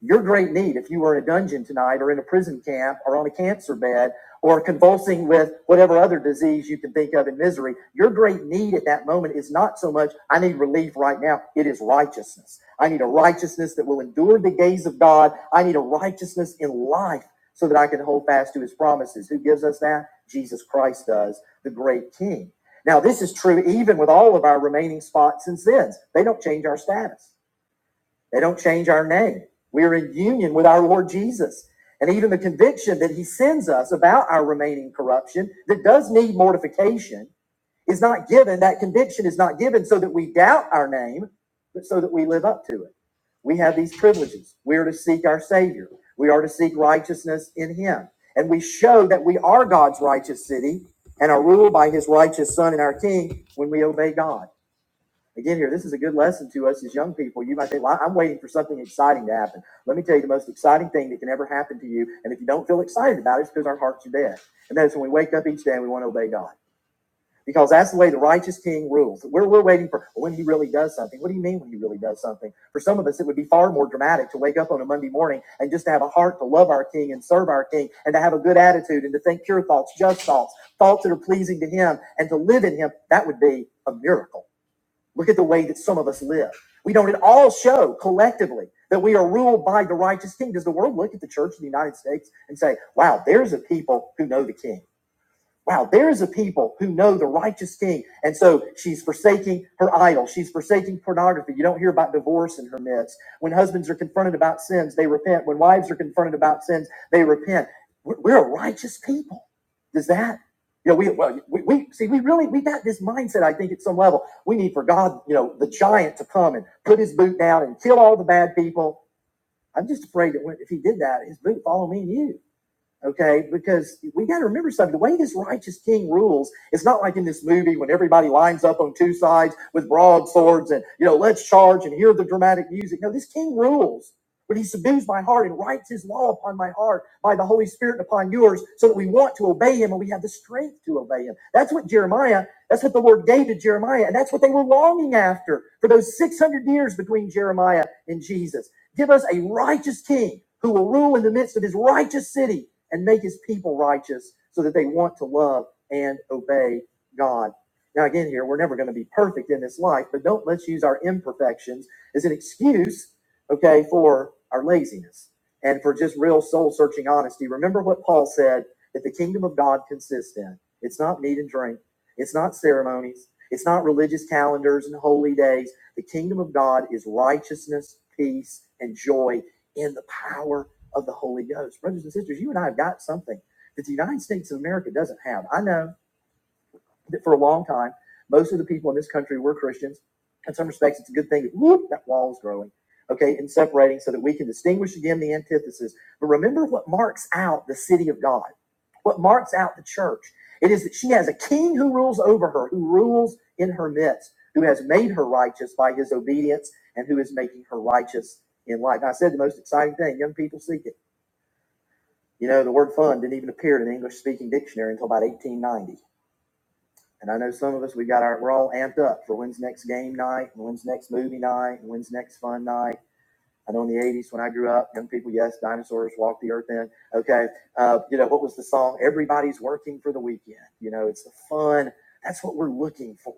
[SPEAKER 1] Your great need, if you were in a dungeon tonight or in a prison camp or on a cancer bed or convulsing with whatever other disease you can think of in misery, your great need at that moment is not so much, I need relief right now. It is righteousness. I need a righteousness that will endure the gaze of God. I need a righteousness in life so that I can hold fast to his promises. Who gives us that? Jesus Christ does, the great king. Now, this is true even with all of our remaining spots and sins. They don't change our status. They don't change our name. We are in union with our Lord Jesus. And even the conviction that he sends us about our remaining corruption that does need mortification is not given. That conviction is not given so that we doubt our name, but so that we live up to it. We have these privileges. We are to seek our Savior. We are to seek righteousness in him. And we show that we are God's righteous city and are ruled by his righteous Son and our King when we obey God. Again, here, this is a good lesson to us as young people. You might think, well, I'm waiting for something exciting to happen. Let me tell you the most exciting thing that can ever happen to you. And if you don't feel excited about it, it's because our hearts are dead. And that is when we wake up each day and we want to obey God. Because that's the way the righteous king rules. We're, we're waiting for when he really does something. What do you mean when he really does something? For some of us, it would be far more dramatic to wake up on a Monday morning and just to have a heart to love our king and serve our king and to have a good attitude and to think pure thoughts, just thoughts, thoughts that are pleasing to him and to live in him. That would be a miracle. Look at the way that some of us live. We don't at all show collectively that we are ruled by the righteous king. Does the world look at the church of the United States and say, wow, there's a people who know the king? Wow, there's a people who know the righteous king. And so she's forsaking her idol. She's forsaking pornography. You don't hear about divorce in her midst. When husbands are confronted about sins, they repent. When wives are confronted about sins, they repent. We're, a righteous people. Does that? You know, we, well, we, we see, we really, we got this mindset, I think, at some level. We need for God, you know, the giant to come and put his boot down and kill all the bad people. I'm just afraid that when, if he did that, his boot would follow me and you okay? Because we got to remember something. The way this righteous king rules, it's not like in this movie when everybody lines up on two sides with broadswords and, you know, let's charge and hear the dramatic music. No, this king rules. But he subdues my heart and writes his law upon my heart by the Holy Spirit and upon yours, so that we want to obey him and we have the strength to obey him. That's what Jeremiah, that's what the Lord gave to Jeremiah, and that's what they were longing after for those 600 years between Jeremiah and Jesus. Give us a righteous king who will rule in the midst of his righteous city and make his people righteous so that they want to love and obey God. Now, again, here, we're never going to be perfect in this life, but don't let's use our imperfections as an excuse, okay, for our laziness and for just real soul searching honesty. Remember what Paul said that the kingdom of God consists in it's not meat and drink, it's not ceremonies, it's not religious calendars and holy days. The kingdom of God is righteousness, peace, and joy in the power of the Holy Ghost. Brothers and sisters, you and I have got something that the United States of America doesn't have. I know that for a long time, most of the people in this country were Christians. In some respects, it's a good thing that whoop, that wall is growing, okay, and separating so that we can distinguish again the antithesis. But remember what marks out the city of God, what marks out the church. It is that she has a king who rules over her, who rules in her midst, who has made her righteous by his obedience, and who is making her righteous in life. Now, I said the most exciting thing, young people seek it. You know, the word fun didn't even appear in an English speaking dictionary until about 1890. And I know some of us, we got our, we're all amped up for when's next game night and when's next movie night and when's next fun night. I know in the 80s when I grew up, young people, yes, dinosaurs walked the earth in. Okay. Uh, you know, what was the song? Everybody's working for the weekend. You know, it's the fun. That's what we're looking for.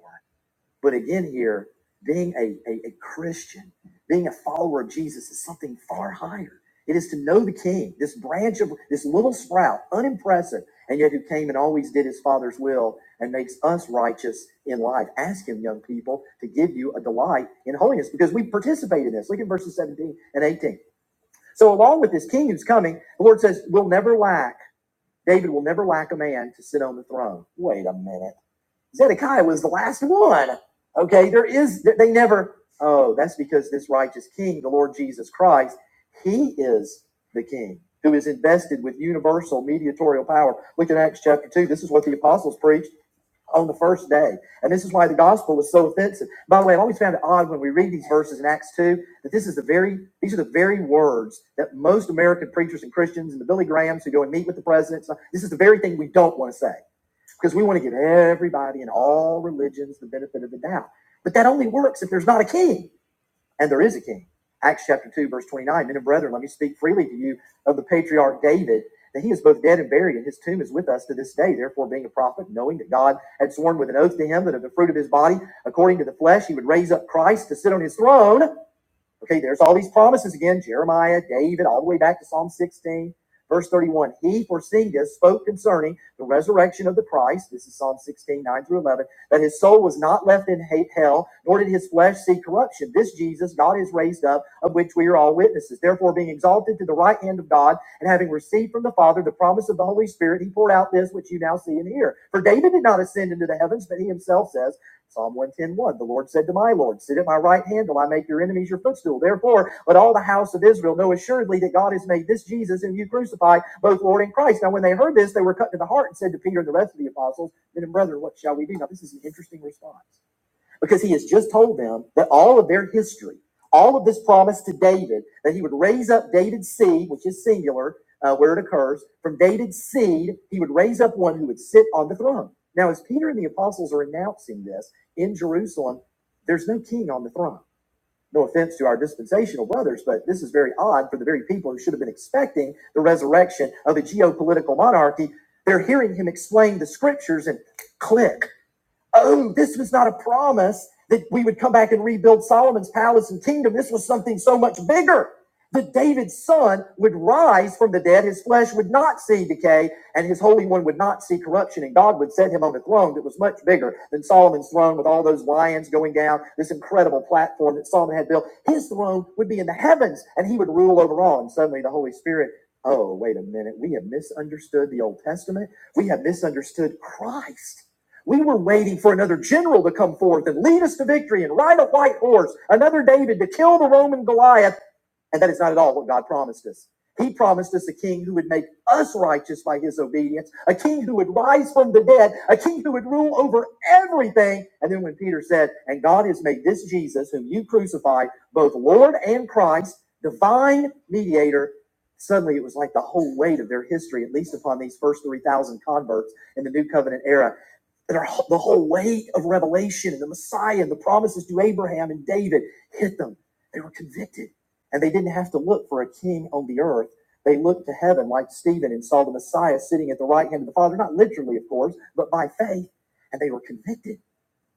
[SPEAKER 1] But again, here, being a, a, a Christian, being a follower of Jesus is something far higher. It is to know the King, this branch of this little sprout, unimpressive, and yet who came and always did his Father's will and makes us righteous in life. Ask him, young people, to give you a delight in holiness because we participate in this. Look at verses 17 and 18. So, along with this King who's coming, the Lord says, We'll never lack, David will never lack a man to sit on the throne. Wait a minute. Zedekiah was the last one. Okay, there is, they never, oh, that's because this righteous king, the Lord Jesus Christ, he is the king who is invested with universal mediatorial power. Look at Acts chapter 2. This is what the apostles preached on the first day. And this is why the gospel was so offensive. By the way, I've always found it odd when we read these verses in Acts 2 that this is the very, these are the very words that most American preachers and Christians and the Billy Grahams who go and meet with the presidents, this is the very thing we don't want to say because we want to give everybody in all religions the benefit of the doubt. But that only works if there's not a king, and there is a king. Acts chapter 2, verse 29 Men and brethren, let me speak freely to you of the patriarch David, that he is both dead and buried, and his tomb is with us to this day. Therefore, being a prophet, knowing that God had sworn with an oath to him that of the fruit of his body, according to the flesh, he would raise up Christ to sit on his throne. Okay, there's all these promises again Jeremiah, David, all the way back to Psalm 16, verse 31. He, foreseeing this, spoke concerning the resurrection of the Christ. This is Psalm 16, 9 through 11, that his soul was not left in hate hell, nor did his flesh see corruption. This Jesus God is raised up, of which we are all witnesses. Therefore, being exalted to the right hand of God, and having received from the Father the promise of the Holy Spirit, he poured out this which you now see and hear. For David did not ascend into the heavens, but he himself says, Psalm one ten one. the Lord said to my Lord, Sit at my right hand till I make your enemies your footstool. Therefore, let all the house of Israel know assuredly that God has made this Jesus, whom you crucified, both Lord and Christ. Now, when they heard this, they were cut to the heart and said to Peter and the rest of the apostles, Men and brethren, what shall we do? Now, this is an interesting response because he has just told them that all of their history, all of this promise to David, that he would raise up David's seed, which is singular, uh, where it occurs, from David's seed, he would raise up one who would sit on the throne. Now, as Peter and the apostles are announcing this in Jerusalem, there's no king on the throne. No offense to our dispensational brothers, but this is very odd for the very people who should have been expecting the resurrection of a geopolitical monarchy. They're hearing him explain the scriptures and click. Oh, this was not a promise that we would come back and rebuild Solomon's palace and kingdom. This was something so much bigger. That David's son would rise from the dead, his flesh would not see decay, and his Holy One would not see corruption, and God would set him on a throne that was much bigger than Solomon's throne with all those lions going down, this incredible platform that Solomon had built. His throne would be in the heavens, and he would rule over all. And suddenly the Holy Spirit, oh, wait a minute, we have misunderstood the Old Testament, we have misunderstood Christ. We were waiting for another general to come forth and lead us to victory and ride a white horse, another David to kill the Roman Goliath. And that is not at all what God promised us. He promised us a king who would make us righteous by his obedience, a king who would rise from the dead, a king who would rule over everything. And then when Peter said, And God has made this Jesus, whom you crucified, both Lord and Christ, divine mediator, suddenly it was like the whole weight of their history, at least upon these first 3,000 converts in the New Covenant era that our, the whole weight of revelation and the Messiah and the promises to Abraham and David hit them. They were convicted, and they didn't have to look for a king on the earth. They looked to heaven like Stephen and saw the Messiah sitting at the right hand of the Father, not literally, of course, but by faith, and they were convicted.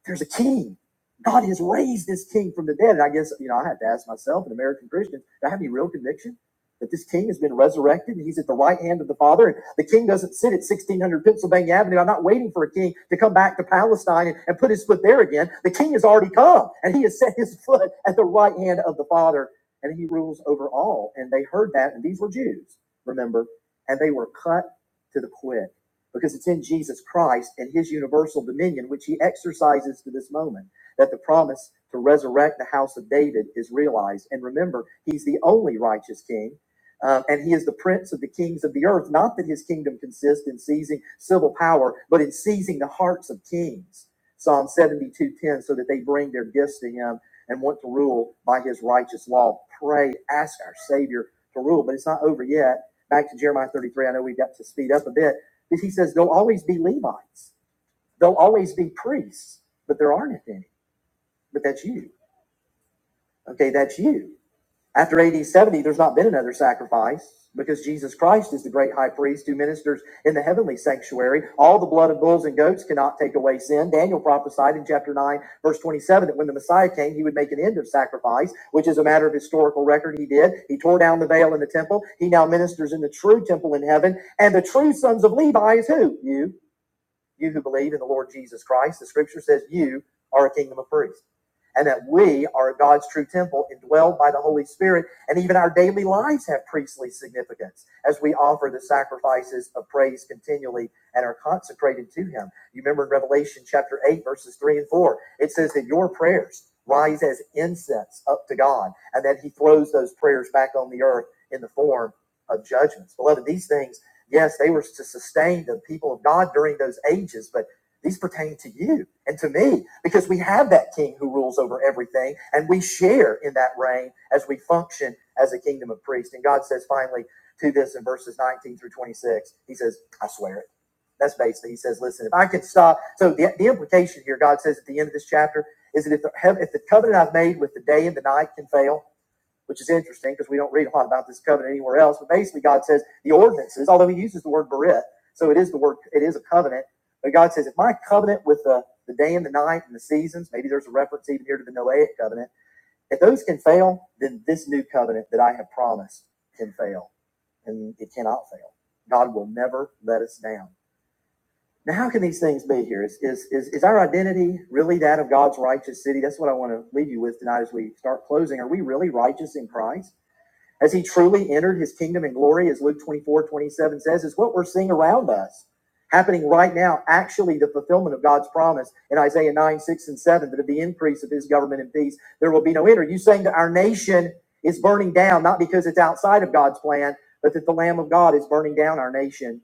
[SPEAKER 1] There's a king. God has raised this king from the dead. And I guess, you know, I had to ask myself, an American Christian, do I have any real conviction that this king has been resurrected and he's at the right hand of the Father? And the king doesn't sit at 1600 Pennsylvania Avenue. I'm not waiting for a king to come back to Palestine and, and put his foot there again. The king has already come and he has set his [laughs] foot at the right hand of the Father and he rules over all. And they heard that. And these were Jews, remember, and they were cut to the quick because it's in Jesus Christ and his universal dominion, which he exercises to this moment, that the promise to resurrect the house of David is realized. And remember, he's the only righteous king. uh, and he is the prince of the kings of the earth. Not that his kingdom consists in seizing civil power, but in seizing the hearts of kings. Psalm 72:10, so that they bring their gifts to him and want to rule by his righteous law. Pray, ask our Savior to rule. But it's not over yet. Back to Jeremiah 33. I know we've got to speed up a bit he says there'll always be Levites, there'll always be priests, but there aren't any. But that's you. Okay, that's you. After AD 70, there's not been another sacrifice because Jesus Christ is the great high priest who ministers in the heavenly sanctuary. All the blood of bulls and goats cannot take away sin. Daniel prophesied in chapter 9, verse 27, that when the Messiah came, he would make an end of sacrifice, which is a matter of historical record. He did. He tore down the veil in the temple. He now ministers in the true temple in heaven. And the true sons of Levi is who? You. you who believe in the Lord Jesus Christ, the scripture says you are a kingdom of priests. And that we are God's true temple, indwelled by the Holy Spirit, and even our daily lives have priestly significance as we offer the sacrifices of praise continually and are consecrated to Him. You remember in Revelation chapter 8, verses 3 and 4, it says that your prayers rise as incense up to God, and that He throws those prayers back on the earth in the form of judgments. Beloved, these things Yes, they were to sustain the people of God during those ages, but these pertain to you and to me because we have that king who rules over everything and we share in that reign as we function as a kingdom of priests. And God says finally to this in verses 19 through 26, He says, I swear it. That's basically, He says, listen, if I can stop. So the, the implication here, God says at the end of this chapter, is that if the, if the covenant I've made with the day and the night can fail, which is interesting because we don't read a lot about this covenant anywhere else. But basically, God says the ordinances, although He uses the word berit, so it is the word, it is a covenant. But God says, if my covenant with the, the day and the night and the seasons, maybe there's a reference even here to the Noahic covenant, if those can fail, then this new covenant that I have promised can fail. And it cannot fail. God will never let us down. Now, how can these things be here? Is, is, is, is our identity really that of God's righteous city? That's what I want to leave you with tonight as we start closing. Are we really righteous in Christ? as he truly entered his kingdom and glory, as Luke 24 27 says, is what we're seeing around us happening right now, actually the fulfillment of God's promise in Isaiah 9, 6, and 7, that of the increase of his government and peace, there will be no end. Are you saying that our nation is burning down, not because it's outside of God's plan, but that the Lamb of God is burning down our nation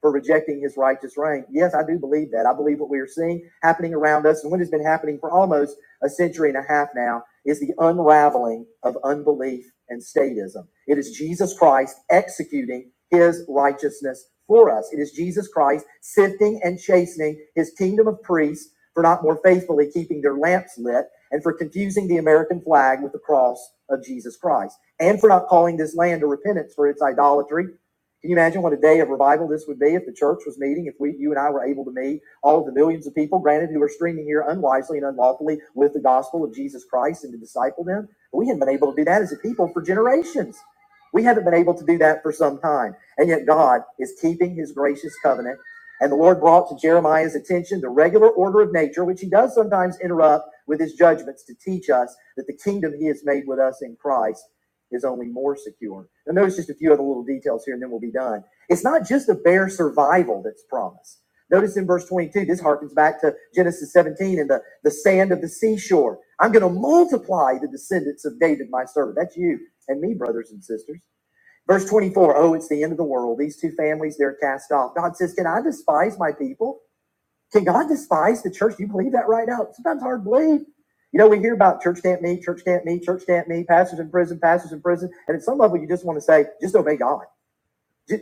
[SPEAKER 1] for rejecting his righteous reign. Yes, I do believe that. I believe what we are seeing happening around us and what has been happening for almost a century and a half now is the unraveling of unbelief and statism. It is Jesus Christ executing his righteousness for us. It is Jesus Christ sifting and chastening his kingdom of priests for not more faithfully keeping their lamps lit and for confusing the American flag with the cross of Jesus Christ and for not calling this land to repentance for its idolatry can you imagine what a day of revival this would be if the church was meeting, if we, you and I were able to meet all of the millions of people, granted, who are streaming here unwisely and unlawfully with the gospel of Jesus Christ and to disciple them? But we haven't been able to do that as a people for generations. We haven't been able to do that for some time. And yet God is keeping his gracious covenant. And the Lord brought to Jeremiah's attention the regular order of nature, which he does sometimes interrupt with his judgments to teach us that the kingdom he has made with us in Christ is only more secure. Now notice just a few other little details here, and then we'll be done. It's not just the bare survival that's promised. Notice in verse 22, this harkens back to Genesis 17 and the, the sand of the seashore. I'm going to multiply the descendants of David, my servant. That's you and me, brothers and sisters. Verse 24, oh, it's the end of the world. These two families, they're cast off. God says, Can I despise my people? Can God despise the church? Do you believe that right now? It's Sometimes hard to believe. You know, we hear about church can't meet, church can't meet, church can't meet, pastors in prison, pastors in prison. And at some level, you just want to say, just obey God.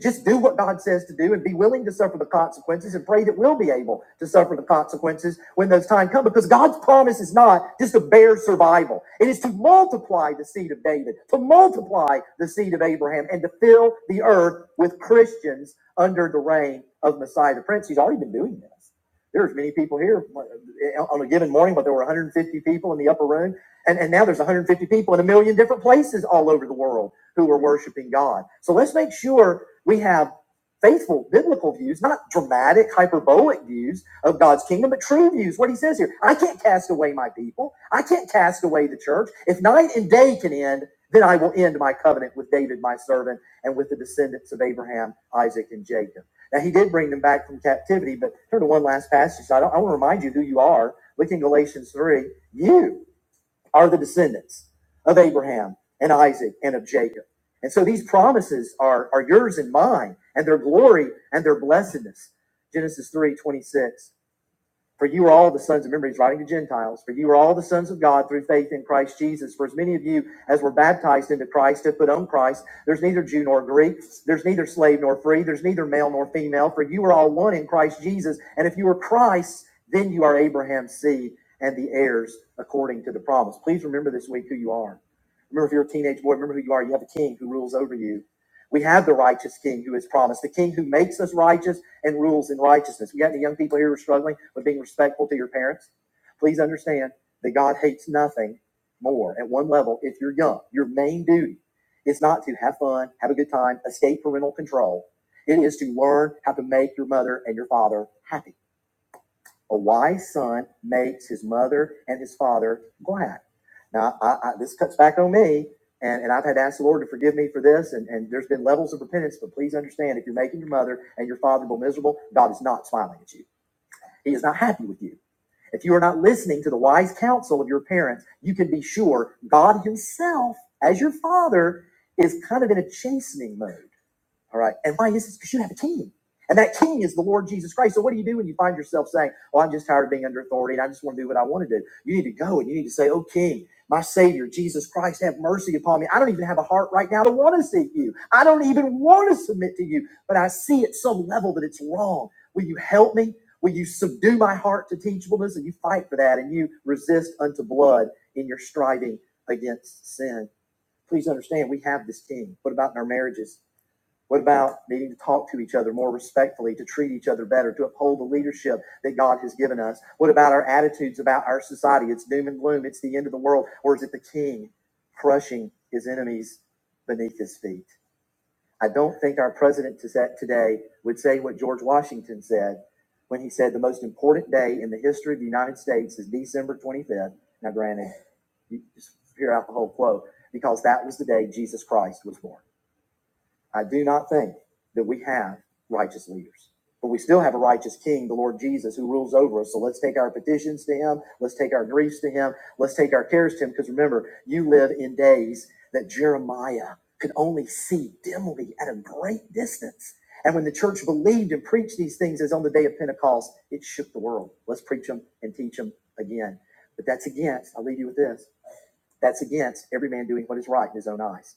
[SPEAKER 1] Just do what God says to do and be willing to suffer the consequences and pray that we'll be able to suffer the consequences when those times come. Because God's promise is not just to bear survival. It is to multiply the seed of David, to multiply the seed of Abraham, and to fill the earth with Christians under the reign of Messiah the Prince. He's already been doing this. There's many people here uh, on a given morning, but there were 150 people in the upper room. And, and now there's 150 people in a million different places all over the world who are worshiping God. So let's make sure we have faithful biblical views, not dramatic, hyperbolic views of God's kingdom, but true views. What he says here I can't cast away my people, I can't cast away the church. If night and day can end, then I will end my covenant with David, my servant, and with the descendants of Abraham, Isaac, and Jacob. Now, he did bring them back from captivity, but turn to one last passage. I, don't, I want to remind you who you are. Look in Galatians 3. You are the descendants of Abraham and Isaac and of Jacob. And so these promises are, are yours and mine, and their glory and their blessedness. Genesis 3:26. For you are all the sons of, remember, he's writing to Gentiles. For you are all the sons of God through faith in Christ Jesus. For as many of you as were baptized into Christ have put on Christ. There's neither Jew nor Greek. There's neither slave nor free. There's neither male nor female. For you are all one in Christ Jesus. And if you are Christ, then you are Abraham's seed and the heirs according to the promise. Please remember this week who you are. Remember, if you're a teenage boy, remember who you are. You have a king who rules over you. We have the righteous king who is promised, the king who makes us righteous and rules in righteousness. We got any young people here who are struggling with being respectful to your parents? Please understand that God hates nothing more at one level if you're young. Your main duty is not to have fun, have a good time, escape parental control. It is to learn how to make your mother and your father happy. A wise son makes his mother and his father glad. Now, I, I, this cuts back on me, and, and I've had to ask the Lord to forgive me for this, and, and there's been levels of repentance, but please understand if you're making your mother and your father more miserable, God is not smiling at you. He is not happy with you. If you are not listening to the wise counsel of your parents, you can be sure God Himself, as your father, is kind of in a chastening mode. All right. And why is this? Because you have a king. And that king is the Lord Jesus Christ. So what do you do when you find yourself saying, Oh, I'm just tired of being under authority and I just want to do what I want to do? You need to go and you need to say, Oh King, my Savior, Jesus Christ, have mercy upon me. I don't even have a heart right now to want to seek you. I don't even want to submit to you. But I see at some level that it's wrong. Will you help me? Will you subdue my heart to teachableness? And you fight for that and you resist unto blood in your striving against sin. Please understand, we have this king. What about in our marriages? What about needing to talk to each other more respectfully, to treat each other better, to uphold the leadership that God has given us? What about our attitudes about our society? It's doom and gloom, it's the end of the world, or is it the king crushing his enemies beneath his feet? I don't think our president to set- today would say what George Washington said when he said the most important day in the history of the United States is December 25th. Now, granted, you just hear out the whole quote because that was the day Jesus Christ was born. I do not think that we have righteous leaders. But we still have a righteous king, the Lord Jesus, who rules over us. So let's take our petitions to him. Let's take our griefs to him. Let's take our cares to him. Because remember, you live in days that Jeremiah could only see dimly at a great distance. And when the church believed and preached these things as on the day of Pentecost, it shook the world. Let's preach them and teach them again. But that's against, I'll leave you with this, that's against every man doing what is right in his own eyes.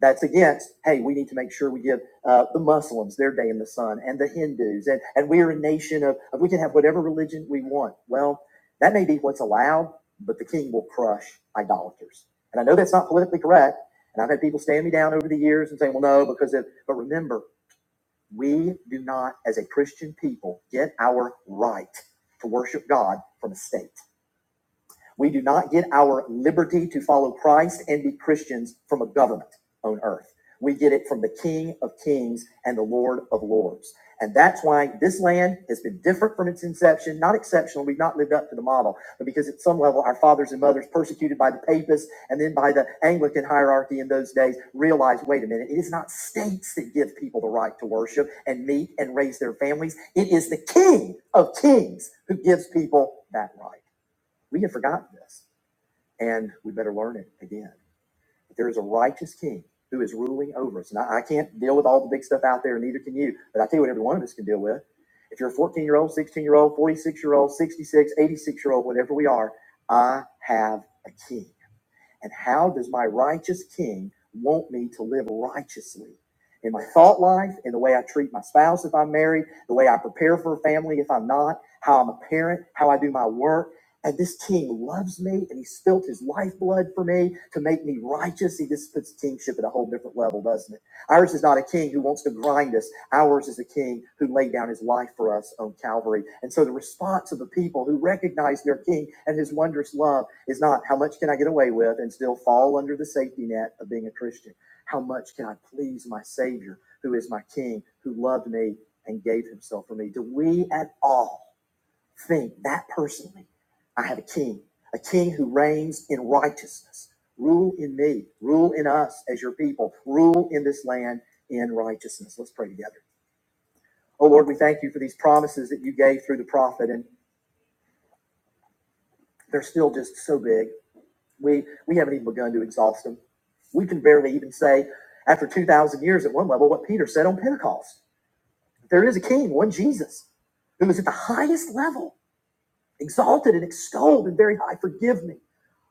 [SPEAKER 1] That's against, hey, we need to make sure we give uh, the Muslims their day in the sun and the Hindus. And, and we're a nation of, of, we can have whatever religion we want. Well, that may be what's allowed, but the king will crush idolaters. And I know that's not politically correct. And I've had people stand me down over the years and say, well, no, because of, but remember, we do not, as a Christian people, get our right to worship God from a state. We do not get our liberty to follow Christ and be Christians from a government on earth. We get it from the King of Kings and the Lord of Lords. And that's why this land has been different from its inception, not exceptional. We've not lived up to the model, but because at some level our fathers and mothers, persecuted by the papists and then by the Anglican hierarchy in those days, realized wait a minute, it is not states that give people the right to worship and meet and raise their families. It is the King of Kings who gives people that right. We have forgotten this and we better learn it again. But there is a righteous king who is ruling over us. And I, I can't deal with all the big stuff out there, neither can you. But I tell you what every one of us can deal with. If you're a 14 year old, 16 year old, 46 year old, 66, 86 year old, whatever we are, I have a king. And how does my righteous king want me to live righteously? In my thought life, in the way I treat my spouse if I'm married, the way I prepare for a family if I'm not, how I'm a parent, how I do my work. And this king loves me and he spilt his lifeblood for me to make me righteous. See, this puts kingship at a whole different level, doesn't it? Ours is not a king who wants to grind us. Ours is a king who laid down his life for us on Calvary. And so the response of the people who recognize their king and his wondrous love is not how much can I get away with and still fall under the safety net of being a Christian? How much can I please my Savior who is my king, who loved me and gave himself for me? Do we at all? think that personally, I have a king, a king who reigns in righteousness. Rule in me, rule in us as your people, rule in this land in righteousness. Let's pray together. Oh Lord, we thank you for these promises that you gave through the prophet, and they're still just so big. We we haven't even begun to exhaust them. We can barely even say, after 2,000 years at one level, what Peter said on Pentecost. There is a king, one Jesus, who is at the highest level exalted and extolled and very high. Forgive me.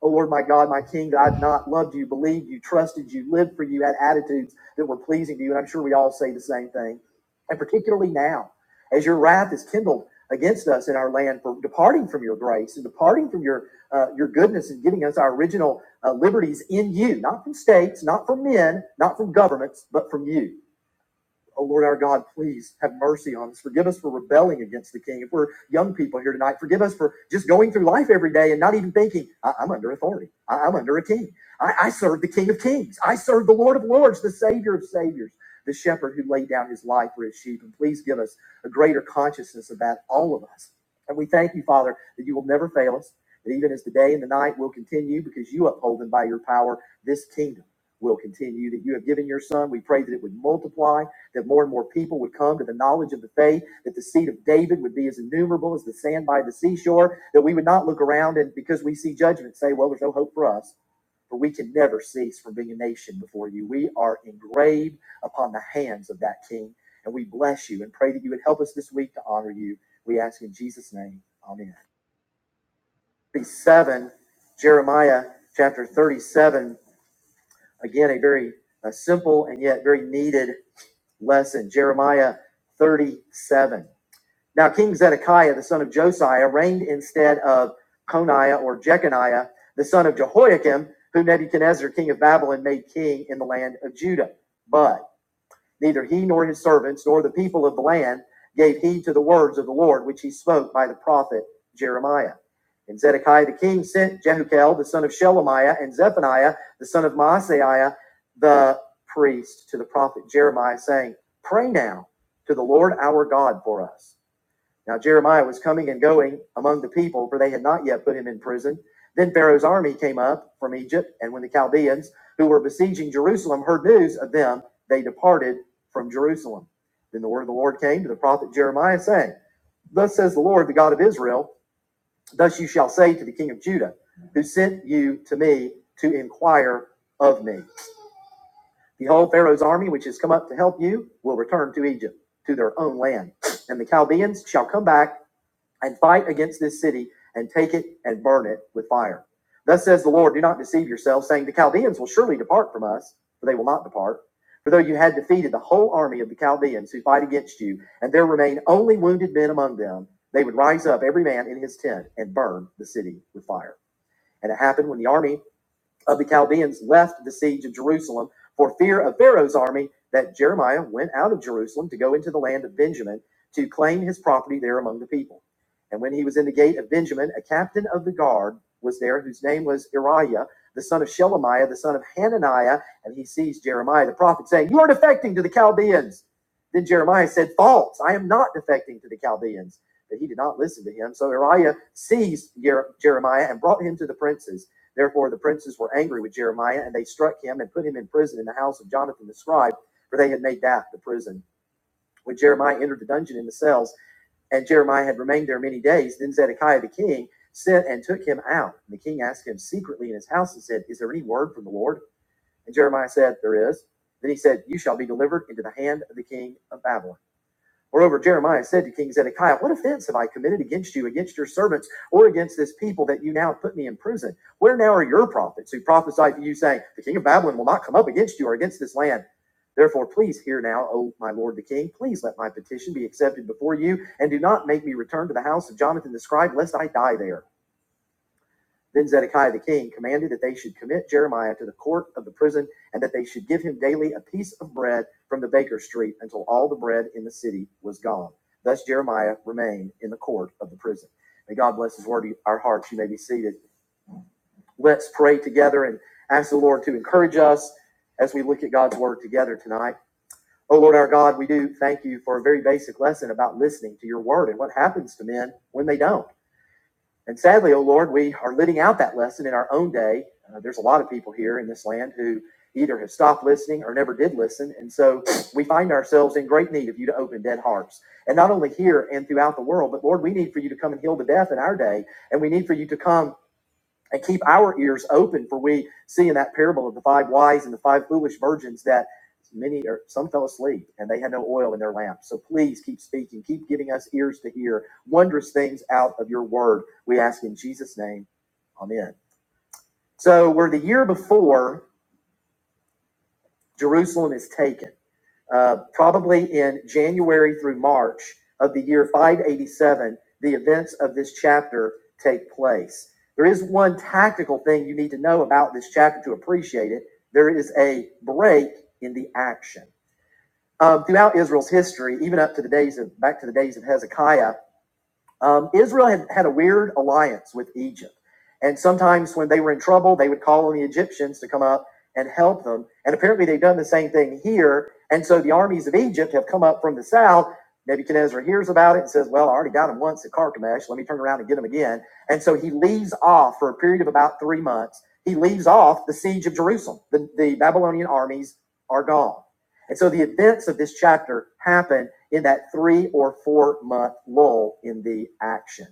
[SPEAKER 1] O Lord, my God, my King, that I've not loved you, believed you, trusted you, lived for you, had attitudes that were pleasing to you. And I'm sure we all say the same thing. And particularly now, as your wrath is kindled against us in our land for departing from your grace and departing from your uh, your goodness and giving us our original uh, liberties in you, not from states, not from men, not from governments, but from you. O Lord our God, please have mercy on us. Forgive us for rebelling against the King. If we're young people here tonight, forgive us for just going through life every day and not even thinking, I- am under authority. I- I'm under a king. I-, I serve the King of Kings. I serve the Lord of Lords, the Savior of Saviors, the shepherd who laid down his life for his sheep. And please give us a greater consciousness of that, all of us. And we thank you, Father, that you will never fail us, that even as the day and the night will continue because you uphold them by your power, this kingdom will continue, that you have given your Son. We pray that it would multiply that more and more people would come to the knowledge of the faith, that the seed of David would be as innumerable as the sand by the seashore, that we would not look around and because we see judgment say, well, there's no hope for us. For we can never cease from being a nation before you. We are engraved upon the hands of that King. And we bless you and pray that you would help us this week to honor you. We ask in Jesus' name. Amen. 37, Jeremiah chapter 37. Again, a very uh, simple and yet very needed lesson, Jeremiah 37. Now, King Zedekiah, the son of Josiah, reigned instead of Coniah or Jeconiah, the son of Jehoiakim, who Nebuchadnezzar, king of Babylon, made king in the land of Judah. But. Neither he nor his servants nor the people of the land gave heed to the words of the Lord which he spoke by the prophet Jeremiah. And Zedekiah the king sent Jehukel the son of Shelemiah and Zephaniah the son of Maaseiah the priest to the prophet Jeremiah, saying, Pray now to the Lord our God for us now Jeremiah was coming and going among the people, for they had not yet put him in prison. Then Pharaoh's army came up from Egypt, and when the Chaldeans who were besieging Jerusalem heard news of them, they departed from Jerusalem. Then the word of the Lord came to the prophet Jeremiah, saying, Thus says the Lord, the God of Israel, thus you shall say to the king of Judah, who sent you to me to inquire of me. Behold, Pharaoh's army, which has come up to help you, will return to Egypt, to their own land. And the Chaldeans shall come back and fight against this city and take it and burn it with fire. Thus says the Lord, do not deceive yourselves, saying, The Chaldeans will surely depart from us, for they will not depart. For though you had defeated the whole army of the Chaldeans who fight against you, and there remain only wounded men among them, they would rise up every man in his tent and burn the city with fire. And it happened when the army of the Chaldeans left the siege of Jerusalem for fear of Pharaoh's army, that Jeremiah went out of Jerusalem to go into the land of Benjamin to claim his property there among the people. And when he was in the gate of Benjamin, a captain of the guard was there whose name was Uriah, the son of Shelemiah, the son of Hananiah, and he seized Jeremiah the prophet, saying, You are defecting to the Chaldeans. Then Jeremiah said, False, I am not defecting to the Chaldeans. But he did not listen to him. So Uriah seized Jer- Jeremiah and brought him to the princes. Therefore, the princes were angry with Jeremiah, and they struck him and put him in prison in the house of Jonathan the scribe, for they had made that the prison. When Jeremiah entered the dungeon in the cells, and Jeremiah had remained there many days, then Zedekiah the king sent and took him out. And the king asked him secretly in his house and said, Is there any word from the Lord? And Jeremiah said, There is. Then he said, You shall be delivered into the hand of the king of Babylon. Moreover, Jeremiah said to King Zedekiah, What offense have I committed against you, against your servants, or against this people that you now have put me in prison? Where now are your prophets who prophesied to you, saying, The king of Babylon will not come up against you or against this land? Therefore, please hear now, O my lord the king, please let my petition be accepted before you, and do not make me return to the house of Jonathan the scribe, lest I die there. Then Zedekiah the king commanded that they should commit Jeremiah to the court of the prison and that they should give him daily a piece of bread from the baker's street until all the bread in the city was gone. Thus Jeremiah remained in the court of the prison. May God bless his word to our hearts. You may be seated. Let's pray together and ask the Lord to encourage us as we look at God's word together tonight. Oh Lord our God, we do thank you for a very basic lesson about listening to your word and what happens to men when they don't. And sadly, oh Lord, we are living out that lesson in our own day. Uh, there's a lot of people here in this land who either have stopped listening or never did listen. And so [clears throat] we find ourselves in great need of you to open dead hearts. And not only here and throughout the world, but Lord, we need for you to come and heal the deaf in our day. And we need for you to come and keep our ears open for we see in that parable of the five wise and the five foolish virgins that many or some fell asleep and they had no oil in their lamps. So please keep speaking, keep giving us ears to hear wondrous things out of your word. We ask in Jesus' name, Amen. So we're the year before Jerusalem is taken uh, probably in January through March of the year 587, the events of this chapter take place. There is one tactical thing you need to know about this chapter to appreciate it. There is a break in the action. Um, throughout Israel's history, even up to the days of back to the days of Hezekiah, um, Israel had, had a weird alliance with Egypt. And sometimes when they were in trouble, they would call on the Egyptians to come up and help them. And apparently they've done the same thing here. And so the armies of Egypt have come up from the south. Nebuchadnezzar hears about it and says, Well, I already got him once at Carchemish. Let me turn around and get him again. And so he leaves off for a period of about three months. He leaves off the siege of Jerusalem. The, the Babylonian armies are gone. And so the events of this chapter happen in that three or four month lull in the action.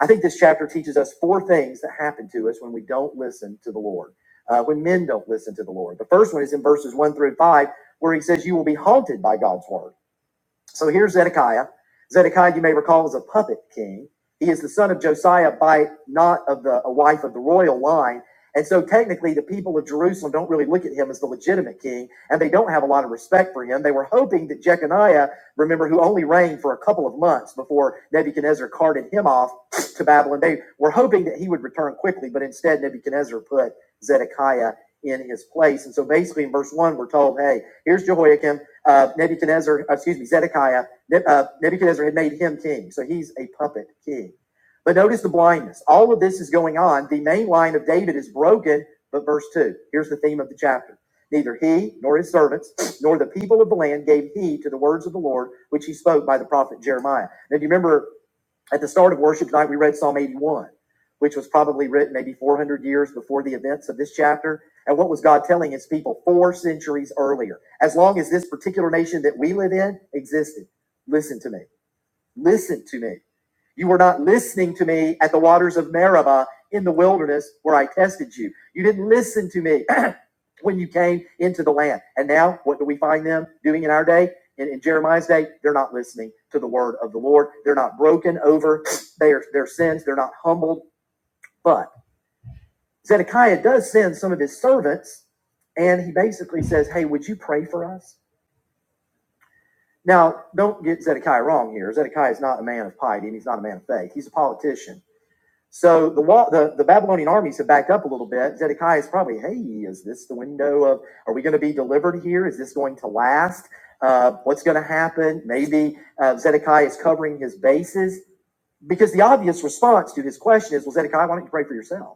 [SPEAKER 1] I think this chapter teaches us four things that happen to us when we don't listen to the Lord, uh, when men don't listen to the Lord. The first one is in verses one through five, where he says, You will be haunted by God's word. So here's Zedekiah. Zedekiah, you may recall, was a puppet king. He is the son of Josiah by not of the a wife of the royal line. And so technically the people of Jerusalem don't really look at him as the legitimate king, and they don't have a lot of respect for him. They were hoping that Jeconiah, remember, who only reigned for a couple of months before Nebuchadnezzar carted him off to Babylon, they were hoping that he would return quickly, but instead Nebuchadnezzar put Zedekiah in his place. And so basically in verse 1, we're told, hey, here's Jehoiakim uh, Nebuchadnezzar, uh, excuse me, Zedekiah, uh, Nebuchadnezzar had made him king. So he's a puppet king. But notice the blindness. All of this is going on. The main line of David is broken, but verse 2. Here's the theme of the chapter. Neither he nor his servants [clears throat] nor the people of the land gave heed to the words of the Lord, which he spoke by the prophet Jeremiah. Now, do you remember at the start of worship tonight, we read Psalm 81, which was probably written maybe 400 years before the events of this chapter. And what was God telling his people four centuries earlier? As long as this particular nation that we live in existed, listen to me. Listen to me. You were not listening to me at the waters of Meribah in the wilderness where I tested you. You didn't listen to me [clears throat] when you came into the land. And now, what do we find them doing in our day? In, in Jeremiah's day, they're not listening to the word of the Lord. They're not broken over [sniffs] their, their sins. They're not humbled. But Zedekiah does send some of his servants, and he basically says, Hey, would you pray for us? Now, don't get Zedekiah wrong here. Zedekiah is not a man of piety, and he's not a man of faith. He's a politician So the wall, the, the Babylonian armies have backed up a little bit. Zedekiah is probably, hey, is this the window of? Are we going to be delivered here? Is this going to last? Uh, what's going to happen? Maybe uh, Zedekiah is covering his bases because the obvious response to his question is, well, Zedekiah, why don't you pray for yourself?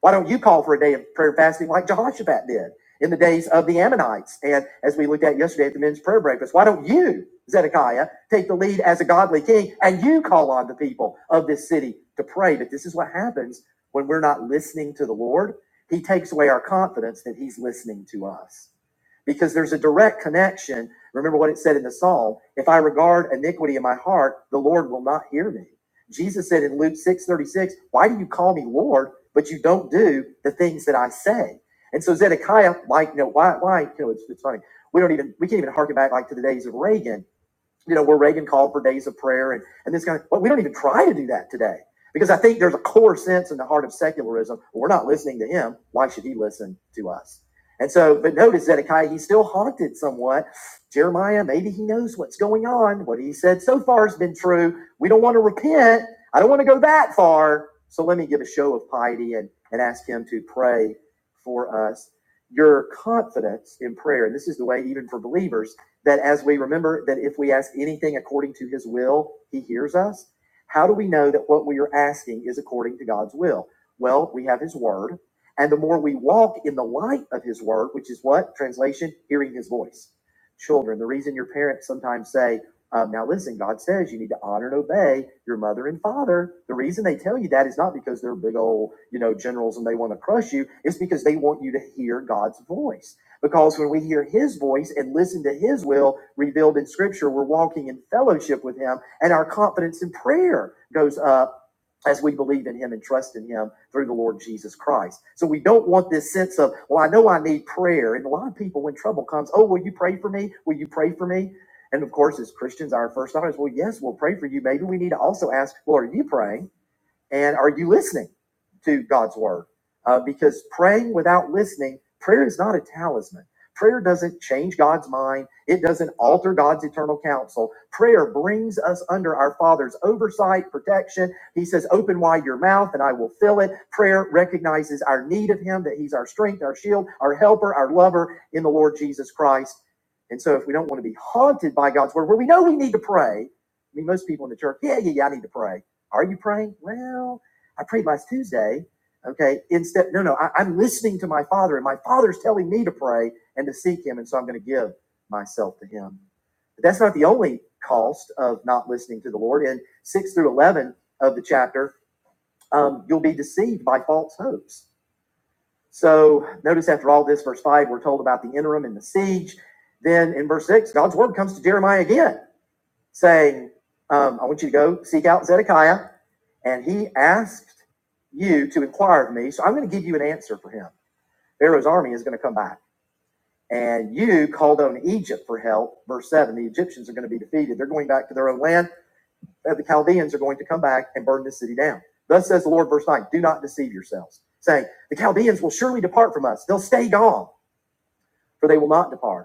[SPEAKER 1] Why don't you call for a day of prayer and fasting like Jehoshaphat did in the days of the Ammonites? And as we looked at yesterday at the men's prayer breakfast, why don't you, Zedekiah, take the lead as a godly king and you call on the people of this city to pray? But this is what happens when we're not listening to the Lord. He takes away our confidence that he's listening to us because there's a direct connection. Remember what it said in the psalm if I regard iniquity in my heart, the Lord will not hear me. Jesus said in Luke six thirty six, Why do you call me Lord? but you don't do the things that I say. And so Zedekiah, like, you know, why, why, you know, it's, it's funny. We don't even, we can't even harken back like to the days of Reagan you know, where Reagan called for days of prayer and, and this guy, well, we don't even try to do that today because I think there's a core sense in the heart of secularism. well, We're not listening to him. Why should he listen to us? And so, but notice Zedekiah, he's still haunted somewhat. Jeremiah, maybe he knows what's going on. What he said so far has been true. We don't want to repent. I don't want to go that far. So let me give a show of piety and, and ask him to pray for us. Your confidence in prayer, and this is the way even for believers that as we remember that if we ask anything according to his will, he hears us. How do we know that what we are asking is according to God's will? Well, we have his word. And the more we walk in the light of his word, which is what? Translation, hearing his voice. Children, the reason your parents sometimes say, um, now listen, God says you need to honor and obey your mother and father. The reason they tell you that is not because they're big old, you know, generals and they want to crush you. It's because they want you to hear God's voice. Because when we hear his voice and listen to his will revealed in scripture, we're walking in fellowship with him, and our confidence in prayer goes up as we believe in him and trust in him through the Lord Jesus Christ. So we don't want this sense of, well, I know I need prayer. And a lot of people, when trouble comes, oh, will you pray for me? Will you pray for me? And of course, as Christians, our first thought is, well, yes, we'll pray for you. Maybe we need to also ask, Lord, are you praying? And are you listening to God's word? Uh, because praying without listening, prayer is not a talisman. Prayer doesn't change God's mind. It doesn't alter God's eternal counsel. Prayer brings us under our Father's oversight, protection. He says, Open wide your mouth and I will fill it. Prayer recognizes our need of Him, that He's our strength, our shield, our helper, our lover in the Lord Jesus Christ. And so, if we don't want to be haunted by God's word, where we know we need to pray, I mean, most people in the church, yeah, yeah, yeah, I need to pray. Are you praying? Well, I prayed last Tuesday. Okay. Instead, no, no, I, I'm listening to my father, and my father's telling me to pray and to seek him, and so I'm going to give myself to him. But that's not the only cost of not listening to the Lord. In 6 through 11 of the chapter, um, you'll be deceived by false hopes. So notice after all this, verse 5, we're told about the interim and the siege. Then in verse 6, God's word comes to Jeremiah again saying, um, I want you to go seek out Zedekiah, and he asked you to inquire of me. So I'm going to give you an answer for him. Pharaoh's army is going to come back. And you called on Egypt for help. Verse 7 the Egyptians are going to be defeated. They're going back to their own land. The Chaldeans are going to come back and burn this city down. Thus says the Lord, verse 9 do not deceive yourselves, saying, The Chaldeans will surely depart from us. They'll stay gone, for they will not depart.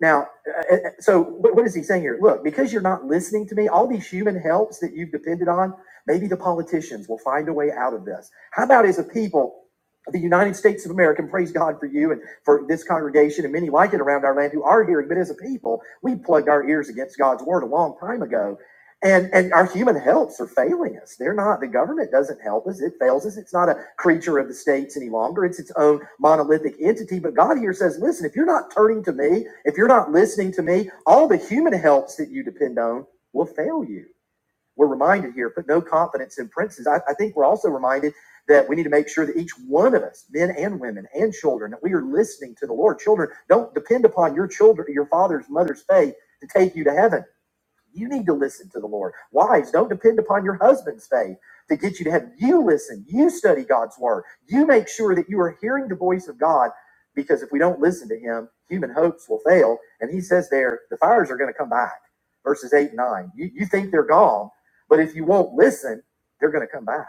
[SPEAKER 1] Now, uh, uh, so what is he saying here? Look, because you're not listening to me, all these human helps that you've depended on, maybe the politicians will find a way out of this. How about as a people, the United States of America, and praise God for you and for this congregation and many like it around our land who are hearing, but as a people, we plugged our ears against God's word a long time ago and, and our human helps are failing us. They're not, the government doesn't help us. It fails us. It's not a creature of the states any longer. It's its own monolithic entity. But God here says, listen, if you're not turning to me, if you're not listening to me, all the human helps that you depend on will fail you. We're reminded here, put no confidence in princes. I, I think we're also reminded that we need to make sure that each one of us, men and women and children, that we are listening to the Lord. Children, don't depend upon your children, your father's, mother's faith to take you to heaven you need to listen to the Lord. Wives, don't depend upon your husband's faith to get you to heaven. You listen. You study God's word. You make sure that you are hearing the voice of God because if we don't listen to him, human hopes will fail. And he says there, the fires are going to come back. Verses 8 and 9. You, you think they're gone, but if you won't listen, they're going to come back.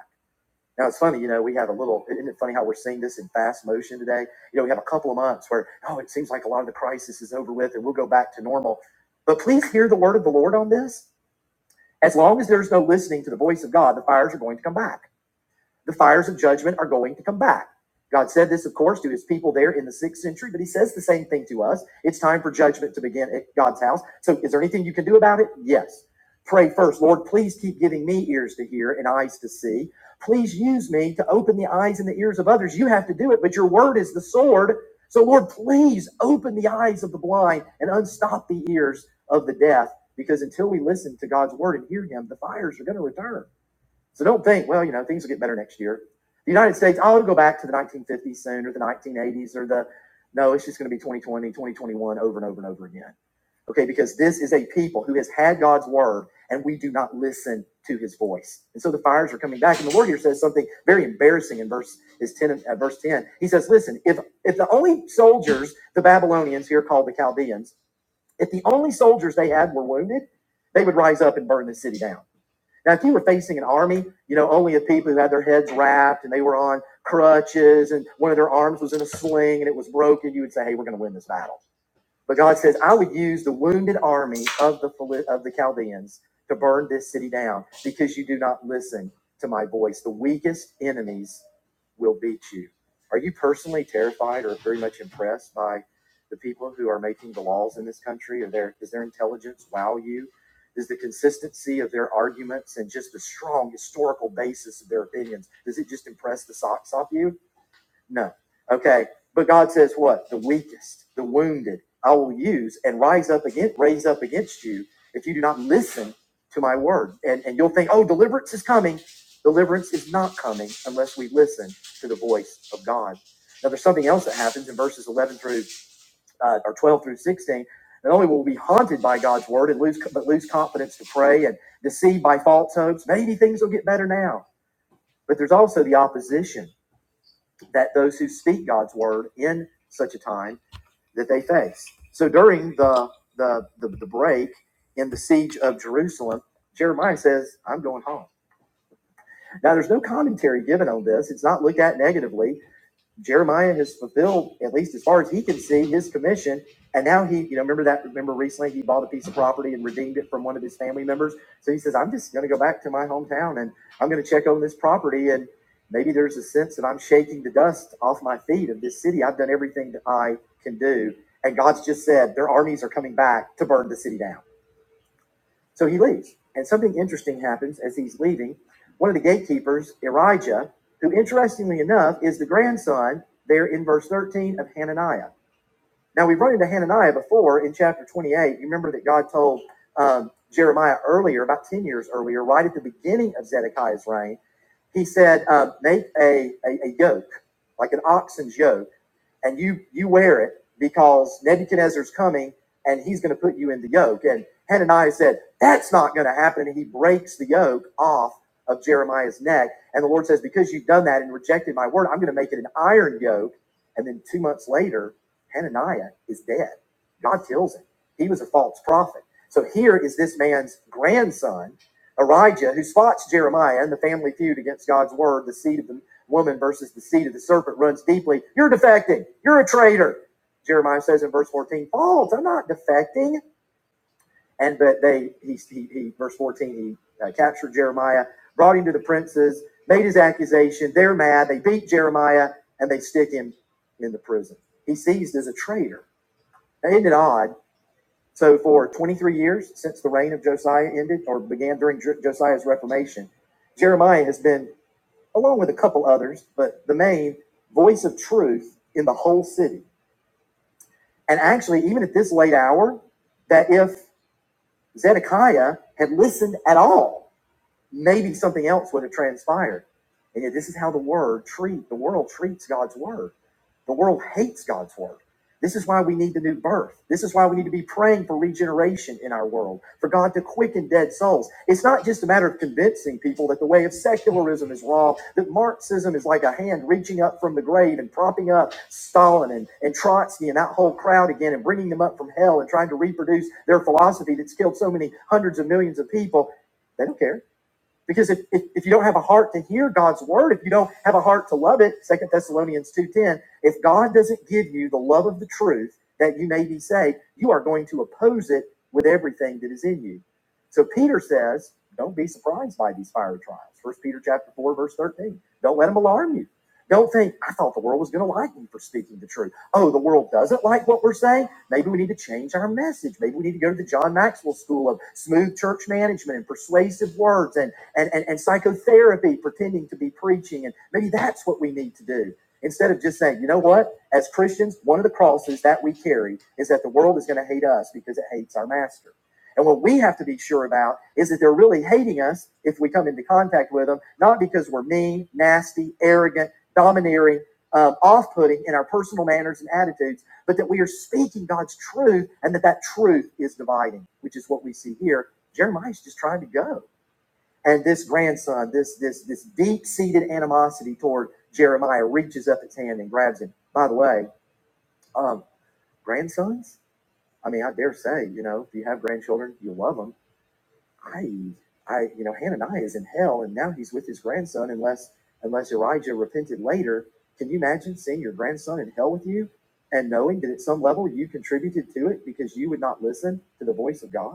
[SPEAKER 1] Now it's funny, you know, we have a little, isn't it funny how we're seeing this in fast motion today? You know, we have a couple of months where, oh, it seems like a lot of the crisis is over with and we'll go back to normal. But please hear the word of the Lord on this as long as there's no listening to the voice of God, the fires are going to come back. The fires of judgment are going to come back. God said this, of course, to his people there in the sixth century, but he says the same thing to us. It's time for judgment to begin at God's house. So, is there anything you can do about it? Yes. Pray first, Lord, please keep giving me ears to hear and eyes to see. Please use me to open the eyes and the ears of others. You have to do it, but your word is the sword. So, Lord, please open the eyes of the blind and unstop the ears of the deaf, because until we listen to God's word and hear him, the fires are going to return. So don't think, well, you know, things will get better next year. The United States, oh, it'll go back to the 1950s soon or the 1980s or the, no, it's just going to be 2020, 2021 over and over and over again. Okay, because this is a people who has had God's word and we do not listen to his voice. And so the fires are coming back. And the Lord here says something very embarrassing in verse is 10 and- uh, verse 10. He says, Listen, if if the only soldiers, the Babylonians here called the Chaldeans, if the only soldiers they had were wounded, they would rise up and burn the city down. Now, if you were facing an army, you know, only of people who had their heads wrapped and they were on crutches and one of their arms was in a sling and it was broken, you would say, hey, we're going to win this battle but God says, I would use the wounded army of the of the Chaldeans to burn this city down because you do not listen to my voice. The weakest enemies will beat you. Are you personally terrified or very much impressed by the people who are making the laws in this country? Are their does their intelligence wow you? Does the consistency of their arguments and just the strong historical basis of their opinions, does it just impress the socks off you? No. Okay. But God says what? The weakest, the wounded, I will use and rise up against raise up against you if you do not listen to my word. And and you'll think, oh, deliverance is coming. Deliverance is not coming unless we listen to the voice of God. Now there's something else that happens in verses 11 through uh, or 12 through 16. Not only will we be haunted by God's word and lose but lose confidence to pray and deceived by false hopes, maybe things will get better now. But there's also the opposition that those who speak God's word in such a time that they face. So during the the the, the break in the siege of Jerusalem, Jeremiah says, "I'm going home." Now, there's no commentary given on this. It's not looked at negatively. Jeremiah has fulfilled, at least as far as he can see, his commission. And now he, you know, remember that, remember recently he bought a piece of property and redeemed it from one of his family members. So he says, I'm just going to go back to my hometown and I'm going to check on this property. And maybe there's a sense that I'm shaking the dust off my feet of this city. I've done everything that I can do. And God's just said, their armies are coming back to burn the city down. So he leaves, and something interesting happens as he's leaving. One of the gatekeepers, Erijah, who interestingly enough is the grandson there in verse 13 of Hananiah. Now, we've run into Hananiah before in chapter 28. You remember that God told um, Jeremiah earlier, about 10 years earlier, right at the beginning of Zedekiah's reign, he said, um, Make a, a, a yoke, like an oxen's yoke and you you wear it because Nebuchadnezzar's coming and he's going to put you in the yoke. And Hananiah said, That's not going to happen. And he breaks the yoke off of Jeremiah's neck. And the Lord says, Because you've done that and rejected my word, I'm going to make it an iron yoke. And then two months later, Hananiah is dead. God kills him. He was a false prophet. So here is this man's grandson, Arijah, who spots Jeremiah and the family feud against God's word, the seed of the woman versus the seed of the serpent runs deeply. You're defecting. You're a traitor. Jeremiah says in verse 14, false. I'm not defecting. And but they, he, he, he verse 14, he uh, captured Jeremiah, brought him to the princes, made his accusation. They're mad. They beat Jeremiah and they stick him in the prison. He's seized as a traitor. Now, isn't it odd? So for 23 years since the reign of Josiah ended or began during Josiah's reformation, Jeremiah has been along with a couple others, but the main voice of truth in the whole city. And actually, even at this late hour, that if Zedekiah had listened at all, maybe something else would have transpired. And yet, this is how the word treat the world treats God's word. The world hates God's word. This is why we need the new birth. This is why we need to be praying for regeneration in our world, for God to quicken dead souls. It's not just a matter of convincing people that the way of secularism is wrong, that Marxism is like a hand reaching up from the grave and propping up Stalin and, and Trotsky and that whole crowd again and bringing them up from hell and trying to reproduce their philosophy that's killed so many hundreds of millions of people. They don't care. Because if, if, if you don't have a heart to hear God's word, if you don't have a heart to love it, Second Thessalonians 2.10, if God doesn't give you the love of the truth that you may be saved, you are going to oppose it with everything that is in you. So Peter says, don't be surprised by these fiery trials. First Peter chapter 4, verse 13. Don't let them alarm you. Don't think, I thought the world was going to like me for speaking the truth. Oh, the world doesn't like what we're saying? Maybe we need to change our message. Maybe we need to go to the John Maxwell School of smooth church management and persuasive words and and, and, and psychotherapy pretending to be preaching. And maybe that's what we need to do. Instead of just saying, you know what, as Christians, one of the crosses that we carry is that the world is going to hate us because it hates our master. And what we have to be sure about is that they're really hating us if we come into contact with them, not because we're mean, nasty, arrogant, domineering, um, off putting in our personal manners and attitudes, but that we are speaking God's truth and that that truth is dividing, which is what we see here. Jeremiah's just trying to go. And this grandson, this this this deep-seated animosity toward Jeremiah reaches up its hand and grabs him. By the way, um, grandsons, I mean, I dare say, you know, if you have grandchildren, you love them. I, I, you know, Hananiah is in hell, and now he's with his grandson. Unless unless Elijah repented later, can you imagine seeing your grandson in hell with you, and knowing that at some level you contributed to it because you would not listen to the voice of God?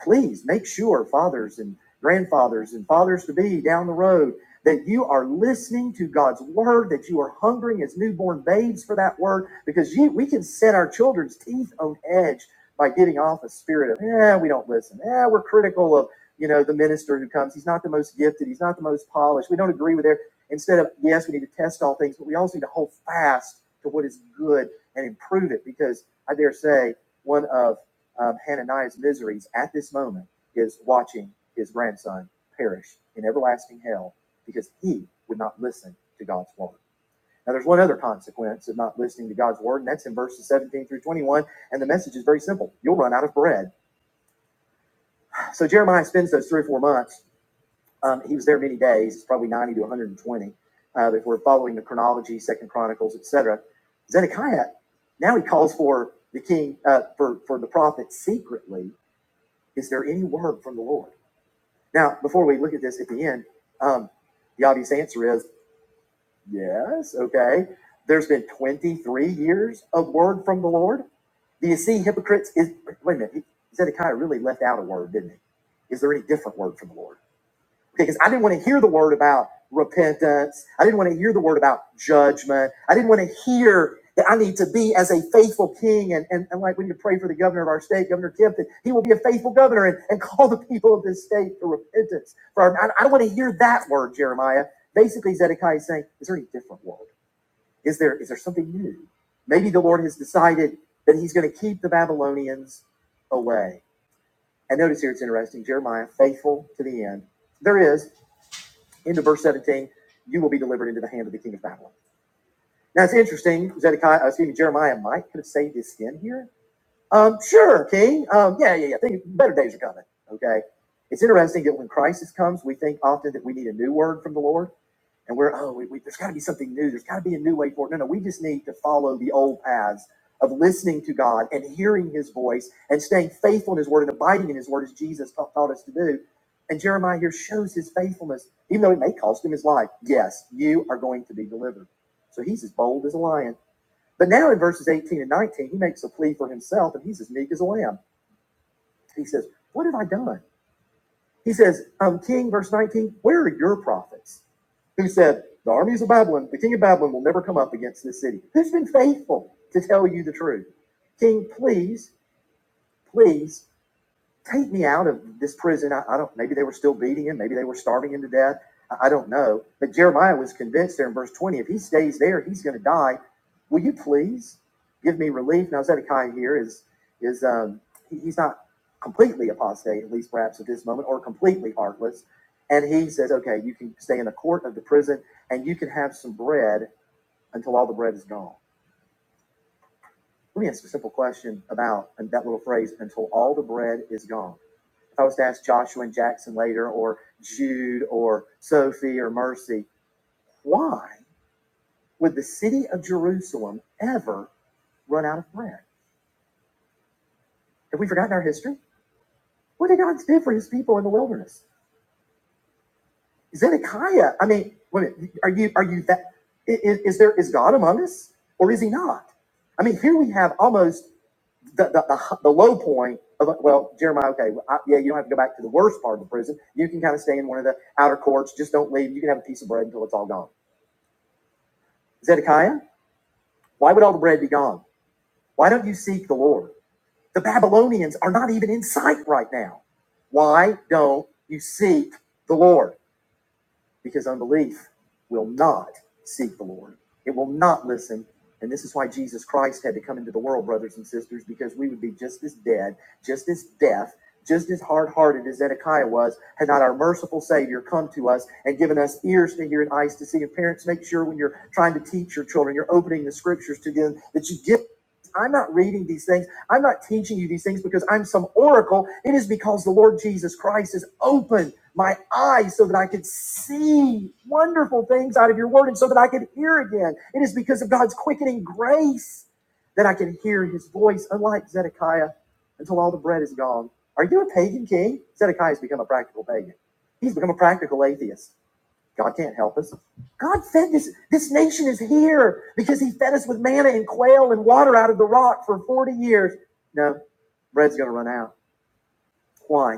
[SPEAKER 1] please make sure fathers and grandfathers and fathers to be down the road that you are listening to God's word, that you are hungering as newborn babes for that word, because you, we can set our children's teeth on edge by getting off a spirit of, "eh, we don't listen. "Eh, we're critical of, you know, the minister who comes. He's not the most gifted. He's not the most polished. We don't agree with their, instead of, yes, we need to test all things, but we also need to hold fast to what is good and improve it because I dare say one of um, Hananiah's miseries at this moment is watching his grandson perish in everlasting hell because he would not listen to God's word. Now, there's one other consequence of not listening to God's word, and that's in verses 17 through 21. And the message is very simple you'll run out of bread. So, Jeremiah spends those three or four months. Um, he was there many days, it's probably 90 to 120, uh, if we're following the chronology, Second Chronicles, etc. Zedekiah now he calls for the king, uh, for, for the prophet secretly Is there any word from the Lord? Now, before we look at this at the end, um, the obvious answer is yes, okay. There's been 23 years of word from the Lord. Do you see hypocrites? Is Wait a minute, Zedekiah really left out a word, didn't he? Is there any different word from the Lord? Okay, because I didn't want to hear the word about repentance. I didn't want to hear the word about judgment. I didn't want to hear that I need to be as a faithful king. And, and, and like we need to pray for the governor of our state, Governor Kemp, that he will be a faithful governor and, and [laughs] call the people of this state to repentance. For our, I, I don't want to hear that word, Jeremiah. Basically, Zedekiah is saying, is there any different word? Is there is there something new? Maybe the Lord has decided that he's going to keep the Babylonians away. And notice here it's interesting, Jeremiah, faithful to the end. There is into verse 17, you will be delivered into the hand of the king of Babylon. Now it's interesting, Zedekiah, uh, excuse me, Jeremiah might could have saved his skin here. Um, sure, king. Um, yeah, yeah, yeah. Think better days are coming. Okay. It's interesting that when crisis comes, we think often that we need a new word from the Lord and we're oh we, we, there's got to be something new there's got to be a new way forward no no we just need to follow the old paths of listening to god and hearing his voice and staying faithful in his word and abiding in his word as jesus ta- taught us to do and jeremiah here shows his faithfulness even though it may cost him his life yes you are going to be delivered so he's as bold as a lion but now in verses 18 and 19 he makes a plea for himself and he's as meek as a lamb he says what have i done he says, um, King, verse 19, where are your prophets who said, the armies of Babylon, the king of Babylon will never come up against this city? Who's been faithful to tell you the truth? King, please, please take me out of this prison. I, I don't, maybe they were still beating him. Maybe they were starving him to death. I, I don't know. But Jeremiah was convinced there in verse 20, if he stays there, he's going to die. Will you please give me relief? Now, Zedekiah here is, is, um, he, he's not completely apostate, at least perhaps at this moment, or completely heartless. And he says, okay, you can stay in the court of the prison and you can have some bread until all the bread is gone. Let me ask a simple question about that little phrase, until all the bread is gone if I was to ask Joshua and Jackson later, or Jude, or Sophie, or Mercy, why would the city of Jerusalem ever run out of bread? Have we forgotten our history? What did God do for His people in the wilderness? Zedekiah. I mean, wait are you are you that is Is, there is God among us, or is He not? I mean, here we have almost the the, the, the low point of well, Jeremiah. Okay, well, I, yeah, you don't have to go back to the worst part of the prison. You can kind of stay in one of the outer courts. Just don't leave. You can have a piece of bread until it's all gone Zedekiah, why would all the bread be gone? Why don't you seek the Lord? The Babylonians are not even in sight right now. Why don't you seek the Lord? because unbelief will not seek the Lord. It will not listen. And this is why Jesus Christ had to come into the world, brothers and sisters, because we would be just as dead, just as deaf, just as hard hearted as Zedekiah was, had not our merciful Savior come to us and given us ears to hear and eyes to see. And parents, make sure when you're trying to teach your children, you're opening the scriptures to them that you get. I'm not reading these things. I'm not teaching you these things because I'm some oracle. It is because the Lord Jesus Christ has opened my eyes so that I could see wonderful things out of your word and so that I could hear again. It is because of God's quickening grace that I can hear his voice, unlike Zedekiah, until all the bread is gone. Are you a pagan king? Zedekiah has become a practical pagan. He's become a practical atheist. God can't help us. God fed this. This nation is here because He fed us with manna and quail and water out of the rock for 40 years. No, bread's going to run out. Why?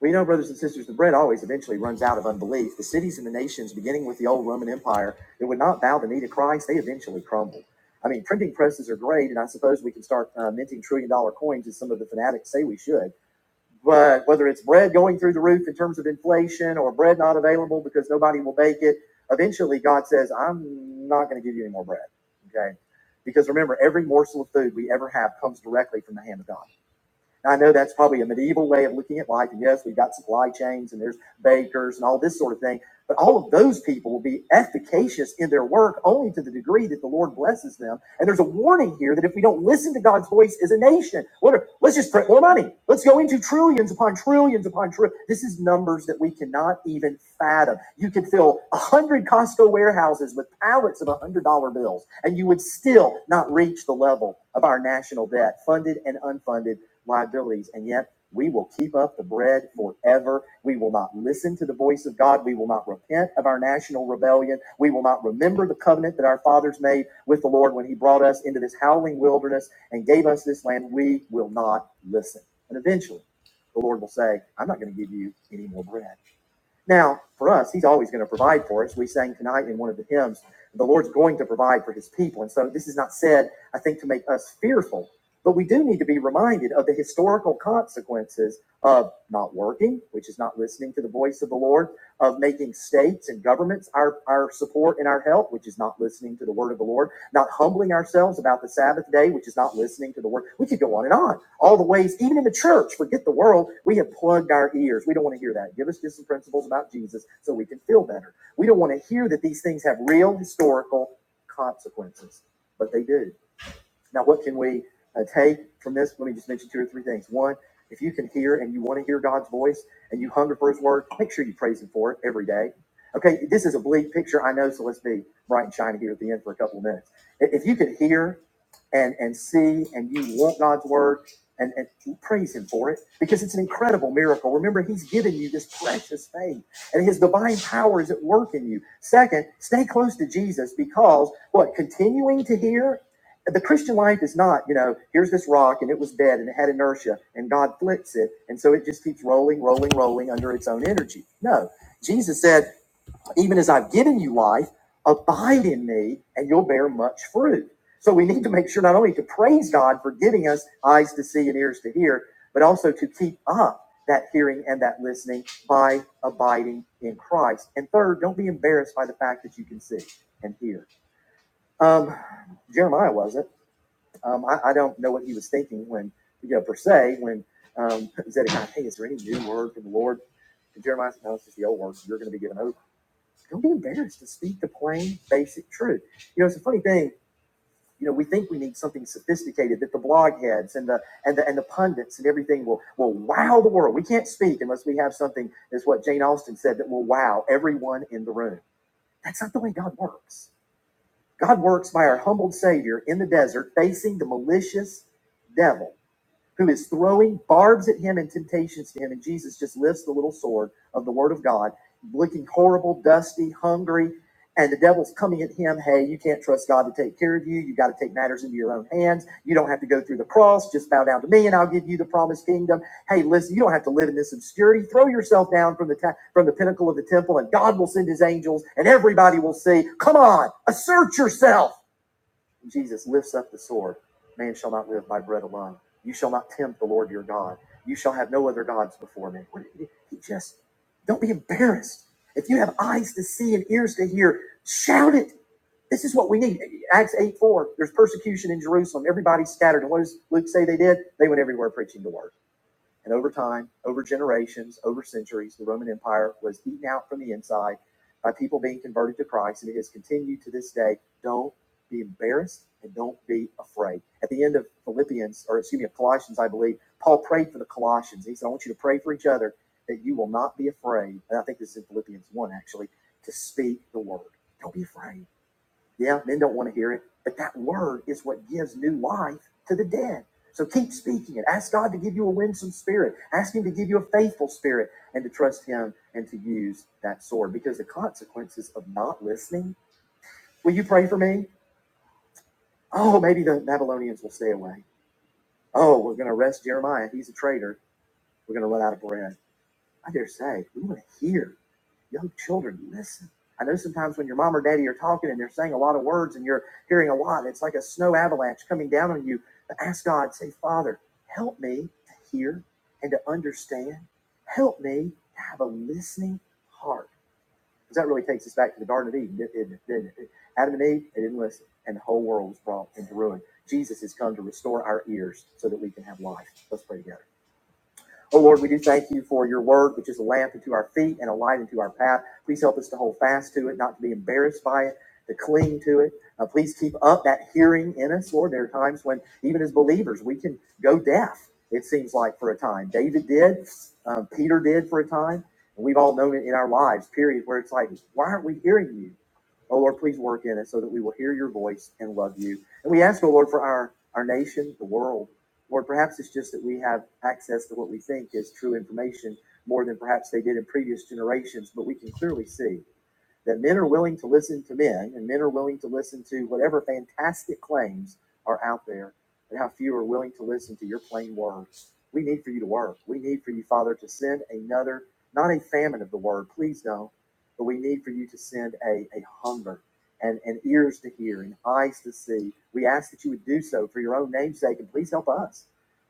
[SPEAKER 1] Well, you know, brothers and sisters, the bread always eventually runs out of unbelief. The cities and the nations, beginning with the old Roman Empire, that would not bow the knee to Christ, they eventually crumble. I mean, printing presses are great, and I suppose we can start uh, minting trillion dollar coins as some of the fanatics say we should uh, whether it's bread going through the roof in terms of inflation or bread not available because nobody will bake it, eventually God says, I'm not going to give you any more bread. Okay. Because remember, every morsel of food we ever have comes directly from the hand of God. Now, I know that's probably a medieval way of looking at life, and yes, we've got supply chains and there's bakers and all this sort of thing, but all of those people will be efficacious in their work only to the degree that the Lord blesses them. And there's a warning here that if we don't listen to God's voice as a nation, what are- let's just print more money. Let's go into trillions upon trillions upon trillions. This is numbers that we cannot even fathom. You could fill a hundred Costco warehouses with pallets of $100 bills, and you would still not reach the level of our national debt, funded and unfunded liabilities. And yet we will keep up the bread forever. We will not listen to the voice of God. We will not repent of our national rebellion. We will not remember the covenant that our fathers made with the Lord when he brought us into this howling wilderness and gave us this land. We will not listen. And eventually the Lord will say, I'm not going to give you any more bread. Now, for us, he's always going to provide for us. We sang tonight in one of the hymns, the Lord's going to provide for his people. And so this is not said, I think, to make us fearful, but we do need to be reminded of the historical consequences of not working, which is not listening to the voice of the Lord, of making states and governments our, our support and our help, which is not listening to the word of the Lord, not humbling ourselves about the Sabbath day, which is not listening to the word. We could go on and on all the ways, even in the church, forget the world. We have plugged our ears. We don't want to hear that. Give us just some principles about Jesus so we can feel better. We don't want to hear that these things have real historical consequences, but they do. Now, what can we uh, take from this? Let me just mention two or three things. One, if you can hear and you want to hear God's voice and you hunger for His word, make sure you praise Him for it every day. Okay, this is a bleak picture, I know, so let's be bright and shiny here at the end for a couple of minutes. If if you can hear and, and see and you want God's word and, and praise Him for it because it's an incredible miracle. Remember, He's given you this precious faith and His divine power is at work in you. Second, stay close to Jesus because what? Continuing to hear the Christian life is not, you know, here's this rock and it was dead and it had inertia and God flips it. And so it just keeps rolling, rolling, rolling under its own energy. No. Jesus said, even as I've given you life, abide in me and you'll bear much fruit. So we need to make sure not only to praise God for giving us eyes to see and ears to hear, but also to keep up that hearing and that listening by abiding in Christ. And third, don't be embarrassed by the fact that you can see and hear. Um, Jeremiah wasn't. Um, I, I don't know what he was thinking when, you know, per se, when um, [laughs] Zedekiah, hey, is there any new word from the Lord? And Jeremiah said, no, it's just the old word. You're going to be given over. Don't be embarrassed to speak the plain, basic truth. You know, it's a funny thing. You know, we think we need something sophisticated that the blog heads and the and the and the pundits and everything will will wow the world. We can't speak unless we have something that's what Jane Austen said that will wow everyone in the room. That's not the way God works. God works by our humbled Savior in the desert, facing the malicious devil who is throwing barbs at him and temptations to him. And Jesus just lifts the little sword of the Word of God, looking horrible, dusty, hungry. And the devil's coming at him. Hey, you can't trust God to take care of you. You got to take matters into your own hands. You don't have to go through the cross. Just bow down to me, and I'll give you the promised kingdom. Hey, listen, you don't have to live in this obscurity. Throw yourself down from the ta- from the pinnacle of the temple, and God will send His angels, and everybody will see. Come on, assert yourself. Jesus lifts up the sword. Man shall not live by bread alone. You shall not tempt the Lord your God. You shall have no other gods before me. What- did He do? He just, don't be embarrassed. If you have eyes to see and ears to hear, shout it. This is what we need. Acts 8 4, there's persecution in Jerusalem. Everybody scattered. And what does Luke say they did? They went everywhere preaching the word. And over time, over generations, over centuries, the Roman Empire was eaten out from the inside by people being converted to Christ, and it has continued to this day. Don't be embarrassed and don't be afraid. At the end of Philippians, or excuse me, of Colossians, I believe, Paul prayed for the Colossians. He said, I want you to pray for each other that you will not be afraid. And I think this is in Philippians 1, actually, to speak the word. Don't be afraid. Yeah, men don't want to hear it. But that word is what gives new life to the dead. So keep speaking it. Ask God to give you a winsome spirit. Ask Him to give you a faithful spirit and to trust Him and to use that sword because the consequences of not listening. Will you pray for me? Oh, maybe the Babylonians will stay away. Oh, we're going to arrest Jeremiah. He's a traitor. We're going to run out of bread. I dare say, we want to hear. young children, listen. I know sometimes when your mom or daddy are talking and they're saying a lot of words and you're hearing a lot, it's like a snow avalanche coming down on you. But ask God, say, Father, help me to hear and to understand. Help me to have a listening heart. Because that really takes us back to the Garden of Eden, didn't it? Adam and Eve, they didn't listen, and the whole world was brought into ruin. Jesus has come to restore our ears so that we can have life. Let's pray together. Oh Lord, we do thank you for your word, which is a lamp unto our feet and a light unto our path. Please help us to hold fast to it, not to be embarrassed by it, to cling to it. Uh, please keep up that hearing in us, Lord. There are times when, even as believers, we can go deaf, it seems like, for a time. David did, um, Peter did for a time. And we've all known it in our lives, period, where it's like, why aren't we hearing you? Oh Lord, please work in us so that we will hear your voice and love you. And we ask, oh Lord, for our, our nation, the world. Lord, perhaps it's just that we have access to what we think is true information more than perhaps they did in previous generations, but we can clearly see that men are willing to listen to men and men are willing to listen to whatever fantastic claims are out there and how few are willing to listen to your plain words. We need for you to work. We need for you, Father, to send another, not a famine of the word, please don't, but we need for you to send a, a hunger and, and ears to hear and eyes to see. We ask that you would do so for your own namesake, and please help us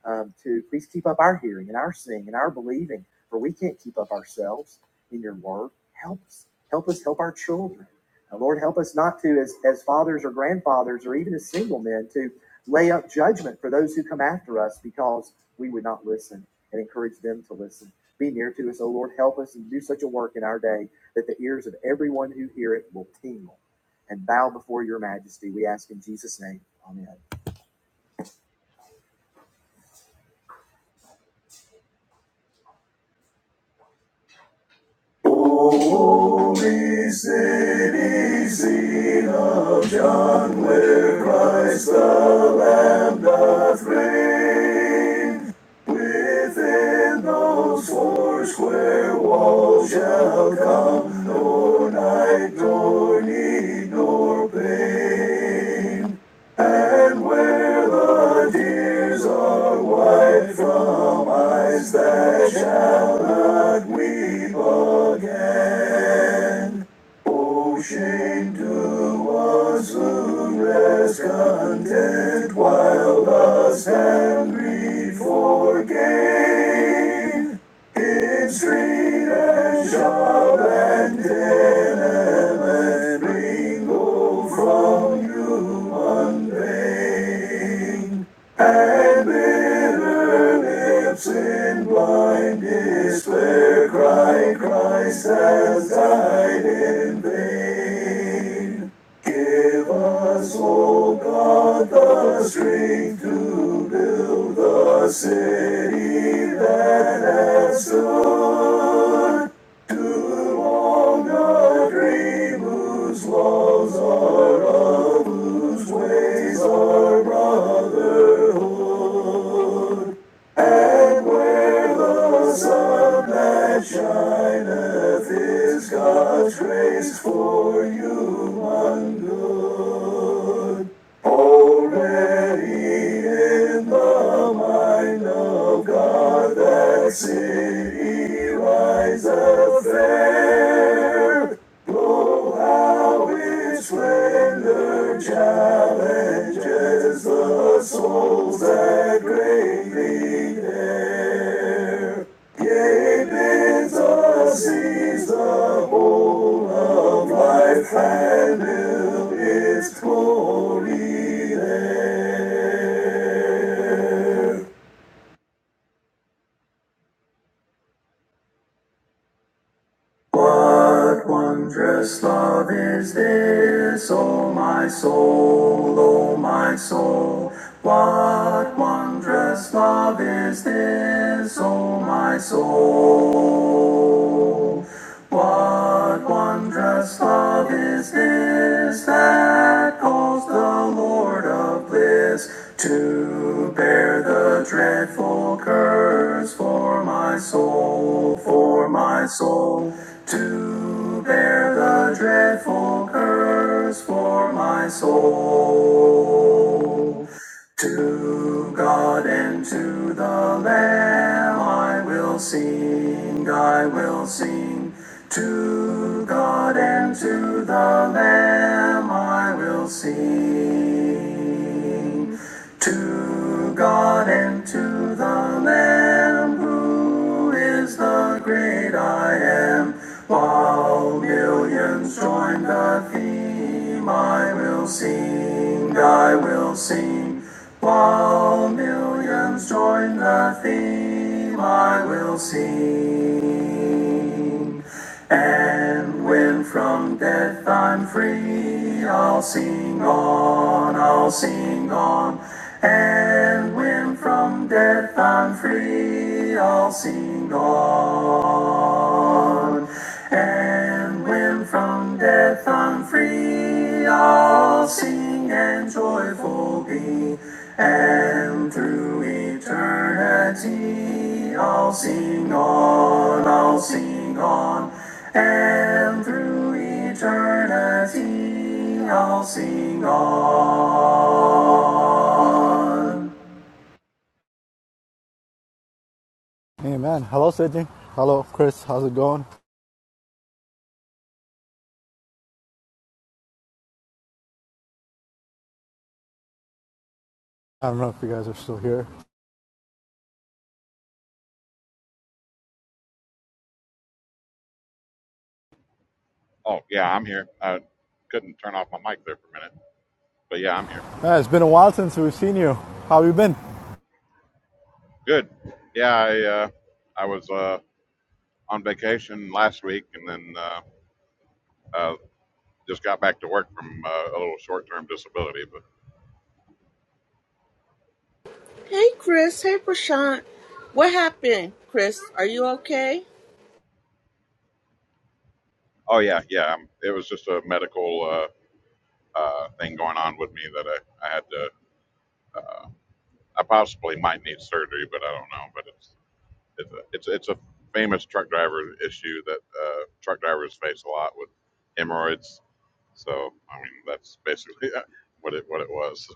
[SPEAKER 1] um, to please keep up our hearing and our seeing and our believing, for we can't keep up ourselves in your word. Help us. Help us help our children. Uh, Lord, help us not to, as, as fathers or grandfathers or even as single men, to lay up judgment for those who come after us because we would not listen and encourage them to listen. Be near to us, O Lord. Help us and do such a work in our day that the ears of everyone who hear it will tingle and bow before your majesty. We ask in Jesus' name. Amen. This is slow sing, and when from death I'm free, I'll sing on, I'll sing on. And when from death I'm free, I'll sing on. Death I'm free, I'll joy
[SPEAKER 2] Amen. Hello, Sydney. Hello, Chris. How's it going? I don't know if you guys are still here.
[SPEAKER 3] Oh, yeah, I'm here. I couldn't turn off my mic there for a minute, but yeah, I'm here.
[SPEAKER 2] Man, it's been a while since we've seen you. How have you been?
[SPEAKER 3] Good. Yeah, I uh, I was uh, on vacation last week, and then uh, uh, just got back to work from uh, a little short-term disability. But
[SPEAKER 4] Hey, Chris. Hey, Prashant. What happened, Chris? Are you okay?
[SPEAKER 3] oh yeah, yeah, um, it was just a medical uh, uh, thing going on with me that I, I had to. Uh, I possibly might need surgery, but I don't know. But it's it's a, it's it's a famous truck driver issue that uh, truck drivers face a lot with hemorrhoids So I mean, that's basically [laughs] what it what it was.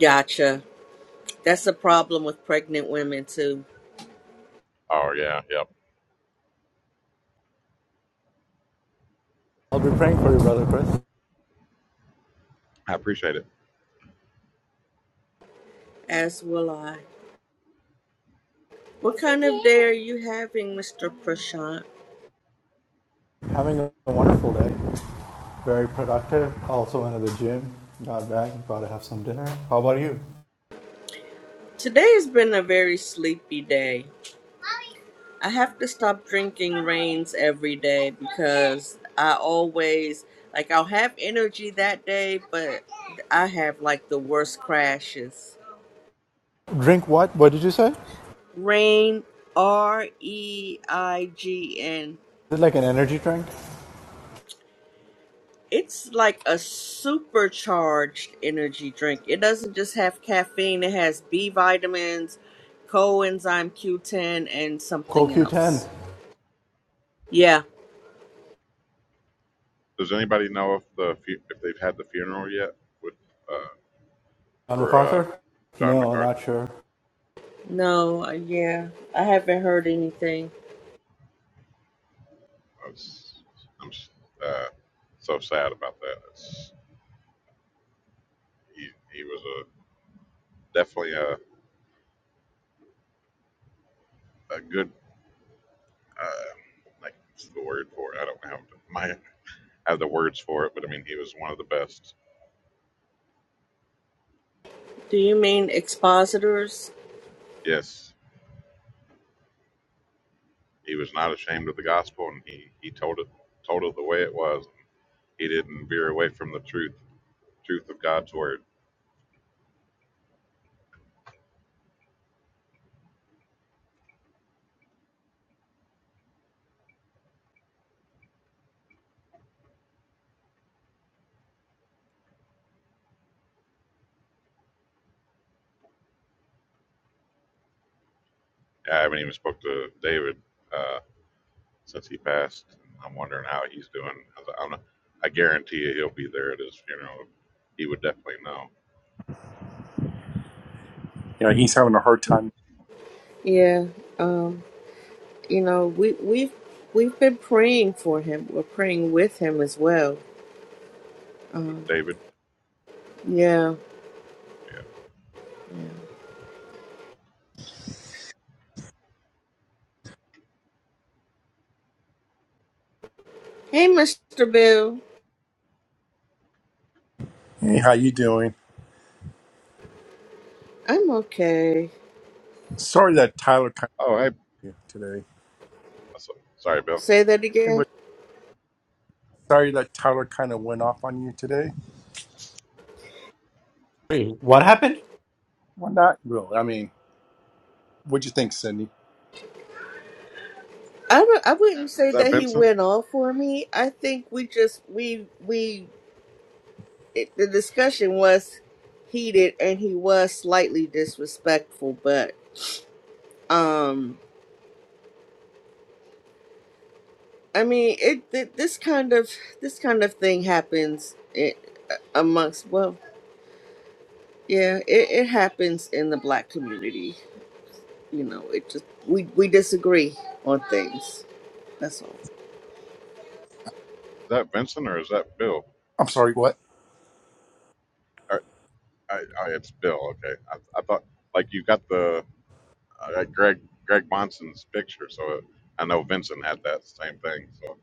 [SPEAKER 4] Gotcha. That's a problem with pregnant women, too,
[SPEAKER 3] Oh yeah, yep.
[SPEAKER 2] I'll be praying for you, brother Chris.
[SPEAKER 3] I appreciate it.
[SPEAKER 4] as will I. What kind of day are you having, Mr. Prashant?
[SPEAKER 2] Having a wonderful day. Very productive. Also went to the gym. Got back. About to have some dinner. How about you?
[SPEAKER 4] Today has been a very sleepy day. I have to stop drinking rains every day because I always, like, I'll have energy that day, but I have, like, the worst crashes.
[SPEAKER 2] Drink what? What did you say? Is
[SPEAKER 4] Rain, R E I G N.
[SPEAKER 2] it like an energy drink?
[SPEAKER 4] It's like a supercharged energy drink. It doesn't just have caffeine, it has B vitamins, coenzyme Q10, and something
[SPEAKER 2] CoQ10.
[SPEAKER 4] else. Yeah,
[SPEAKER 3] Does anybody know if the fu- if they've had the funeral yet with uh,
[SPEAKER 2] John
[SPEAKER 3] for uh,
[SPEAKER 2] MacArthur?
[SPEAKER 3] John
[SPEAKER 2] No,
[SPEAKER 3] McCarthy?
[SPEAKER 2] not sure.
[SPEAKER 4] no, uh, yeah, I haven't heard anything.
[SPEAKER 3] I was, I'm s- uh, so sad about that. It's, he he was a definitely a a good uh, like what's the word for it? I don't have my have the words for it, but I mean he was one of the best.
[SPEAKER 4] Do you mean expositors?
[SPEAKER 3] Yes, he was not ashamed of the gospel, and he he told it told it the way it was He didn't veer away from the truth, truth of God's word. I haven't even spoke to David uh, since he passed. I'm wondering how he's doing. I, I'm not, I guarantee you he'll be there at his funeral. He would definitely know.
[SPEAKER 5] You know he's having a hard time.
[SPEAKER 4] Yeah, um, you know, we, we've, we've been praying for him. We're praying with him as well. Um,
[SPEAKER 3] David,
[SPEAKER 4] yeah.
[SPEAKER 3] yeah.
[SPEAKER 4] Hey, Mr. Bill,
[SPEAKER 5] Hey, how you doing?
[SPEAKER 4] I'm okay.
[SPEAKER 5] Sorry that Tyler kind
[SPEAKER 3] Oh, hey,
[SPEAKER 5] of you today.
[SPEAKER 3] so- sorry, Bill. Is
[SPEAKER 4] Say that
[SPEAKER 5] And
[SPEAKER 4] again.
[SPEAKER 5] we're sorry that Tyler kind of went off on you today.
[SPEAKER 2] Wait, what happened?
[SPEAKER 5] Well, not really. I mean, what'd you think, Cindy?
[SPEAKER 4] I w- I wouldn't say
[SPEAKER 3] that
[SPEAKER 4] that he
[SPEAKER 3] Vincent?
[SPEAKER 4] went off for me. I think we just we we it, the discussion was heated and he was slightly disrespectful, but um I mean it, th- this kind of this kind of thing happens i amongst well yeah it, it happens in the black community. You know it just we we disagree on things. That's all.
[SPEAKER 3] Is that Vincent or is that Bill?
[SPEAKER 5] I'm sorry, what?
[SPEAKER 3] I, I, I, it's Bill. Okay. I, I thought like you got the uh, Greg Greg Monson's picture, so I know Vincent had that same thing. So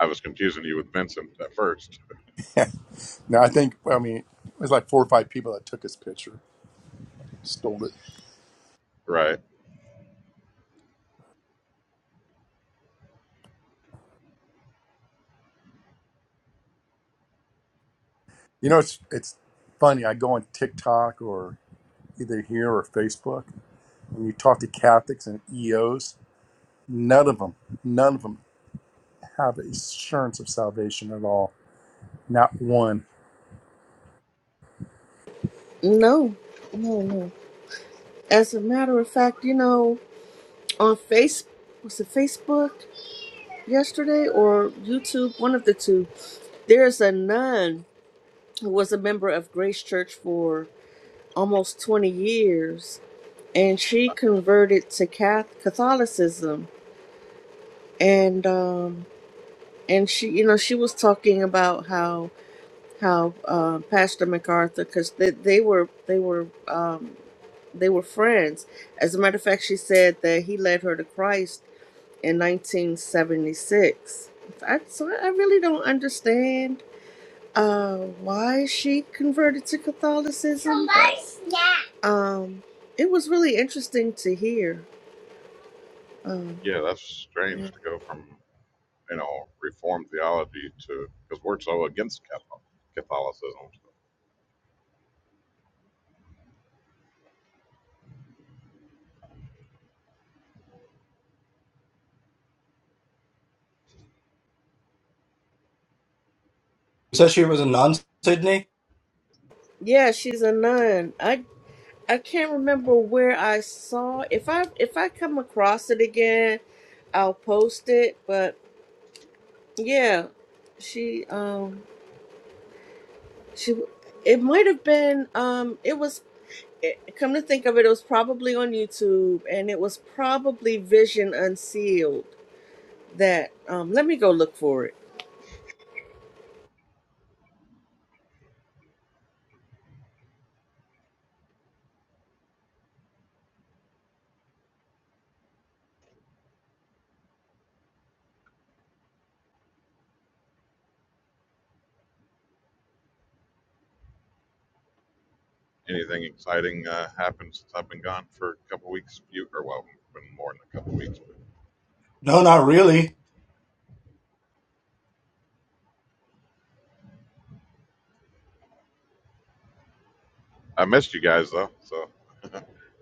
[SPEAKER 3] I was confusing you with Vincent at first. [laughs]
[SPEAKER 5] [laughs] no, I think I mean it was like four or five people that took his picture, stole it.
[SPEAKER 3] Right.
[SPEAKER 5] You know, it's it's funny. I go on TikTok or either here or Facebook, and you talk to Catholics and EOs. None of them, none of them have assurance of salvation at all. Not one.
[SPEAKER 4] No, no, no. As a matter of fact, you know. on face was it Facebook yesterday or YouTube, one of the two. There's a nun who was a member of Grace Church for almost 20 years, and she converted to Cath- Catholicism, and um, and she, you know, she was talking about how how uh, Pastor MacArthur, because they, they were they were um, they were friends. As a matter of fact, she said that he led her to Christ in 1976. I, so I really don't understand uh, why she converted to Catholicism. but, Um, it was really interesting to hear.
[SPEAKER 3] Yeah, that's strange to go from, you know, Reformed theology to, because we're so against Cathol- Catholicism.
[SPEAKER 2] You said she was a nun, Sydney?
[SPEAKER 4] Yeah, she's a nun. I I can't remember where I saw. If I if I come across it again, I'll post it. But yeah, she um she it might have been um it was it- come to think of it, it was probably on YouTube, and it was probably Vision Unsealed. That um, let me go look for it.
[SPEAKER 3] Anything exciting uh, happened since I've been gone for a couple weeks? You, or well, been more than a couple weeks. But
[SPEAKER 2] No, not really.
[SPEAKER 3] I missed you guys though, so [laughs]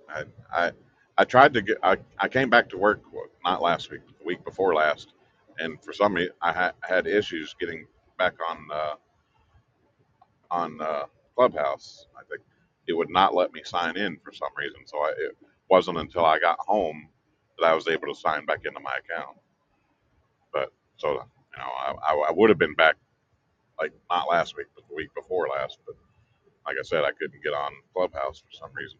[SPEAKER 3] I, I, I tried to get. I, I came back to work well, not last week, but the week before last, and for some reason I ha- had issues getting back on. Uh, on uh, Clubhouse. I think it would not let me sign in for some reason. So I, it wasn't until I got home that I was able to sign back into my account. But so you know, I, I, I would have been back like not last week, but the week before last. But like I said, I couldn't get on Clubhouse for some reason.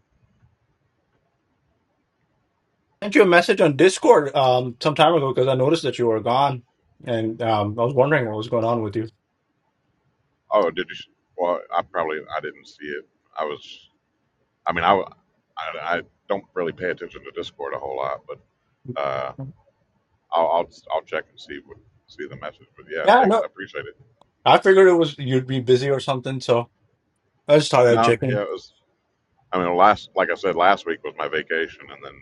[SPEAKER 2] sent you a message on Discord um some time ago because I noticed that you were gone, and um I was wondering what was going on with you.
[SPEAKER 3] Oh, did you? Well, I probably I didn't see it. I was. I mean, I w- I, I don't really pay attention to Discord a whole lot, but uh, I'll, I'll I'll check and see what see the message. But yeah,
[SPEAKER 2] Yeah,
[SPEAKER 3] thanks.
[SPEAKER 2] no,
[SPEAKER 3] I appreciate it.
[SPEAKER 2] I figured it was you'd be busy or something, so I just thought I'd
[SPEAKER 3] No,
[SPEAKER 2] check in.
[SPEAKER 3] yeah, it was. I mean, last like I said, last week was my vacation, and then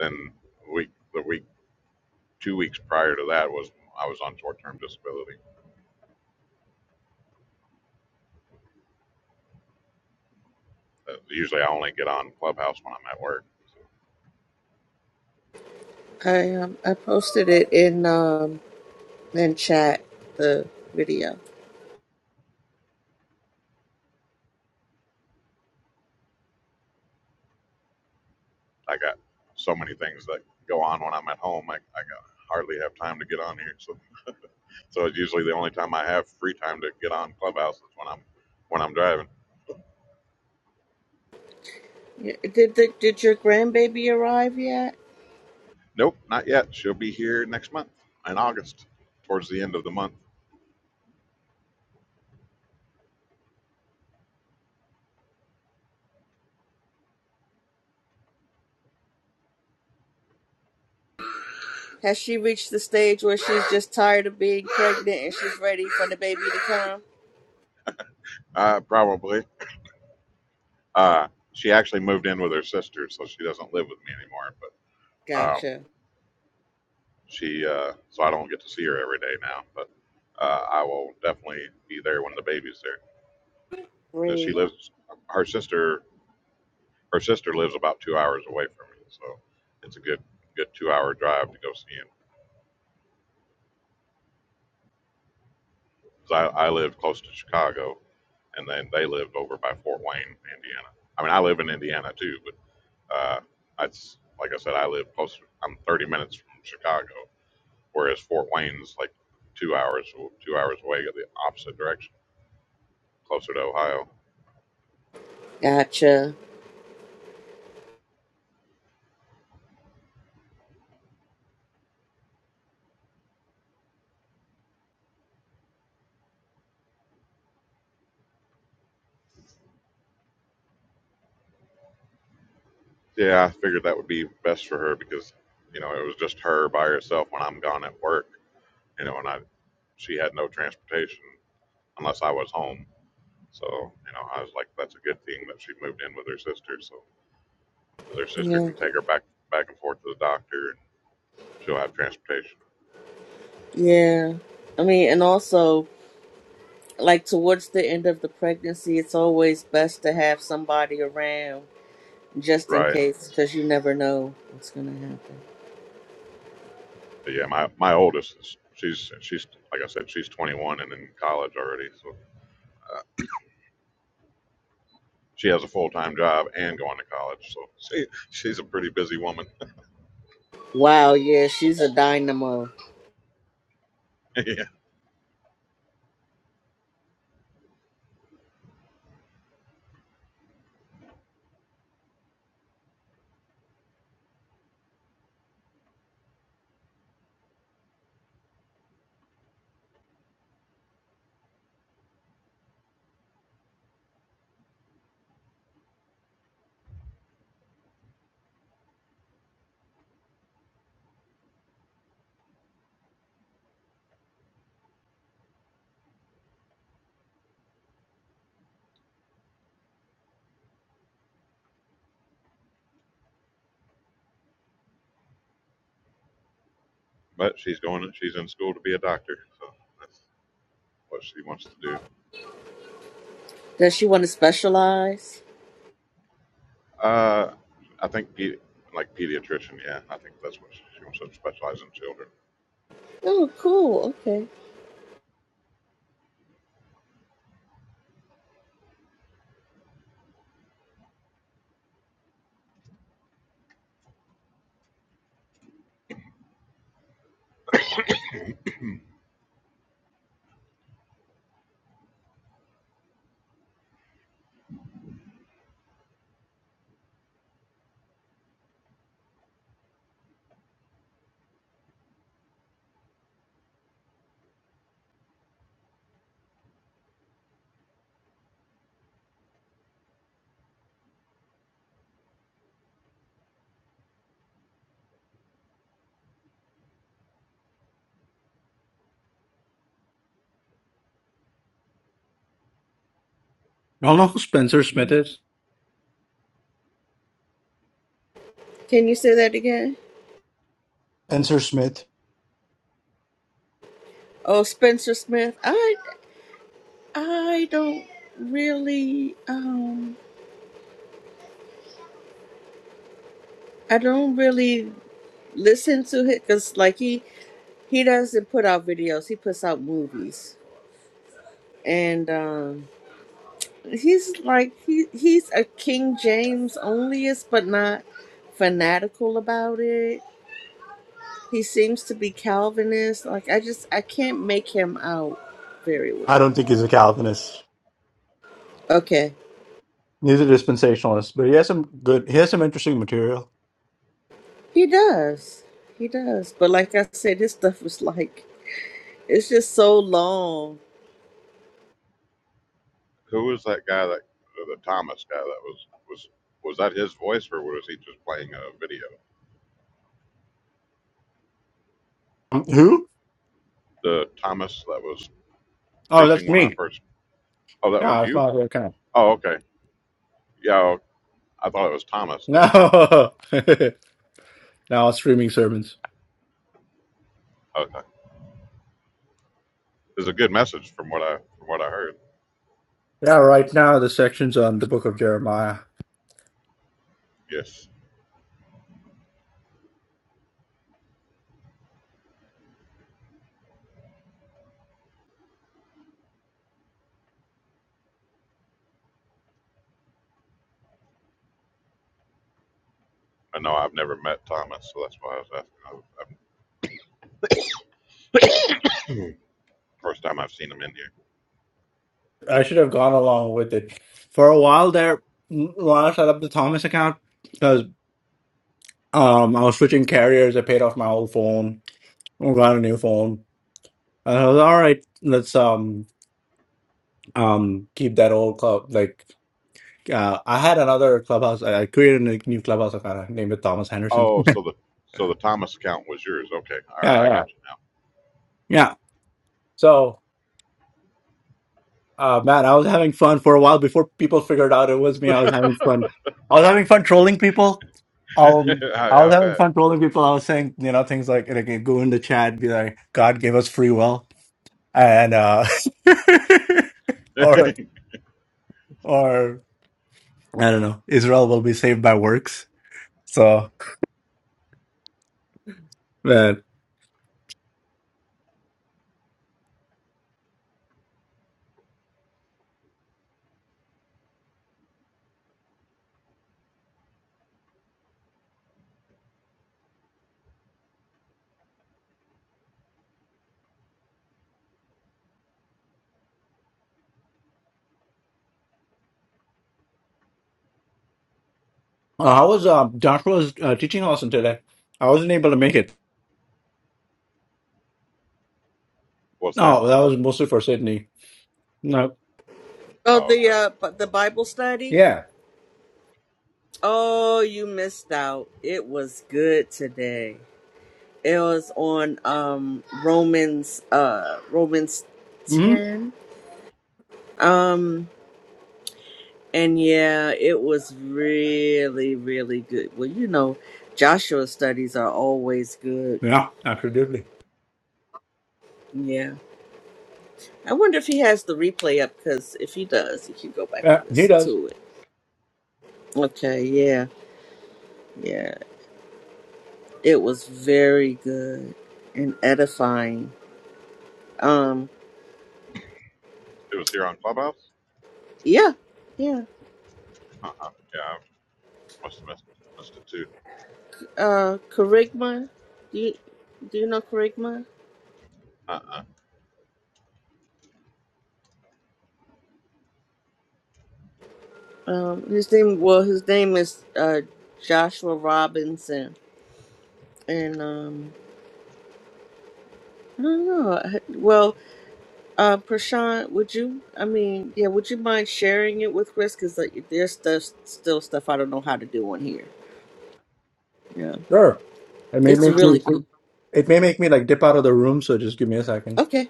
[SPEAKER 3] then week the week two weeks prior to that was I was on short term disability. Uh, usually, I only get on Clubhouse when I'm at work. So
[SPEAKER 4] I um, I posted it in um, in chat the video.
[SPEAKER 3] I got so many things that go on when I'm at home. I, I got hardly have time to get on here. So so it's usually the only time I have free time to get on Clubhouse is when I'm when I'm driving.
[SPEAKER 4] Y- Did the, did your grandbaby arrive yet?
[SPEAKER 3] Nope, not yet. She'll be here next month in August, towards the end of the month,
[SPEAKER 4] Has she reached the stage where she's just tired of being pregnant and she's ready for the baby to come?
[SPEAKER 3] uh, probably. Uh, she actually moved in with her sister, so she doesn't live with me anymore. But um,
[SPEAKER 4] Gotcha.
[SPEAKER 3] she, uh, so I don't get to see her every day now. But uh, I will definitely be there when the baby's there. And she
[SPEAKER 4] Great.
[SPEAKER 3] lives, her sister, her sister lives about two hours away from me, so it's a good, good two-hour drive to go see him. 'Cause I, I live close to Chicago, and then they live over by Fort Wayne, Indiana. I mean, I live in Indiana too, but uh, it's like I said, I live closer. I'm 30 minutes from Chicago whereas Fort Wayne's like two hours two hours away, go the opposite direction, closer to Ohio.
[SPEAKER 4] Gotcha.
[SPEAKER 3] Yeah, I figured that would be best for her because you know it was just her by herself when I'm gone at work. You know, and I she had no transportation unless I was home. So you know, I was like, that's a good thing that she moved in with her sister, so 'cause her sister
[SPEAKER 4] Yeah.
[SPEAKER 3] can take her back back and forth to the doctor, and she'll have transportation.
[SPEAKER 4] Yeah. I mean, and also like towards the end of the pregnancy, it's always best to have somebody around just in
[SPEAKER 3] Right.
[SPEAKER 4] case, because you never know what's going to happen.
[SPEAKER 3] But yeah, my my oldest is she's she's like I said, she's 21 and in college already, so uh, She has a full time job and going to college, so she she's a pretty busy woman.
[SPEAKER 4] Wow, yeah, she's a dynamo.
[SPEAKER 3] [laughs] yeah, but she's going. She's in school to be a doctor, so that's what she wants to do.
[SPEAKER 4] Does she want to specialize?
[SPEAKER 3] Uh, I think pe- like pediatrician. Yeah, I think that's what she, she wants to specialize in children.
[SPEAKER 4] Oh, cool. Okay.
[SPEAKER 2] I don't know who Spencer Smith is.
[SPEAKER 4] Can you say that again?
[SPEAKER 2] Spencer Smith.
[SPEAKER 4] Oh, Spencer Smith. I I don't really um I don't really listen to it because like he he doesn't put out videos. He puts out movies and um he's like he he's a King James onlyist, but not fanatical about it. He seems to be Calvinist. Like I just I can't make him out very
[SPEAKER 2] I
[SPEAKER 4] well.
[SPEAKER 2] don't think he's a Calvinist.
[SPEAKER 4] Okay,
[SPEAKER 2] He's a dispensationalist, but he has some good. He has some interesting material.
[SPEAKER 4] he does, he does. But like I said, his stuff was like it's just so long.
[SPEAKER 3] Who was that guy that the Thomas guy that was was was that his voice or was he just playing a video?
[SPEAKER 2] Um, Who?
[SPEAKER 3] The Thomas that was
[SPEAKER 2] Oh, that's
[SPEAKER 3] preaching when I
[SPEAKER 2] me.
[SPEAKER 3] first. Oh, that was
[SPEAKER 2] Yeah, it's
[SPEAKER 3] you.
[SPEAKER 2] not your kind.
[SPEAKER 3] Oh, okay. Yeah, I thought it was Thomas doing that.
[SPEAKER 2] No, [laughs] now I'm streaming sermons.
[SPEAKER 3] Okay. was a good message from what I from what I heard.
[SPEAKER 2] Yeah, right now the sections on the Book of Jeremiah.
[SPEAKER 3] Yes, I know I've never met Thomas, so that's why I was asking. I, I, [clears throat] first time I've seen him in here.
[SPEAKER 2] I should have gone along with it. For a while there, when I set up the Thomas account, because um, I was switching carriers, I paid off my old phone, I got a new phone, and I was all right. Let's um um keep that old club. Like uh, I had another clubhouse. I, I created a new clubhouse account. I named it Thomas Henderson. [laughs]
[SPEAKER 3] Oh, so the so the Thomas account was yours. Okay, all right,
[SPEAKER 2] Yeah,
[SPEAKER 3] I
[SPEAKER 2] yeah,
[SPEAKER 3] got you
[SPEAKER 2] yeah. So. Uh, man, I was having fun for a while before people figured out it was me. I was having fun. I was having fun trolling people. Um,
[SPEAKER 3] now. [laughs]
[SPEAKER 2] I
[SPEAKER 3] I,
[SPEAKER 2] was
[SPEAKER 3] I
[SPEAKER 2] having
[SPEAKER 3] bet.
[SPEAKER 2] fun trolling people. I was saying, you know, things like, like go in the chat, be like, God gave us free will, and uh, [laughs] or
[SPEAKER 3] [laughs]
[SPEAKER 2] or I don't know, Israel will be saved by works. So man, uh, I was um, Doctor was uh, teaching Austin today. I wasn't able to make it.
[SPEAKER 3] What's that?
[SPEAKER 2] No, that was mostly for Sydney. No,
[SPEAKER 4] Oh,
[SPEAKER 3] Oh,
[SPEAKER 4] the
[SPEAKER 3] okay.
[SPEAKER 4] uh, but the Bible study.
[SPEAKER 2] yeah,
[SPEAKER 4] Oh, you missed out. It was good today. It was on um Romans uh Romans
[SPEAKER 2] hmm
[SPEAKER 4] 10 Um, and yeah, it was really, really good. Well, you know, Joshua studies are always good.
[SPEAKER 2] yeah, absolutely.
[SPEAKER 4] Yeah. I wonder if he has the replay up because if he does, you can go back
[SPEAKER 2] Yeah,
[SPEAKER 4] and
[SPEAKER 2] he
[SPEAKER 4] listen
[SPEAKER 2] does.
[SPEAKER 4] to it. Okay, yeah, yeah. It was very good and edifying. Um,
[SPEAKER 3] It was here on Clubhouse.
[SPEAKER 4] yeah, yeah.
[SPEAKER 3] Uh uh Yeah, I must have missed, missed it too.
[SPEAKER 4] Uh, Kerygma, do you, do you know Kerygma?
[SPEAKER 3] Uh uh
[SPEAKER 4] Um, his name, well, his name is uh, Joshua Robinson. And, um, No, no. no. I- Well, uh, Prashant, would you? I mean, yeah, would you mind sharing it with Chris? Because like, there's stuff, still stuff I don't know how to do on here. Yeah,
[SPEAKER 2] Sure. It may
[SPEAKER 4] it's
[SPEAKER 2] make me
[SPEAKER 4] really good.
[SPEAKER 2] it may make me like dip out of the room, so just give me a second.
[SPEAKER 4] Okay,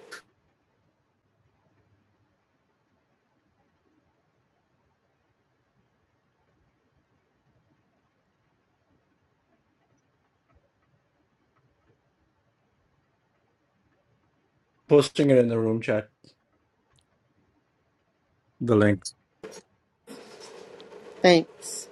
[SPEAKER 2] Posting it in the room chat, the link.
[SPEAKER 4] thanks.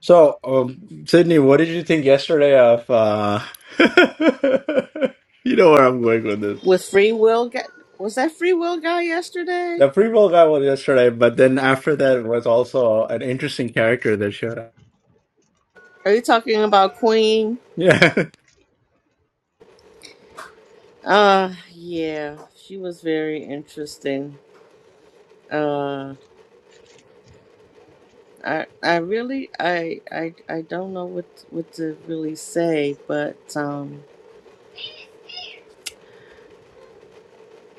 [SPEAKER 2] So, um, Sydney, what did you think yesterday of uh [laughs] you know where I'm going with this.
[SPEAKER 4] With free will, guy, was that free will guy yesterday?
[SPEAKER 2] The free ball guy was yesterday, but then after that was also an interesting character that showed up.
[SPEAKER 4] Are you talking about Queen?
[SPEAKER 2] Yeah. [laughs]
[SPEAKER 4] Uh, yeah, she was very interesting. Uh, I, I really, I, I, I don't know what what to really say, but um.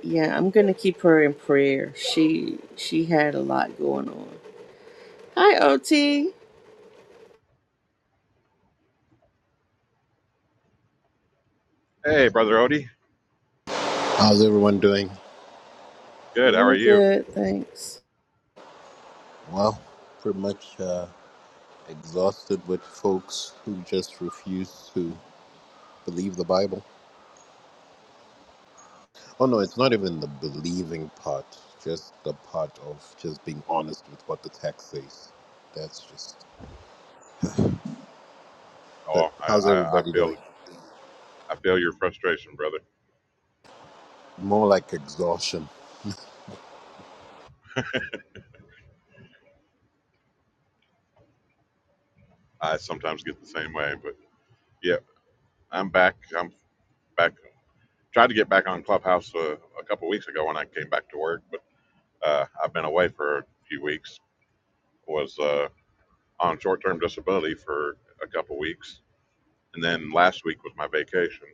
[SPEAKER 4] Yeah, I'm gonna keep her in prayer. She she had a lot going on. Hi, OT.
[SPEAKER 3] Hey, brother Odie.
[SPEAKER 6] How's everyone doing?
[SPEAKER 3] Good. How are
[SPEAKER 4] We're
[SPEAKER 3] you?
[SPEAKER 4] good, thanks.
[SPEAKER 6] Well, pretty much uh, exhausted with folks who just refuse to believe the Bible. Oh no, it's not even the believing part, just the part of just being honest with what the text says. That's just. But
[SPEAKER 3] Oh, I,
[SPEAKER 6] how's
[SPEAKER 3] I I
[SPEAKER 6] everybody
[SPEAKER 3] feel
[SPEAKER 6] doing?
[SPEAKER 3] I feel your frustration, brother.
[SPEAKER 6] More like exhaustion.
[SPEAKER 3] I sometimes get the same way, but yeah, I'm back. I'm back tried to get back on Clubhouse uh, a couple weeks ago when I came back to work, but uh, I've been away for a few weeks. Was uh, on short-term disability for a couple weeks, and then last week was my vacation.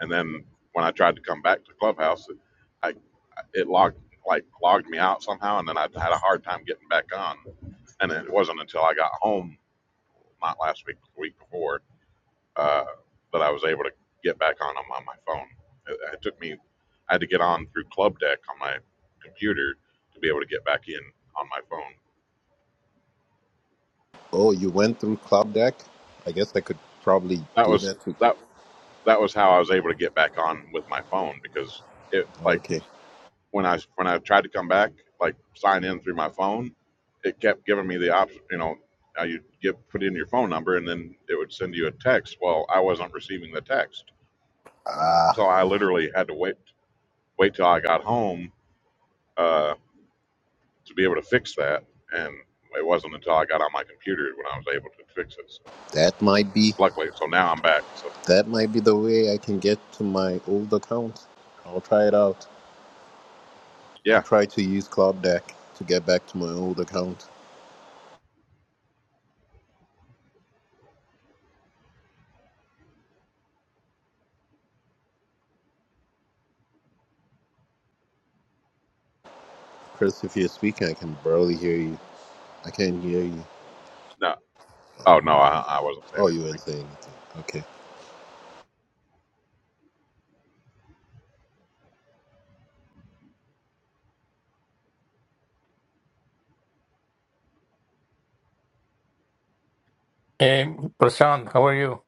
[SPEAKER 3] And then when I tried to come back to Clubhouse, it, I it logged like logged me out somehow, and then I had a hard time getting back on. And it wasn't until I got home, not last week, but the week before, uh, that I was able to get back on them on my phone. It, it took me, I had to get on through Club Deck on my computer to be able to get back in on my phone.
[SPEAKER 6] Oh, you went through Cloud Deck? I guess I could probably
[SPEAKER 3] That
[SPEAKER 6] do
[SPEAKER 3] was
[SPEAKER 6] that. With...
[SPEAKER 3] that that was how I was able to get back on with my phone because it like
[SPEAKER 6] Okay,
[SPEAKER 3] when I when I tried to come back like sign in through my phone, it kept giving me the option. You know, uh, you give put in your phone number and then it would send you a text. Well, I wasn't receiving the text, so I literally had to wait wait till I got home Uh, to be able to fix that. And it wasn't until I got on my computer when I was able to fix it. So,
[SPEAKER 6] that might be
[SPEAKER 3] luckily, so now I'm back. So
[SPEAKER 6] that might be the way I can get to my old account. I'll try it out. I'll
[SPEAKER 3] yeah,
[SPEAKER 6] try to use Cloud Deck to get back to my old account. Chris, if you're speaking, I can barely hear you. I can't hear you.
[SPEAKER 3] no, oh no, I, I wasn't saying
[SPEAKER 6] Oh, you weren't
[SPEAKER 3] anything.
[SPEAKER 6] saying anything. Okay.
[SPEAKER 7] Hey, Prashant, how are you?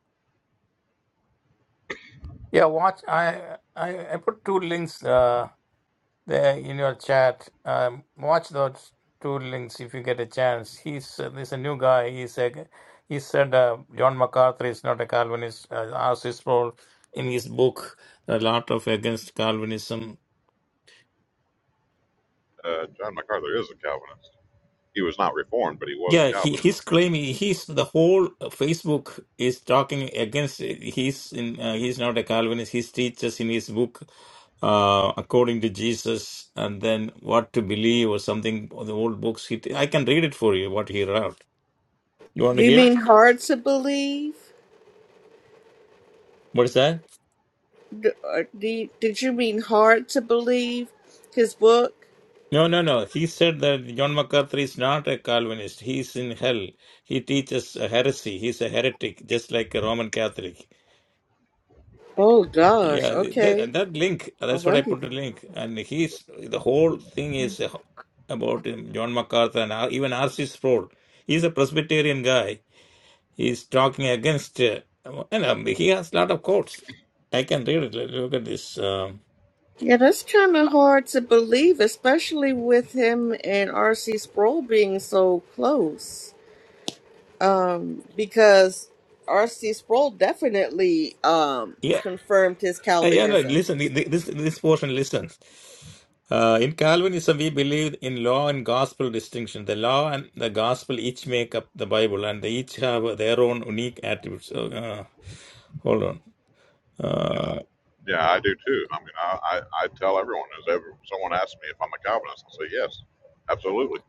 [SPEAKER 7] Yeah, watch. I I, I put two links uh, there in your chat. Um, watch those two links if you get a chance. He's uh, there's a new guy. He's a, he said uh, John MacArthur is not a Calvinist. Uh, asks his role in his book a lot of against Calvinism.
[SPEAKER 3] Uh, John MacArthur is a Calvinist. He was not Reformed, but he was a
[SPEAKER 7] Yeah, he he's
[SPEAKER 3] Calvinist.
[SPEAKER 7] claiming he's the whole Facebook is talking against it. He's in uh, he's not a Calvinist. He teaches in his book uh, according to Jesus and then what to believe or something. The old books. He, I can read it for you. What he wrote. You want
[SPEAKER 4] Do
[SPEAKER 7] to
[SPEAKER 4] you
[SPEAKER 7] hear?
[SPEAKER 4] mean hard to believe?
[SPEAKER 7] What is that?
[SPEAKER 4] D- or do did you mean hard to believe? His book.
[SPEAKER 7] No, no, no. He said that John MacArthur is not a Calvinist. He's in hell. He teaches a heresy. He's a heretic, just like a Roman Catholic.
[SPEAKER 4] Oh gosh.
[SPEAKER 7] Yeah,
[SPEAKER 4] Okay.
[SPEAKER 7] that, that link, that's what I
[SPEAKER 4] Alrighty
[SPEAKER 7] put the
[SPEAKER 4] then.
[SPEAKER 7] link. And he's the whole thing is about him, John MacArthur and R, even R.C. Sproul. He's a Presbyterian guy. He's talking against, uh, and um, he has a lot of quotes. I can read it. Let- Look at this. Um,
[SPEAKER 4] Yeah, that's kind of hard to believe, especially with him and R.C. Sproul being so close. um, because R.C. Sproul definitely um,
[SPEAKER 7] yeah,
[SPEAKER 4] confirmed his
[SPEAKER 7] uh, yeah, no,
[SPEAKER 4] Calvinism.
[SPEAKER 7] listen, th- th- this, this portion Listen. Uh, in Calvinism, we believe in law and gospel distinction. The law and the gospel each make up the Bible, and they each have their own unique attributes. So, Uh, hold on. Uh,
[SPEAKER 3] Yeah, I do too. I mean, I, I, I tell everyone as ever someone asks me if I'm a Calvinist, I say yes, absolutely.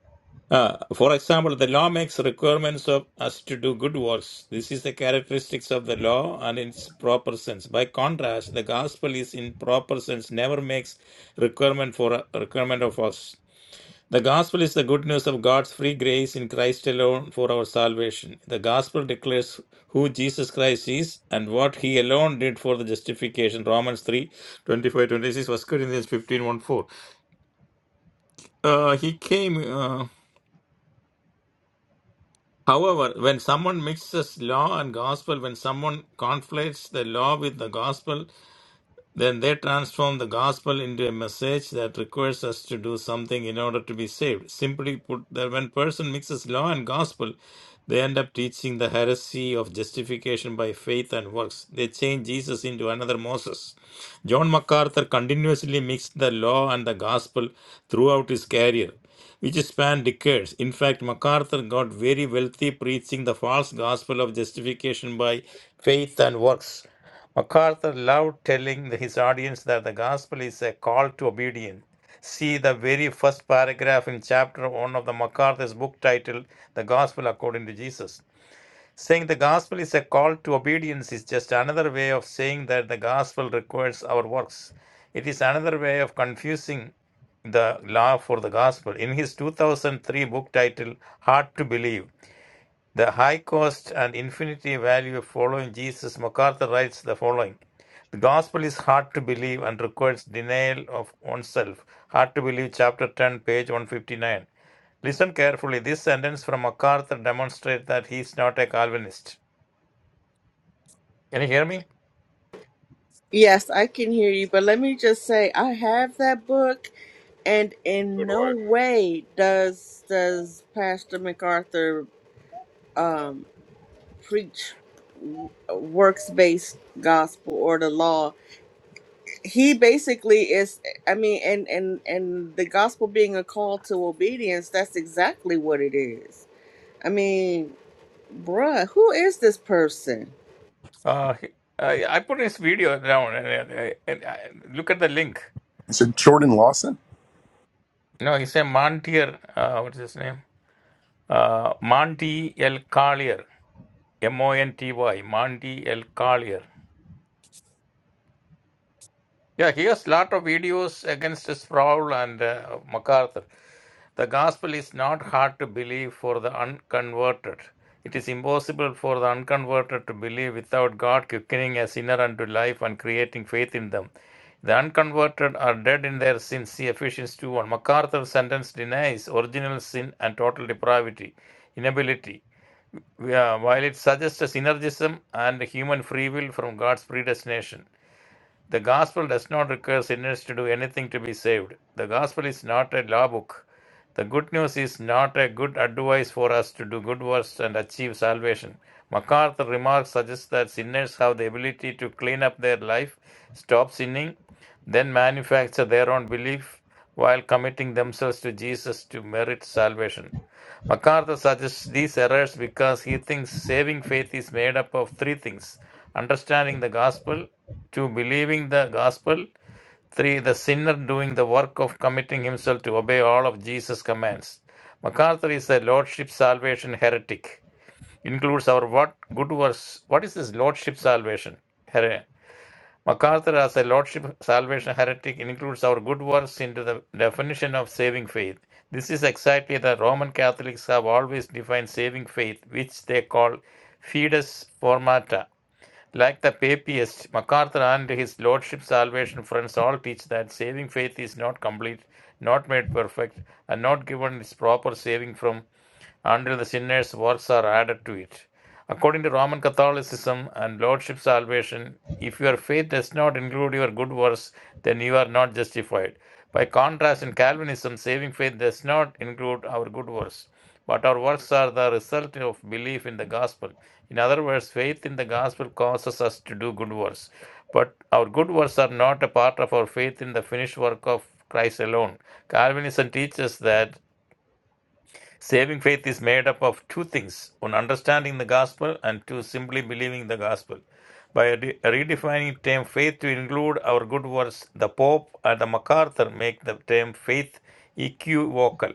[SPEAKER 7] uh, for example, the law makes requirements of us to do good works. This is the characteristics of the law and its proper sense. By contrast, the gospel is in proper sense never makes requirement for requirement of us. The gospel is the good news of God's free grace in Christ alone for our salvation. The gospel declares who Jesus Christ is and what he alone did for the justification. Romans 3 25 26, First Corinthians fifteen one, 4. Uh, he came. Uh, However, when someone mixes law and gospel, when someone conflates the law with the gospel, then they transform the gospel into a message that requires us to do something in order to be saved. Simply put, that when person mixes law and gospel, they end up teaching the heresy of justification by faith and works. They change Jesus into another Moses. John MacArthur continuously mixed the law and the gospel throughout his career, which spanned decades. In fact, MacArthur got very wealthy preaching the false gospel of justification by faith and works. MacArthur loved telling his audience that the gospel is a call to obedience. See the very first paragraph in chapter 1 of the MacArthur's book titled The Gospel According to Jesus. Saying the gospel is a call to obedience is just another way of saying that the gospel requires our works. It is another way of confusing the law for the gospel. In his 2003 book titled Hard to Believe, the high cost and infinity value of following Jesus, MacArthur writes the following The gospel is hard to believe and requires denial of oneself. Hard to believe, chapter 10, page 159. Listen carefully. This sentence from MacArthur demonstrates that he is not a Calvinist. Can you hear me?
[SPEAKER 4] Yes, I can hear you, but let me just say I have that book, and
[SPEAKER 3] So
[SPEAKER 4] in
[SPEAKER 3] do
[SPEAKER 4] no
[SPEAKER 3] I.
[SPEAKER 4] way does does Pastor MacArthur um, preach works based gospel or the law. He basically is. I mean, and and and the gospel being a call to obedience. That's exactly what it is. I mean. Bruh, who is this person?
[SPEAKER 7] Uh, he- I, I put his video down and, and- and- and look at the link.
[SPEAKER 5] Is it Jordan Lawson?
[SPEAKER 7] No, he's a Montier. Uh, what's his name? Uh, Monty L. Collier. M O N T Y. Monty L. Collier. Yeah, here's a lot of videos against Sproul and uh, MacArthur. The gospel is not hard to believe for the unconverted. It is impossible for the unconverted to believe without God quickening a sinner unto life and creating faith in them. The unconverted are dead in their sins. See Ephesians 2 1. MacArthur's sentence denies original sin and total depravity, inability, We are- while it suggests a synergism and human free will from God's predestination. The gospel does not require sinners to do anything to be saved. The gospel is not a law book. The good news is not a good advice for us to do good works and achieve salvation. MacArthur's remarks suggest that sinners have the ability to clean up their life, stop sinning, then manufacture their own belief while committing themselves to Jesus to merit salvation. MacArthur suggests these errors because he thinks saving faith is made up of three things understanding the gospel, two, believing the gospel, three, the sinner doing the work of committing himself to obey all of Jesus' commands. MacArthur is a lordship salvation heretic, includes our what good works. What is this lordship salvation? Here, MacArthur, as a Lordship Salvation Heretic, includes our good works into the definition of saving faith. This is exactly the Roman Catholics have always defined saving faith, which they call fides formata. Like the Papists, MacArthur and his Lordship Salvation friends all teach that saving faith is not complete, not made perfect, and not given its proper saving from until the sinner's works are added to it. According to Roman Catholicism and Lordship salvation, if your faith does not include your good works, then you are not justified. By contrast, in Calvinism, saving faith does not include our good works, but our works are the result of belief in the gospel. In other words, faith in the gospel causes us to do good works, but our good works are not a part of our faith in the finished work of Christ alone. Calvinism teaches that Saving faith is made up of two things one, understanding the gospel, and two, simply believing the gospel. By re- redefining term faith to include our good works, the Pope and the MacArthur make the term faith equivocal.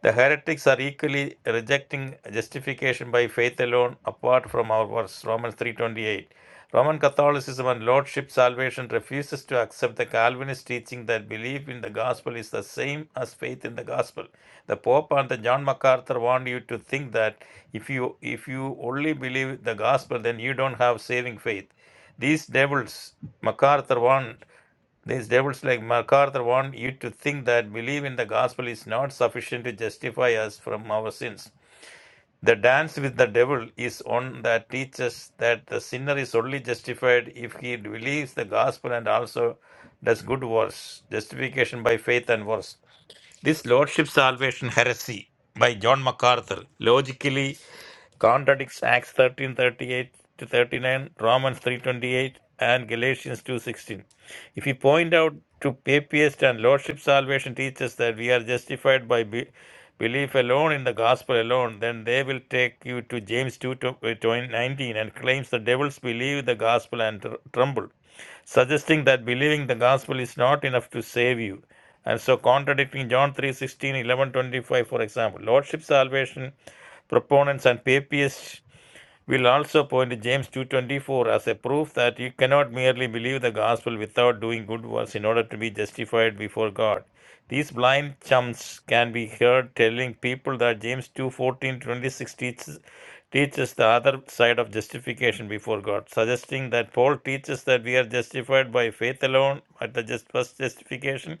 [SPEAKER 7] The heretics are equally rejecting justification by faith alone apart from our verse, Romans 3.28. Roman Catholicism and Lordship salvation refuses to accept the Calvinist teaching that belief in the gospel is the same as faith in the gospel. The Pope and the John MacArthur want you to think that if you if you only believe the gospel, then you don't have saving faith. These devils, MacArthur want. These devils like MacArthur want you to think that belief in the gospel is not sufficient to justify us from our sins. The dance with the devil is one that teaches that the sinner is only justified if he believes the gospel and also does good works, justification by faith and works. This Lordship Salvation heresy by John MacArthur logically contradicts Acts 13:38 to 39, Romans 3:28, and Galatians 2:16. If we point out to papist and lordship salvation teaches that we are justified by be- belief alone in the gospel alone, then they will take you to James 2:19 and claims the devils believe the gospel and tr- tremble suggesting that believing the gospel is not enough to save you and so contradicting john 3 16 eleven twenty-five, for example lordship salvation proponents and papists we will also point to James 2:24 as a proof that you cannot merely believe the gospel without doing good works in order to be justified before God. These blind chumps can be heard telling people that James two fourteen twenty six teaches, teaches the other side of justification before God, suggesting that Paul teaches that we are justified by faith alone at the just first justification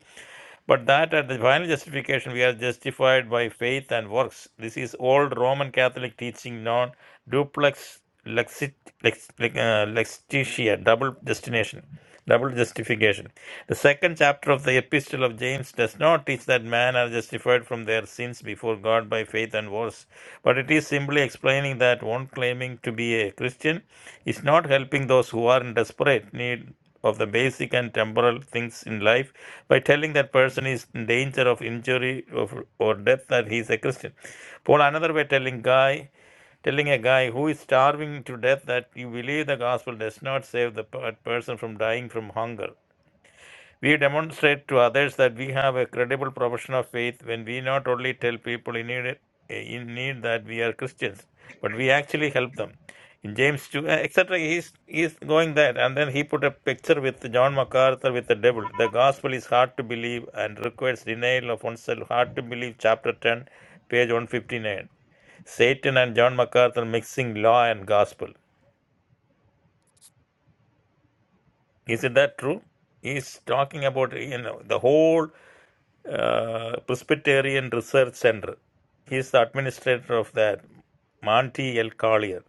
[SPEAKER 7] but that at the final justification, we are justified by faith and works. This is old Roman Catholic teaching, non duplex lexit, lex, lex- uh, lexitia, double destination, double justification. The second chapter of the Epistle of James does not teach that men are justified from their sins before God by faith and works, but it is simply explaining that one claiming to be a Christian is not helping those who are in desperate need of the basic and temporal things in life by telling that person is in danger of injury of, or death that he is a Christian. Paul another way telling guy telling a guy who is starving to death that you believe the gospel does not save the per- person from dying from hunger we demonstrate to others that we have a credible profession of faith when we not only tell people in need, in need that we are Christians, but we actually help them. In James 2, uh, etc., he's, he's going there. And then he put a picture with John MacArthur with the devil. The gospel is hard to believe and requires denial of oneself. Hard to believe, chapter 10, page 159. Satan and John MacArthur mixing law and gospel. Is it that true? He's talking about you know the whole uh, Presbyterian Research Center. He is the administrator of that. Monty L. Collier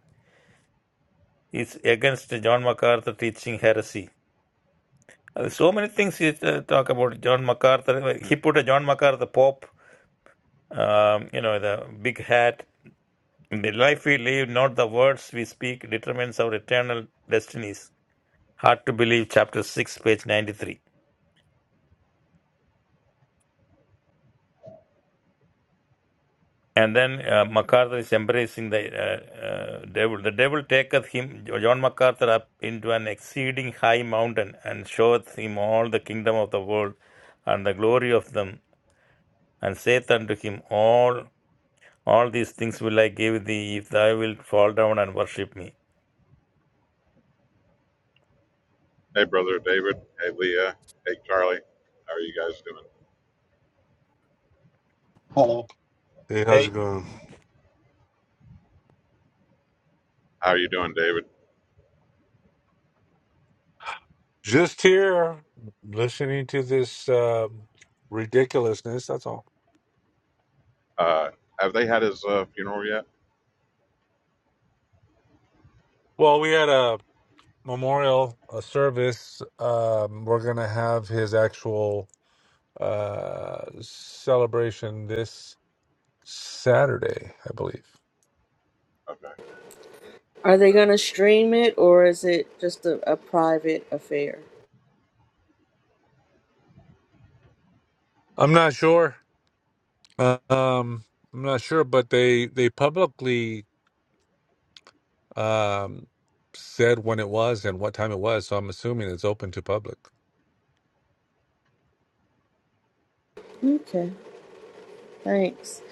[SPEAKER 7] is against John MacArthur teaching heresy. Uh, So many things he uh, talk about John MacArthur. He put a John MacArthur Pope, um, you know, the big hat. In The life we live, not the words we speak, determines our eternal destinies. Hard to believe, chapter 6, page 93. And then uh, MacArthur is embracing the uh, uh, devil. The devil taketh him, John MacArthur, up into an exceeding high mountain and showeth him all the kingdom of the world and the glory of them, and saith unto him, All all these things will I give thee if thou wilt fall down and worship me.
[SPEAKER 3] Hey, brother David. Hey, Leah. Hey, Charlie. How are you guys doing?
[SPEAKER 8] Hello. Hey,
[SPEAKER 9] Hey,
[SPEAKER 8] how's it going?
[SPEAKER 3] How are you doing, David?
[SPEAKER 8] Just here listening to this uh, ridiculousness. That's all.
[SPEAKER 3] Uh, have they had his uh, funeral yet?
[SPEAKER 8] Well, we had a memorial a service. Um, we're going to have his actual uh, celebration this Saturday, I believe.
[SPEAKER 3] Okay.
[SPEAKER 4] Are they gonna stream it or is it just a, a private affair?
[SPEAKER 8] I'm not sure. Uh, um, I'm not sure, but they, they publicly um, said when it was and what time it was. So I'm assuming it's open to public.
[SPEAKER 4] Okay, thanks.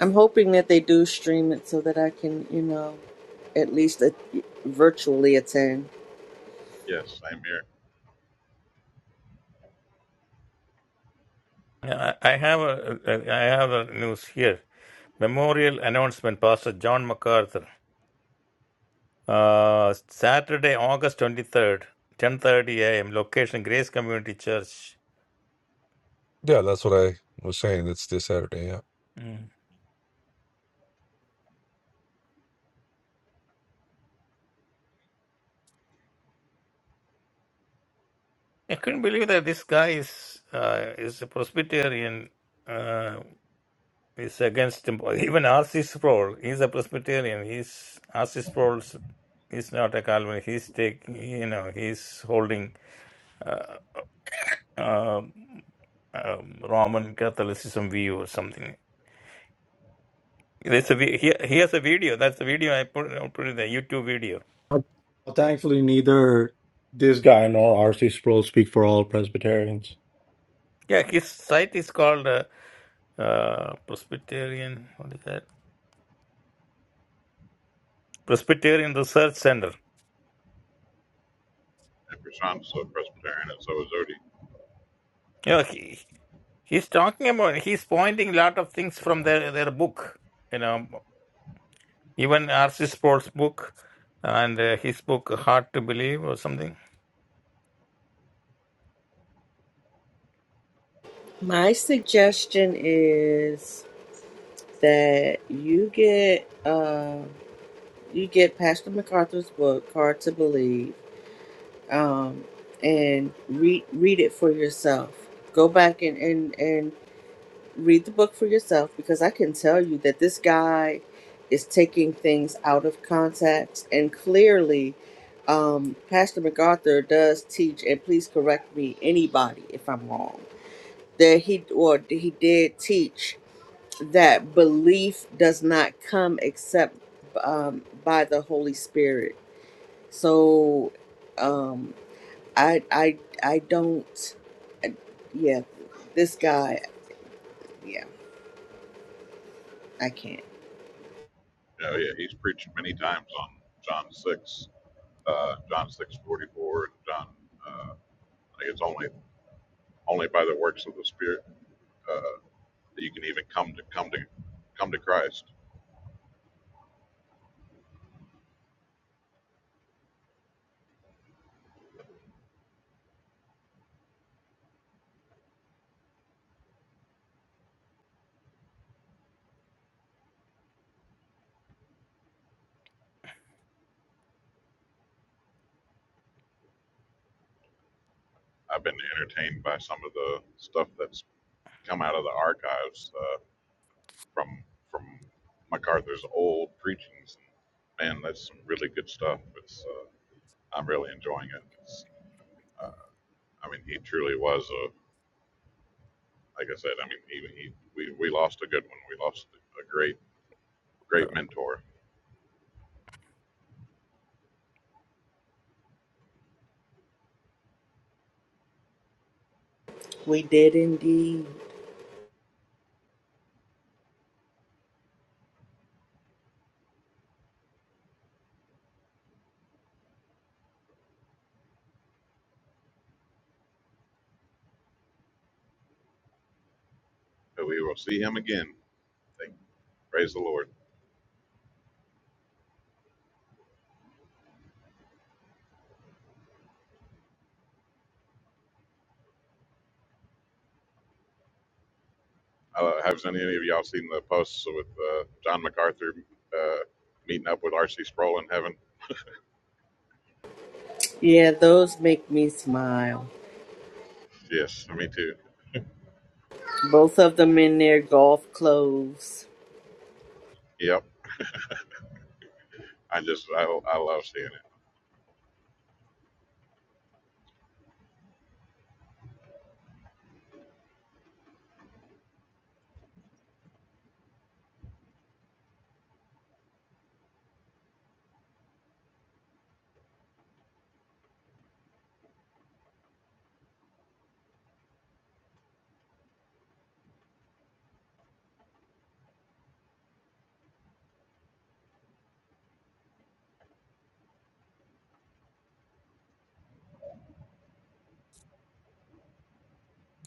[SPEAKER 4] I'm hoping that they do stream it so that I can, you know, at least a- virtually attend.
[SPEAKER 3] Yes, same here.
[SPEAKER 7] I I have a, a- I have a news here. Memorial announcement, Pastor John MacArthur. Uh, Saturday, August 23rd, 10.30 a.m., location Grace Community Church,
[SPEAKER 8] Yeah, that's what I was saying. It's this Saturday. Yeah.
[SPEAKER 7] Mm. I couldn't believe that this guy is uh, is a Presbyterian. Uh, is against him. even R.C. Sproul. He's a Presbyterian. He's R.C. Sproul is not a Calvinist. He's taking you know he's holding uh, um um, Roman Catholicism view or something. There's a vi- he, he has a video. That's the video I put I put in the YouTube video.
[SPEAKER 2] Well, thankfully neither this guy nor RC Sproul speak for all Presbyterians.
[SPEAKER 7] Yeah, his site is called uh, uh, Presbyterian. What is that? Presbyterian Research Center.
[SPEAKER 3] And Prashant's a Presbyterian, and so is Odie.
[SPEAKER 7] You know, he, he's talking about, he's pointing a lot of things from their, their book, you know, even R.C. Sproul's book and uh, his book, Hard to Believe or something.
[SPEAKER 4] My suggestion is that you get uh, you get Pastor MacArthur's book, Hard to Believe, um, and read read it for yourself. Go back and and and read the book for yourself because I can tell you that this guy is taking things out of context and clearly um, Pastor MacArthur does teach and please correct me anybody if I'm wrong that he or he did teach that belief does not come except um, by the Holy Spirit so um, I I I don't uh, yeah this guy yeah I can't
[SPEAKER 3] Yeah, yeah, he's preached many times on John six, uh, John six forty four, and John. Uh, I think it's only only by the works of the Spirit uh, that you can even come to come to come to Christ. I've been entertained by some of the stuff that's come out of the archives uh, from from MacArthur's old preachings. Man, that's some really good stuff. It's uh, I'm really enjoying it. It's, uh, I mean, he truly was a like I said, I mean, he, he, we, we lost a good one. We lost a great, great mentor.
[SPEAKER 4] We did indeed.
[SPEAKER 3] But we will see him again. Thank, praise the Lord. Uh, have any of y'all seen the posts with uh, John MacArthur uh, meeting up with R.C. Sproul in heaven?
[SPEAKER 4] Yeah, those make me smile.
[SPEAKER 3] Yes, me too.
[SPEAKER 4] Both of them in their golf clothes.
[SPEAKER 3] Yep. I just, I, I love seeing it.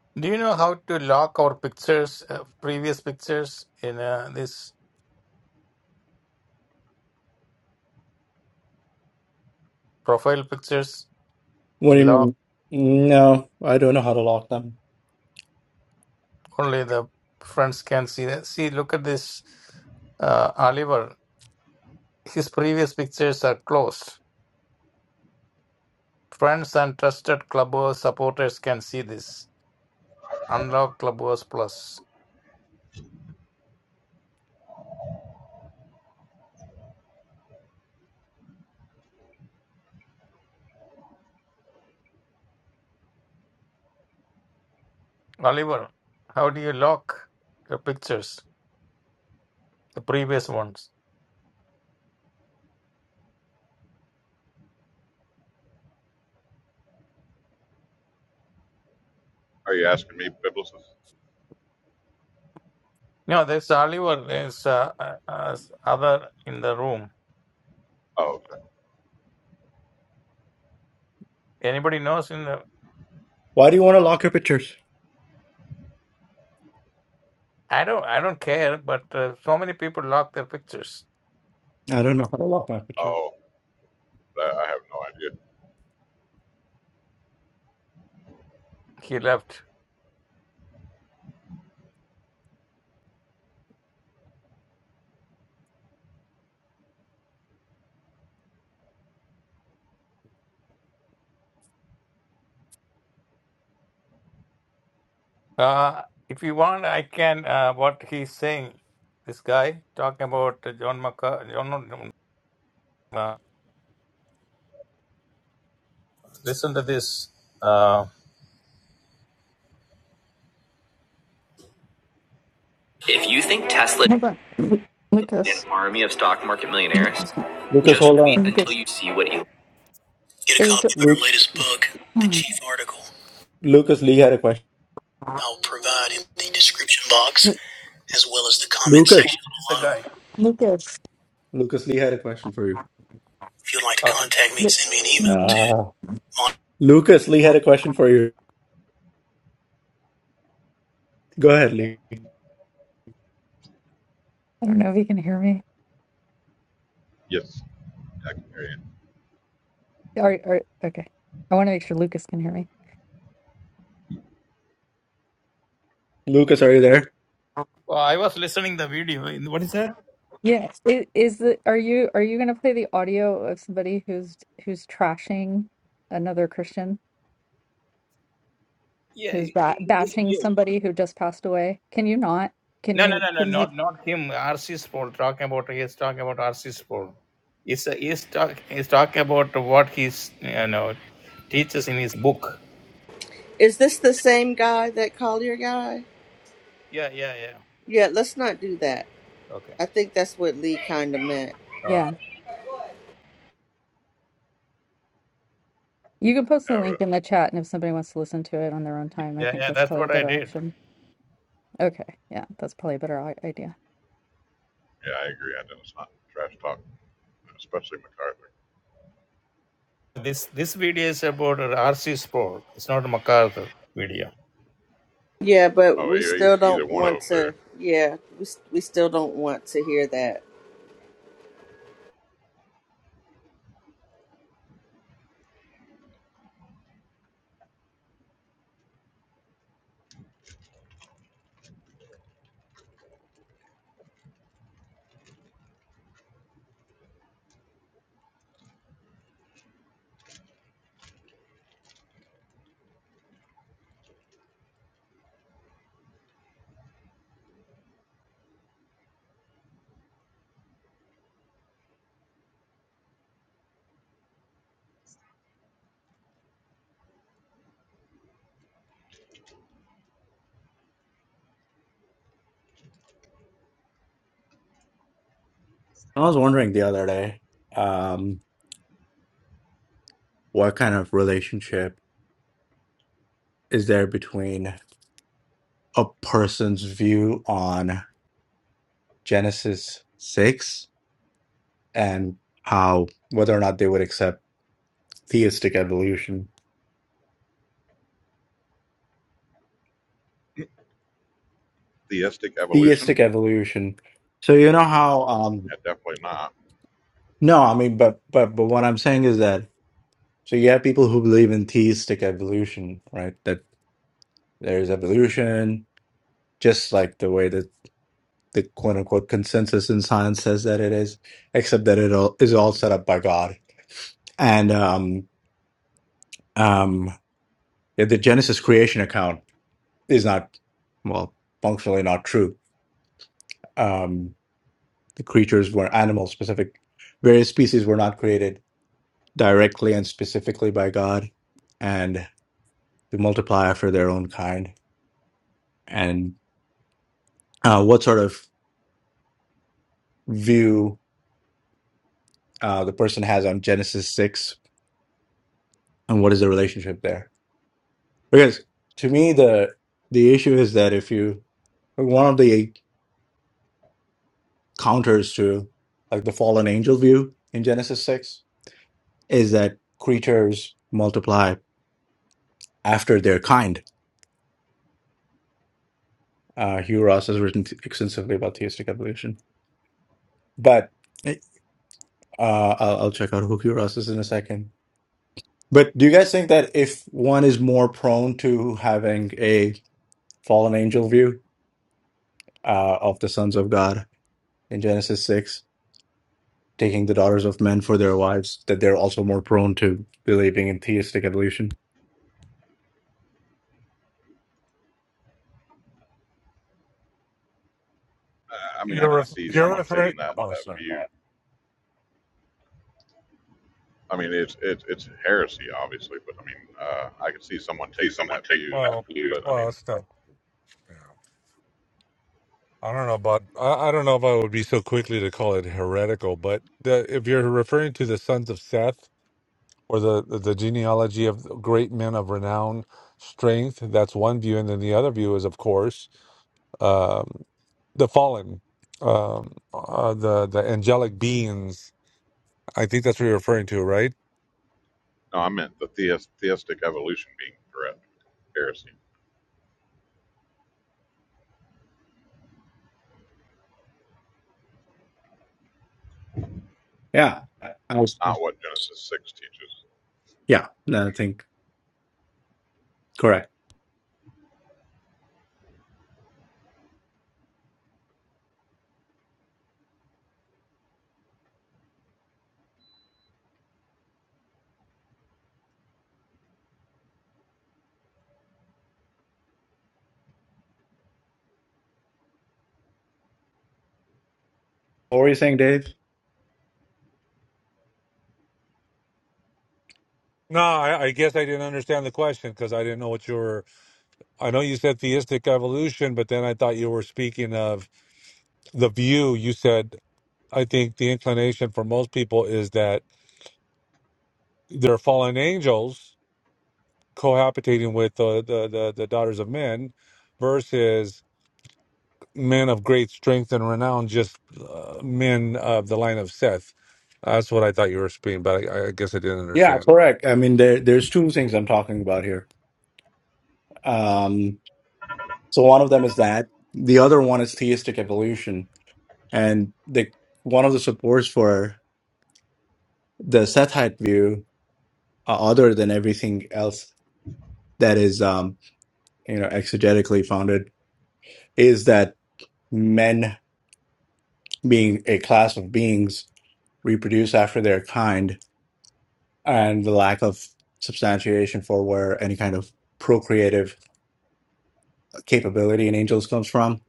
[SPEAKER 7] Do you know how to lock our pictures, uh, previous pictures in uh, this profile pictures
[SPEAKER 2] What
[SPEAKER 7] to
[SPEAKER 2] do you
[SPEAKER 7] lock
[SPEAKER 2] mean? No, I don't know how to lock them.
[SPEAKER 7] only the friends can see that? See, look at this uh, Oliver. His previous pictures are closed. Friends and trusted Clubhouse supporters can see this. Unlock Clubhouse Plus. Oliver, how do you lock your pictures, the previous ones?
[SPEAKER 3] Are you asking me, Biblicist?
[SPEAKER 7] No, there's Oliver. There's uh, uh, uh, other in the room.
[SPEAKER 3] Oh, okay.
[SPEAKER 7] Anybody knows in the?
[SPEAKER 2] Why do you want to lock your pictures?
[SPEAKER 7] I don't. I don't care. But uh, so many people lock their pictures.
[SPEAKER 2] I don't know how to lock my picture.
[SPEAKER 3] Oh, I I have no idea.
[SPEAKER 7] He left. Uh, if you want, I can. Uh, what he's saying, this guy talking about uh, John McCar. John, no, no, uh, listen to this. Uh, if you think Tesla is
[SPEAKER 10] Hold on. Lu-
[SPEAKER 7] an
[SPEAKER 10] Lucas.
[SPEAKER 7] army of stock market
[SPEAKER 10] Lu-
[SPEAKER 7] millionaires,
[SPEAKER 2] Lucas,
[SPEAKER 7] just
[SPEAKER 2] hold
[SPEAKER 7] wait
[SPEAKER 2] on.
[SPEAKER 7] until
[SPEAKER 10] Lucas.
[SPEAKER 7] you see what Elon. Get a
[SPEAKER 10] Is
[SPEAKER 7] copy
[SPEAKER 10] the-
[SPEAKER 7] of our
[SPEAKER 2] Luke,
[SPEAKER 7] latest book, the
[SPEAKER 10] hmm.
[SPEAKER 7] chief article.
[SPEAKER 2] Lucas Lee had a question.
[SPEAKER 7] I'll provide in the description box
[SPEAKER 10] Lu-
[SPEAKER 7] as well as the comment
[SPEAKER 2] Lucas.
[SPEAKER 7] section below.
[SPEAKER 10] Lucas.
[SPEAKER 2] Lucas Lee had a question for you.
[SPEAKER 7] If you'd like to contact me,
[SPEAKER 10] Lu-
[SPEAKER 7] send me an email
[SPEAKER 10] hmm.
[SPEAKER 7] to
[SPEAKER 2] Ah.
[SPEAKER 7] mon-
[SPEAKER 2] Lucas Lee had a question for you. Go ahead, Lee.
[SPEAKER 10] I don't know if you can hear me.
[SPEAKER 3] Yes, I can hear you.
[SPEAKER 10] Are, are okay. I want to make sure Lucas can hear me.
[SPEAKER 2] Lucas, are you there?
[SPEAKER 7] Oh, I was listening to the video. What is that?
[SPEAKER 10] Yes. Is, is the are you are you going to play the audio of somebody who's who's trashing another Christian
[SPEAKER 7] Yeah,
[SPEAKER 10] who's
[SPEAKER 7] it-
[SPEAKER 10] ba-
[SPEAKER 7] it- it's
[SPEAKER 10] bashing
[SPEAKER 7] you.
[SPEAKER 10] somebody who just passed away? Can you not? Can
[SPEAKER 7] No, no,
[SPEAKER 10] you?
[SPEAKER 7] no, no,
[SPEAKER 10] Can we-
[SPEAKER 7] not not him. R.C. Sproul talking about he's talking about R.C. Sproul. He's a, he's talk he's talking about what he's you know teaches in his book.
[SPEAKER 4] Is this the same guy, that Collier guy?
[SPEAKER 7] Yeah, yeah, yeah.
[SPEAKER 4] Yeah, let's not do that.
[SPEAKER 7] Okay.
[SPEAKER 4] I think that's what Lee kind of meant.
[SPEAKER 10] Yeah,
[SPEAKER 7] Okay.
[SPEAKER 10] you can post
[SPEAKER 3] Yeah,
[SPEAKER 10] the
[SPEAKER 3] I would-
[SPEAKER 10] link in the chat, and if somebody wants to listen to it on their own time, I
[SPEAKER 7] Yeah,
[SPEAKER 10] think
[SPEAKER 7] yeah.
[SPEAKER 10] that's
[SPEAKER 7] That's
[SPEAKER 10] probably a
[SPEAKER 7] what I
[SPEAKER 10] better
[SPEAKER 7] did.
[SPEAKER 10] option. Okay, yeah, that's probably a better i- idea.
[SPEAKER 3] yeah, I agree. I know it's not trash talk, especially MacArthur.
[SPEAKER 7] This this video is about RC Sproul. It's not MacArthur video.
[SPEAKER 4] Yeah, but
[SPEAKER 3] Oh,
[SPEAKER 4] we
[SPEAKER 3] e-
[SPEAKER 4] still
[SPEAKER 3] e- either
[SPEAKER 4] don't
[SPEAKER 3] one of
[SPEAKER 4] want
[SPEAKER 3] them
[SPEAKER 4] to.
[SPEAKER 3] there.
[SPEAKER 4] Yeah, we, we still don't want to hear that.
[SPEAKER 2] I was wondering the other day, um, what kind of relationship is there between a person's view on Genesis 6 and how whether or not they would accept theistic evolution?
[SPEAKER 3] theistic evolution?
[SPEAKER 2] theistic evolution. So you know how um
[SPEAKER 3] Yeah, definitely not.
[SPEAKER 2] no, I mean but but but what I'm saying is that so you have people who believe in theistic evolution, right? That there's evolution, just like the way that the quote unquote consensus in science says that it is, except that it all is all set up by God. And um um yeah, the Genesis creation account is not well functionally not true. Um the creatures were animals specific various species were not created directly and specifically by God and to multiply after their own kind and uh, what sort of view uh, the person has on Genesis 6 and what is the relationship there because to me the the issue is that if you one of the counters to like the fallen angel view in Genesis 6 is that creatures multiply after their kind uh, Hugh Ross has written extensively about theistic evolution but Uh, I'll, I'll check out Hokuriku in a second. But do you guys think that if one is more prone to having a fallen angel view uh, of the sons of God in Genesis 6, taking the daughters of men for their wives, that they're also more prone to believing in theistic evolution?
[SPEAKER 3] I I mean, I
[SPEAKER 8] You're
[SPEAKER 3] could
[SPEAKER 8] ref-
[SPEAKER 3] see
[SPEAKER 8] you're
[SPEAKER 3] someone
[SPEAKER 8] referring.
[SPEAKER 3] taking that
[SPEAKER 8] Oh,
[SPEAKER 3] that
[SPEAKER 8] sorry.
[SPEAKER 3] view. I mean, it's it's it's heresy, obviously, but I mean, uh, I could see someone
[SPEAKER 8] See
[SPEAKER 3] taking
[SPEAKER 8] someone
[SPEAKER 3] that
[SPEAKER 8] take that
[SPEAKER 3] view.
[SPEAKER 8] Well, blue.
[SPEAKER 3] But I
[SPEAKER 8] well,
[SPEAKER 3] mean,
[SPEAKER 8] it's not. yeah. I don't know about. I, I don't know if I would be so quickly to call it heretical, but the, if you're referring to the sons of Seth or the, the the genealogy of great men of renown, strength, that's one view, and then the other view is, of course, um, the fallen, um, uh, the the angelic beings. I think that's what you're referring to, right?
[SPEAKER 3] no, I meant the theist, theistic evolution being correct heresy,
[SPEAKER 2] Yeah. I I was,
[SPEAKER 3] not what Genesis six teaches.
[SPEAKER 2] yeah, no, I think correct. What were you saying, Dave?
[SPEAKER 8] No, I, I guess I didn't understand the question because I didn't know what you were. I know you said theistic evolution, but then I thought you were speaking of the view. You said, I think the inclination for most people is that they're fallen angels cohabitating with the, the, the, the daughters of men versus men of great strength and renown, just uh, men of the line of Seth. That's what I thought you were speaking, but I, I guess I didn't
[SPEAKER 2] Yeah,
[SPEAKER 8] understand.
[SPEAKER 2] correct. I mean, there there's two things I'm talking about here. Um, so one of them is that. The other one is theistic evolution And the one of the supports for the Sethite view, uh, other than everything else that is, um, you know, exegetically founded, is that men, being a class of beings, reproduce after their kind, and the lack of substantiation for where any kind of procreative capability in angels comes from.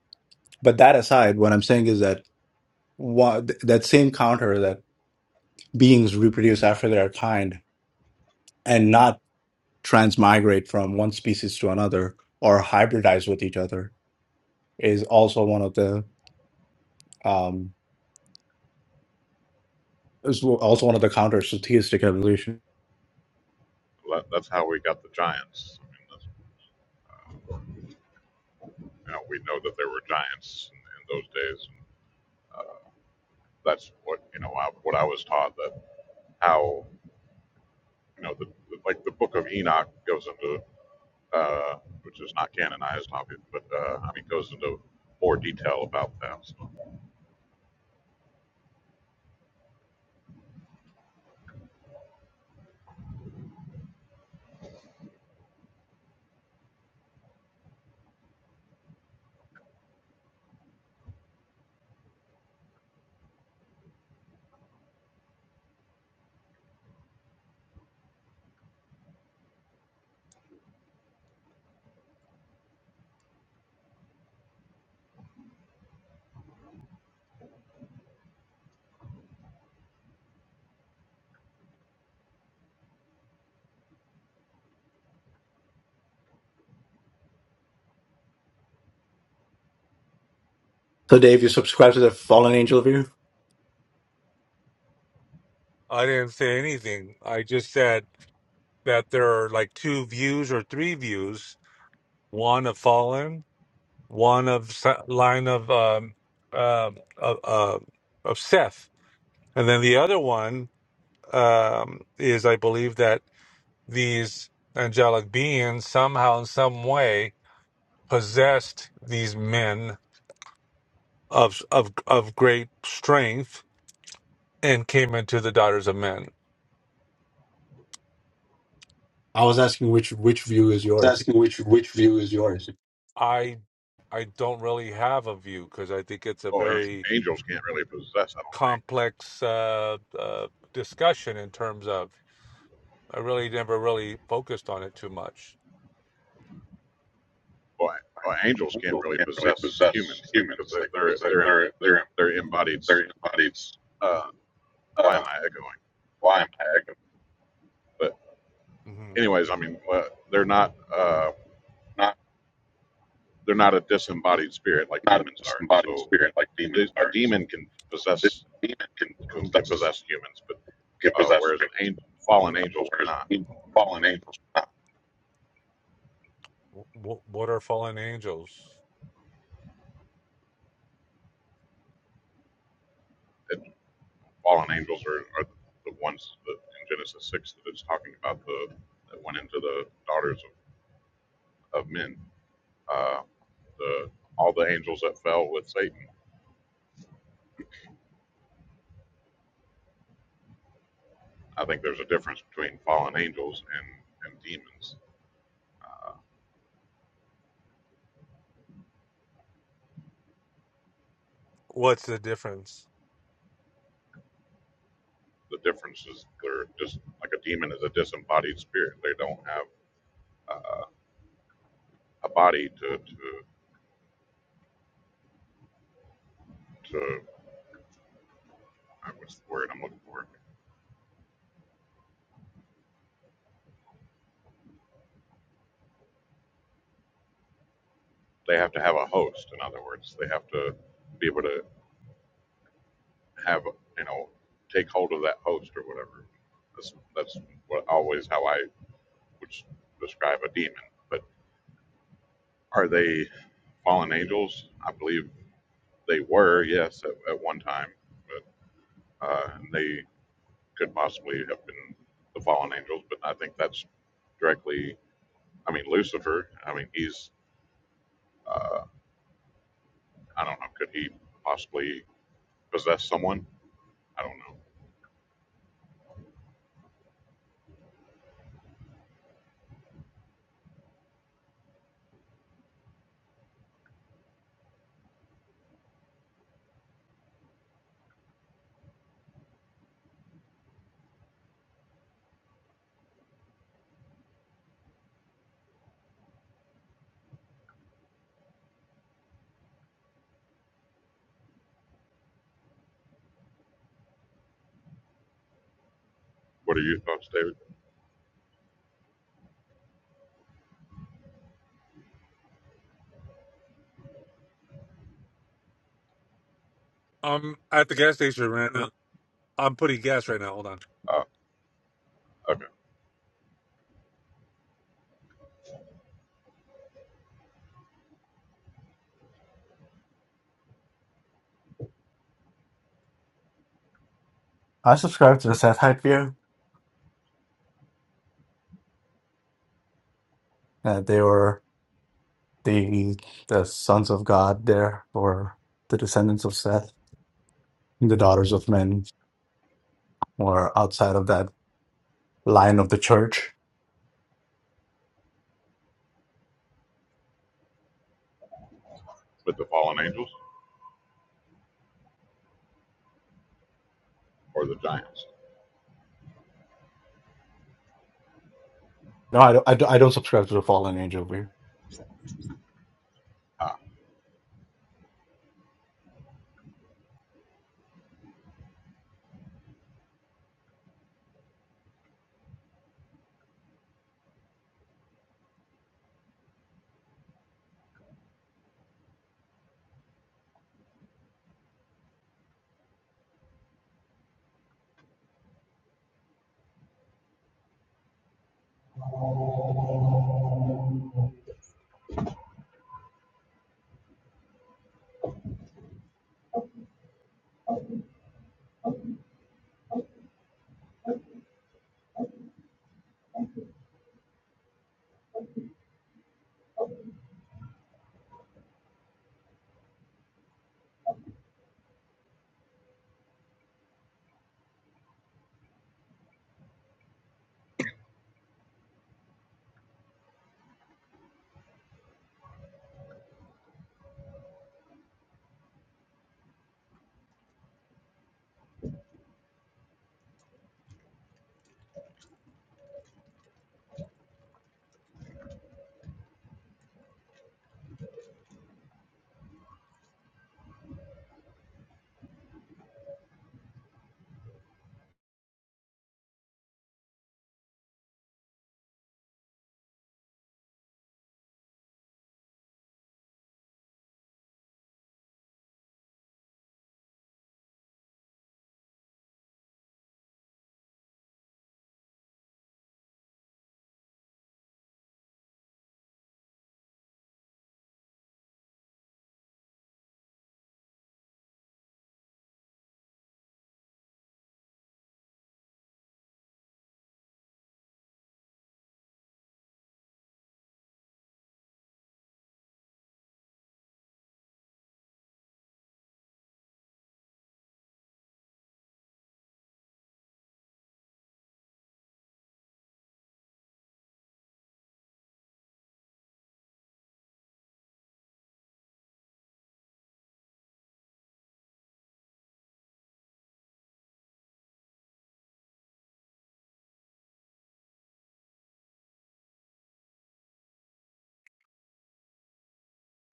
[SPEAKER 2] But that aside, what I'm saying is that what, that same counter that beings reproduce after their kind, and not transmigrate from one species to another or hybridize with each other is also one of the um is also one of the counters to theistic evolution.
[SPEAKER 3] That- That's how we got the giants. I mean, that's, uh, you know, we know that there were giants in, in those days. And, uh, that's what you know. I, what I was taught that how you know the, the like the Book of Enoch goes into uh, which is not canonized, obviously, but uh, I mean, goes into more detail about that. So,
[SPEAKER 2] So Dave, you subscribe to the fallen angel view?
[SPEAKER 8] I didn't say anything. I just said that there are like two views or three views one of fallen one of Se- line of um um of, uh, of seth and then the other one um is i believe that these angelic beings somehow in some way possessed these men of of of great strength and came into the daughters of men
[SPEAKER 2] I was asking which which view is
[SPEAKER 8] was
[SPEAKER 2] yours.
[SPEAKER 8] asking which which view is yours. i i don't really have a view because i think it's a
[SPEAKER 3] oh,
[SPEAKER 8] very
[SPEAKER 3] angels can't really possess. I don't
[SPEAKER 8] complex uh, uh, discussion in terms of I really never really focused on it too much.
[SPEAKER 3] think. Well, well, angels can't
[SPEAKER 8] angels
[SPEAKER 3] really
[SPEAKER 8] can't really
[SPEAKER 3] possess
[SPEAKER 8] possess
[SPEAKER 3] humans, like because
[SPEAKER 8] humans,
[SPEAKER 3] they,
[SPEAKER 8] like
[SPEAKER 3] they're
[SPEAKER 8] because they're
[SPEAKER 3] they're
[SPEAKER 8] they're they're
[SPEAKER 3] they're embodied.
[SPEAKER 8] they're embodied
[SPEAKER 3] Uh, why
[SPEAKER 8] uh,
[SPEAKER 3] am I echoing?
[SPEAKER 8] lion tag,
[SPEAKER 3] But
[SPEAKER 8] hmm
[SPEAKER 3] anyways, I mean, uh, they're not uh,
[SPEAKER 8] not
[SPEAKER 3] they're not a disembodied spirit like
[SPEAKER 8] not a
[SPEAKER 3] demons are.
[SPEAKER 8] disembodied
[SPEAKER 3] So
[SPEAKER 8] spirit like
[SPEAKER 3] de-
[SPEAKER 8] demons
[SPEAKER 3] a
[SPEAKER 8] are. So
[SPEAKER 3] demon can
[SPEAKER 8] the
[SPEAKER 3] possess
[SPEAKER 8] demon can
[SPEAKER 3] can
[SPEAKER 8] possess
[SPEAKER 3] possess humans, but
[SPEAKER 8] can
[SPEAKER 3] uh,
[SPEAKER 8] possess
[SPEAKER 3] whereas an
[SPEAKER 8] humans,
[SPEAKER 3] angel, fallen angels
[SPEAKER 8] whereas
[SPEAKER 3] cannot.
[SPEAKER 8] the fallen angels cannot. W- what are fallen angels?
[SPEAKER 3] It, fallen angels are, are the ones that in Genesis 6 that it's talking about the that went into the daughters of, of men. Uh, the all the angels that fell with Satan. I think there's a difference between fallen angels and and demons. Uh,
[SPEAKER 8] What's the difference?
[SPEAKER 3] the difference is they're just like a demon is a disembodied spirit. They don't have uh, a body to to to uh, what's the word I'm looking for? They have to have a host. In other words, they have to be able to have you know take hold of that host or whatever. That's that's what always how I would describe a demon. But are they fallen angels? I believe they were, yes, at, at one time, but uh, and they could possibly have been the fallen angels. But I think that's directly. I mean, Lucifer. I mean, he's. Uh, I don't know. Could he possibly possess someone? I don't know. What are your thoughts, David?
[SPEAKER 8] I'm at the gas station right now. I'm putting gas right now. Hold on.
[SPEAKER 3] Uh, okay,
[SPEAKER 2] I subscribe to the Sethite view. Uh, they were the the sons of God there or the descendants of Seth. The daughters of men were outside of that line of the church.
[SPEAKER 3] with the fallen angels or the giants?
[SPEAKER 2] No, I don't, I don't I don't subscribe to the fallen angel view.
[SPEAKER 3] Uh,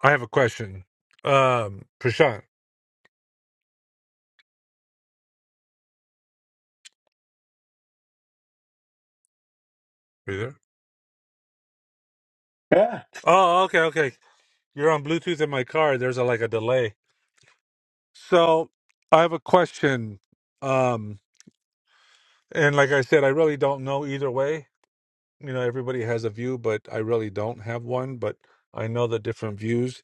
[SPEAKER 8] I have a question. Um, Prashant, are you there? Yeah. Oh, okay, okay. You're on Bluetooth in my car. There's a, like a delay. So I have a question. Um, and like I said, I really don't know either way. You know, everybody has a view, but I really don't have one. But I know the different views.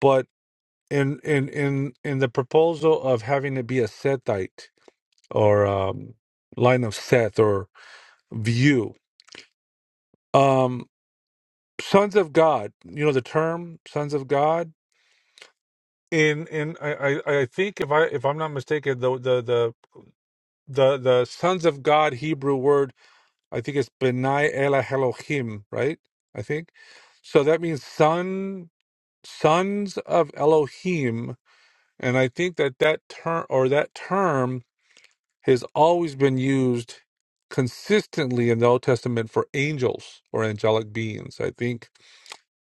[SPEAKER 8] But in in in in the proposal of having it be a Sethite or um, line of Seth or view, um, sons of God. You know the term sons of God. In in I I I think if I if I'm not mistaken, the the the the the sons of God Hebrew word I think it's Benai Ela Elohim, right? I think so. That means son sons of Elohim, and I think that that term or that term has always been used consistently in the Old Testament for angels or angelic beings. I think,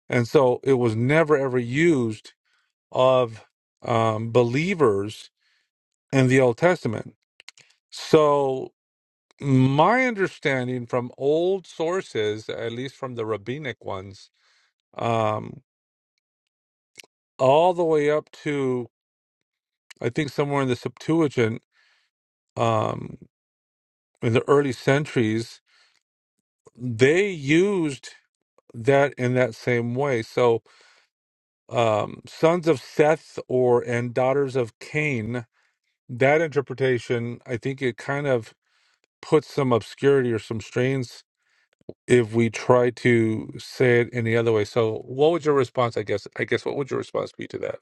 [SPEAKER 8] and so it was never ever used of um, believers in the Old Testament. So, my understanding from old sources, at least from the rabbinic ones, um, all the way up to I think somewhere in the Septuagint um, in the early centuries, they used that in that same way. So, um, sons of Seth or and daughters of Cain. That interpretation, I think, it kind of put some obscurity or some strains if we try to say it any other way. So, what would your response? I guess. I guess what would your response be to that?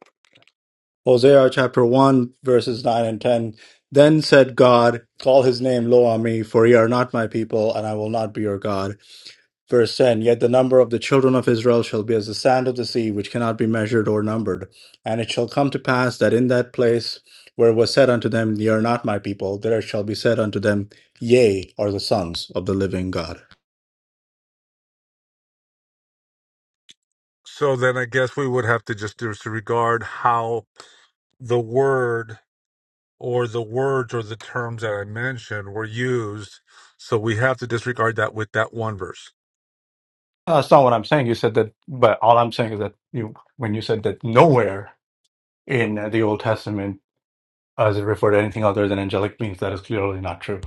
[SPEAKER 2] Hosea chapter 1, verses 9 and 10. Then said God, Call his name low on me, for ye are not my people, and I will not be your God. Verse 10 Yet the number of the children of Israel shall be as the sand of the sea, which cannot be measured or numbered. And it shall come to pass that in that place where it was said unto them, Ye are not my people, there shall be said unto them, Yea, are the sons of the living God.
[SPEAKER 8] So then, I guess we would have to just disregard how the word or the words or the terms that I mentioned were used. So we have to disregard that with that one verse.
[SPEAKER 2] That's not what I'm saying. You said that, but all I'm saying is that you, when you said that nowhere in uh, the Old Testament, as it referred to anything other than angelic beings, that is clearly not true.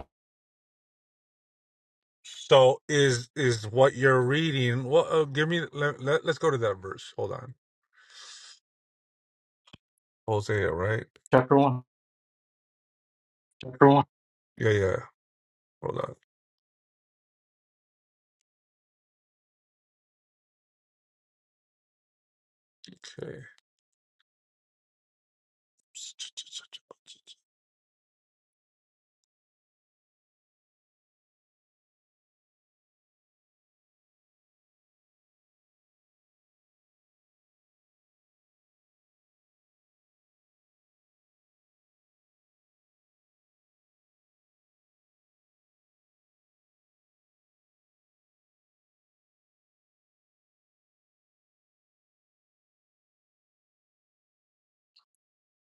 [SPEAKER 8] So is is what you're reading? Well, uh, give me. Let, let, us go to that verse. Hold on. Hosea, right?
[SPEAKER 2] Chapter one.
[SPEAKER 8] Yeah, yeah. Hold on. Okay.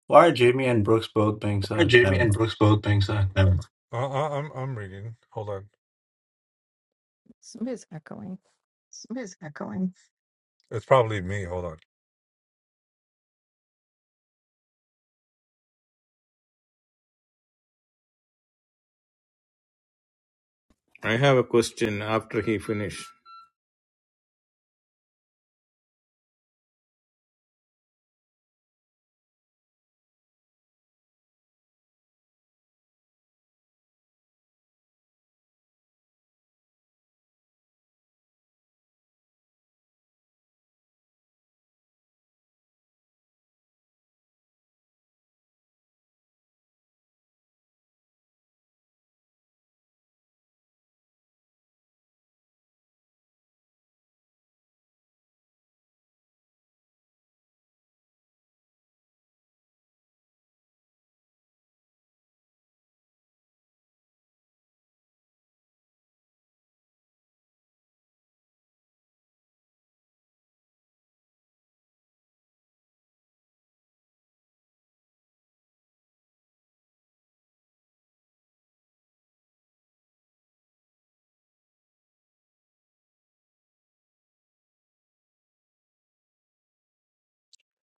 [SPEAKER 2] Why are Jamie and Brooks both being
[SPEAKER 8] Aren't
[SPEAKER 2] sad?
[SPEAKER 8] Jamie
[SPEAKER 2] Never.
[SPEAKER 8] and Brooks both being signed? Never mind. Uh, I, I'm I'm reading. Hold on.
[SPEAKER 10] Somebody's echoing.
[SPEAKER 8] It's probably me. Hold on.
[SPEAKER 7] I have a question after he finished.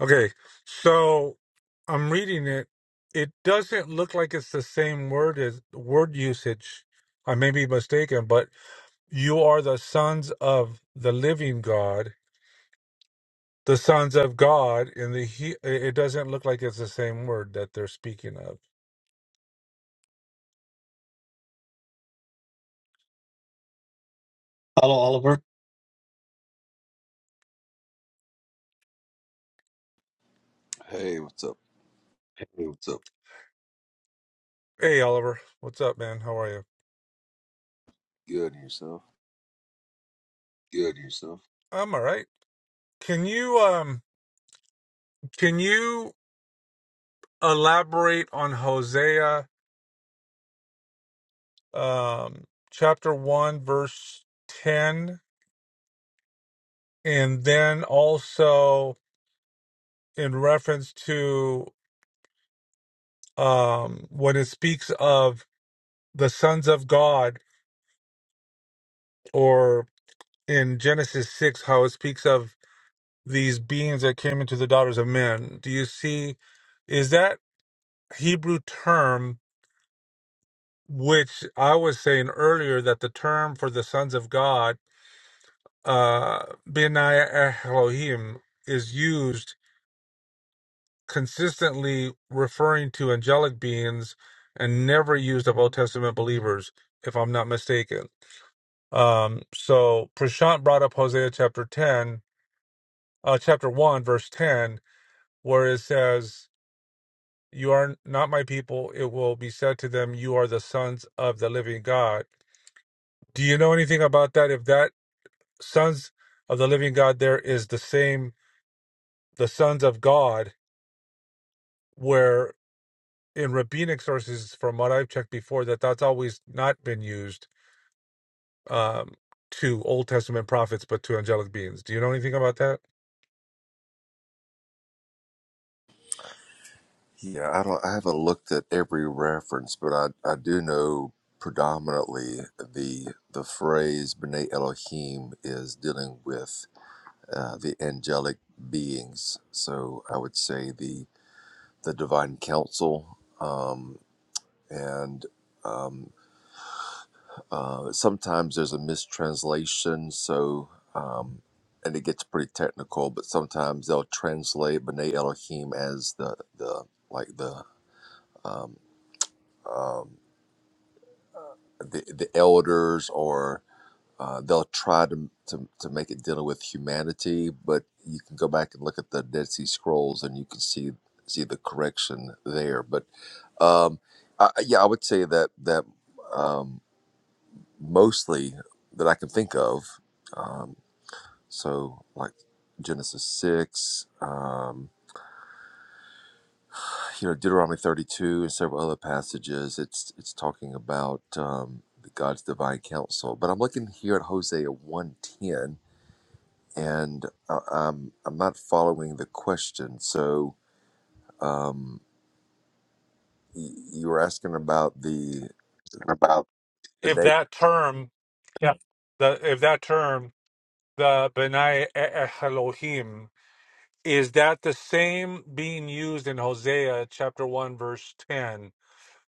[SPEAKER 8] Okay, so I'm reading it. It doesn't look like it's the same word as word usage. I may be mistaken, but you are the sons of the living God, the sons of God. In the he, it doesn't look like it's the same word that they're speaking of. Hello, Oliver.
[SPEAKER 11] Hey, what's up?
[SPEAKER 8] Hey, what's up? Hey, Oliver, what's up, man? How are you?
[SPEAKER 11] Good and yourself?
[SPEAKER 8] Good yourself. I'm all right. Can you um can you elaborate on Hosea um, chapter 1, verse 10, and then also in reference to um, when it speaks of the sons of God, or in Genesis 6, how it speaks of these beings that came into the daughters of men. Do you see, is that Hebrew term, which I was saying earlier that the term for the sons of God, uh, Benai Elohim, is used? consistently referring to angelic beings and never used of Old Testament believers, if I'm not mistaken. Um, so Prashant brought up Hosea chapter 10, uh, chapter 1, verse 10, where it says, You are not my people. It will be said to them, You are the sons of the living God. Do you know anything about that? If that sons of the living God there is the same, the sons of God, where in rabbinic sources, from what I've checked before, that that's always not been used um, to Old Testament prophets, but to angelic beings. Do you know anything about that?
[SPEAKER 11] Yeah, I don't. I haven't looked at every reference, but I I do know predominantly the the phrase "Bnei Elohim" is dealing with uh, the angelic beings. So I would say the the divine council um, and um, Uh, sometimes there's a mistranslation, so um, and it gets pretty technical. But sometimes they'll translate B'nai Elohim as the the like the um, um, the the elders, or uh, they'll try to, to to make it dealing with humanity. But you can go back and look at the Dead Sea Scrolls, and you can see see the correction there. But um, I, yeah, I would say that that um, mostly that I can think of. Um, So, like Genesis 6, um, you know, Deuteronomy 32, and several other passages, it's, it's talking about um, God's divine counsel. But I'm looking here at Hosea 110, and I, I'm, I'm not following the question. So, um, y- you were asking about the,
[SPEAKER 8] about
[SPEAKER 11] the
[SPEAKER 8] if
[SPEAKER 11] na-
[SPEAKER 8] that term, yeah, the if that term, the Benai Elohim, is that the same being used in Hosea chapter one verse ten,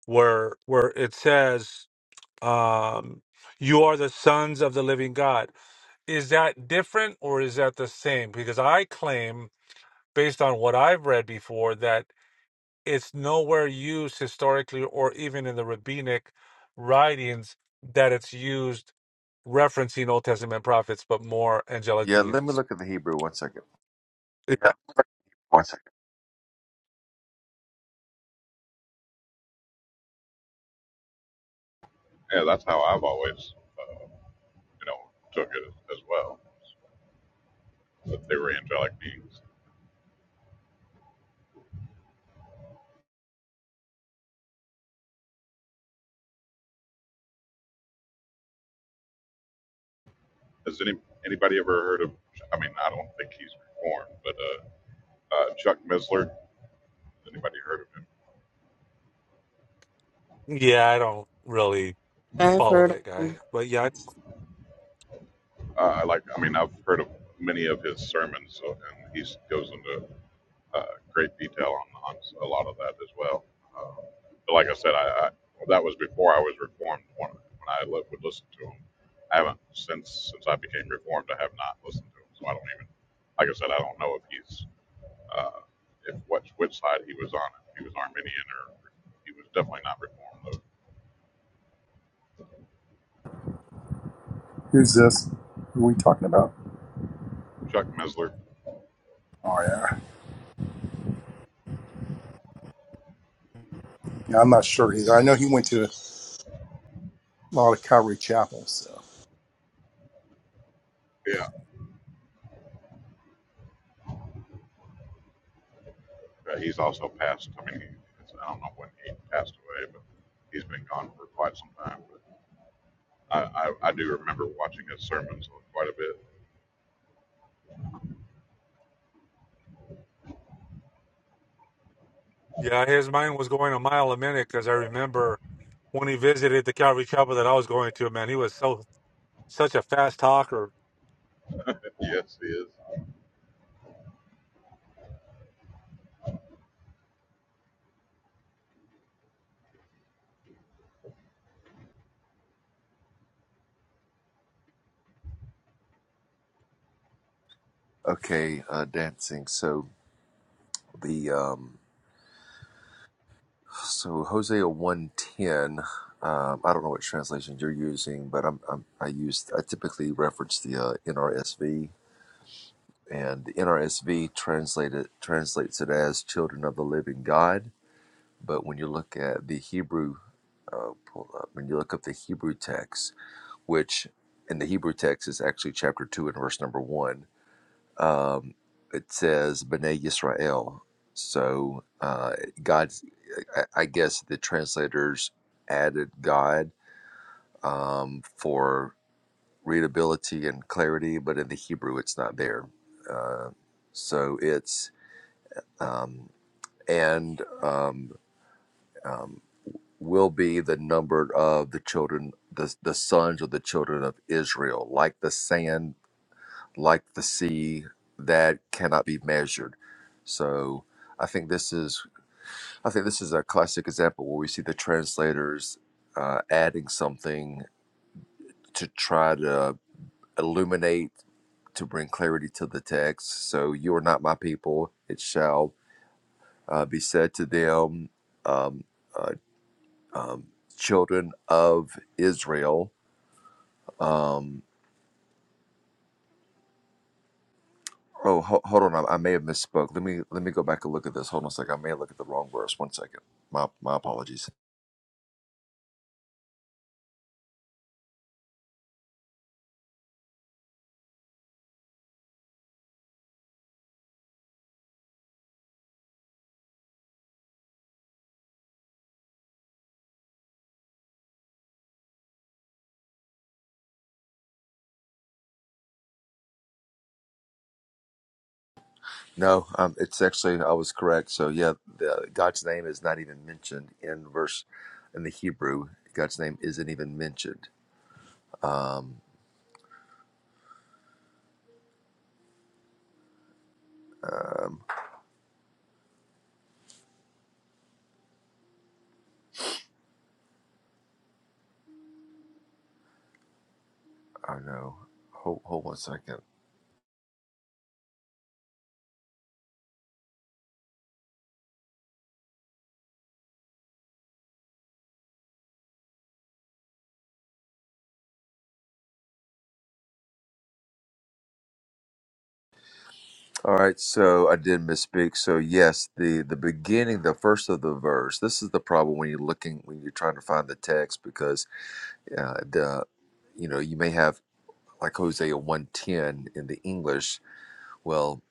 [SPEAKER 8] where where it says Um, you are the sons of the living God. Is that different or is that the same? Because I claim, based on what I've read before, that it's nowhere used historically or even in the rabbinic writings that it's used referencing Old Testament prophets, but more angelic
[SPEAKER 11] Yeah, let me
[SPEAKER 8] beings.
[SPEAKER 11] look at the Hebrew one second.
[SPEAKER 8] Yeah. One second.
[SPEAKER 3] Yeah, that's how I've always, uh, you know, took it as well. That they were angelic beings. Has any anybody ever heard of? I mean, I don't think he's reformed, but uh, uh, Chuck Missler. Anybody heard of him?
[SPEAKER 8] Yeah, I don't really
[SPEAKER 4] I've
[SPEAKER 8] follow
[SPEAKER 4] heard. of
[SPEAKER 8] that
[SPEAKER 4] 'em.
[SPEAKER 8] guy. But yeah,
[SPEAKER 3] Uh, I like. I mean, I've heard of many of his sermons, so, and he goes into uh, great detail on, on a lot of that as well. Uh, but like I said, I, I that was before I was reformed. When, when I li- would listen to him, I haven't since since I became reformed. I have not listened to him, so I don't even. Like I said, I don't know if he's uh, if what which side he was on. If he was Arminian or he was definitely not Reformed. Though.
[SPEAKER 5] Who's this? Who are we talking about?
[SPEAKER 3] Chuck Mesler,
[SPEAKER 5] Oh yeah. yeah I'm not sure either. I know he went to a lot of Calvary Chapel, so.
[SPEAKER 3] yeah, uh, he's also passed. I mean, he, it's, I don't know when he passed away, but he's been gone for quite some time. But I, I, I do remember watching his sermons quite a bit.
[SPEAKER 8] Yeah, his mind was going a mile a minute because I remember when he visited the Calvary Chapel that I was going to, man, he was so such a fast talker.
[SPEAKER 3] Yes, he is.
[SPEAKER 11] Okay, uh, dancing. So, the. Um, So Hosea one ten. Um, I don't know what translation you're using, but I'm, I'm I use I typically reference the uh, NRSV, and the NRSV translated translates it as "children of the living God." But when you look at the Hebrew, uh, pull up when you look up the Hebrew text, which in the Hebrew text is actually chapter two and verse number one um, it says Bnei Yisrael. So uh, God, I I guess the translators added God um, for readability and clarity, but in the Hebrew, it's not there. Uh, so it's um, and um, um, will be the number of the children, the the sons of the children of Israel, like the sand like the sea that cannot be measured. So I think this is I think this is a classic example where we see the translators uh, adding something to try to illuminate to bring clarity to the text. So you are not my people; it shall uh, be said to them, um, uh, um, children of Israel. Um, Oh, ho- hold on. I, I may have misspoke. Let me let me go back and look at this. Hold on a second. I may look at the wrong verse. One second. My my apologies. No, um, it's actually I was correct. So yeah, the, God's name is not even mentioned in verse in the Hebrew. God's name isn't even mentioned. Um, um I know. Hold hold one second. All right, so I did misspeak. So yes, the the beginning, the first of the verse. This is the problem when you're looking when you're trying to find the text because uh, the you know you may have like Hosea 110 in the English, well,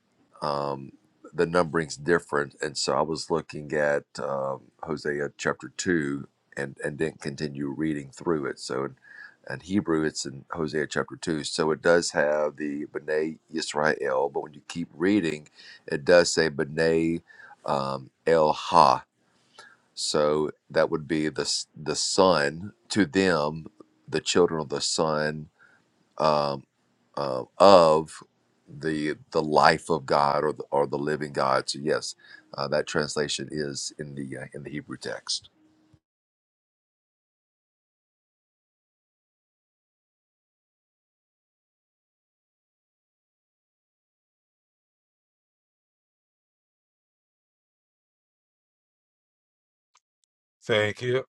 [SPEAKER 11] um, the numbering's different. And so I was looking at um, Hosea chapter 2 and, and didn't continue reading through it. So in, in Hebrew, it's in Hosea chapter 2. So it does have the B'nai Yisrael, but when you keep reading, it does say B'nai um, El Ha. So that would be the, s- the son to them, the children of the son. um, uh, of the the life of God or the, or the living God. So yes, uh, that translation is in the uh, in the Hebrew text,
[SPEAKER 8] Thank you.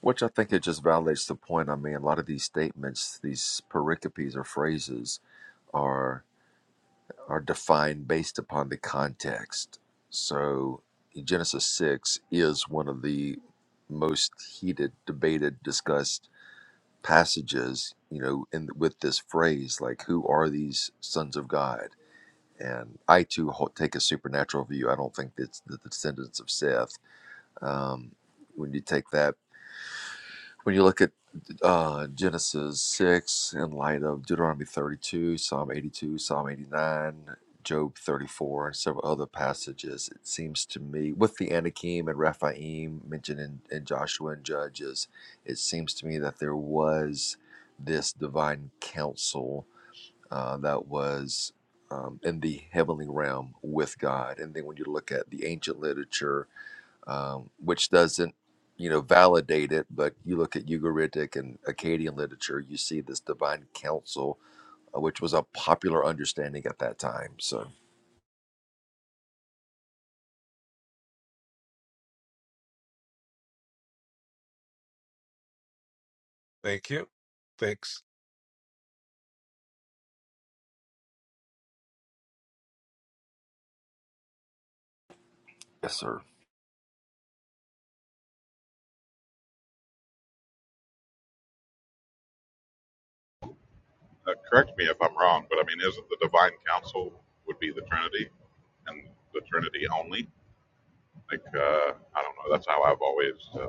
[SPEAKER 11] which I think it just validates the point. I mean, a lot of these statements, these pericopes or phrases, are are defined based upon the context. So Genesis six is one of the most heated, debated, discussed passages. You know, in with this phrase, like, "Who are these sons of God?" and I too ho- take a supernatural view. I don't think it's the descendants of Seth. Um, when you take that, when you look at uh, Genesis 6 in light of Deuteronomy 32, Psalm 82, Psalm 89, Job 34, and several other passages, it seems to me, with the Anakim and Raphaim mentioned in, in Joshua and Judges, it seems to me that there was this divine counsel uh, that was um, in the heavenly realm with God. And then when you look at the ancient literature, um, which doesn't, you know, validate it, but you look at Ugaritic and Akkadian literature, you see this divine council, uh, which was a popular understanding at that time. So,
[SPEAKER 8] Thank you. Thanks.
[SPEAKER 11] yes, sir.
[SPEAKER 3] Uh, correct me if I'm wrong, but I mean, isn't the divine council would be the Trinity and the Trinity only? Like, uh, I don't know. That's how I've always uh,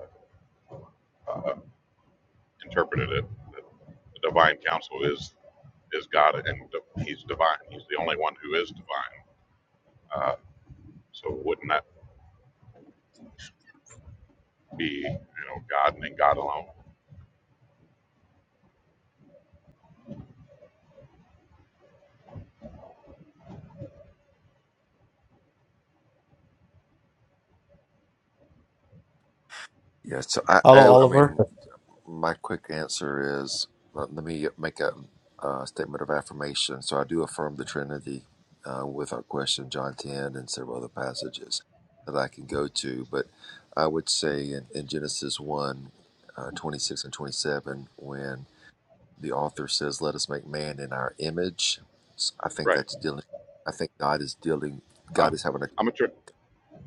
[SPEAKER 3] uh, interpreted it that the divine counsel is is God and di- he's divine. He's the only one who is divine. Uh, so wouldn't that be you know God and then God alone?
[SPEAKER 11] Yeah, so I,
[SPEAKER 2] Hello,
[SPEAKER 11] I, I
[SPEAKER 2] Oliver.
[SPEAKER 11] mean, my quick answer is let, let me make a, uh statement of affirmation. So I do affirm the Trinity uh, with our question, John 10, and several other passages that I can go to. But I would say in, in Genesis 1 uh, 26 and 27, when the author says, Let us make man in our image, s- I think
[SPEAKER 3] Right.
[SPEAKER 11] that's dealing, I think God is dealing,
[SPEAKER 3] Uh,
[SPEAKER 11] God is having a,
[SPEAKER 3] I'm a tr-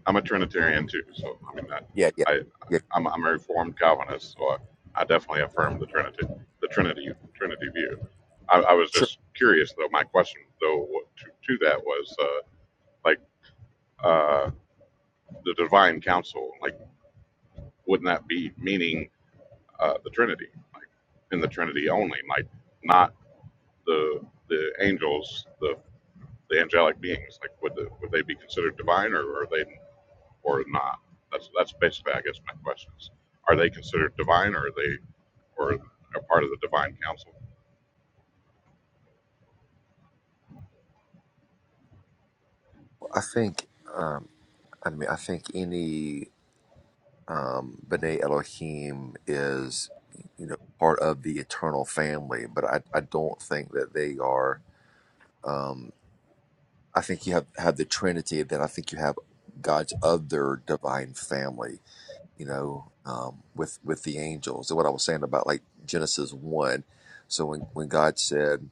[SPEAKER 3] I'm a Trinitarian too. So I mean that
[SPEAKER 11] yeah, yeah,
[SPEAKER 3] I
[SPEAKER 11] yeah,
[SPEAKER 3] I'm, I'm a Reformed Calvinist. So I, I definitely affirm the Trinity the Trinity Trinity view. I, I was
[SPEAKER 11] sure.
[SPEAKER 3] just curious though. My question though to, to that was uh, like uh, the divine counsel. Like wouldn't that be meaning? uh, the Trinity, like in the Trinity only, like not the the angels, the the angelic beings. Like would the, would they be considered divine, or are they or not? That's that's basically, I guess, my question is: Are they considered divine, or are they or a part of the divine council?
[SPEAKER 11] I think. Um, I mean, I think any um, B'nai Elohim is, you know, part of the eternal family, but I, I don't think that they are. Um, I think you have, have the Trinity, then I think you have God's other divine family, you know, um, with with the angels. And what I was saying about like Genesis one, so when when God said,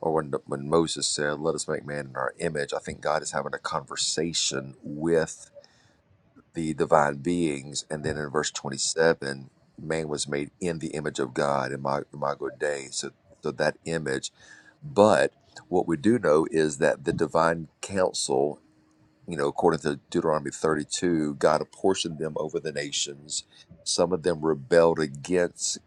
[SPEAKER 11] or when when Moses said, "Let us make man in our image," I think God is having a conversation with the divine beings. And then in verse 27, man was made in the image of God, in my imago Dei. So, so that image. But what we do know is that the divine council, you know, according to Deuteronomy 32, God apportioned them over the nations. Some of them rebelled against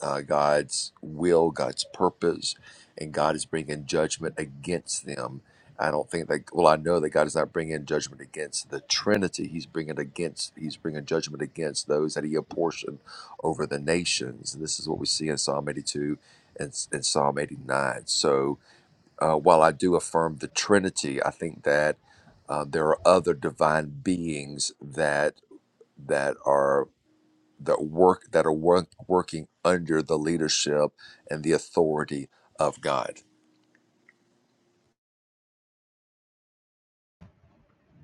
[SPEAKER 11] uh, God's will, God's purpose, and God is bringing judgment against them. I don't think that. Well, I know that God is not bringing judgment against the Trinity. He's bringing against. He's bringing judgment against those that He apportioned over the nations. This is what we see in Psalm 82 and, and Psalm 89. So, uh, while I do affirm the Trinity, I think that uh, there are other divine beings that that are that work that are work, working under the leadership and the authority of God.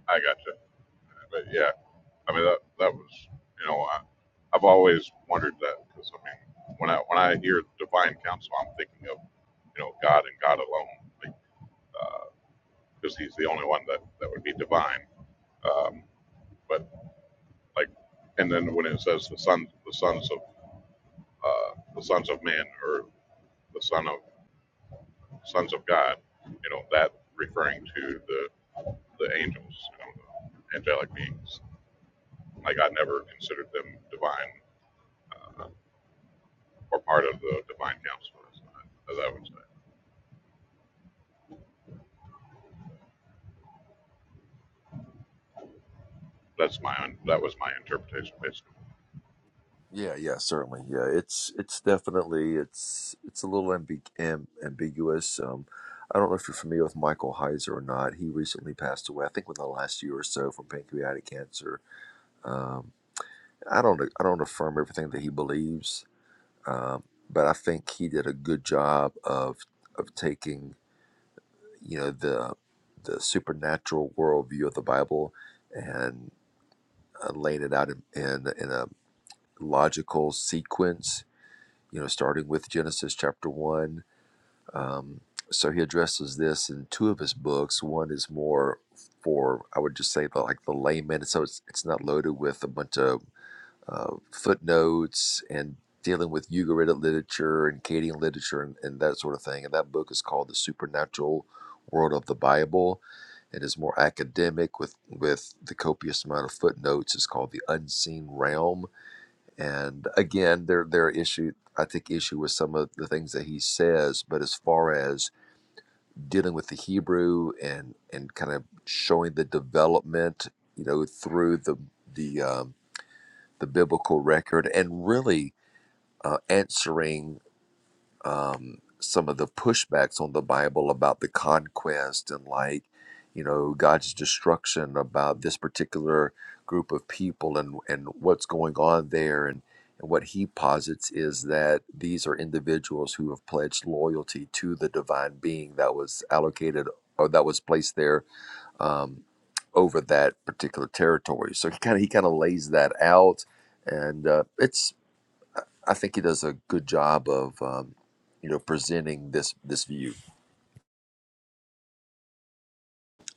[SPEAKER 3] I gotcha. But yeah, I mean that that was you know I, I've always wondered that because I mean when I when I hear divine council, I'm thinking of you know God and God alone. because Like, uh, because he's the only one that, that would be divine. Um, but like, and then when it says the sons, the sons of uh, the sons of men, or the son of sons of God, you know, that referring to the the angels, you know, the angelic beings. Like I never considered them divine uh, or part of the divine council, as I, would say. That's my un, that was my interpretation. Basically,
[SPEAKER 11] Yeah, yeah, certainly. Yeah, it's it's definitely it's it's a little ambig- am, ambiguous. Um, I don't know if you're familiar with Michael Heiser or not. He recently passed away, I think, within the last year or so from pancreatic cancer. Um, I don't I don't affirm everything that he believes, um, but I think he did a good job of of taking you know the the supernatural worldview of the Bible and uh, laying it out in, in in a logical sequence. You know, starting with Genesis chapter one. Um, so he addresses this in two of his books. One is more for I would just say the, like the layman. So it's it's not loaded with a bunch of uh, footnotes and dealing with Ugaritic literature and Akkadian literature and, and that sort of thing. And that book is called The Supernatural World of the Bible. It is more academic with, with the copious amount of footnotes. It's called The Unseen Realm. And again, there there are issue I take issue with some of the things that he says, but as far as dealing with the Hebrew and and kind of showing the development, you know, through the the um, the biblical record and really uh, answering um, some of the pushbacks on the Bible about the conquest and like you know God's destruction about this particular group of people and and what's going on there and and what he posits is that these are individuals who have pledged loyalty to the divine being that was allocated or that was placed there um, over that particular territory. So he kind of he kind of lays that out, and uh, it's I think he does a good job of um, you know presenting this this view.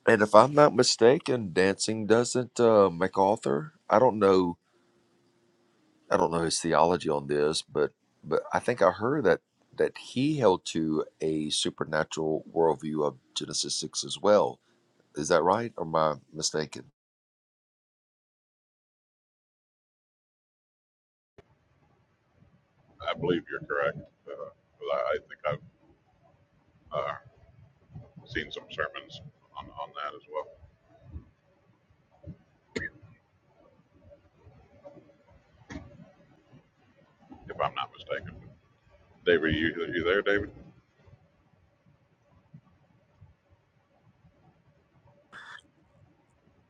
[SPEAKER 11] And if I'm not mistaken, dancing doesn't uh, MacArthur. I don't know. I don't know his theology on this, but but I think I heard that that he held to a supernatural worldview of Genesis six as well. Is that right, or am I mistaken?
[SPEAKER 3] I believe you're correct. Uh, 'cause I, think I've uh, seen some sermons on, on that as well, if I'm not mistaken. David, are you, are you there, David?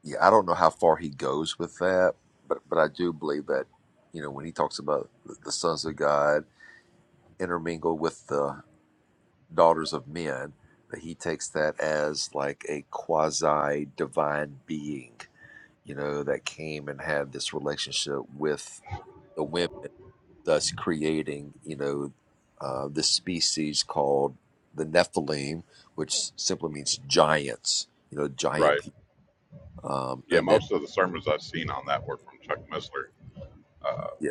[SPEAKER 11] yeah, I don't know how far he goes with that, but but I do believe that you know when he talks about the the sons of God intermingle with the daughters of men, that he takes that as like a quasi divine being, you know, that came and had this relationship with the women, thus creating you know uh, this species called the Nephilim, which simply means giants, you know, giant
[SPEAKER 3] Right.
[SPEAKER 11] people, um,
[SPEAKER 3] Yeah,
[SPEAKER 11] and then
[SPEAKER 3] most of the sermons I've seen on that were from Chuck Missler. Uh,
[SPEAKER 11] yeah,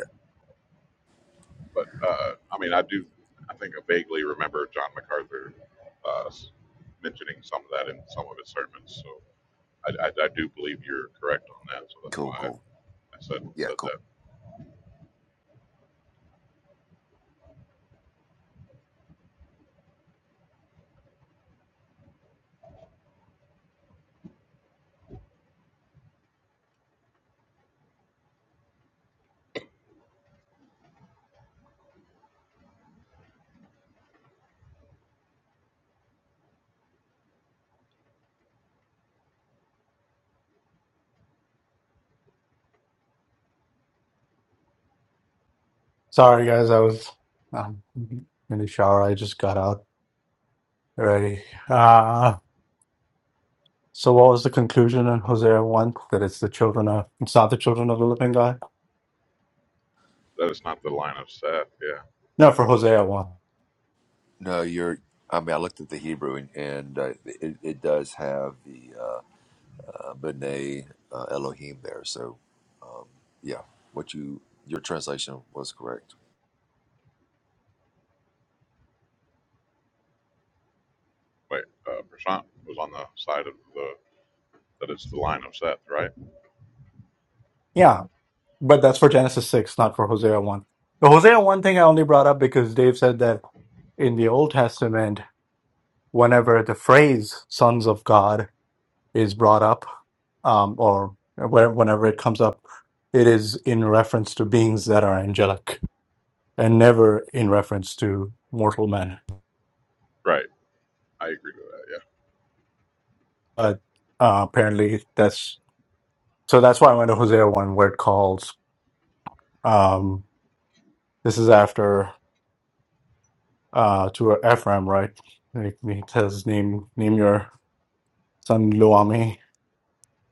[SPEAKER 3] but uh, I mean, I do, I think I vaguely remember John MacArthur uh, s- mentioning some of that in some of his sermons. So I, I, I do believe you're correct on that. So that's
[SPEAKER 11] cool,
[SPEAKER 3] why
[SPEAKER 11] cool,
[SPEAKER 3] I said
[SPEAKER 11] yeah, cool.
[SPEAKER 3] said that.
[SPEAKER 2] Sorry, guys. I was um, in the shower. I just got out already. Uh, so, what was the conclusion in Hosea 1? That it's the children of, it's not the children of the living God?
[SPEAKER 3] That is not the line of Seth. Yeah.
[SPEAKER 2] No, for Hosea 1.
[SPEAKER 11] No, you're. I mean, I looked at the Hebrew, and, and uh, it, it does have the uh, uh, B'nai uh, Elohim there. So, um, yeah, what you your translation was correct.
[SPEAKER 3] Wait, uh, Prashant was on the side of the that it's the line of Seth, right?
[SPEAKER 2] Yeah, but that's for Genesis 6, not for Hosea 1. The Hosea 1 thing I only brought up because Dave said that in the Old Testament, whenever the phrase sons of God is brought up um, or where, whenever it comes up, it is in reference to beings that are angelic and never in reference to mortal men.
[SPEAKER 3] Right. I agree with that.
[SPEAKER 2] But uh, apparently, that's so that's why I went to Hosea 1 where it calls. Um, this is after uh, to Ephraim, right? He he says, Name, name your son Luami,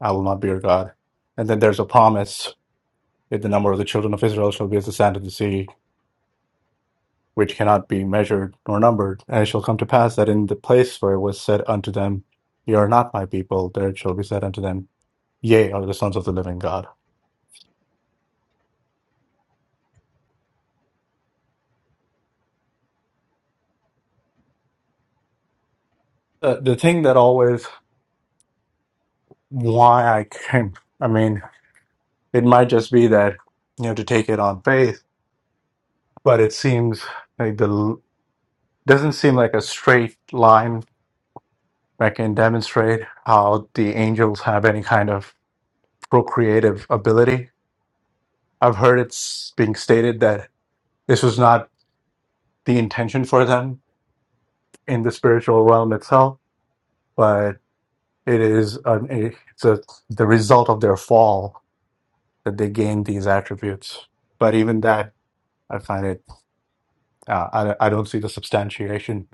[SPEAKER 2] I will not be your God. And then there's a promise if the number of the children of Israel shall be as the sand of the sea, which cannot be measured nor numbered. And it shall come to pass that in the place where it was said unto them, Ye are not my people, there it shall be said unto them, Ye are the sons of the living God. Uh, the thing that always why I came, I mean, it might just be that, you know, to take it on faith, but it seems like the, doesn't seem like a straight line that can demonstrate how the angels have any kind of procreative ability. I've heard it's being stated that this was not the intention for them in the spiritual realm itself, but it is an, a, it's a, the result of their fall that they gain these attributes. But even that, I find it, uh, I, I don't see the substantiation.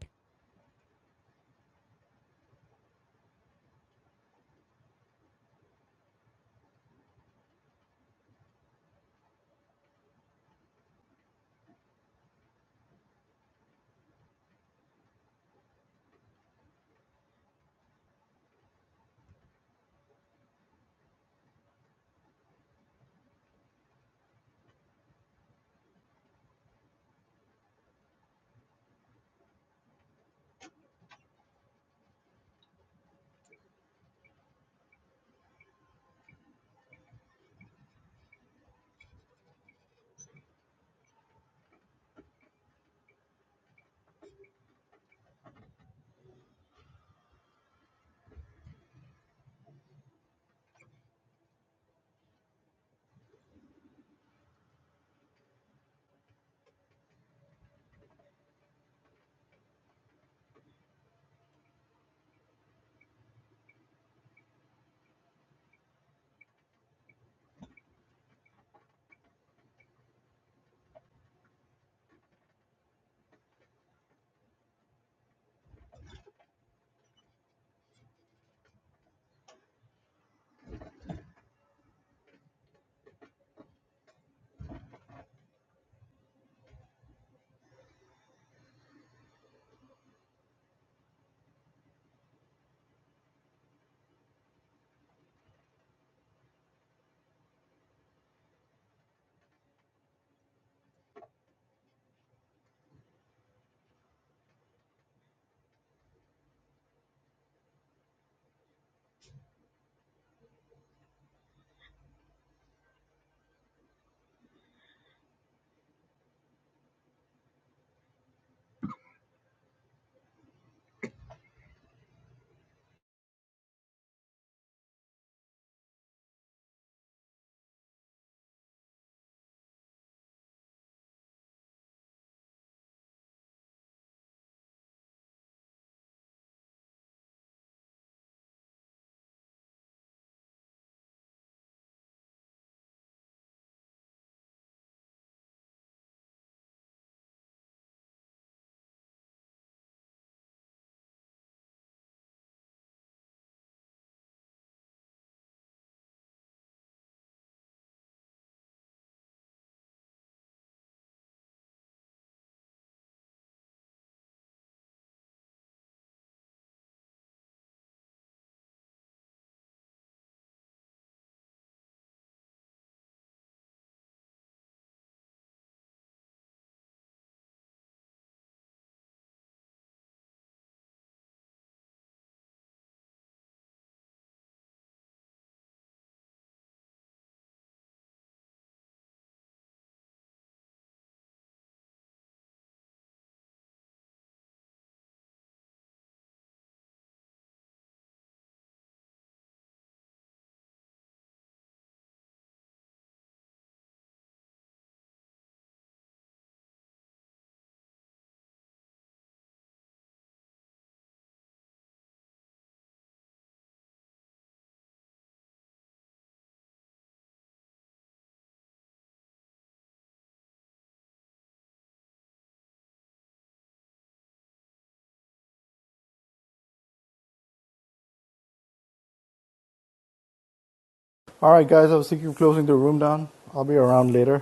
[SPEAKER 2] All right, guys, I was thinking of closing the room down. I'll be around later,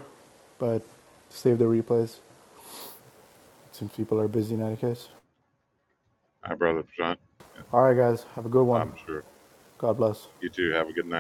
[SPEAKER 2] but save the replays since people are busy in any case.
[SPEAKER 3] Yeah. Hi, brother Prashant.
[SPEAKER 2] All right, guys, have a good one.
[SPEAKER 3] I'm sure
[SPEAKER 2] God bless.
[SPEAKER 3] you two have a good night.